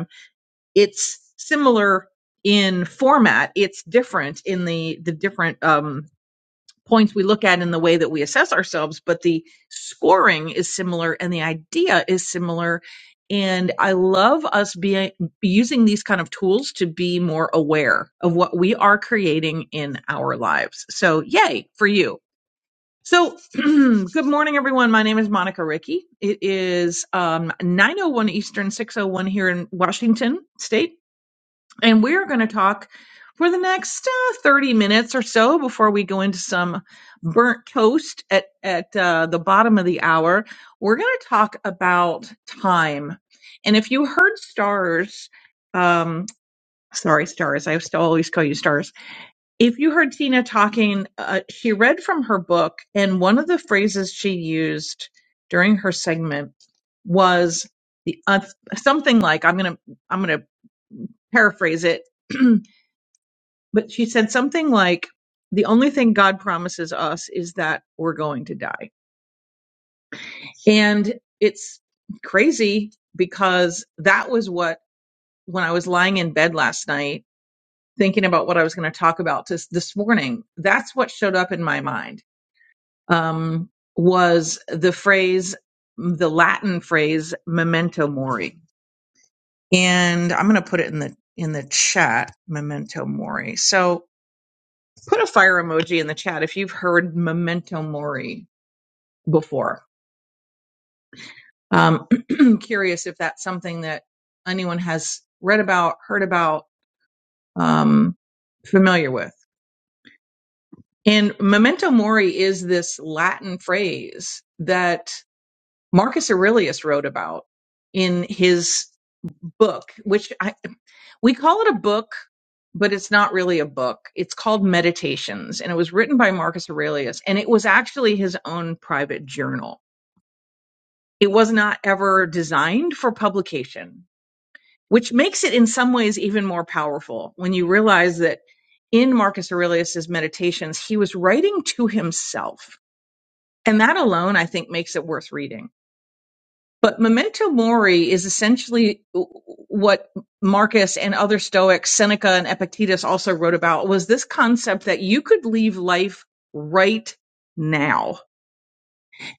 S18: it's similar in format it's different in the the different um, points we look at in the way that we assess ourselves but the scoring is similar and the idea is similar and i love us being using these kind of tools to be more aware of what we are creating in our lives so yay for you so, *clears throat* good morning, everyone. My name is Monica Ricky. It is um, 9:01 Eastern, 6:01 here in Washington State. And we're going to talk for the next uh, 30 minutes or so before we go into some burnt toast at, at uh, the bottom of the hour. We're going to talk about time. And if you heard stars, um, sorry, stars, I used to always call you stars. If you heard Tina talking, uh, she read from her book, and one of the phrases she used during her segment was the, uh, something like, I'm going to, I'm going to paraphrase it. *clears throat* but she said something like the only thing god promises us is that we're going to die and it's crazy because that was what when i was lying in bed last night thinking about what i was going to talk about this this morning that's what showed up in my mind um, was the phrase the latin phrase memento mori and i'm going to put it in the in the chat memento mori so put a fire emoji in the chat if you've heard memento mori before. Um, *clears throat* curious if that's something that anyone has read about, heard about, um, familiar with. And memento mori is this Latin phrase that Marcus Aurelius wrote about in his book, which I, we call it a book, but it's not really a book. It's called Meditations, and it was written by Marcus Aurelius, and it was actually his own private journal It was not ever designed for publication, which makes it in some ways even more powerful when you realize that in Marcus Aurelius's meditations, he was writing to himself. And that alone, I think, makes it worth reading. But Memento Mori is essentially what Marcus and other Stoics, Seneca and Epictetus also wrote about was this concept that you could leave life right now.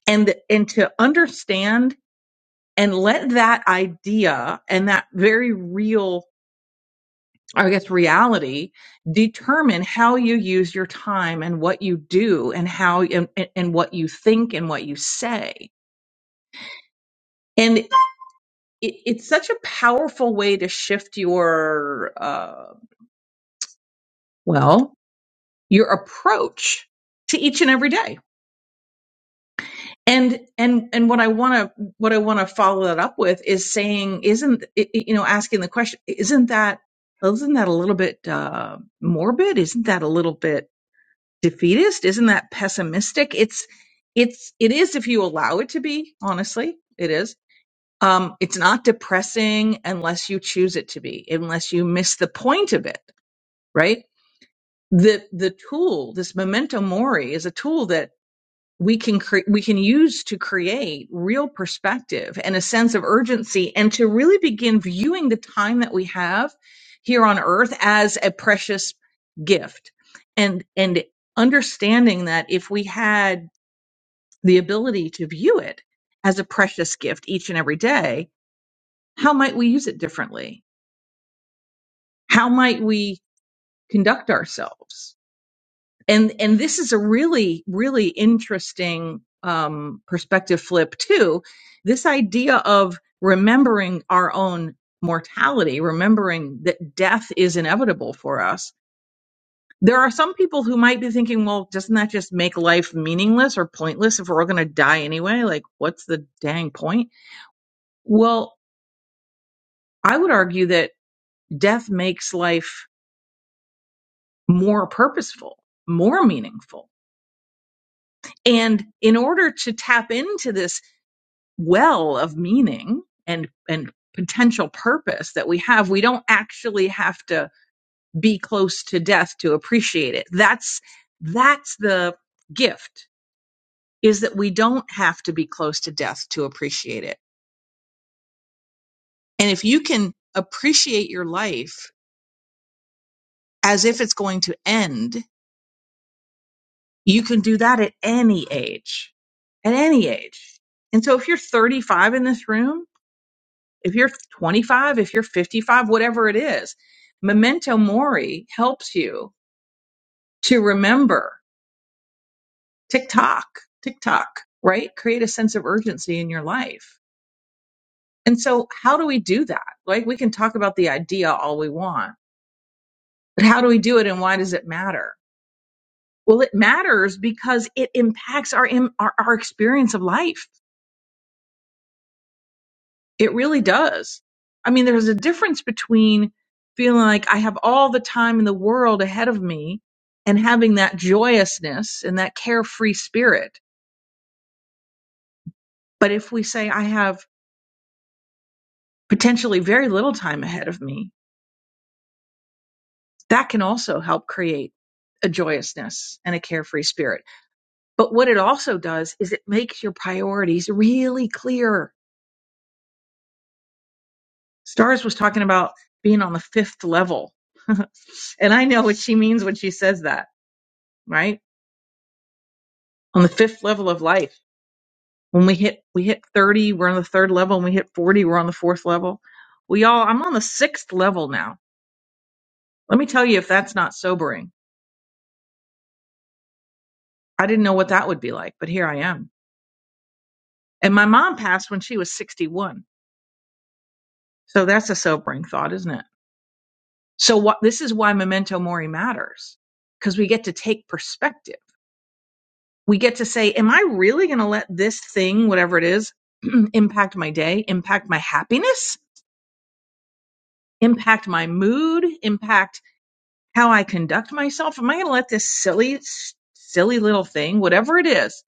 S18: And, and to understand and let that idea and that very real I guess reality determine how you use your time and what you do and how and, and and what you think and what you say. And it, it's such a powerful way to shift your uh, well your approach to each and every day and and and what i want to what i want to follow that up with is saying isn't i- i- you know asking the question isn't that isn't that a little bit uh morbid isn't that a little bit defeatist isn't that pessimistic it's it's it is if you allow it to be honestly it is um it's not depressing unless you choose it to be unless you miss the point of it right the the tool this memento mori is a tool that we can cre- we can use to create real perspective and a sense of urgency and to really begin viewing the time that we have here on earth as a precious gift and and understanding that if we had the ability to view it as a precious gift each and every day how might we use it differently how might we conduct ourselves and and this is a really really interesting um perspective flip too this idea of remembering our own mortality remembering that death is inevitable for us there are some people who might be thinking well doesn't that just make life meaningless or pointless if we're all going to die anyway like what's the dang point well i would argue that death makes life more purposeful more meaningful and in order to tap into this well of meaning and and potential purpose that we have we don't actually have to be close to death to appreciate it that's that's the gift is that we don't have to be close to death to appreciate it and if you can appreciate your life as if it's going to end you can do that at any age at any age and so if you're 35 in this room if you're 25, if you're 55, whatever it is, memento mori helps you to remember tick tock, tick tock, right? Create a sense of urgency in your life. And so, how do we do that? Like, we can talk about the idea all we want, but how do we do it and why does it matter? Well, it matters because it impacts our, im- our, our experience of life It really does. I mean, there's a difference between feeling like I have all the time in the world ahead of me and having that joyousness and that carefree spirit. But if we say I have potentially very little time ahead of me, that can also help create a joyousness and a carefree spirit. But what it also does is it makes your priorities really clear. Stars was talking about being on the fifth level. *laughs* and I know what she means when she says that, right? on the fifth level of life. When we hit we hit 30, we're on the third level. When we hit 40, we're on the fourth level. We all I'm on the sixth level now. Let me tell you if that's not sobering. I didn't know what that would be like, but here I am. And my mom passed when she was 61. So that's a sobering thought, isn't it? So what this is why memento mori matters because we get to take perspective. We get to say, am I really going to let this thing, whatever it is, *clears throat* impact my day, impact my happiness, impact my mood, impact how I conduct myself? Am I going to let this silly, silly little thing, whatever it is,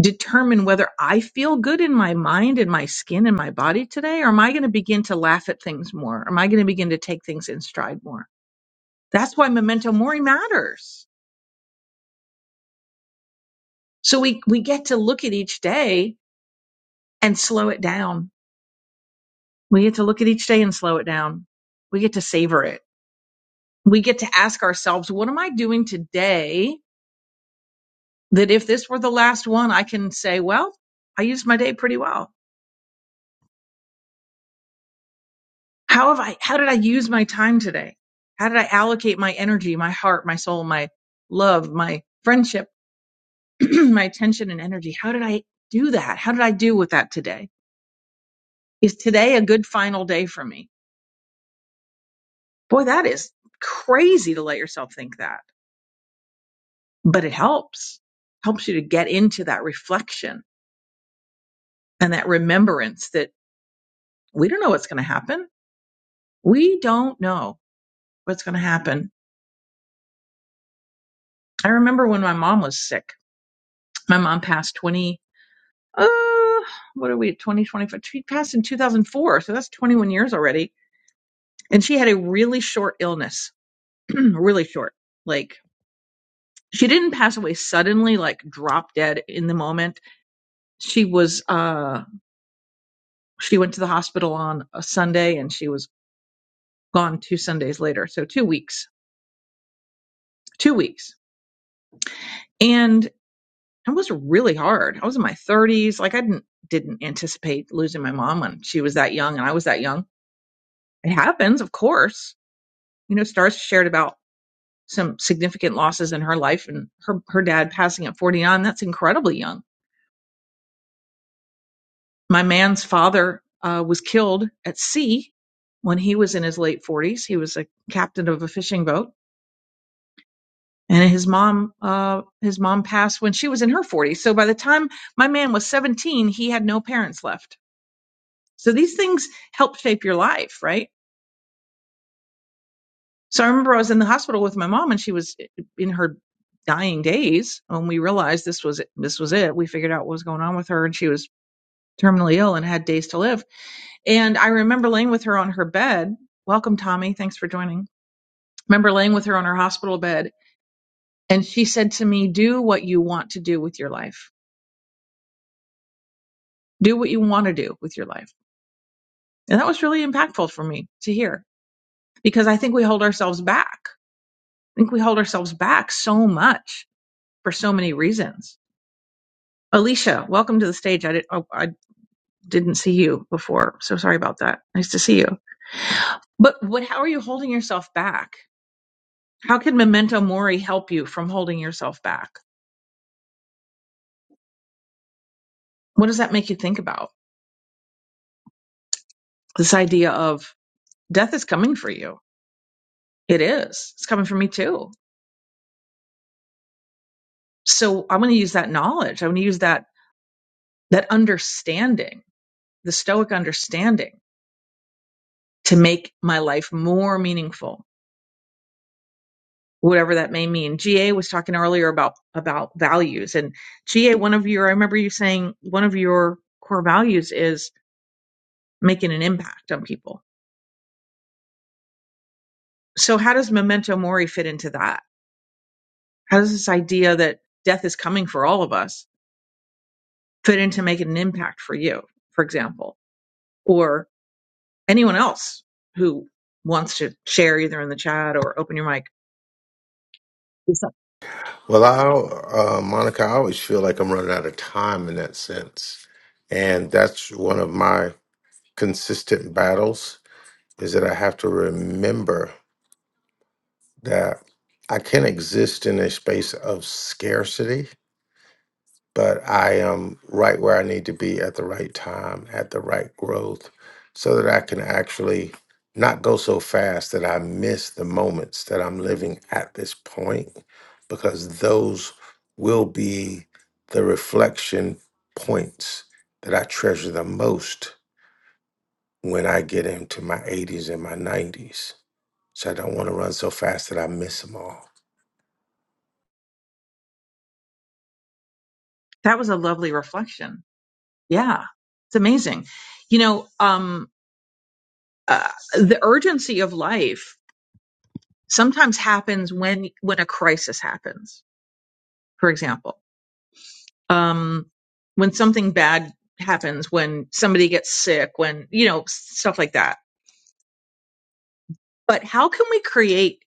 S18: determine whether I feel good in my mind and my skin and my body today? Or am I going to begin to laugh at things more? Am I going to begin to take things in stride more? That's why memento mori matters. So we, we get to look at each day and slow it down. We get to look at each day and slow it down. We get to savor it. We get to ask ourselves, what am I doing today that if this were the last one, I can say, well, I used my day pretty well. How have I, how did I use my time today? How did I allocate my energy, my heart, my soul, my love, my friendship, *clears throat* my attention and energy? How did I do that? How did I do with that today? Is today a good final day for me? Boy, that is crazy to let yourself think that, but it helps, helps you to get into that reflection and that remembrance that we don't know what's going to happen. We don't know what's going to happen I remember when my mom was sick. My mom passed 20, uh, what are we, 2025? She passed in 2004, so that's 21 years already. And she had a really short illness, *clears throat* really short. Like, she didn't pass away suddenly, like drop dead in the moment. She was, uh, she went to the hospital on a Sunday and she was gone two Sundays later. So two weeks, two weeks. And it was really hard. I was in my 30s. Like, I didn't, didn't anticipate losing my mom when she was that young and I was that young It happens, of course. You know, Stars shared about some significant losses in her life and her, her dad passing at 49. That's incredibly young. My man's father uh, was killed at sea when he was in his late 40s. He was a captain of a fishing boat. And his mom, uh, his mom passed when she was in her 40s. So by the time my man was 17, he had no parents left. So these things help shape your life, right? So I remember I was in the hospital with my mom and she was in her dying days when we realized this was this was it. We figured out what was going on with her and she was terminally ill and had days to live. And I remember laying with her on her bed. Welcome Tommy, thanks for joining. I Remember laying with her on her hospital bed and she said to me, "Do what you want to do with your life. Do what you want to do with your life." And that was really impactful for me to hear because I think we hold ourselves back. I think we hold ourselves back so much for so many reasons Alicia, welcome to the stage. I, did, oh, I didn't see you before, so sorry about that. Nice to see you. But what? How are you holding yourself back? How can memento mori help you from holding yourself back? What does that make you think about? This idea of death is coming for you. It is. It's coming for me too. So I'm going to use that knowledge. I'm going to use that that understanding, the Stoic understanding, to make my life more meaningful whatever that may mean. GA was talking earlier about about values and GA one of your I remember you saying one of your core values is making an impact on people. So how does memento mori fit into that? How does this idea that death is coming for all of us fit into making an impact for you, for example, or anyone else who wants to share either in the chat or open your mic?
S4: Well, I, uh, Monica, I always feel like I'm running out of time in that sense. And that's one of my consistent battles is that I have to remember. that I can exist in a space of scarcity, but I am right where I need to be at the right time, at the right growth, so that I can actually not go so fast that I miss the moments that I'm living at this point, because those will be the reflection points that I treasure the most when I get into my 80s and my 90s. So I don't want to run so fast that I miss them all.
S18: That was a lovely reflection. Yeah. It's amazing. You know, um uh, the urgency of life sometimes happens when when a crisis happens for example um when something bad happens when somebody gets sick when you know stuff like that but how can we create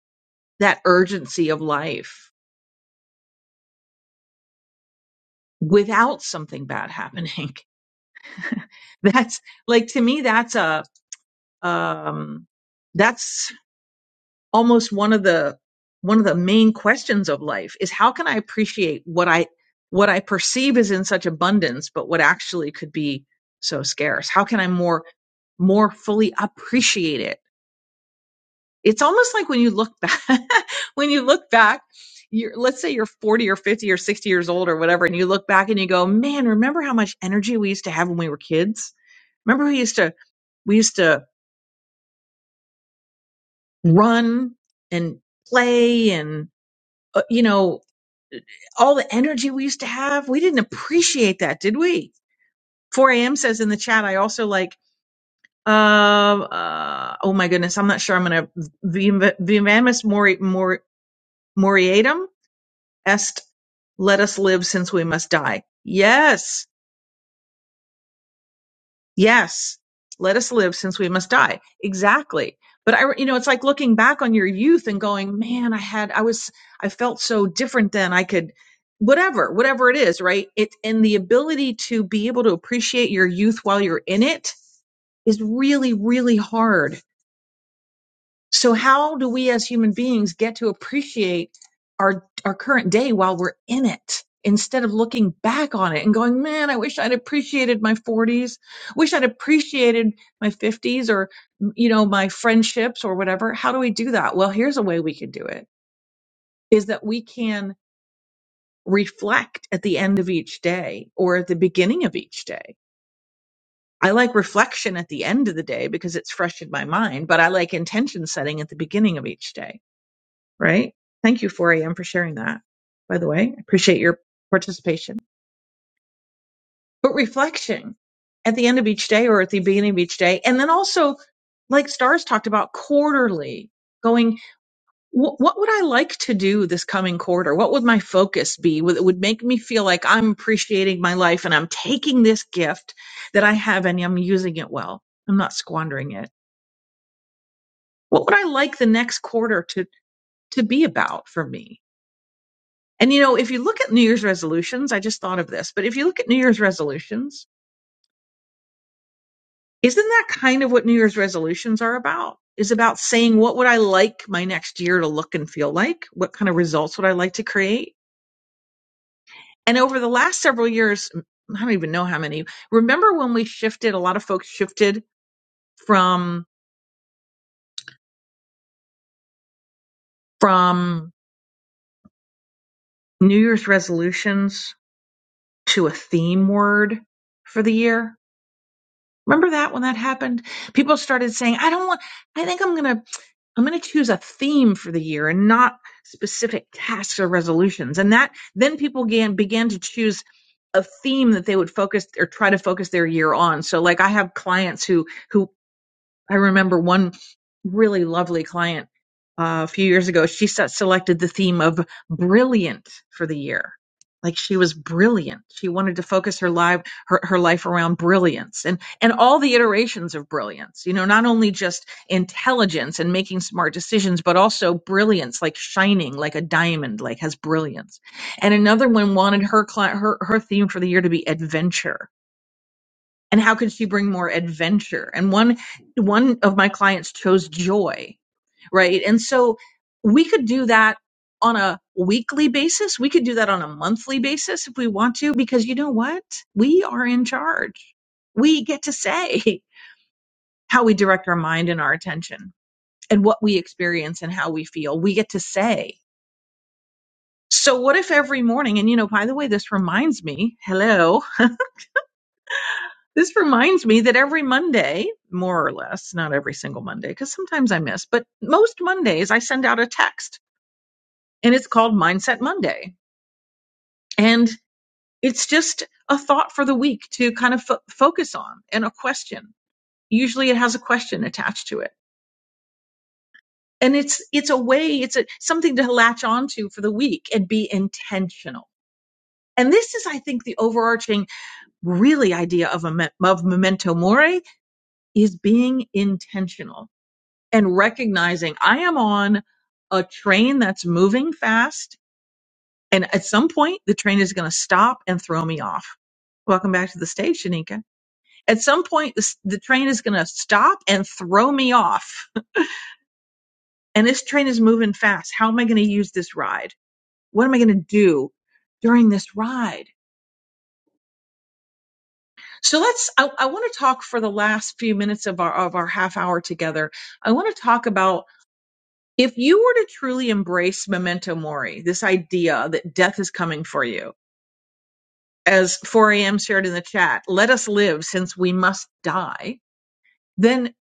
S18: that urgency of life without something bad happening *laughs* that's like to me that's a um that's almost one of the one of the main questions of life is how can I appreciate what I what I perceive is in such abundance, but what actually could be so scarce? How can I more more fully appreciate it? It's almost like when you look back *laughs* when you look back, you're let's say you're 40 or 50 or 60 years old or whatever, and you look back and you go, Man, remember how much energy we used to have when we were kids? Remember we used to we used to run and play and uh, you know all the energy we used to have. We didn't appreciate that, did we? 4 a.m. says in the chat, I also like, uh, uh, oh my goodness, I'm not sure I'm going to, vivamus mori, mori, moriatum est, let us live since we must die. Yes Yes, let us live since we must die. Exactly. But I, you know, it's like looking back on your youth and going, man, I had, I was, I felt so different then. I could, whatever, whatever it is, right? It, and the ability to be able to appreciate your youth while you're in it is really, really hard so how do we as human beings get to appreciate our our current day while we're in it instead of looking back on it and going, "Man, I wish I'd appreciated my 40s. Wish I'd appreciated my 50s or you know, my friendships or whatever." How do we do that? Well, here's a way we can do it is that we can reflect at the end of each day or at the beginning of each day. I like reflection at the end of the day because it's fresh in my mind, but I like intention setting at the beginning of each day right? Thank you, 4am, for sharing that. By the way, I appreciate your participation. But reflection at the end of each day or at the beginning of each day. And then also, like Stars talked about, quarterly going, "Wh- what would I like to do this coming quarter? What would my focus be? Would- It would make me feel like I'm appreciating my life and I'm taking this gift that I have and I'm using it well. I'm not squandering it. What would I like the next quarter to, to be about for me? And you know, if you look at New Year's resolutions, I just thought of this, but if you look at New Year's resolutions, isn't that kind of what New Year's resolutions are about? Is about saying what would I like my next year to look and feel like? What kind of results would I like to create? And over the last several years, I don't even know how many. Remember when we shifted, a lot of folks shifted from from New Year's resolutions to a theme word for the year? Remember that when that happened? People started saying, I don't want I think I'm going to I'm going to choose a theme for the year and not specific tasks or resolutions. And that then people began, began to choose a theme that they would focus or try to focus their year on. So like I have clients who, who I remember one really lovely client uh, a few years ago. She set, selected the theme of brilliant for the year. Like she was brilliant. She wanted to focus her life her, her life around brilliance and and all the iterations of brilliance. You know, not only just intelligence and making smart decisions, but also brilliance, like shining, like a diamond, like has brilliance. And another one wanted her client her her theme for the year to be adventure and how could she bring more adventure and one one of my clients chose joy right and so we could do that on a weekly basis we could do that on a monthly basis if we want to because you know what we are in charge we get to say *laughs* how we direct our mind and our attention and what we experience and how we feel we get to say so what if every morning and you know by the way this reminds me hello This reminds me that every Monday, more or less, not every single Monday, because sometimes I miss, but most Mondays I send out a text and it's called Mindset Monday. And it's just a thought for the week to kind of fo- focus on and a question. Usually it has a question attached to it. And it's, it's a way, it's a, something to latch onto for the week and be intentional. And this is, I think, the overarching really idea of, a, of memento mori is being intentional and recognizing I am on a train that's moving fast. And at some point, the train is going to stop and throw me off. Welcome back to the stage, Shanika. At some point, this, the train is going to stop and throw me off. *laughs* And this train is moving fast. How am I going to use this ride? What am I going to do during this ride? So let's, I, I want to talk for the last few minutes of our, of our half hour together. I want to talk about If you were to truly embrace memento mori, this idea that death is coming for you, as 4am shared in the chat, let us live since we must die, then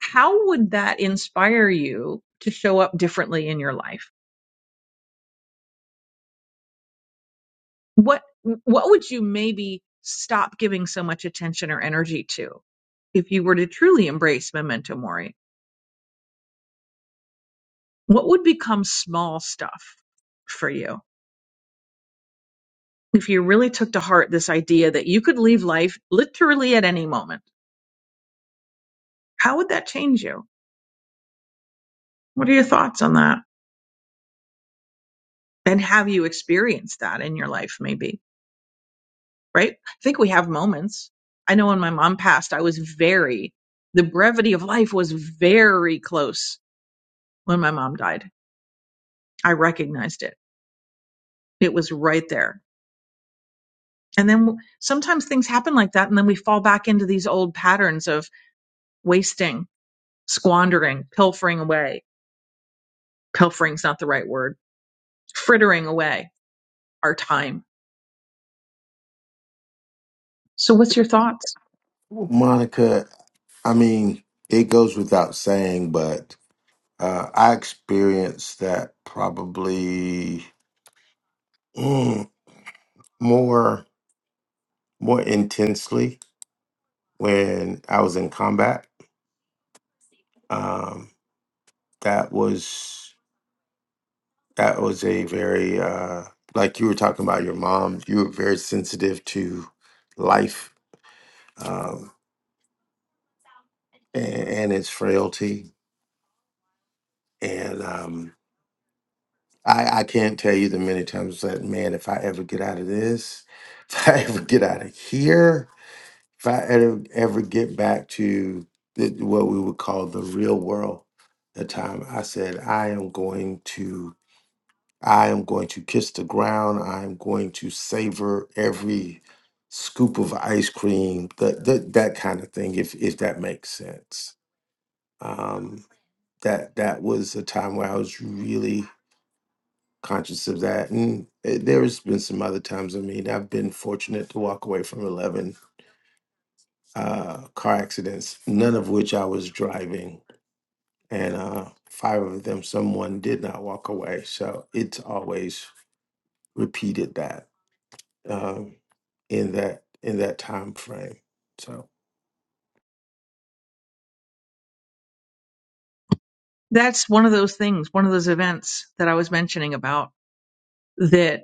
S18: how would that inspire you to show up differently in your life? What what would you maybe stop giving so much attention or energy to if you were to truly embrace memento mori? What would become small stuff for you if you really took to heart this idea that you could leave life literally at any moment? How would that change you? What are your thoughts on that? And have you experienced that in your life, maybe? Right? I think we have moments. I know when my mom passed, I was very, the brevity of life was very close when my mom died. I recognized it, it was right there. And then w- sometimes things happen like that. And then we fall back into these old patterns of wasting, squandering, pilfering away. Pilfering's not the right word, frittering away our time. So, what's your thoughts?
S4: Monica, I mean, it goes without saying, but uh, I experienced that probably mm, more more intensely when I was in combat. Um, that was that was a very uh, like you were talking about your mom. You were very sensitive to life um, and, and its frailty, and um, I, I can't tell you the many times that man, if I ever get out of this, *laughs* if I ever get out of here, if I ever ever get back to the, what we would call the real world, the time I said I am going to, I am going to kiss the ground. I am going to savor every scoop of ice cream, that that, that kind of thing. If if that makes sense, um, that that was a time where I was really conscious of that. And eh, there's been some other times. I mean, I've been fortunate to walk away from 11 uh, car accidents, none of which I was driving. And uh, five of them, someone did not walk away. So it's always repeated that um, in that in that time frame. So
S18: that's one of those things, one of those events that I was mentioning about that.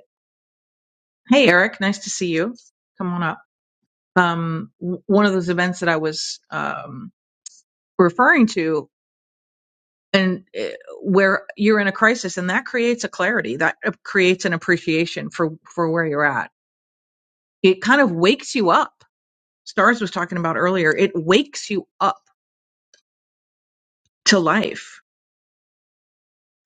S18: Hey, Eric, nice to see you. Come on up. Um, w- one of those events that I was um, referring to, and uh, where you're in a crisis, and that creates a clarity, that uh, creates an appreciation for for where you're at. It kind of wakes you up. Stars was talking about earlier. It wakes you up to life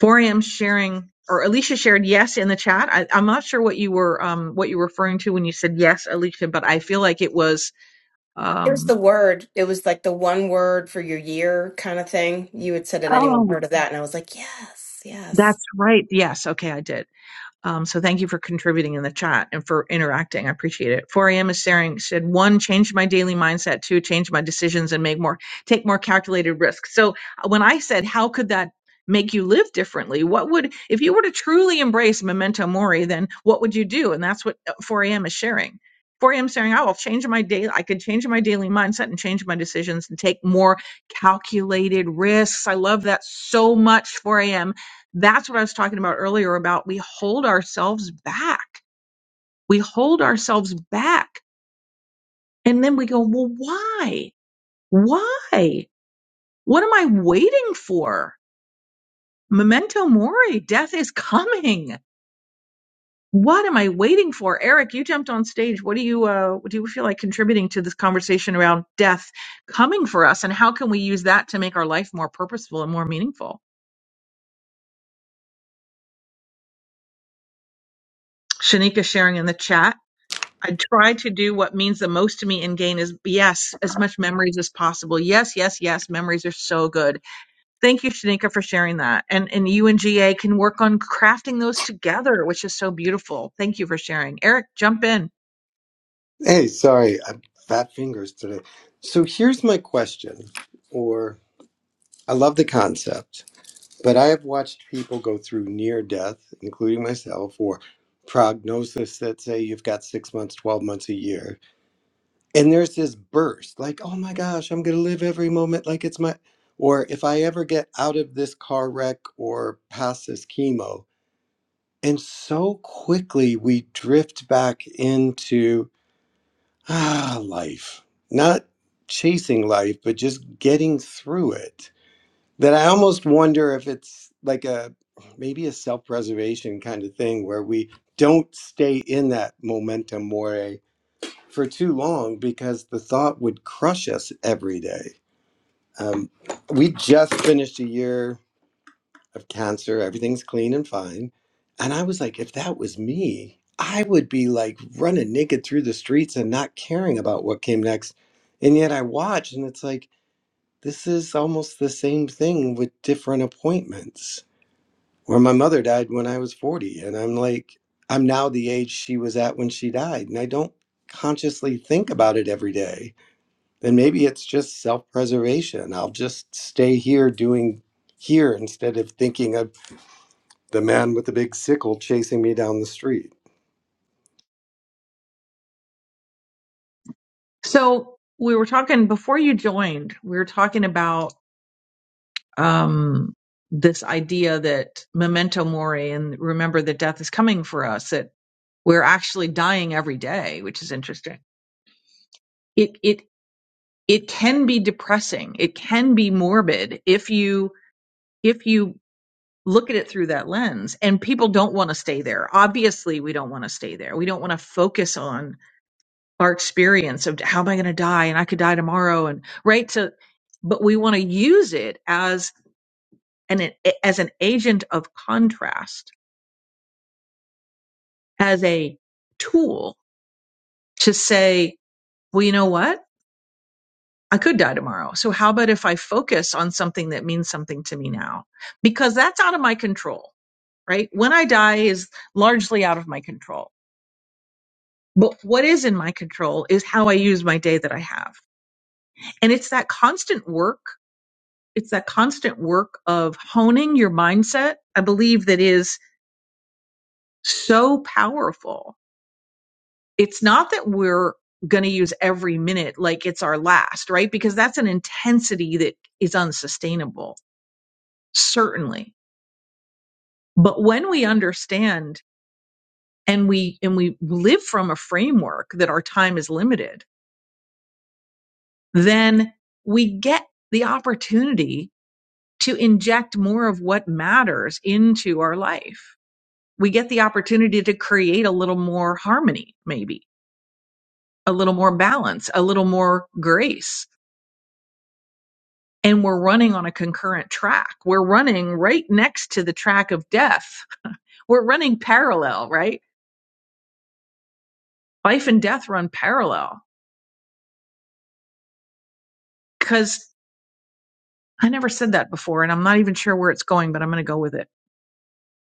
S18: 4am sharing or Alicia shared yes in the chat. I, I'm not sure what you were um, what you were referring to when you said yes, Alicia, but I feel like it was
S19: It was
S18: um,
S19: the word. It was like the one word for your year kind of thing. You had said it. Anyone
S18: oh,
S19: heard of that? And I was like, yes, yes.
S18: that's right. Yes, okay, I did. Um, so thank you for contributing in the chat and for interacting. I appreciate it. 4 a.m. is sharing said one, change my daily mindset, two, change my decisions and make more, take more calculated risks. So uh, when I said, how could that make you live differently? What would, if you were to truly embrace memento mori, then what would you do? And that's what uh, 4 a.m. is sharing. 4 a.m. is sharing, I will change my daily, I could change my daily mindset and change my decisions and take more calculated risks. I love that so much, 4 a.m that's what I was talking about earlier about we hold ourselves back. We hold ourselves back. And then we go, well, why? Why? What am I waiting for? Memento mori, death is coming. What am I waiting for? Eric, you jumped on stage. What do you uh what do you feel like contributing to this conversation around death coming for us and how can we use that to make our life more purposeful and more meaningful? Shanika sharing in the chat. I try to do what means the most to me and gain is yes, as much memories as possible. Yes, yes, yes. Memories are so good. Thank you, Shanika, for sharing that. And and you and GA can work on crafting those together, which is so beautiful. Thank you for sharing. Eric, jump in.
S20: Hey, sorry, I have fat fingers today. So here's my question, or I love the concept, but I have watched people go through near death, including myself, or prognosis that say you've got six months, 12 months, a year. And there's this burst like, oh my gosh, I'm going to live every moment like it's my, or if I ever get out of this car wreck or past this chemo. And so quickly we drift back into ah, life. Not chasing life, but just getting through it. That I almost wonder if it's like a maybe a self preservation kind of thing where we don't stay in that momentum more for too long because the thought would crush us every day. Um, we just finished a year of cancer. Everything's clean and fine. And I was like, if that was me, I would be like running naked through the streets and not caring about what came next. And yet I watched, and it's like, this is almost the same thing with different appointments. Where my mother died when I was 40, and I'm like, I'm now the age she was at when she died. And I don't consciously think about it every day. Then maybe it's just self preservation. I'll just stay here doing here instead of thinking of the man with the big sickle chasing me down the street.
S18: So we were talking before you joined, we were talking about um this idea that memento mori and remember that death is coming for us, that we're actually dying every day, which is interesting. It it it can be depressing it can be morbid if you if you look at it through that lens and people don't want to stay there obviously we don't want to stay there we don't want to focus on our experience of how am i going to die and i could die tomorrow and right so but we want to use it as an as an agent of contrast as a tool to say well you know what I could die tomorrow. So how about if I focus on something that means something to me now? Because that's out of my control, right? When I die is largely out of my control. But what is in my control is how I use my day that I have. And it's that constant work. It's that constant work of honing your mindset. I believe that is so powerful. It's not that we're going to use every minute like it's our last, right? Because that's an intensity that is unsustainable, certainly But when we understand and we, and we live from a framework that our time is limited, then we get the opportunity to inject more of what matters into our life. We get the opportunity to create a little more harmony, maybe a little more balance, a little more grace. And we're running on a concurrent track. We're running right next to the track of death. We're running parallel, right? Life and death run parallel because. I never said that before, and I'm not even sure where it's going, but I'm going to go with it.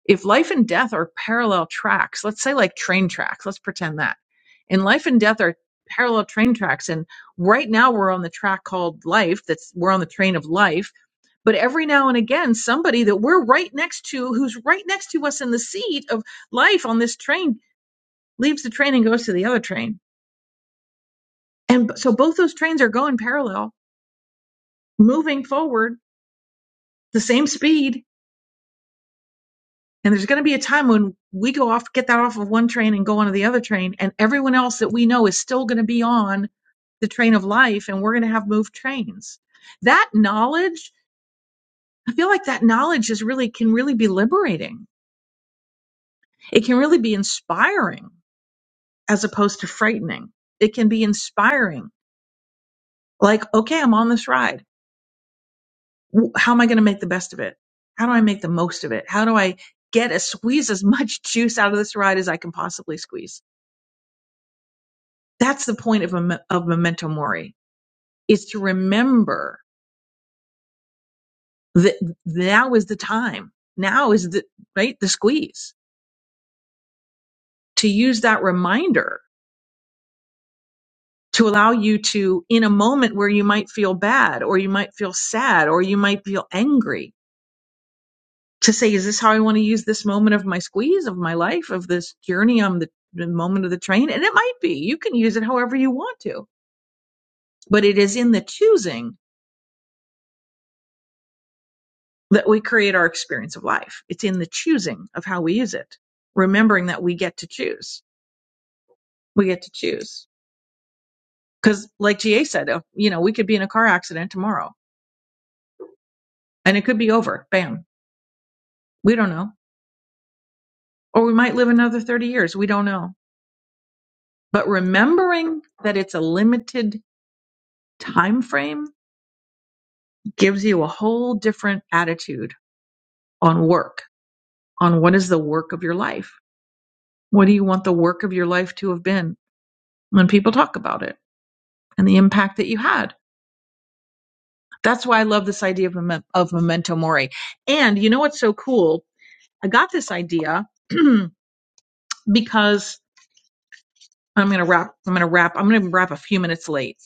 S18: If life and death are parallel tracks, let's say like train tracks, let's pretend that. And life and death are parallel train tracks. And right now we're on the track called life, that's we're on the train of life. But every now and again, somebody that we're right next to, who's right next to us in the seat of life on this train, leaves the train and goes to the other train. And b- so both those trains are going parallel, moving forward the same speed And there's going to be a time when we go off, get that off of one train and go onto the other train, and everyone else that we know is still going to be on the train of life, and we're going to have moved trains. That knowledge, I feel like that knowledge is really can really be liberating. It can really be inspiring as opposed to frightening. It can be inspiring. Like, okay, I'm on this ride. W- How am I going to make the best of it? How do I make the most of it? How do I get a squeeze as much *laughs* juice out of this ride as I can possibly squeeze? That's the point of, of memento mori is to remember that now is the time. Now is the, right? The squeeze to use that reminder to allow you to, in a moment where you might feel bad or you might feel sad or you might feel angry to say, is this how I want to use this moment of my squeeze of my life of this journey on the, the moment of the train? And it might be, you can use it however you want to, but it is in the choosing that we create our experience of life. It's in the choosing of how we use it, remembering that we get to choose. We get to choose. Because, like GA said, uh, you know, we could be in a car accident tomorrow and it could be over. Bam. We don't know. Or we might live another 30 years. We don't know. But remembering that it's a limited time frame gives you a whole different attitude on work, on what is the work of your life. What do you want the work of your life to have been when people talk about it and the impact that you had? That's why I love this idea of, mem- of memento mori. And you know what's so cool? I got this idea *clears throat* because I'm going to wrap, I'm going to wrap, I'm going to wrap a few minutes late.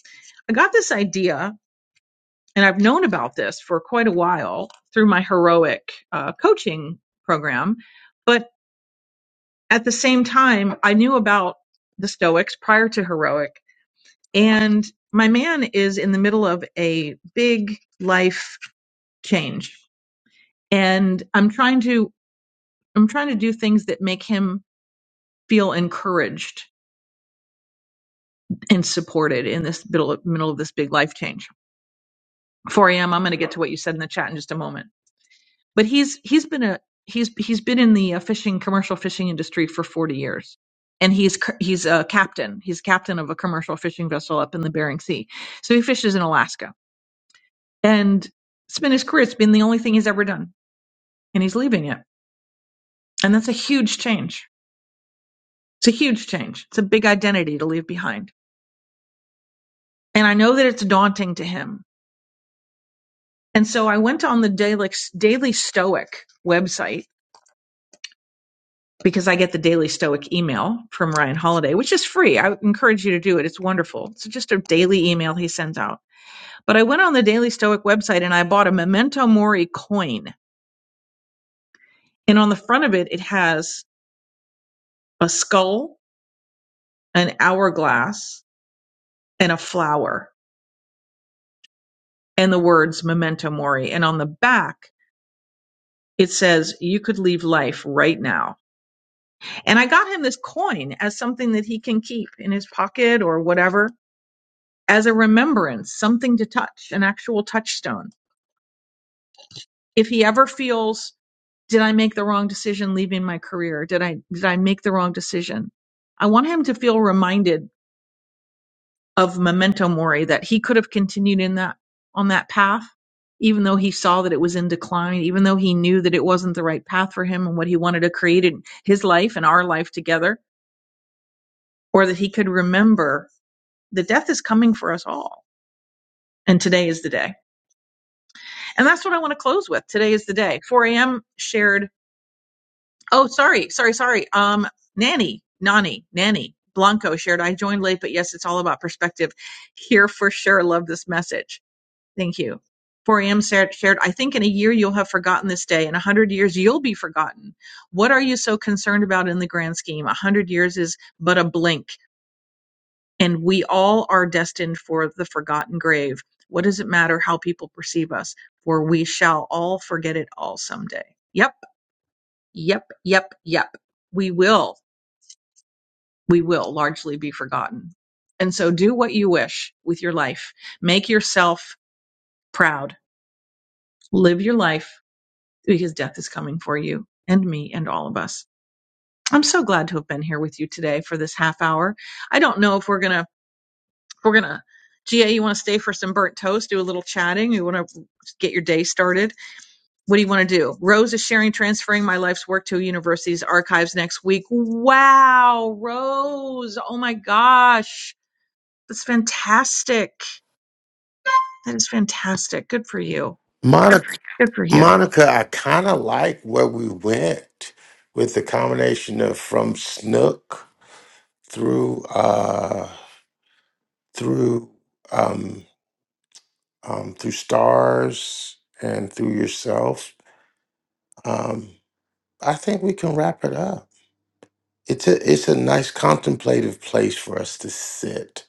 S18: I got this idea and I've known about this for quite a while through my heroic uh, coaching program. But at the same time, I knew about the Stoics prior to heroic. And my man is in the middle of a big life change. And I'm trying to I'm trying to do things that make him feel encouraged and supported in this middle middle of this big life change. 4 a.m. I'm going to get to what you said in the chat in just a moment. But he's he's been a he's he's been in the uh, fishing commercial fishing industry for 40 years, and he's he's a captain. He's captain of a commercial fishing vessel up in the Bering Sea. So he fishes in Alaska, and it's been his career. It's been the only thing he's ever done, and he's leaving it, and that's a huge change. It's a huge change. It's a big identity to leave behind and I know that it's daunting to him. And so I went on the Daily, Daily Stoic website because I get the Daily Stoic email from Ryan Holiday, which is free. I encourage you to do it. It's wonderful. It's just a daily email he sends out. But I went on the Daily Stoic website and I bought a Memento Mori coin. And on the front of it, it has a skull, an hourglass, and a flower, and the words Memento Mori. And on the back, it says, You could leave life right now. And I got him this coin as something that he can keep in his pocket or whatever as a remembrance, something to touch, an actual touchstone. If he ever feels, did I make the wrong decision leaving my career? Did I, did I make the wrong decision? I want him to feel reminded of memento mori that he could have continued in that, on that path, even though he saw that it was in decline, even though he knew that it wasn't the right path for him and what he wanted to create in his life and our life together, or that he could remember the death is coming for us all. And today is the day. And that's what I want to close with. Today is the day. 4 a.m. shared. Oh, sorry, sorry, sorry. Um, Nanny, Nani, Nanny, Blanco shared. I joined late, but yes, it's all about perspective. Here for sure. Love this message. Thank you. 4 a.m. shared. I think in a year you'll have forgotten this day. In a hundred years you'll be forgotten. What are you so concerned about in the grand scheme? A hundred years is but a blink and we all are destined for the forgotten grave. What does it matter how people perceive us? For we shall all forget it all someday. Yep, yep, yep, yep. We will, we will largely be forgotten. And so do what you wish with your life. Make yourself proud. Live your life because death is coming for you and me and all of us. I'm so glad to have been here with you today for this half hour. I don't know if we're going to We're gonna Gia, you want to stay for some burnt toast, do a little chatting. You want to get your day started. What do you want to do? Rose is sharing transferring my life's work to a university's archives next week. Wow, Rose! Oh my gosh, that's fantastic. That is fantastic. Good for you.
S4: Monica,
S18: Good for you.
S4: Monica, I kind of like where we went with the combination of from Snook through uh through um, um, through stars and through yourself. Um, I think we can wrap it up. It's a it's a nice contemplative place for us to sit.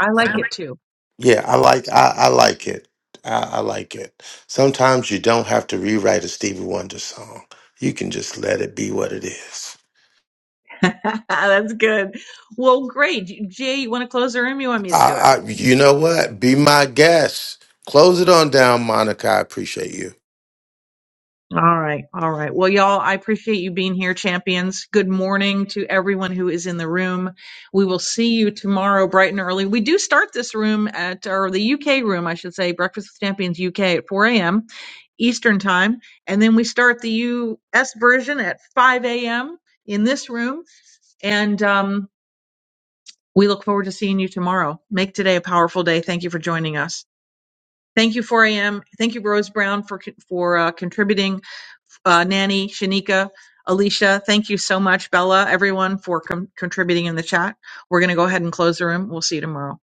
S18: I
S4: I
S18: like
S4: Um, like-
S18: it too.
S4: yeah, I like I, I like it. I, I like it. Sometimes you don't have to rewrite a Stevie Wonder song. You can just let it be what it is.
S18: *laughs* that's good. Well, great. Gia, you want to close the room? You want me to do it?
S4: I, I you know what? Be my guest. Close it on down, Monica. I appreciate you.
S18: All right. All right. Well, y'all, I appreciate you being here, champions. Good morning to everyone who is in the room. We will see you tomorrow bright and early. We do start this room at, or the UK room, I should say, Breakfast with Champions UK at 4 a.m. Eastern Time. And then we start the US version at 5 a.m. in this room. And um, we look forward to seeing you tomorrow. Make today a powerful day. Thank you for joining us. Thank you, 4 a.m. Thank you, Rose Brown, for, for uh, contributing uh, Nanny, Shanika, Alicia. Thank you so much, Bella, everyone for com- contributing in the chat. We're going to go ahead and close the room. We'll see you tomorrow.